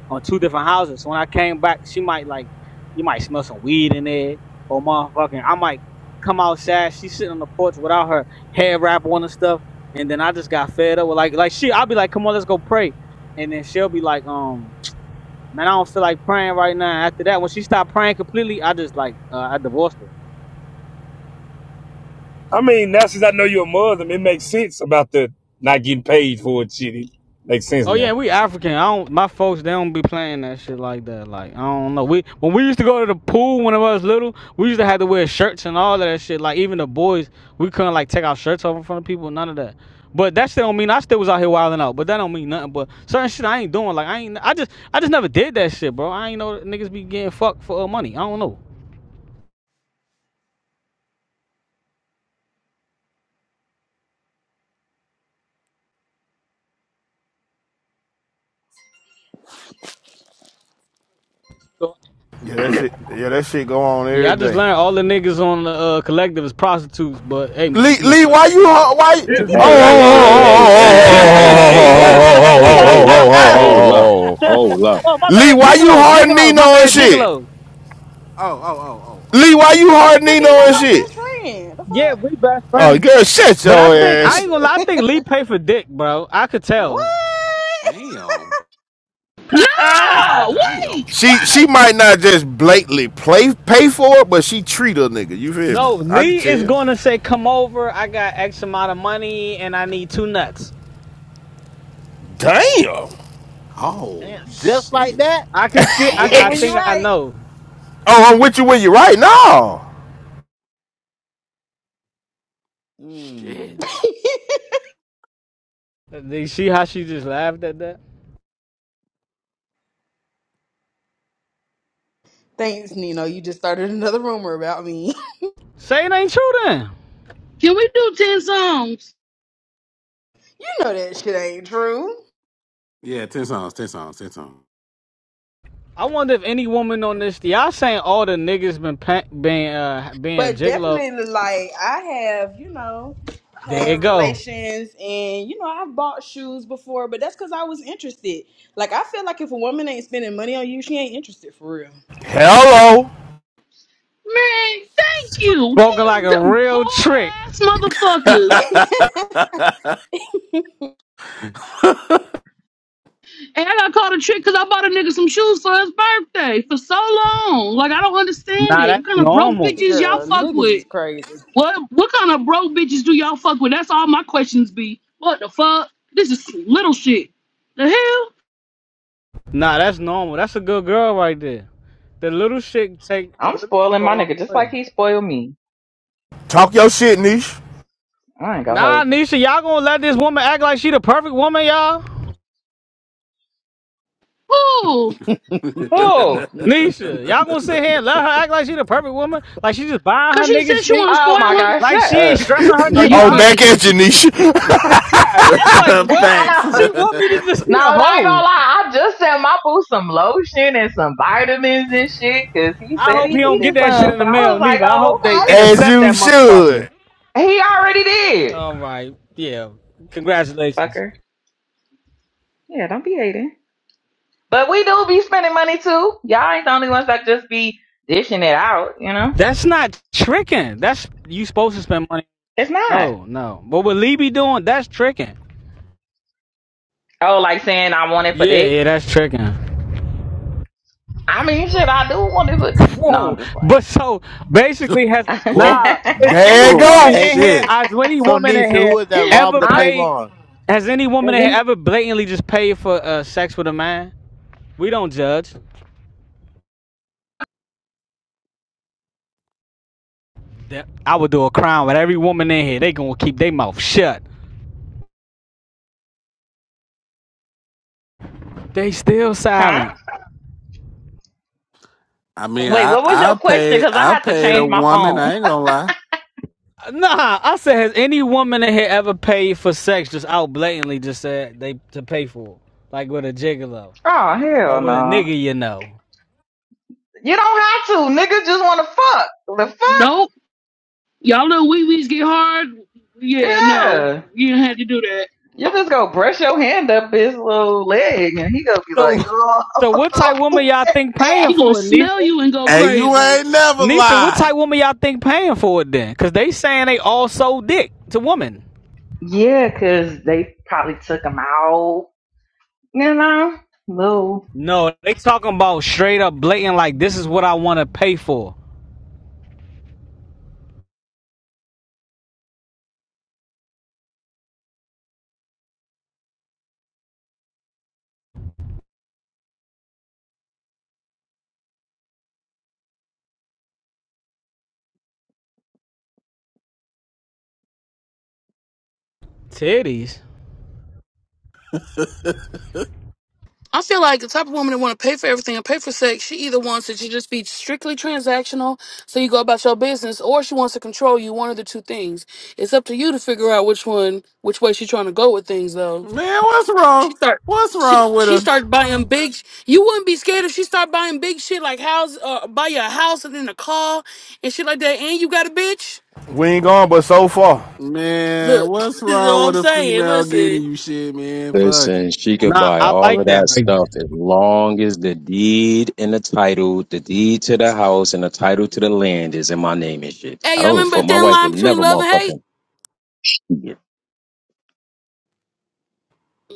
on two different houses. So when I came back, she might like, you might smell some weed in there, or motherfucking, I might come outside. She's sitting on the porch without her hair wrap on and stuff, and then I just got fed up with like, like she, I'll be like, come on, let's go pray, and then she'll be like, um, man, I don't feel like praying right now. After that, when she stopped praying completely, I just like, uh, I divorced her.
I mean, now since I know you're a Muslim, it makes sense about the not getting paid for it shit. It makes sense
Oh yeah,
now.
we African. I don't. My folks, they don't be playing that shit like that. Like I don't know. We when we used to go to the pool when I was little, we used to have to wear shirts and all of that shit. Like even the boys, we couldn't like take our shirts off in front of people. None of that. But that still don't mean I still was out here wilding out. But that don't mean nothing. But certain shit I ain't doing. Like I ain't. I just I just never did that shit, bro. I ain't know that niggas be getting fucked for uh, money. I don't know. So,
yeah. That shit, yeah, that shit go on
yeah,
every
I just
day.
learned all the niggas on the uh, collective is prostitutes. But hey, you
Lee, Lee,
know.
why you, hu- why? you-
Here's my
Oh,
Hey, hey,
oh,
hey,
oh,
hey,
right.
hey,
Hey,
hey,
oh,
hey, hey,
oh, oh,
hey,
hey,
it.
hey,
oh,
hey, hey, hey, hey,
oh, oh, oh, oh, oh, oh,
hey,
oh,
hey,
hold
hey,
oh,
up,
hey!
oh, oh,
hold up,
oh, oh.
hold up.
Oh, my
Lee,
bad,
why you
Gigolos,
hard
Gigolos,
Nino
my
and
bad,
shit?
Gigolos.
Oh, oh, oh, oh, oh.
Lee, why you hard
Cause
Nino
Nino
and
No,
my
shit?
best friend.
yeah, we best
Oh,
friends.
girl, shut
But I
your
think I
ass
ain't
The
gonna lie. I think
fuck? Nigga.
Lee paid for dick, bro. I could
what?
tell.
Damn. Damn.
She she might not just blatantly play pay for it, but she treat a nigga. You feel me?
No,
I can
Lee is
tell.
gonna say, "Come over. I got X amount of money, and I need two nuts."
Damn.
Oh
Damn, just like
shit.
that?
I can see.
I'm
I
with you
I
when you're
think
Ish.
I
right.
know.
Oh, I'm with you when you right now.
Hmm.
Shit.
Did you see how she just laughed at that?
Thanks, Nino. You just started another rumor about me.
Say it ain't true then.
Can we do 10 songs?
you know that shit ain't true.
Yeah, ten songs, ten songs, ten songs.
I wonder if any woman on this, y'all saying all the niggas been pa- being uh being a
But
gigolo.
definitely, like, I have, you know,
There
had
you go.
relations and, you know, I've bought shoes before, but that's because I was interested. Like, I feel like if a woman ain't spending money on you, she ain't interested for real.
Hello.
Man, thank you.
Spoken like
These
a
d-
real
poor
trick.
ass motherfuckers. And I got caught a trick because I bought a nigga some shoes for his birthday for so long. Like I don't understand
Nah,
it. What
that's
kind of broke
normal.
bitches y'all
Girl,
fuck
niggas is
with?
crazy.
What what kind of broke bitches do y'all fuck with? That's all my questions be. What the fuck? This is little shit. The hell?
Nah, that's normal. That's a good girl right there. The little shit take the
I'm
little shit
spoiling
go
my
a long
nigga just
way.
like he spoiled me.
Talk your shit, niche.
I ain't gonna
Nah,
hold you.
Nisha, y'all gonna let this woman act like she the perfect woman, y'all?
Ooh.
Who?
Nisha, y'all gonna sit here and let her act like she the perfect woman? Like she just buying
Cause
her
she said
nigga
she
shit?
wanna
Oh my
spoil her.
god,
Like
shut
she ain't
up.
stressing her
Oh,
nigga
you
Oh,
out?
back
crazy.
at you, niche.
yeah, I'm like, what?
Facts.
I know.
She want me to just be
No,
a
but I ain't gonna
hoe.
lie. I just sent my boo some lotion and some vitamins and shit because he
I
said
hope
he
he don't get
needed
that shit
some.
in
So
the
I was
mail,
like,
neither. I
oh,
hope they
As
intercept
you
that motherfucker.
should.
okay. He already did.
All right, yeah. Congratulations.
Fucker. Yeah, don't be hating. But we do be spending money too. Y'all ain't the only ones that just be dishing it out, you know?
That's not tricking. That's you supposed to spend money
It's not.
No, no. But what Lee be doing, that's tricking.
Oh, like saying I want it for
Yeah,
dick.
yeah, that's tricking.
I mean, shit, I do want it for. No, I'm
Whoa.
just playing.
But so basically has
Whoa.
nah, is
There
any
you
Oh
woman
go.
Hey,
in here,
shit.
has any
so
woman in
Nisha,
here
who is that
ever
Robert or
I
paid
Clavon?
has any woman in here ever blatantly just paid for uh, sex with a man? We don't judge. That- I would do a crime with every woman in here. They gonna keep their mouth shut. They still
huh?
silent.
I mean
wait.
I
What was
I
your question?
paid
Because I
I
had to
paid a
change my
woman,
phone.
I ain't gonna lie.
Nah, I said, has any woman in here ever paid for sex just out blatantly just said they to pay for it? Like with a gigolo.
Oh hell
or with a
no!
nigga you know.
You don't have to. Niggas just want to fuck. The fuck?
Nope. Y'all know wee wees get hard. Yeah, no.
Yeah.
You didn't have to do that.
You just go brush your hand up his little leg, and he gonna be like,
So, so what type woman
oh.
y'all think paying
He gonna
for it,
smell
Nisha?
you and go
Hey, you
crazy.
ain't never
Nisha, what
lie.
type woman y'all think paying for it then? Cause they saying they all sold dick to women.
Yeah, cause they probably took him out. You know, little
No, they talking about straight up blatant like this is what I want to pay for. Titties.
I feel like the type of woman that want to pay for everything and pay for sex, she either wants it to just be strictly transactional, so you go about your business, or she wants to control you. One of the two things. It's up to you to figure out which one, which way she's trying to go with things. Though
Man, what's
she
wrong?
start,
What's
she
wrong with
she
a
started buying big. You wouldn't be scared if she start buying big shit like house, uh, buy you a house and then a car and shit like that. And you got a bitch.
We ain't gone but so far.
man,
Look,
what's
you know
wrong
what I'm
with a
saying.
female getting
Listen,
you shit, man? Fuck
Listen, she could
Nah,
buy
I
all of
like
that
that right
stuff
there.
as long as the deed and the title, the deed to the house and the title to the land is in my name and shit.
hey,
I
y'all
don't give a
remember a
fuck. My
thin
wife
line
would
between
never
love and hate?
motherfucking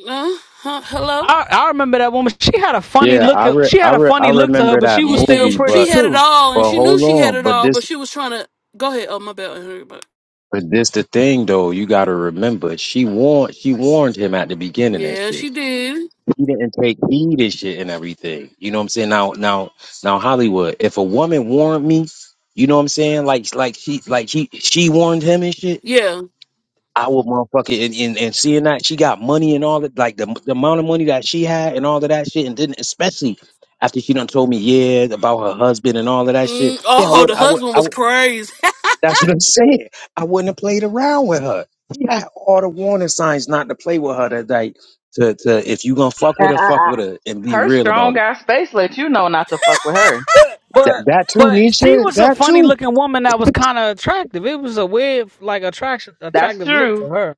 Uh, huh, hello.
I, I remember that woman. She had a funny
Yeah,
look.
I
at-
re-
She
I
had a
re- I
funny look to her,
remember
but
that
she was
and,
still
movie,
and
pretty
she
but
had it
too.
all,
but
and she knew
hold
she had
on,
it
but
all,
this
but she was trying to go ahead. Oh my bad, Henry, but
but this the thing though. You got to remember, she warned she warned him at the beginning and
yeah,
shit.
she did.
He didn't take heed and shit and everything. You know what I'm saying? Now now now Hollywood, if a woman warned me, you know what I'm saying? Like like she like he she warned him and shit.
Yeah.
I would motherfucking and, and, and seeing that she got money and all that, like the, the amount of money that she had and all of that shit, and then especially after she done told me yeah about her husband and all of that
Mm,
shit. Yeah, I
oh,
would,
the
I would,
husband
I
was
would.
crazy.
That's what I'm saying. I wouldn't have played around with her. She had all the warning signs not to play with her. That like to to if you gonna fuck with her, fuck with her and be
her
real about
strong
it.
guy space let you know not to fuck with her.
But
That
but
that too,
but she
Nisha.
was a
That
funny
too.
looking woman that was kind of attractive. It was a weird like attraction
That's
attractive look to
true.
her.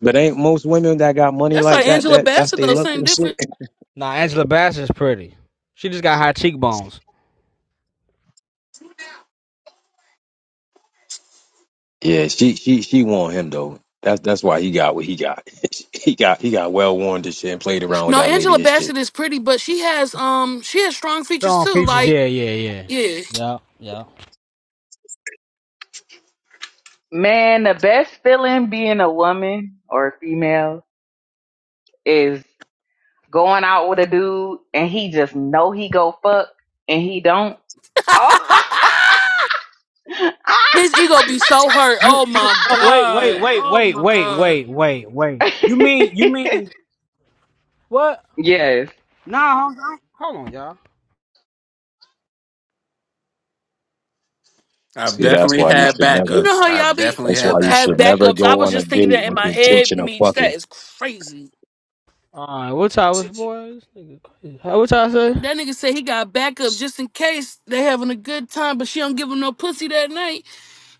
But ain't most women that got money
That's
like
like
that
Angela
that that's
Bassett
they
though,
luck
same
and shit.
difference.
Nah, Angela Bassett's pretty. She just got high cheekbones.
Yeah, she she she want him though. That's that's why he got what he got. he got he got well warned and shit and played around with
No,
that
Angela
lady and shit.
Bassett is pretty, but she has um she has strong features
Strong
too.
features.
Like
Yeah, yeah, yeah.
yeah,
Yeah, yeah.
Man, the best feeling being a woman or a female is going out with a dude and he just know he go fuck and he don't. Oh.
his ego be so hurt.
You,
Oh
you.
my
No, wait,
god.
wait, wait,
Oh
wait,
my
wait,
god.
wait, wait, wait. You mean, you mean what?
yes,
Nah, hold on, hold on, y'all.
I've
See, that's
definitely
why you
had
should
You
never.
know
backups.
how y'all
I've
be
definitely
That's
uh,
had
why you
have
should
backups.
never
backups. I
go
was
on a
just
date
thinking that in
with the
my head.
intention of
Meech, that
fucking.
is crazy.
All right, what's I was boys? What's I say?
That nigga said he got backups just in case they having a good time, but she don't give him no pussy that night.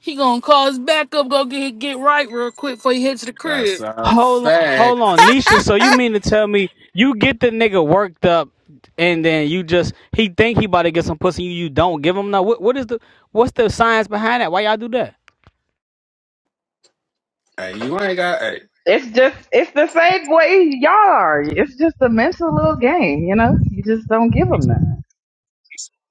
He gonna call his backup, go get get right real quick before he head to the
That's
crib.
a
Hold on,
fact.
hold on, Nisha. So you mean to tell me you get the nigga worked up, and then you just he think he about to get some pussy, you you don't give him no. What what is the what's the science behind that? Why y'all do that?
Hey, you ain't got. Hey,
It's just it's the same way y'all are. It's just a mental little game, you know. You just don't give them that.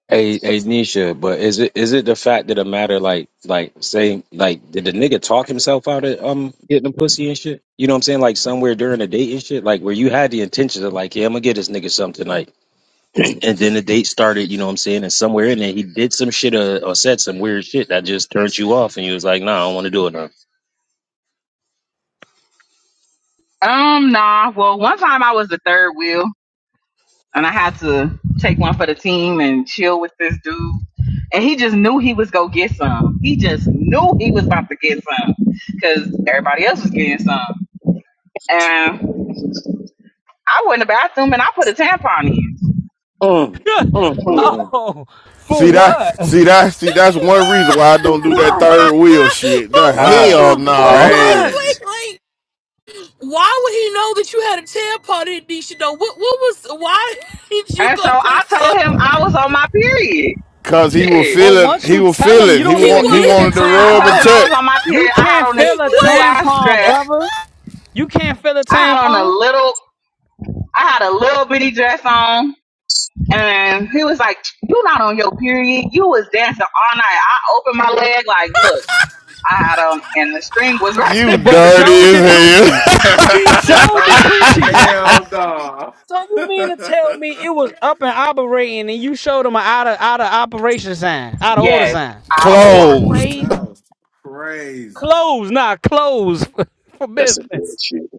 Hey, hey, Nisha, but is it is it the fact that the matter like like say like did the nigga talk himself out of um getting the pussy and shit? You know what I'm saying? Like somewhere during the date and shit, like where you had the intention of like, yeah, I'm gonna get this nigga something tonight. and then the date started, you know what I'm saying? And somewhere in there, he did some shit or, or said some weird shit that just turned you off. And you was like, nah, I don't want to do it now.
Um, nah. Well, one time I was the third wheel, and I had to take one for the team and chill with this dude, and he just knew he was gonna get some. He just knew he was about to get some, cause everybody else was getting some. And I went in the bathroom and I put a tampon in,
Mm, mm, mm, mm.
oh, for
See that?
what?
See
For
that? See
but
that's one reason why I don't do that
what?
third wheel shit. The
wait,
hell
that's
Bro,
no.
but
Nah.
for
wait,
crazy.
what?
wait, wait. Why would he know that you had a tampon in Nisha though? What what was why did you
and so
go put a
I told him
tampon
I
in?
was on my period.
Cause he was
Shit.
But
feeling
once
he
you
was
tell them you
feeling. He
don't
He
want
even
he
need
would
the
wanted to
I
rub
told
and
tampon,
him
then.
I was
touch.
on my period.
you
I had
can't
on this
feel a
little
wait.
ass
tampon,
dress
brother. You can't feel a
I had on a
tampon.
little, I had a little bitty dress on, and he was like, "You not on your period? You was dancing all night." I opened my leg, like, look, I had on, and the string was right
You
But
there.
dirty
showed the
as
coochie.
hell.
She showed
Hell
the coochie.
no.
So you mean to tell me it was up and operating and you showed them an out of out of operation sign, out of order
yes,
sign.
out of
That's
order.
Closed.
crazy.
That's crazy.
Close, not close for
That's some
business.
bullshit.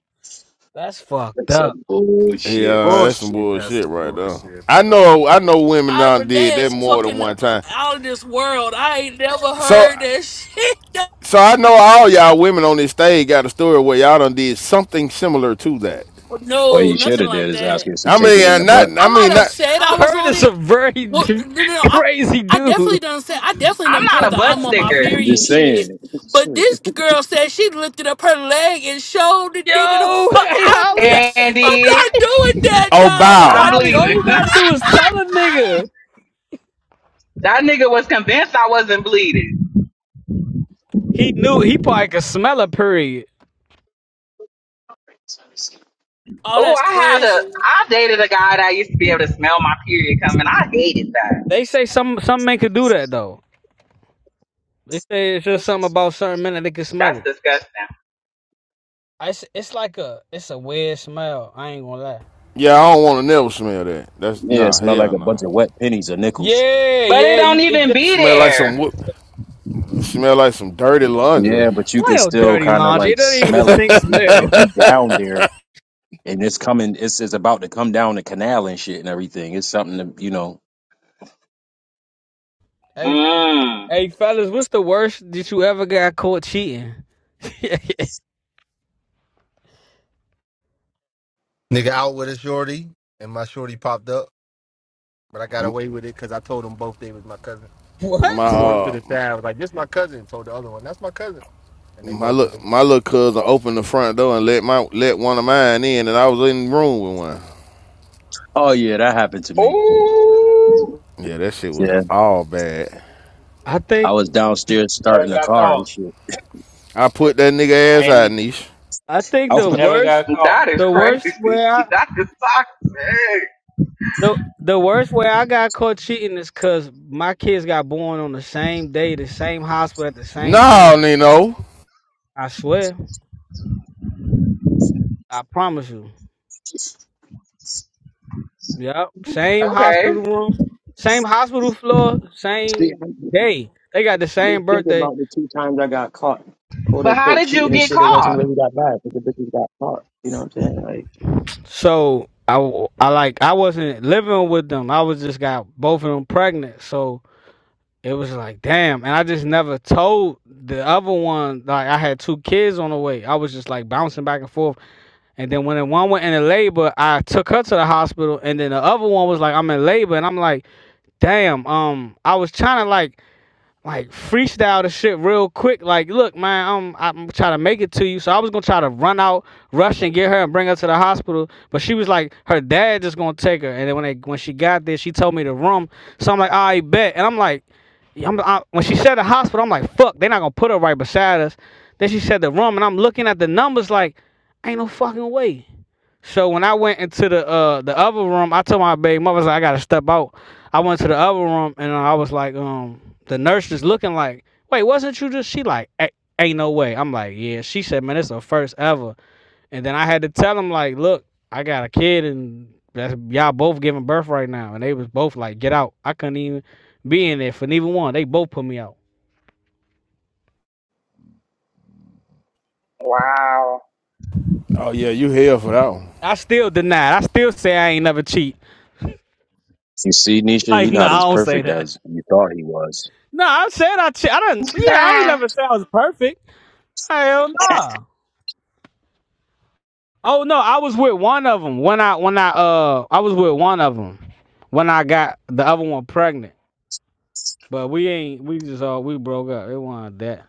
That's fucked
That's
up.
some bullshit.
Yeah, that's some
Bullshit. That's
bullshit
some
right there.
bullshit,
I
bro.
know I know women
Ivor
done did that
that's
more than
fucking uh,
one time.
out of this world. I ain't never
So
heard that shit.
so I know all y'all women on this stage got a story where y'all done did something similar to that.
What
No,
you should
nothing
have did
like
is ask
that.
if she
I
take
mean
it in
uh,
the butt.
not I
I might
mean
have
not
said I
I
was
heard
on
it's
it.
a very
Well, no, no, I,
crazy
I definitely
dude.
done said I definitely
I'm
done
not a
pulled the
butt
I'm on my
sticker,
I'm just
period shit.
saying.
But
Shit.
this girl said she lifted up her leg and showed the nigga the
Yo,
fuck.
hey
I'm,
Holly,
not-
and
I'm not doing that,
oh
dog. I'm
I'm
not.
bow.
Holly, all you
bleeding.
gotta do is tell a nigga.
that nigga was convinced I wasn't bleeding.
He knew he probably could smell a period.
Oh,
Oh,
that's
I had a,
crazy.
I dated a guy that used to be able to smell my period coming. I hated that.
They say some some men could do that though. They say it's just something about certain men that they can smell
That's
it.
disgusting.
It's it's like a it's a weird smell. I ain't gonna lie.
Yeah, I don't wanna never smell that. That's
Yeah, it
nah,
smelled like
hell
a bunch
no.
of wet pennies or nickels.
Yeah,
But it
yeah,
don't
you it
even
just
You
be
smell like some
there.
smell like some dirty laundry.
Yeah, but you could
smell
still
dirty
kind of
laundry.
like
It doesn't even a
smell it
stink
if you if
smell.
you down there and it's coming. It's it's about to come down the canal and shit and everything. It's something to you know.
Hey,
Mmm.
hey, fellas, what's the worst that you ever got caught cheating?
Nigga out with a shorty, and my shorty popped up, but I got away with it because I told them both they was my cousin. I would
My
what?
pull her to
uh
the side. I was like, "This my cousin." Told the other one, "That's my cousin," and they
My
both
look,
believed.
my little cousin opened the front door and let my let one of mine in, and I was in the room with one.
Oh yeah, that happened to me.
Oh,
Yeah, that shit was all bad.
I think
I was downstairs
never
starting a
got
car and
caught.
shit.
I put that nigga
I
ass out,
ain't
niche.
I
I
think
wa-
the
never
worst,
got caught.
that is
the
crazy.
worst where I,
That is toxic.
the the worst where I got caught cheating is because my kids got born on the same day, the same hospital at the same
No,
time.
Nino.
I swear, I promise you. Yep, same
Okay.
hospital room, same hospital floor,
see.
same
I
day. They got the same
didn't think
birthday,
about the two times I got caught, quote
But how
unquote,
did you
cheating and
get
shit. It wasn't
caught?
really that bad because the bitches got caught. You know what I'm saying? Like
so I, I like I wasn't living with them. I was just got both of them pregnant, so. It was like, damn. And I just never told the other one, like, I had two kids on the way. I was just like bouncing back and forth. And then when the one went into labor, I took her to the hospital. And then the other one was like, I'm in labor. And I'm like, damn. Um, I was trying to like like freestyle the shit real quick. Like, look, man, I'm I'm trying to make it to you. So I was gonna try to run out, rush and get her and bring her to the hospital. But she was like, her dad just gonna take her. And then when they when she got there, she told me the room. So I'm like, I bet. And I'm like, yeah, I'm, I, when she said the hospital, I'm like, fuck, they're not gonna put her right beside us. Then she said the room, and I'm looking at the numbers like, ain't no fucking way. So when I went into the uh the other room, I told my baby mother, I, was like, I gotta step out. I went to the other room and I was like, um, the nurse is looking like, wait, wasn't you just? She like, "A- ain't no way. I'm like, yeah. She said, man, it's her first ever. And then I had to tell him like, look, I got a kid and that's y'all both giving birth right now. And they was both like, get out. I couldn't even be in there for neither one. They both put me out.
Wow.
Oh yeah, you hell for that one.
I still deny it. I still say I ain't never cheat.
you see, Nisha, he
Like, no,
not as
I don't say
perfect
that.
as you thought he was.
No, I said I cheat. I did not Yeah, I ain't
Ah,
never said I was perfect. Hell no. Oh no, I was with one of them when I when I uh I was with one of them when I got the other one pregnant. But we ain't we just all we broke up. It wasn't that.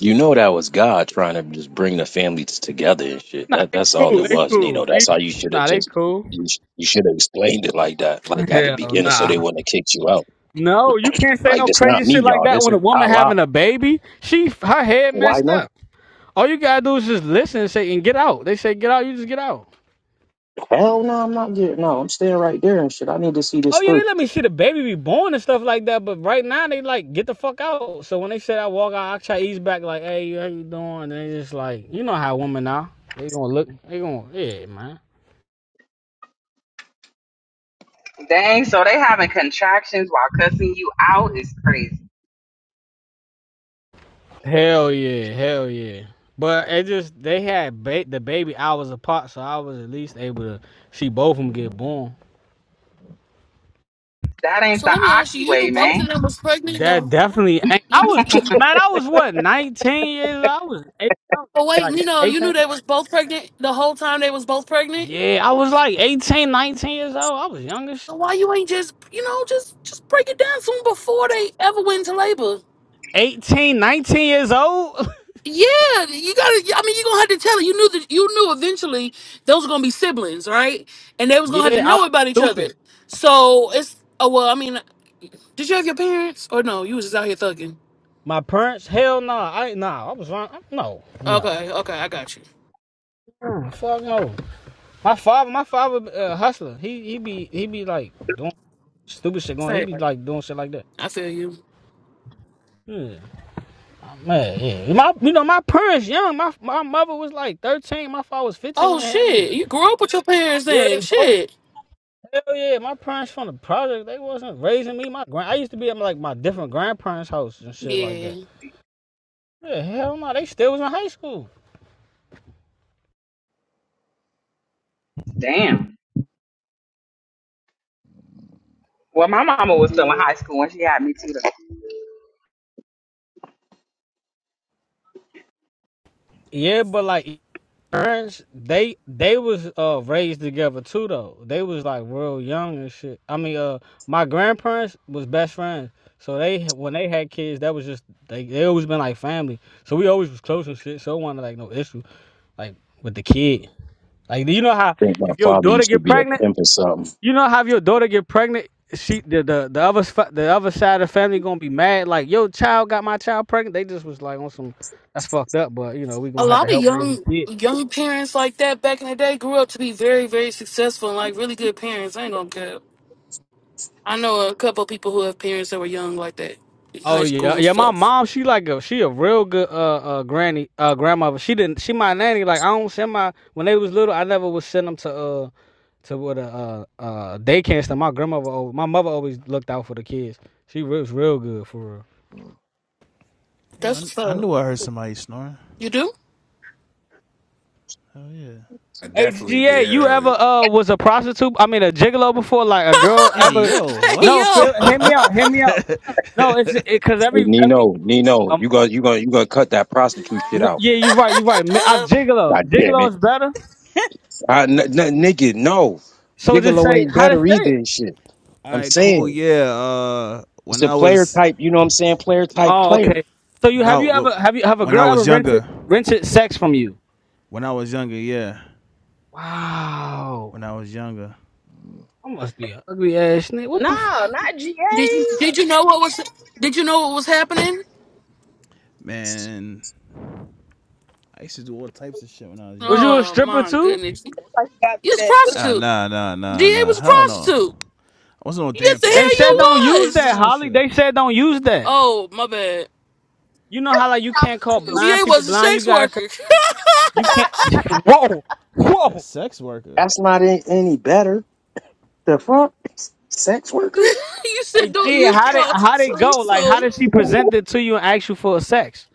You know that was God trying to just bring the families together and shit.
Nah,
That
they
that's all
cool.
it
They
was,
cool.
Nino. That's
They
how you should have
nah, they
just
cool.
you, sh- you should have explained it like that, like at the
Hell
beginning, so
nah.
they wouldn't have kicked you out.
No, you can't say
Like
no
that's
crazy
not me,
shit like
y'all.
that
This
when a
is
woman
Allah.
having a baby. She her head
Why
messed
not?
up. All you gotta do is just listen and say and get out. They say get out. You just get out.
Hell no, I'm not getting. No, I'm staying right there and shit. I need to see this
Oh yeah, they
through.
let me see the baby be born and stuff like that. But right now they like get the fuck out. So when they said I walk out, I try to ease back like, hey, how you doing? And they just like, you know how women are. They gonna look. They gonna yeah, man.
Dang, so they having contractions while cussing you out is crazy.
Hell yeah, hell yeah. But it just they had ba- the baby hours apart, so I was at least able to see both of them get born.
That ain't
So
the
let me ask you.
Aki
You
way,
knew both of
man.
them was pregnant,
That
though.
definitely. ain't- I was man. I was what nineteen years. old? I was eight, I was,
But wait,
like
you know, you knew
eighteen.
they was both pregnant the whole time they was both pregnant.
Yeah, I was like 18, nineteen years old. I was younger.
So why you ain't just, you know, just just break it down soon before they ever went into labor?
18, nineteen years old?
Yeah, you gotta. I mean, you gonna have to tell it. You knew that you knew eventually those were gonna be siblings, right? And they was gonna have to
yeah, I was
know about each other.
stupid.
So it's oh well. I mean, did you have your parents or no? You was just out here thugging.
My parents? Hell no. Nah. I nah, I was wrong. No, no.
Okay, okay, I got you.
Mm, Fuck no. My father, my father, uh, hustler. He he be he be like doing stupid shit going. He
Same.
be like doing shit like that.
I feel you.
Yeah, man. Yeah. My you know my parents young. My my mother was like thirteen. My father was fifteen
Oh
when they had me.
shit, you grew up with your parents
Yeah, they
then.
both.
Shit.
Hell yeah. My parents from the project. They wasn't raising me. My grand. I used to be at like my different grandparents' house and shit like
Yeah.
that. Yeah, hell no. They still was in high school.
Damn. Well, my mama was still in high school when she had me too. though.
Yeah, but like parents, they they was uh raised together too though. They was like real young and shit. I mean, uh, my grandparents was best friends, so they when they had kids, that was just they they always been like family. So we always was close and shit. So it wasn't like no issue like with the kid. Like you know how
I think my
if your
father
daughter
used to
get
be a
pregnant,
pimp or something.
you know how if your daughter get pregnant. She the, the the other fa- the other side of the family gonna be mad like your child got my child pregnant. They just was like on some that's fucked up, but you know we
a
gonna have to
lot of
help raise this
young
kid.
young parents like that back in the day grew up to be very very successful and like really good parents. I ain't gonna care. I know a couple of people who have parents that were young like that in
Oh
high school
yeah,
and
yeah. My
stuff.
mom, she like a she a real good uh uh granny uh grandmother. She didn't she my nanny. Like I don't send my when they was little, I never would send them to uh to what a uh uh daycare and stuff. My grandmother, al- my mother always looked out for the kids. She re- was real good for real.
Hey,
That's
I,
what's
I
up.
knew I heard somebody snoring.
You do?
Oh yeah.
I
Hey
definitely
GA,
did
you ever
earlier.
uh was a prostitute? I mean a gigolo before? Like a girl
Hey
ever?
yo,
hey
No,
what?
yo,
feel, hear me
what?
out. Hear me out. No, it's it because
Hey
every every
Nino, Nino, you
um
gonna you gonna you gonna cut that prostitute shit
no,
out?
yeah, you right. you right. Ma- I'm
uh,
gigolo.
God damn
Gigolo
it,
is better.
I, n- n- nigga, no,
So just
Gigolo
say
ain't
how to
better
say
either
it.
and shit.
All
I'm
right, cool.
saying
Yeah. Uh,
it's
when
a
I
player
was
type. You know what I'm saying? Player type
Oh,
player.
okay. So you
when I
have you
w-
ever have you have a
when
girl
I
ever
was
rented
younger,
rented sex from you?
when I was younger, yeah,
Wow.
when I was younger,
I must be an ugly ass nigga. What the
No,
fuck?
not GA.
did you did
It's
you know what was did you know what was happening?
man, I used to do all types of shit when I was
Was
younger.
you a
Oh
stripper
my
too?
goodness, you
like you got to
was a
that village
Ah,
prostitute.
nah, nah, nah,
Da
nah.
was a
Hell no.
prostitute.
I wasn't no
Yes,
damn
the
They
hell
said
you
prostitute.
don't
The
use
fuck is
that,
was.
wrong with
Holly.
you?
They said don't use that.
Oh my bad.
You know how like you can't call
prostitute.
blind
Da
people
was a
blind. You
sex
gotta say
worker.
you can't. Whoa,
A
whoa.
sex worker.
That's not a- any better. The fuck, sex worker?
you said
Hey,
don't
G,
use
how did how did it go?
prostitutes.
Like, how
So
did she present it to you and ask you for sex?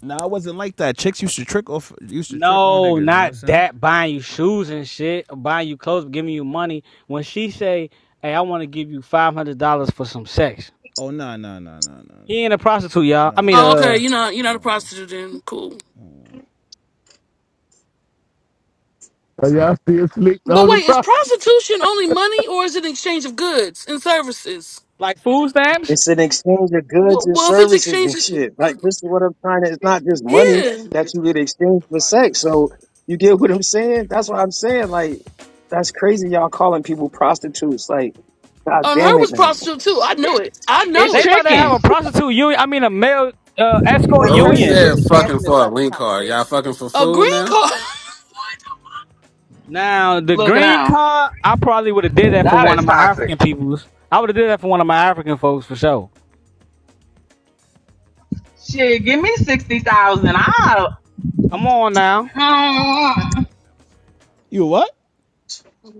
Nah, I wasn't like that. Chicks used to trick off, used to trick on
No,
niggas. You know what I'm
not
saying?
that buying you shoes and shit, buying you clothes, giving you money. When she say, "Hey, I want to give you five hundred dollars for some sex,"
Oh nah nah nah nah nah nah
he ain't a prostitute, y'all.
nah.
I
Nah,
mean,
I
oh,
ain't
okay,
uh,
you're
processing.
not you're not a
Nah.
prostitute then. Cool.
So y'all sleeped
But
on the
wait, is
problem,
prostitution only money or is it an exchange of goods and services?
like food stamps.
It's an exchange of goods
Well,
and
well if it's
services
exchange,
and shit. Like this is what I'm trying to. It's not just money
yeah.
that you get exchanged for sex. So you get what I'm saying? That's what I'm saying. Like that's crazy. Y'all calling people prostitutes. Like god
And
damn
her
it,
was
man.
prostitute too. I know it. I
It's
know
They
it.
about to have
tricking.
a prostitute union. I mean, a male uh, escort
Well, who
Unheard is
union.
said
really
fucking
passionate
for a
about this
link card? Y'all
conversation.
fucking for
A green
food now?
card.
Now, the
Look
green
now.
card, I probably would have did that for
That
one
is
of my
toxic.
African peoples. I would have did that for one of my African folks for sure.
Shit, give me 60,000. I'll.
Come on now,
Oh,
You a what?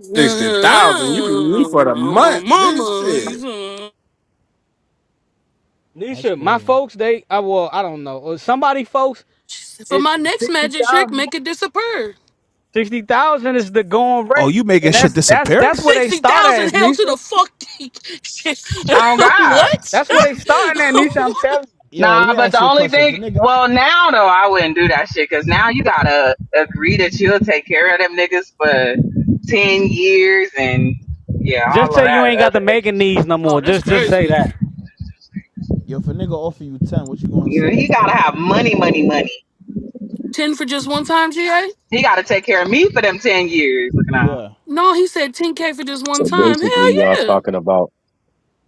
Sixty thousand. You can eat for the
my
month,
mama. you
bitch.
know.
That's
Nisha, my
crazy.
folks, they, I well, I don't know, Or somebody folks,
She said, For
it
my next
sixty
magic trick,
thousand.
make it disappear.
Sixty thousand is the going
Oh,
rate,
you making
and
shit
that's that's
disappear?
that's where they
Sixty
start at,
thousand
is
hell to
Nisha.
the fuck.
God.
what?
That's where they starting at, Nisha. I'm
What?
telling
Yo, let
Nah,
me
but
ask
the
you a
only
question. If
thing,
a nigga
well, now though, I wouldn't do that shit because now you gotta agree that you'll take care of them niggas for 10 years and yeah,
you. Just
all of
say you
that
ain't got
other
the
extra
Megan needs
shit.
no
Oh,
more.
that's
Just just say
crazy.
that.
yo, if a nigga offer you ten, what you gonna
You know,
say?
he gotta have money, money, money.
Ten for just one time, GA?
He gotta take care of me for them 10 years. Look now.
Yeah.
No, he said ten K for just one
So
time.
basically,
Hell
y'all
yeah.
talking about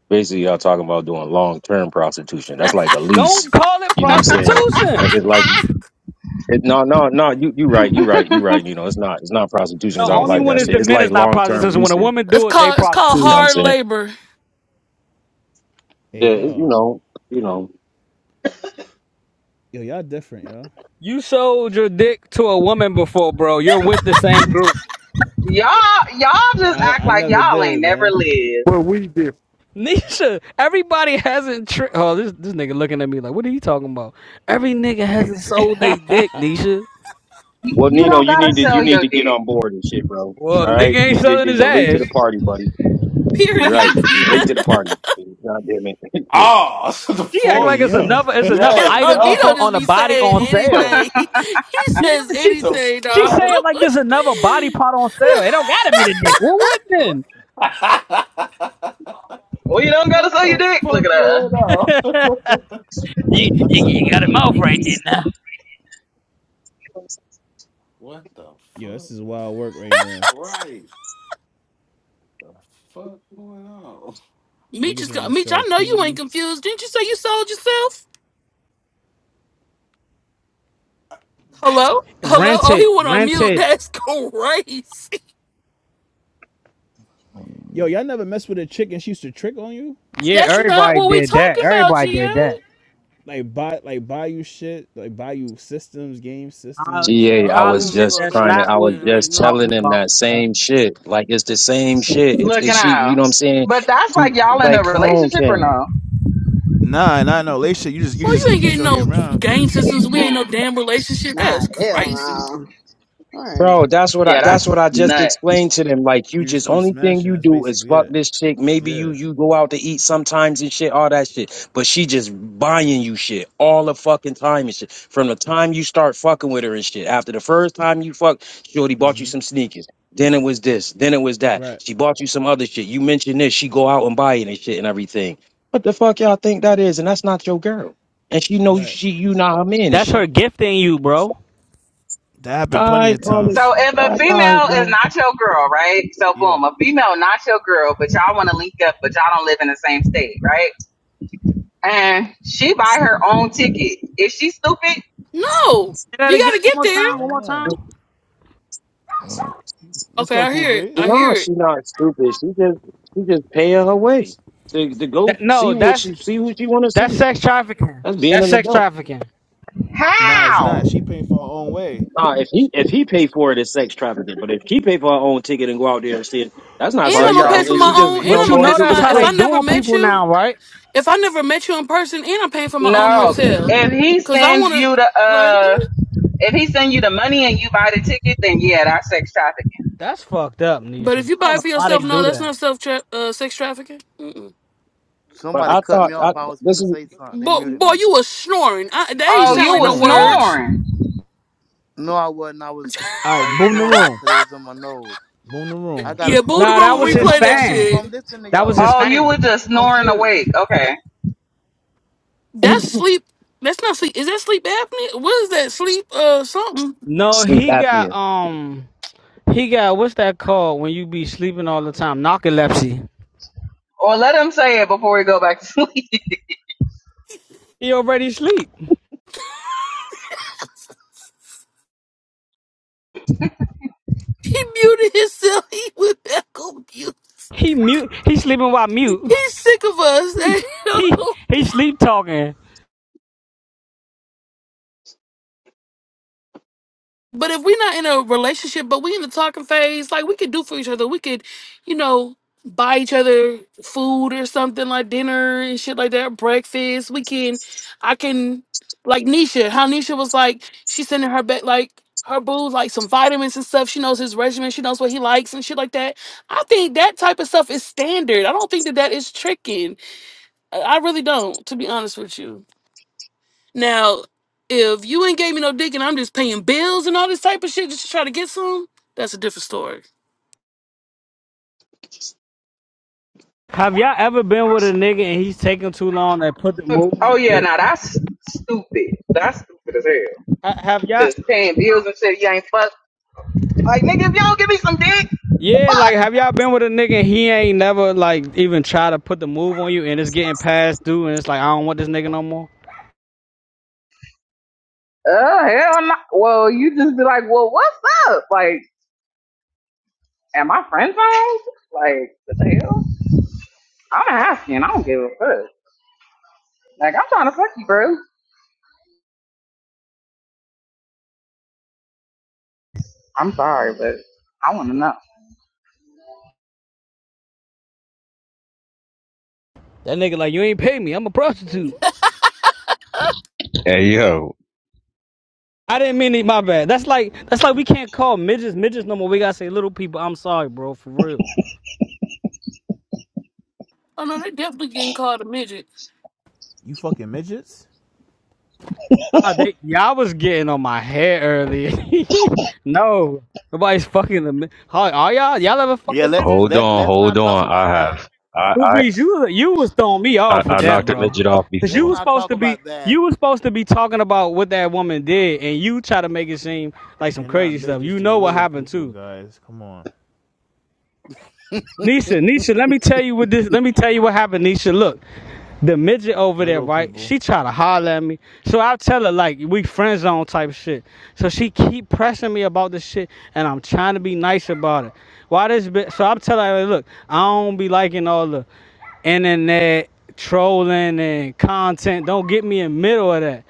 basically y'all talking about doing long term prostitution. That's like a lease.
Don't call it
You know what I'm saying?
prostitution.
Like it's like it, no no no you you right you right you right. You know it's not it's not prostitution.
The
This
Cause I
nigga
don't
only
like
said at
one
that
is
shit.
the
It's
least.
men
like
is not
long term
prostitution. When a
leasing.
woman
It's
do it, they
called it's called
You know
prostitute.
what I'm
hard
saying?
labor.
Yeah,
Hey
it, you
yo.
know you know.
Yo, y'all different, yo.
You sold your dick to a woman before, bro. You're with the same group.
Y'all, y'all just act
I, I
like
never
y'all ain't
did,
never
man.
lived.
but we did.
Nisha, everybody hasn't. Tri- oh, this this nigga looking at me like, what are you talking about? Every nigga hasn't sold their dick, Nisha.
You,
Well,
you
Nino,
don't
you
gotta
need to you
sell
need
your
to get
dick.
on board and shit, bro. All
Well,
right,
nigga ain't
you, you
selling
you-
his
you're late to the
ass.
party, buddy. You're right.
Period.
You're late to the party. God damn it.
Oh, the
She act
Hey
like
fuck?
it's
yo.
another it's another
Yo,
Yeah,
item on
Nito
yo.
just
on a
be
body
saying
on sale.
anything. He
Yeah,
says
she
The
anything,
she
dog.
saying
fuck?
like there's another body part on sale. It don't gotta be the dick. Well, what then?
Well, you don't gotta
what
sell your
the
dick. Look at
fuck
her.
going on?
you, you you got a mouth right there now.
what the
yo, this
fuck?
is wild work right now.
Right. The fuck going on?
Meech is
Niggas
co-
wanna
Meech,
sell
I know you ain't
peen.
confused. Didn't you say you sold yourself? Hello? Hello?
Rent
Oh,
it,
he went on
rent
mute.
it.
That's crazy.
Yo, y'all never mess with a chick and she used to trick on you?
Yeah,
That's not
everybody
what we
did that.
talking about,
Everybody did that.
GA.
Like buy like buy you shit, like buy you systems, game
Ho-
systems.
Ga,
like
I
Oh, I
Holly
was
don't know
shit.
just
about
That's
trying to.
that.
not
I was
what
Yeah, I
niggas
just
don't
talking
telling
know.
him
about,
that
bro.
same shit. Like it's the same shit. If, if
Looking
she, you
out.
know what I'm saying?
But that's like y'all in
Like,
a
come on,
relationship or
King.
no?
Nah, nah, no. Late shit. You just you
Well,
just
you ain't
keep
getting
shorty
no
around
game
because
systems. We ain't no damn relationship. That
Nah,
is
hell
crazy.
no. All right.
Bro, that's what I
Yeah,
that's
that's
what I just
nut.
explained to them. Like you
you just
just
keep
only thing
smashing.
you
That's
do is
basically
fuck
it.
this chick. Maybe you
Yeah.
you go out to eat sometimes and shit, all that shit. But she just buying you shit all the fucking time and shit. From the time you start fucking with her and shit. After the first time you fuck, Shorty bought you
hmm
some sneakers. Then it was this, then it was that.
Right.
She bought you some other shit. You mentioned this, she go out and buy it and shit and everything. What the fuck y'all think that is? And that's not your girl. And she know
Right.
she you not her man and
That's her
shit.
gifting you, bro.
That happened
All
plenty
right,
of
call it.
times.
So if
All
a
right, all right,
female is
bro.
not your girl, right? So
Yeah.
boom, a female not your girl, but y'all want to link up, but y'all don't live in the same state, right? And she buy her own ticket. Is she stupid?
No,
Say that
you
again
gotta
one
get
more
there.
I
time. One
don't
more
know.
time.
Let's
Okay,
go,
I
Cool
hear it. I
Breeze.
No,
hear it.
she's not stupid. She just she just paying her her way to to go
That,
see
no,
what
that's
she see what she want to
that's
see.
sex trafficking.
That's being
That's
an
sex
adult.
trafficking.
Nah, it's
How?
not. She paying for her own way.
Nah, if
Sh-
he if he pay for it, it's sex trafficking. But if she pay for her own ticket and go out there and see it, that's not
And
Why
I'm
sex
gonna
y'all
pay for
trafficking. She
my
muted
just
own.
you
me?
And
know
But
I'm
you
gonna
going
pay
know
to
for
visit
that's
a
my.
how
If I
they
friend.
never
doing
met
people
you,
now, right?
if I never met you in person, and I'm paying for my own
No.
hotel,
If he
cause I
sends
wanna
you the
like.
uh,
What?
if he send you the money and you buy the ticket, then yeah, that's sex trafficking.
That's fucked up,
But if
Nisha.
you
I
buy
don't
it
know
for
why they
yourself, no,
do
that's
that.
not self tra- uh, sex trafficking. Mm-mm.
But
Somebody
I
cut
thought
me
I,
off. I was
this
finna
is
say something. They
Boy,
muted
boy,
me.
you was snoring. I, that ain't
You
Oh,
was
sound
you
like no
was
snoring, huh?
words.
snoring.
No, I wasn't. I was I
Alright,
was
boom the
doing that
room.
because it was in my nose.
Boom the
I
room.
got a
yeah, boo the
Nah,
cold.
room
that
For
when
was
we
real,
his
play
I'm
that
not
fan.
asleep. I'm
shit.
listening to
That was his
y'all.
Oh, you
fan.
were just
I'm
snoring
serious.
awake. Okay.
That's sleep. That's not sleep. Is that sleep apnea? What is that? Sleep uh something.
No,
sleep
he got
apnea.
um he got what's that called when you be sleeping all the time? Narcolepsy.
Or let him say it before we go back to sleep.
He already sleep.
He muted himself. He went back on mute.
He mute he sleeping while mute.
He's sick of
He
us.
he sleep talking.
But if we're not in a relationship, but we in the talking phase, like we could do for each other. We could, you know, buy each other food or something like dinner and shit like that, breakfast. We can, I can, like Nisha, how Nisha was like, she's sending her back like her boo like some vitamins and stuff. She knows his regimen. She knows what he likes and shit like that. I think that type of stuff is standard. I don't think that that is tricking. I I really don't, to be honest with you. Now, if you ain't gave me no dick and I'm just paying bills and all this type of shit just to try to get some, that's a different story.
Have y'all ever been with a nigga and he's taking too long and put the move
Oh yeah,
the
now that's stupid. That's stupid as hell.
Ha- have y'all
Just paying bills and shit. You ain't fuck. Like nigga, if you all give me some dick, the
Yeah, like
fuck?
have y'all been with a nigga and he ain't never like even try to put the move on you and it's getting passed through and it's like I don't want this nigga no more.
Oh hell no. Well, you just be like, well, what's up? Like, at my friend's house? Like, what the hell? I'm asking. I don't give a fuck. Like, I'm trying to fuck you, bro. I'm sorry, but I want to know.
That nigga like you ain't pay me. I'm a prostitute.
Hey yo,
I didn't mean it. My bad. That's like that's like we can't call midgets midgets no more. We gotta say little people. I'm sorry, bro. For real.
Oh no, they definitely getting called a midget.
You fucking midgets?
Nah, they y'all was getting on my head earlier. no, nobody's fucking the. mi- How are y'all? Y'all ever fucked
Yeah,
a
let
midget?
hold
let
on,
let's
hold
not talk
on. I
about that.
have I
Drew
I
Brees, you you was throwing me off
I,
with
I
that,
knocked a
bro.
midget off
Cause you
Let's
before.
was
not
supposed
talk
to be
about that.
you was supposed to be talking about what that woman did, and you try to make it seem like some
They're not
crazy stuff.
midgets,
You
they're
know what
little
happened
people,
too.
guys. Come on.
Nisha, Nisha, let me tell you what this. Let me tell you what happened, Nisha. Look, the midget over there,
Little
right?
people.
She try to holler at me, so I tell her like we friend zone type shit. So she keep pressing me about this shit, and I'm trying to be nice about it. Why this? Bit? So I'm telling her, look, I don't be liking all the internet trolling and content. Don't get me in the middle of that.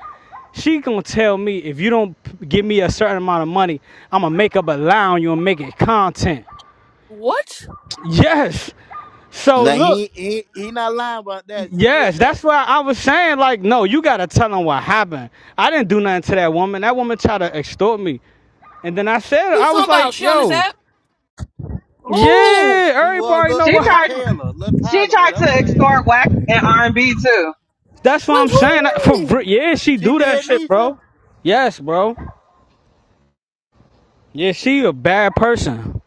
She gonna tell me if you don't p- give me a certain amount of money, I'ma make up a line on you and make it content.
What?
Yes. So
Now
look.
he he he not lying about that. She did
Yes, that's
that.
why I was saying, like, no, you gotta tell them what happened. I didn't do nothing to that woman. That woman tried to extort me. And then I said,
Who you
I
talking
was
about?
like,
She on this
yo,
app? Who?
yeah,
She was
everybody
little,
know
She
what
little
tried.
happened.
Taylor, little
She
Tyler,
tried
whatever her
to
name
extort
was.
whack and R and B too.
That's what
Wait,
I'm saying. That- For ver-
who?
yeah, she
She
do that
did,
shit, bro.
Nisha?
Yes, bro. Yeah, she a bad person.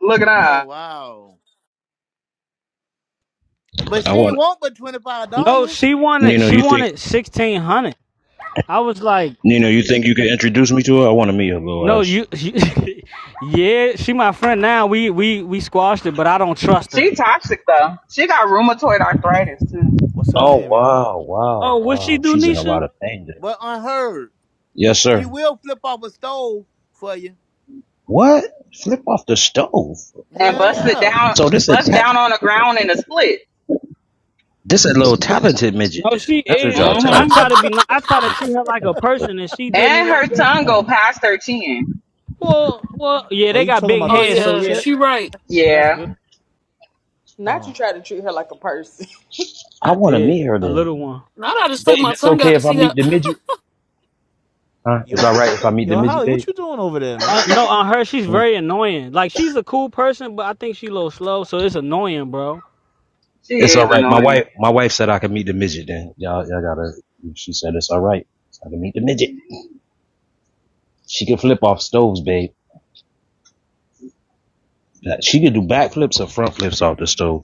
Look it
Oh,
up.
wow. But
I
she ain't
want
want but $25,
No, she wanted
Nino.
she
You think
wanted sixteen hundred. I was like,
Nino? You think you can introduce me to her? I want to meet her little
no,
ass.
you, you yeah, she my friend now. We we we squashed it, but I don't trust
She
her.
toxic though. She got rheumatoid arthritis too.
What's her
Oh
name, yo?
wow, wow,
Oh, what she
wow.
do,
She's in a
Nisha?
lot of pain there.
but unheard.
Yes,
She
sir.
will flip off a stove for you.
What? Flip off the stove.
and
Hell
bust
Whoa.
it
yeah.
down,
So this a
bust
ta-
down on the ground in a split.
this a little talented midget
No, she
then. That's what
is.
y'all tell
I
her.
try
hmm
to be. ni- I try
She
to
a
treat
little
her like a
talented little
person, and she
motherfucker.
did me
And her
like that.
tongue go
No.
past her chin.
Well, well, yeah,
Oh,
they
you
got
talking
big
about
Oh
the
heads, so
tank
yeah,
yeah, that,
chick?
she right.
that's good.
Yeah,
Not you
Oh.
try to treat her like a person.
I
I
wanna meet
did
her
a little
then.
one.
Now I just stuck
Babe,
my
it's
tongue
okay
out to
if I
see how
meet the midget? Huh? It's
Yo,
alright if I meet the
yo,
midget,
Holly, what
babe?
you doing over there,
Uh,
man?
no, on her, she's
Hmm.
very annoying. Like she's a cool person, but I think she a little slow, so it's annoying, bro.
she
It's
is
alright. My
annoying.
wife my wife said I could meet the midget then. Y'all y'all gotta she said it's alright. I can meet the midget. She can flip off stoves, babe. She could do back flips or front flips off the stove.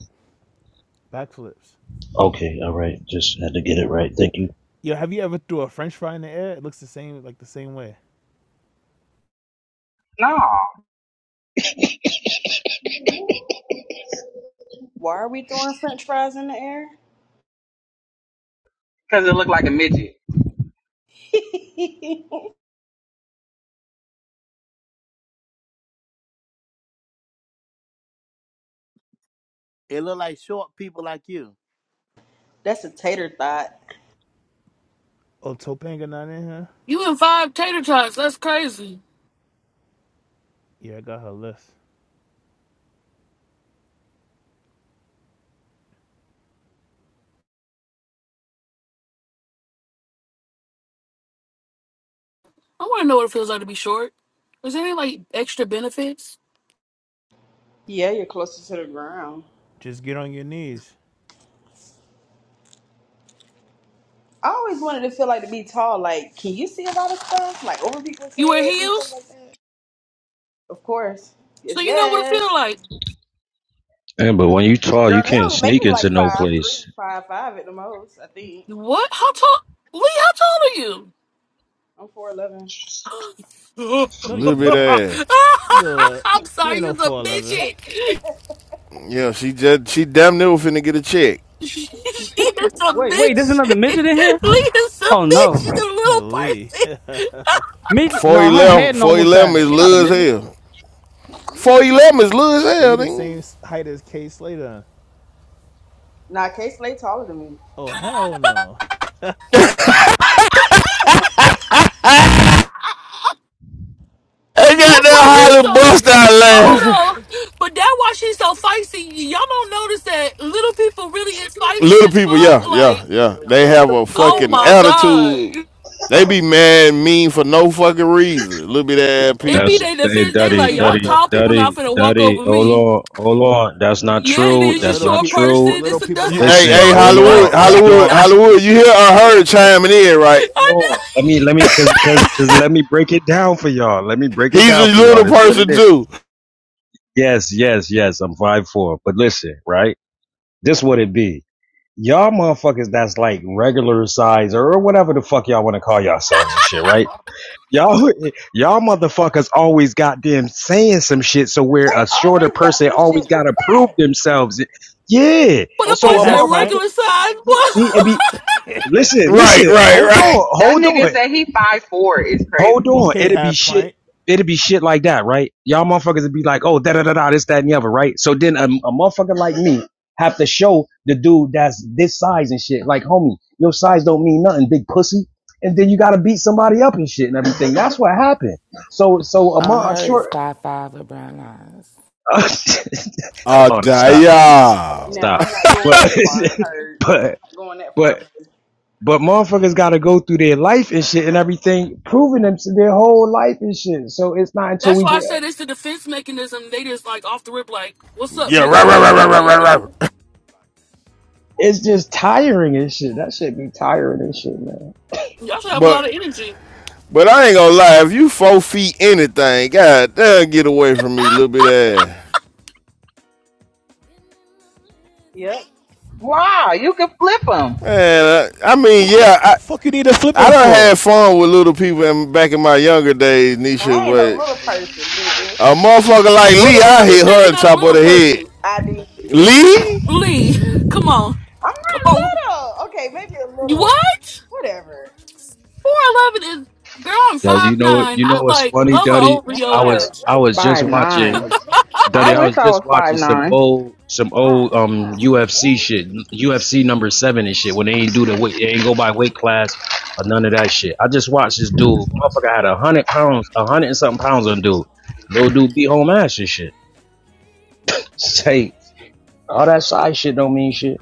Backflips.
Okay, all right. Just had to get it right. Thank you.
Yo, have you ever threw a French fry in the air? It looks the same, like the same way.
No,
Why are we throwing french fries in the air?
because it looked like a midget.
It look like short people like you.
That's a tater thought.
Oh, Topanga not in here.
you in five tater tots. That's crazy.
Yeah, I got her list.
I want to know what it feels like to be short. Is there any like extra benefits?
Yeah, you're closer to the ground.
Just get on your knees.
I always wanted to feel like to be tall. Like, can you see a lot of stuff? Like over people's
You wear
heads and stuff
heels,
like that? Of course. Yes,
so you know what it feels
yes.
like.
Yeah, but when you tall, you
Girl, they
can't
only make
sneak
me
into
like
no
five three,
place.
five five at the most, I think.
What? How tall? Lee, how tall
I'm four eleven.
are you?
No, you
Little bit
not.
ass.
Little, uh,
I'm
you
sorry,
ain't no
you's a
four eleven.
midget.
Yeah, she just she damn near finna get a check.
She is a
Wait, wait, there's
bitch.
another midget in here.
Leah's a
Oh
bitch. She's
no,
a little
Lee.
person.
midget. No, her
411,
head normal size.
is
She not a
low as
midget.
hell. 411 is low as
so you
hell,
the
nigga.
same height as Kay Slater?
Nah, K Slay taller than me.
Oh hell no.
I got
That's why
that
you
holly
so.
bust out
But
laughing.
hold on. But that's why she's so feisty. Y'all don't notice that little people really is feisty
Little
as
people,
fuck.
yeah, yeah,
Like,
yeah. They
That's what
have
the
a
people
oh
said
fucking
my
wrong.
god.
attitude. They be mad, and mean for no fucking reason. Little bit ass
Oh,
It
so
be
That's
she,
people.
they
hey,
defense. They
so
daddy,
like
she
y'all
got
daddy,
the
tall people not
daddy,
finna walk
daddy.
over
Hold
me.
on, hold on. That's
the
not
Yeah, it
true.
the
is. You
That's
little
not
short
pe
true.
the
person. It's
little
a
people
You, hey,
Listen,
hey,
complex,
short
hold
right?
Hollywood,
on, hold
person.
Yeah.
Hollywood,
on,
Hollywood.
hold
You hear I heard chiming in, right?
I know.
on. Let me, let me, cause, cause, cause, let me break it down for y'all. Let me break it
He's a
down for y'all.
little
This is what it
person
is.
too.
Yes, yes, yes. I'm five four. But listen, right? This what it be. y'all motherfuckers that's like regular size or whatever the fuck y'all want to call yourselves and shit, right? Y'all, y'all motherfuckers always got them saying some shit, so where
They
a shorter
always got
person
some shit
always
to
got to prove
say.
themselves. Yeah,
But the
Okay,
boy
so a
said
half pint.
motherfucker,
regular size.
yeah,
Boy.
see, it be listen,
Right,
listen,
right,
hold
right.
on,
That
hold on.
nigga said he five foot four is
Hold
crazy.
on.
Okay,
It'd be
half
shit.
pint.
It'd be shit like that, right? Y'all motherfuckers would be like, oh, da da da da, this, that, and the other, right? So then a, a motherfucker like me have to show the dude that's this size and shit, like, homie, your size don't mean nothing, big pussy. And then you gotta beat somebody up and shit and everything. That's what happened. So, so a month
Unheard is
short.
five five with brown lines.
Uh,
Oh,
oh, stop,
all
Now
stop.
I'm not going
But,
that far. I heard
but,
Not going that
but.
far. Baby.
But motherfuckers got to go through their life and shit and everything, proving them to their whole life and shit. So it's not until
That's
we
why I
get,
said it's the defense mechanism. They just like off the rip, like, what's up,
Yeah, right,
nigga?
right,
Like
right,
type
right, right,
shit. You
right,
know,
right.
it's just tiring and shit. That shit be tiring and shit, man.
y'all should have a
But
lot of energy.
but I ain't gonna lie, if you four feet anything, god damn, get away from me, little bit ass.
Yep.
Wow, you could flip him.
Man, I, I mean, yeah, I.
What the fuck you need to flip
I
him
done had
for?
fun with little people in, back in my younger days, Nisha,
I ain't no
but
little person, nigga.
a motherfucker like
Who
Lee,
the hell
I
just
hit
say they
her on
not a
top of
little
the
person?
head.
I did.
Lee?
Lee, come on,
I'm
come on.
not little. Okay, maybe a little.
What?
Whatever.
Four eleven is girl. I'm
Yo, you
five
know what?
nine.
You know
I
what's
like
funny,
hover
Duddy?
over
Damn,
I
your
you're
was
ass.
I
a
was just
giant.
Five
watching
Fuck,
nine.
Duddy,
I
I
wish
was
I
just
was five
watching some
nine.
old some
God,
old um
damn, what the
UFC
hell?
shit, UFC number seven and shit. When they ain't do the weight, they ain't go by weight class or none of that shit. I just watched this dude, motherfucker had a hundred pounds, a hundred and something pounds on dude. Little dude beat home ass and shit. Say all that size shit don't mean shit.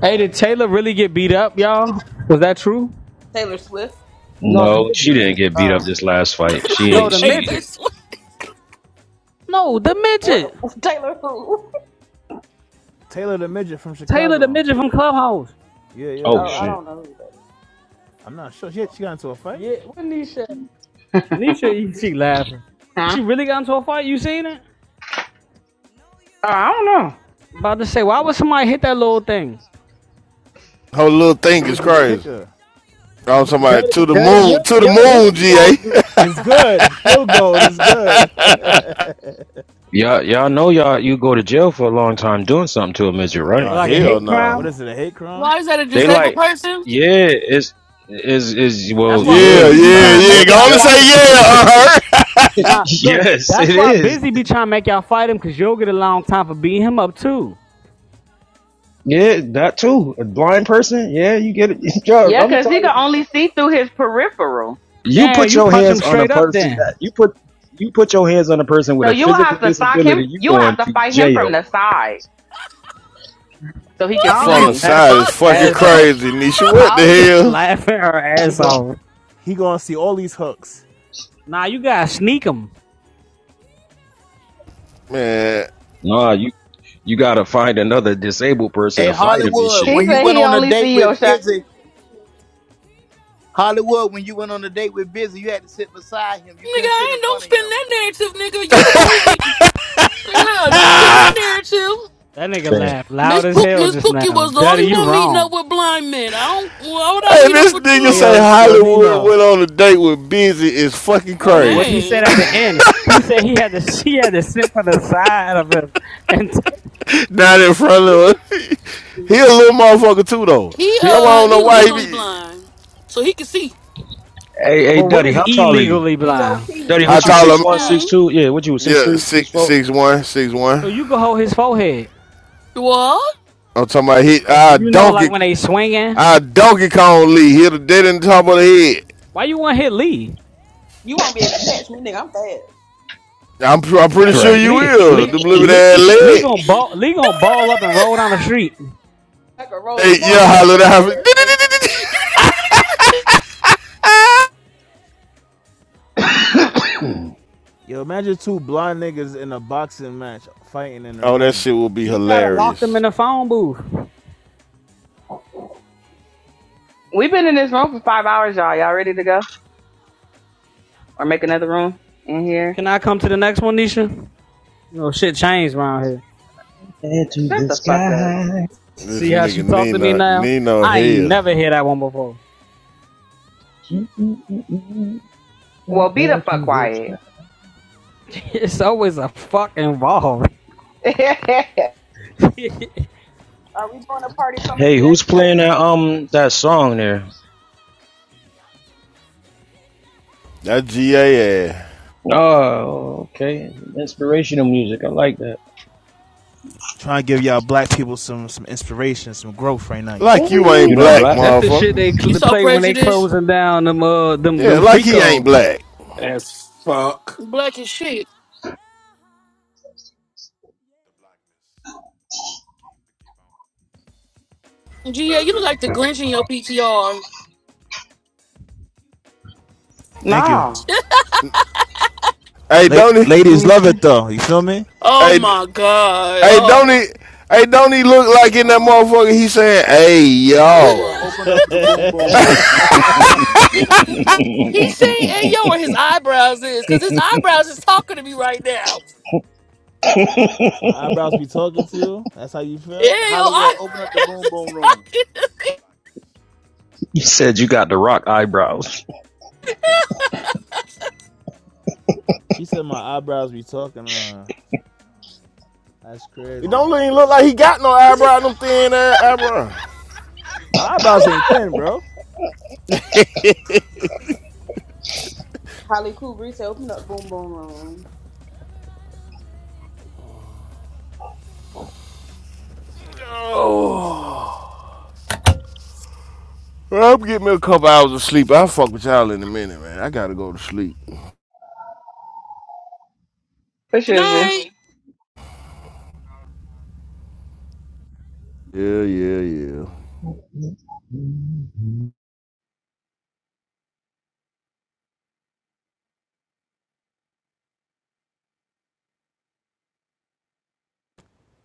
Hey, did Taylor really get beat up, y'all? Was that true?
Taylor Swift.
No, she didn't get beat
Oh,
up this last fight. She she
Taylor Swift.
No, the
what?
midget.
Taylor who?
Taylor the midget from
Taylor, the
Chicago.
midget from Clubhouse.
Yeah, yeah,
oh
Oh, I
yeah.
shit.
don't know who that is.
I'm not sure. She, she got into a fight?
Yeah, when these shit? Nisha, E, she laughing.
huh?
She really got into a fight. You seen it?
Oh, I don't know.
About to say, why would somebody hit that little thing?
Her little thing
They could
is
just kick
crazy.
her.
I'm talking about
Daddy,
to the
daddy, you
moon, to the
you hit
moon,
that little
GA.
joint
It's good. Field goal is good.
Y'all y'all know y'all you go to jail for a long time doing something to a midget,
for
right?
Nah,
like a
hell
hate
what
crime.
is
no.
it, a hate crime?
Why is that a
They
disabled
like,
person?
yeah, it's is is well,
That's why
Yeah,
Busy
yeah,
be
kind
yeah,
of,
trying to
yeah.
sort
make
Go
of,
y'all
on and
fight
say
yes,
him.
yeah, uh, her.
yes,
Nah, look, that's
it
why
is.
Busy be trying to make y'all fight him because you'll get a long time for beating him up too.
Yeah, that too. A blind person, yeah, you get it. Yo, I'm
Yeah,
gonna
because
tell
he could
y'all something.
only see through his peripheral.
You
Damn,
put
you
your
punch
hands
him
on a
straight up
person that
then.
you put you put your hands on a person with
So
a
you will
physical
have to sock him.
disability, you
You will
going
have to
to
fight him from the
jail.
side so he could
What
see
From
Holly
the
the
you.
side
laughing her
is
fuck?
fucking
ass
Hey,
off.
crazy, Nisha. What the
Holly is
hell?
laughing her
He
ass
gon'
off.
he gonna see all these hooks.
Nah, you gotta sneak him.
Man.
Nah, you you gotta find another disabled person
Hey,
to fight him and
Hollywood,
shit.
She
when you
said
went
he
on a
only
date
see your
with
shadow.
Busy, Hollywood, when you went on a date with Busy, you had to sit beside him.
nigga,
You couldn't sit
I
in
ain't don't
front of
spin
him.
that narrative, nigga. You the one who be. Yeah, don't spin that narrative.
That nigga
Man.
laughed
Miss
loud as
Pook,
hell
Miss
just
Cookie
now.
was the
Daddy,
only
you
one meeting
wrong.
up with blind men. I don't. Why would I
Hey,
meet up
this
with
nigga
Hey
say
yo,
you,
yo
Hollywood
Nino.
went on a date with Busy is fucking
No,
crazy.
what he said
man?
at the
Yo
end, he said he had to she had to sit for the side of him and take
Not in front of us. He a little motherfucker too though.
He
That's why I
busy.
uh,
don't know
he
why he
legally
be
blind, so he can see.
Hey, hey,
But what
Duddy,
is
how tall are you?
illegally blind?
P.O.P.
Duddy,
how
what you
Hold
tall
it
six
am
one,
down.
six
Mm.
two? Yeah, what you six
yeah,
three, six
six
four?
six one, six
So
one.
you can hold his forehead.
What?
I'm talking about he I
You know, like
donkey
when they swinging.
I donkey Kong Lee hit a dead in the top of the head.
Why you want to hit Lee?
You won't be able to catch me, nigga. I'm fast.
I'm I'm pretty sure
Right.
you
Lee,
will.
Lee,
The blibby
Lee,
that
Lee
leg.
gonna ball, Lee gonna ball up and roll down the street.
Like a roly
Hey, yeah,
poly on
holler
your
that.
ass, nigga.
Head
yo imagine two blind niggas in a boxing match fighting in the
Oh, that
ring.
shit will be
You gotta lock them
hilarious.
in the phone booth.
We've been in this room for five hours, y'all. Y'all ready to go? Or make another room in here?
Can I come to the next one, Nisha? You know, shit changed around here.
to
Shut
the
the fuck up.
sky.
This
See how she
nigga
talk to me
Nino
now?
Nino
I ain't
hell.
never hear that one before.
Well, be the
Head
fuck
to the sky.
quiet.
It's always a fuck involved.
Are we doing a party from a
hey,
jet
who's playing that um that song there?
That GA ass.
Oh, okay. Inspirational music. I like that.
Trying to give y'all black people some some inspiration, some growth right now, you
Like
What
feel
we
me?
you ain't
You're
need
not
black,
growth?
black?
That's the shit
motherfucker.
they
You
cl-
saw
play when they
prejudice,
closing down them uh them
Yeah,
them
like
freak
he ain't
offs.
black.
As fuck.
black as shit. Gia, you look like the Grinch in your PTR.
Thank you.
no.
Hey,
La-
don't he?
Let
ladies
me
love it
see.
though, you feel me?
Oh
Hey,
my god.
Hey,
Oh.
don't he? Hey, don't he look like
Hey,
in that
um,
motherfucker? He saying, "Hey,
Hollywood,
yo."
open up the boom boom room.
stick?
He's saying
you
"Hey yo" where his eyebrows is, cause his eyebrows is talking to me right now.
My eyebrows be talking to you? That's how you feel?
Yeah, yo,
Hollywood, open up the
eyebrows
boom
is
boom room.
talking
said you got the rock eyebrows.
She said my eyebrows be talking to her. That's
It
crazy.
don't even look like he got no
to me.
eyebrow, them thin ass eyebrow.
My eyebrows ain't thin, bro.
Holly Cool said, open up Boom Boom Room.
Oh. Well, I'm getting me a couple hours of sleep. I'll fuck with y'all in a minute, man. I gotta go to sleep.
The
Good
shizzle.
night.
Yeah, yeah, yeah.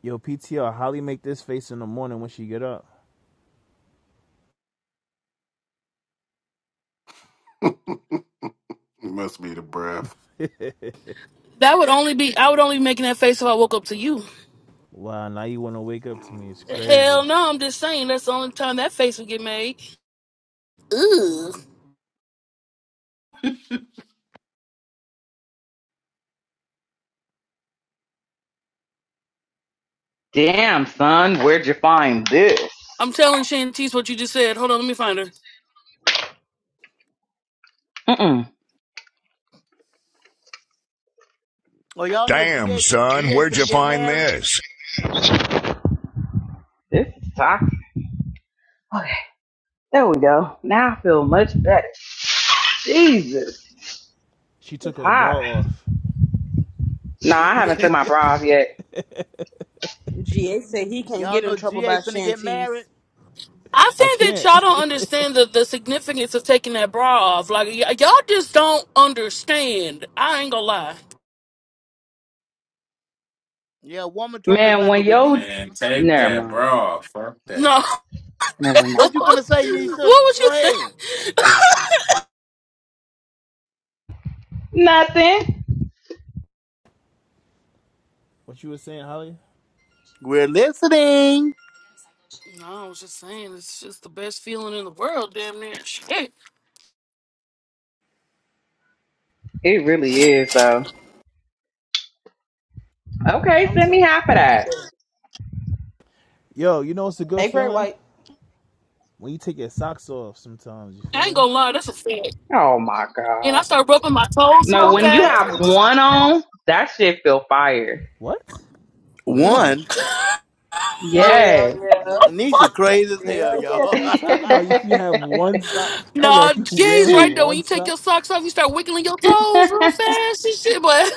Yo, PTR, Holly make this face in the morning when she get up.
It must be the breath.
That would only be I would only be making that face if I woke up to you.
Wow, now you wanna wake up to me. It's crazy.
Hell no, I'm just saying that's the only time that face would get made. Ooh.
Damn, son. Where'd you find this?
I'm telling Shantice what you just said. Hold on, let me find her.
Mm-mm.
Oh, y'all know G
Damn,
A G
son,
A
where'd
finna
you
get
find
married?
this?
This is toxic. Okay. There we go. Now I feel much better. Jesus.
She
It's
took her bra
hot.
off.
No, I haven't took my bra off yet.
GA said he can't
Y'all
get in
know
trouble
GA
by
finna get married?
Shanties.
I
I
think that
can't.
y'all don't understand the, the significance of taking that bra off. Like y- y'all just don't understand. I ain't gonna lie.
Yeah, a woman told me it's
Man,
like a
when yo...
release.
Man, take
Never
that,
mind.
bro. Fuck that.
No.
Never mind.
What you finna say,
what
Nisha?
was
Go
you think?
ahead.
Nothing.
what you were saying, Holly?
We're listening.
No, I was just saying it's just the best feeling in the world, damn near. Shit.
It really is, though. Okay,
I'm
send me
talking about.
half of
He said,
that.
Yo, you know what's a good
Hey, Great
feeling?
White.
When you take your socks off sometimes, you
I
feel
ain't
me?
gonna lie, that's a fact.
Oh my
And
god.
I start rubbing my toes
No,
That
real
That's
when you
fast.
right.
ass.
have one on, that shit feel fire.
What? One?
One,
Wh-
Hell
Yeah.
yeah.
Nisha
Fuck.
crazy as hell,
The
Hell yeah.
fuck are
y'all.
you talking about? If you have one sock, hold
Nah,
up, you
jeez,
wearing
right there. When
one
you take
sock?
your socks off, you start wiggling your toes real fast and shit. But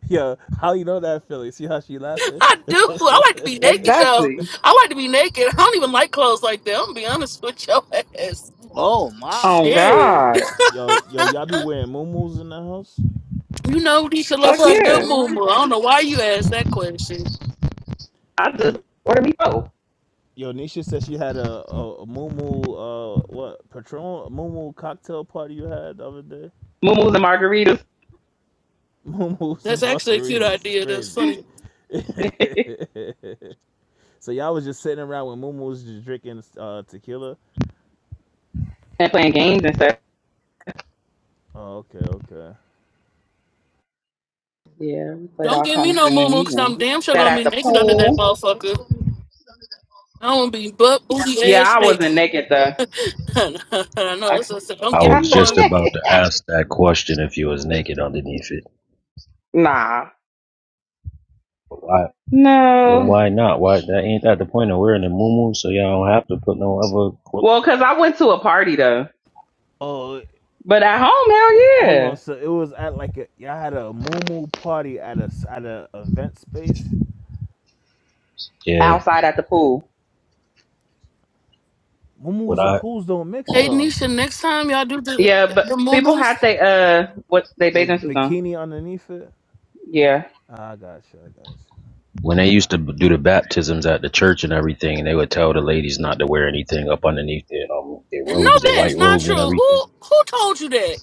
Yo, how you know that Philly? See how she laughing?
I do. I like to be naked though.
exactly.
I like to be naked. I don't even like clothes like that. I'm gonna be honest with your ass.
oh my.
Oh
Shit.
god.
Yo, yo, y'all be wearing muumuus in the house?
You know Deisha love
Fuck
her a good
yeah.
moo
Mhm.
I don't know why you asked that question.
I
Yo,
just order me both.
yo, Nisha said she had a a, a muumu, uh, what Patron a muumu cocktail party you had the other day.
Moomoo's and margaritas.
Muumuus
That's
and
actually a cute
margaritas is
idea. That's
crazy.
funny.
so y'all was just sitting around with muumuus just drinking uh, tequila.
and playing games and stuff.
Oh, okay, okay.
Yeah, we played
Don't
all
give
kind
me
of
no moo
games
because
and
I'm damn sure
sat
gonna
at
be
the
naked under that
pool.
motherfucker. I am gonna be butt booty
Yeah,
ass
I
naked.
wasn't naked though.
I know.
I,
That's what Don't
I
give
I
me
was
was
just
one.
naked.
about to ask that question if you was naked underneath it.
Nah.
Why then
No.
why not? Why that ain't that the point of wearing the muumuu, so y'all don't have to put no other clothes.
Well, because I went to a party though,
Oh,
but at home, hell
hold
yeah,
on. So it was at like a y'all had a muumu party at a s- at a event space.
Yeah.
outside at the pool.
What
Muumuus and
I.
pools don't mix
Hey,
though.
Nisha, next time y'all do the
Yeah, but
the
people
momos.
had they uh, what they
like
bathing
the
suits on.
bikini underneath it.
Yeah,
Ah, I got you. I got you.
When they used to b- do the baptisms at the church and everything, and they would tell the ladies not to wear anything up underneath their um, their
No,
robes, their
that is
white
not
robes and
true.
everything.
Who who told you that?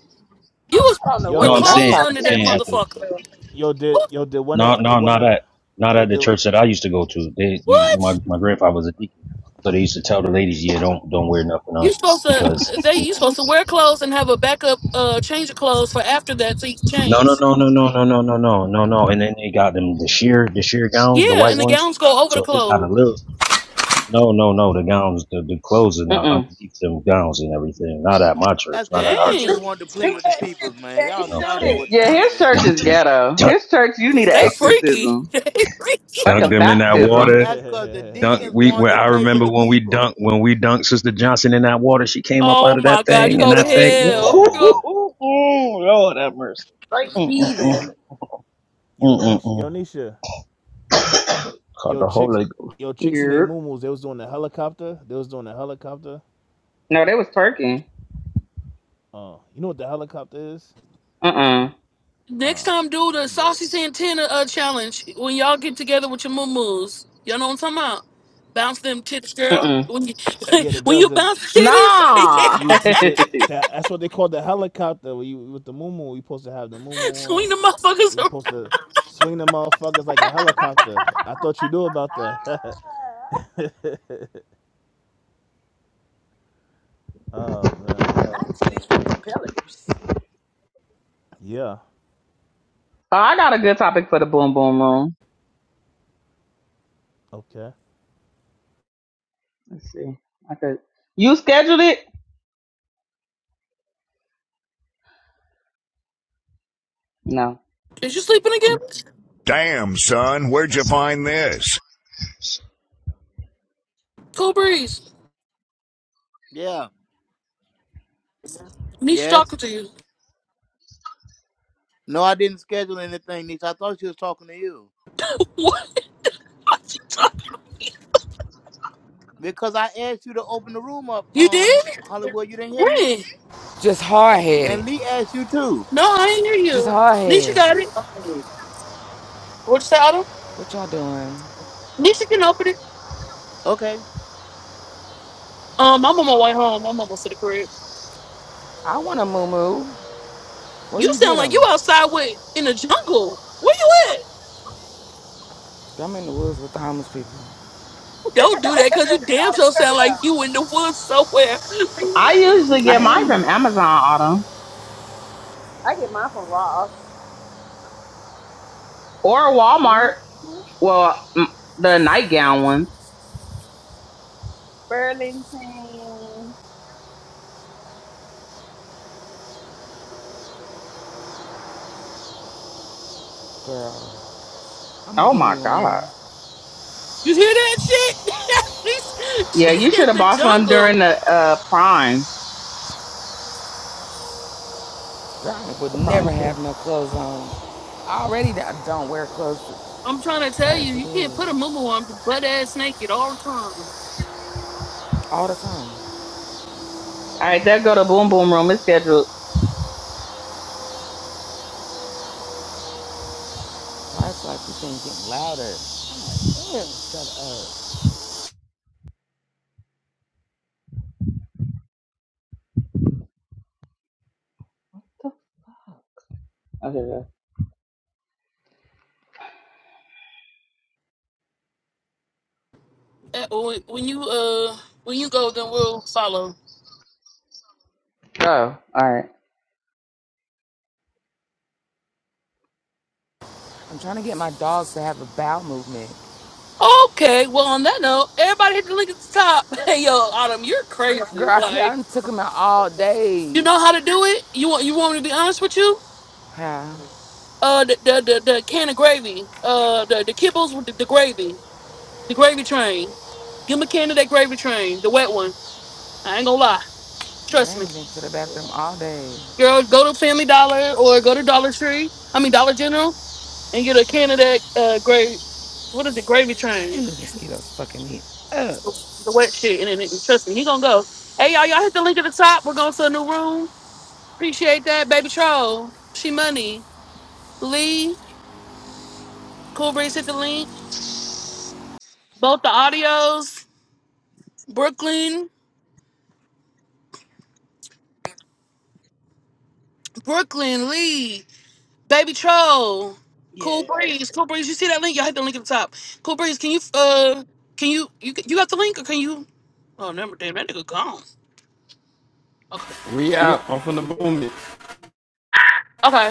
You was
I don't know
wear
what
No,
the
I'm
Yo,
fuck kind
that's
saying,
clothes
I'm
under
toxic.
that
of church
saying
you
at the
motherfucker.
went
yo, did
Who,
yo did one
no,
of the
no,
one
not
of
at not
yo
at the
did
church that I used to go to. They, you,
what?
my my grandfather was a deacon, so they used to tell the ladies, yeah, don't don't wear nothing
You
on
supposed to
because
they
you
you
know.
supposed to wear clothes and have a backup uh change of clothes for after that so
No, no,
change.
no, no, no, no, no, no, no, no, no. And then they got them the sheer the sheer gowns, the
Yeah,
white
and the
ones.
gowns go over the
So they got
clothes.
a little. No, no, no. The gowns, the, the clothes are not
Mm-mm.
underneath them gowns and everything. Not at my church.
That's
Not
cause
at
the
our
deacons
church.
Dang.
wanted to
to.
play
Shoot
with the
that shit,
peoples, man.
GA.
You
Y'all
know what I'm
y'all
Shoot
know
saying?
what
it.
Yeah,
time it
his
is.
church
Dunk
is
them.
ghetto.
Dunk,
His church, you need an
They
dunk them.
freaky.
exorcism,
They freaky.
like a
Dunk
yo.
them in that
baptism.
water.
That's cause the
Dunk.
deacons
We.
wanted
Well,
to
I
play with
remember
the
when we
people.
dunked. When we dunked Sister Johnson in that water, she came up out
Oh
of
my
that
god, you
thing,
go
and
to
I
oh
think,
hell.
damn.
Lord have mercy.
Straight
Mm-mm-mm.
heathen.
Yo Nisha,
Mm-mm-mm.
yo Nisha,
Caught
yo
the
chicks,
Holy
yo chicks and they
Yep.
muumuus. They was doing the helicopter. They was doing the helicopter.
No, they was twerking.
Uh, you know what the helicopter is?
Mm-mm.
Next
Uh,
time, do the
forget it.
sausage antenna uh, challenge when y'all get together with your moo-moos. Y'all know what I'm talking about? Bounce them titties, girl.
Mm-mm.
When you
Yeah, the
when
girls
you
that
bounce the
Nah.
titties,
you
so
picture that that's what they call the helicopter. When you with the muumuu, you supposed to have the muumuu on.
swing the motherfuckers
And you
around.
supposed to swing the motherfuckers like a helicopter. I thought you knew about that. oh man.
I titties for propellers.
Yeah.
I got a good topic for the boom boom room.
Okay.
Let's see. I could. You scheduled it? No.
Is you sleeping again?
Damn, son, where'd you find this?
Cool breeze.
Yeah.
Niche talking to you. What? What you talking?
Because I asked you to open the room up,
You
um,
did?
Hollywood, you didn't hear me?
When?
Just hard headed.
And Lee asked you too.
No, I ain't hear
Just
you.
hard
Nisha
headed.
got it. What'd you say, Autumn?
What y'all doing?
Nisha can open it.
Okay.
Um, I'm on my way home. I'm almost to the crib.
I want a moo Where
You
you
sound
get
like
them?
you outside with in the jungle. Where you at?
I'm in the woods with the homeless people.
Don't do that because you damn
All the
sure sound
credit out.
like you in the woods somewhere.
I usually
I
get mine
am,
from Amazon Autumn
I get mine from Ross.
or
hmm
Walmart. Well, m- the nightgown ones.
Burlington.
girl. I'm gonna
Oh
give me
my
one.
god.
You hear that shit? she's,
Yeah,
she's
you
in
should have
the
bought some during
jungle.
the uh Prime.
Girl, I would
The Prime
never have
too.
no clothes on. I already d- don't wear clothes
I'm trying to tell you,
as it
you can't put a
is
mumu on butt ass naked all the time.
all the time.
All right, that go to Boom Boom Room. It's scheduled.
Life's like this thing getting louder? Ew, shut
Okay. go.
Uh, When when you uh when you go, then we'll follow.
all right.
up. I'm trying to get my dogs to have a bowel movement.
Okay, well on that note, everybody hit the link at the top. Hey yo, Autumn, you're
Girl,
crazy.
I, ke- I
Like
done took them out all day.
you know how to do it. You want you want me to be honest with you?
Huh? Yeah,
Uh, the the the, the can of gravy. Uh, the the kibbles with the, the gravy. The gravy train. Give McKenna that gravy train, the wet one. I ain't gonna lie.
they
Trust me.
ain't been to the bathroom all day.
Girl, go to Family Dollar or go to Dollar Tree. I mean Dollar General and get a can of that uh gravy what is it, gravy train.
And the mosquitoes fucking me up.
The, the wet shit and then it- trust me, he gonna go. Hey y'all, y'all hit the link at the top. We're going to a new room. Appreciate that. Baby Troll. She money. Lee. Cool Breeze hit the link. Both the audios. Brooklyn. Brooklyn Lee. Baby Troll, Cool
Yeah.
Breeze, Cool Breeze. You see that link? Y'all hit the link at the top. Cool Breeze, can you uh, can you you you got the link or can you? Oh, never damn that nigga gone. Okay.
We out. I'm from the boom.
Okay.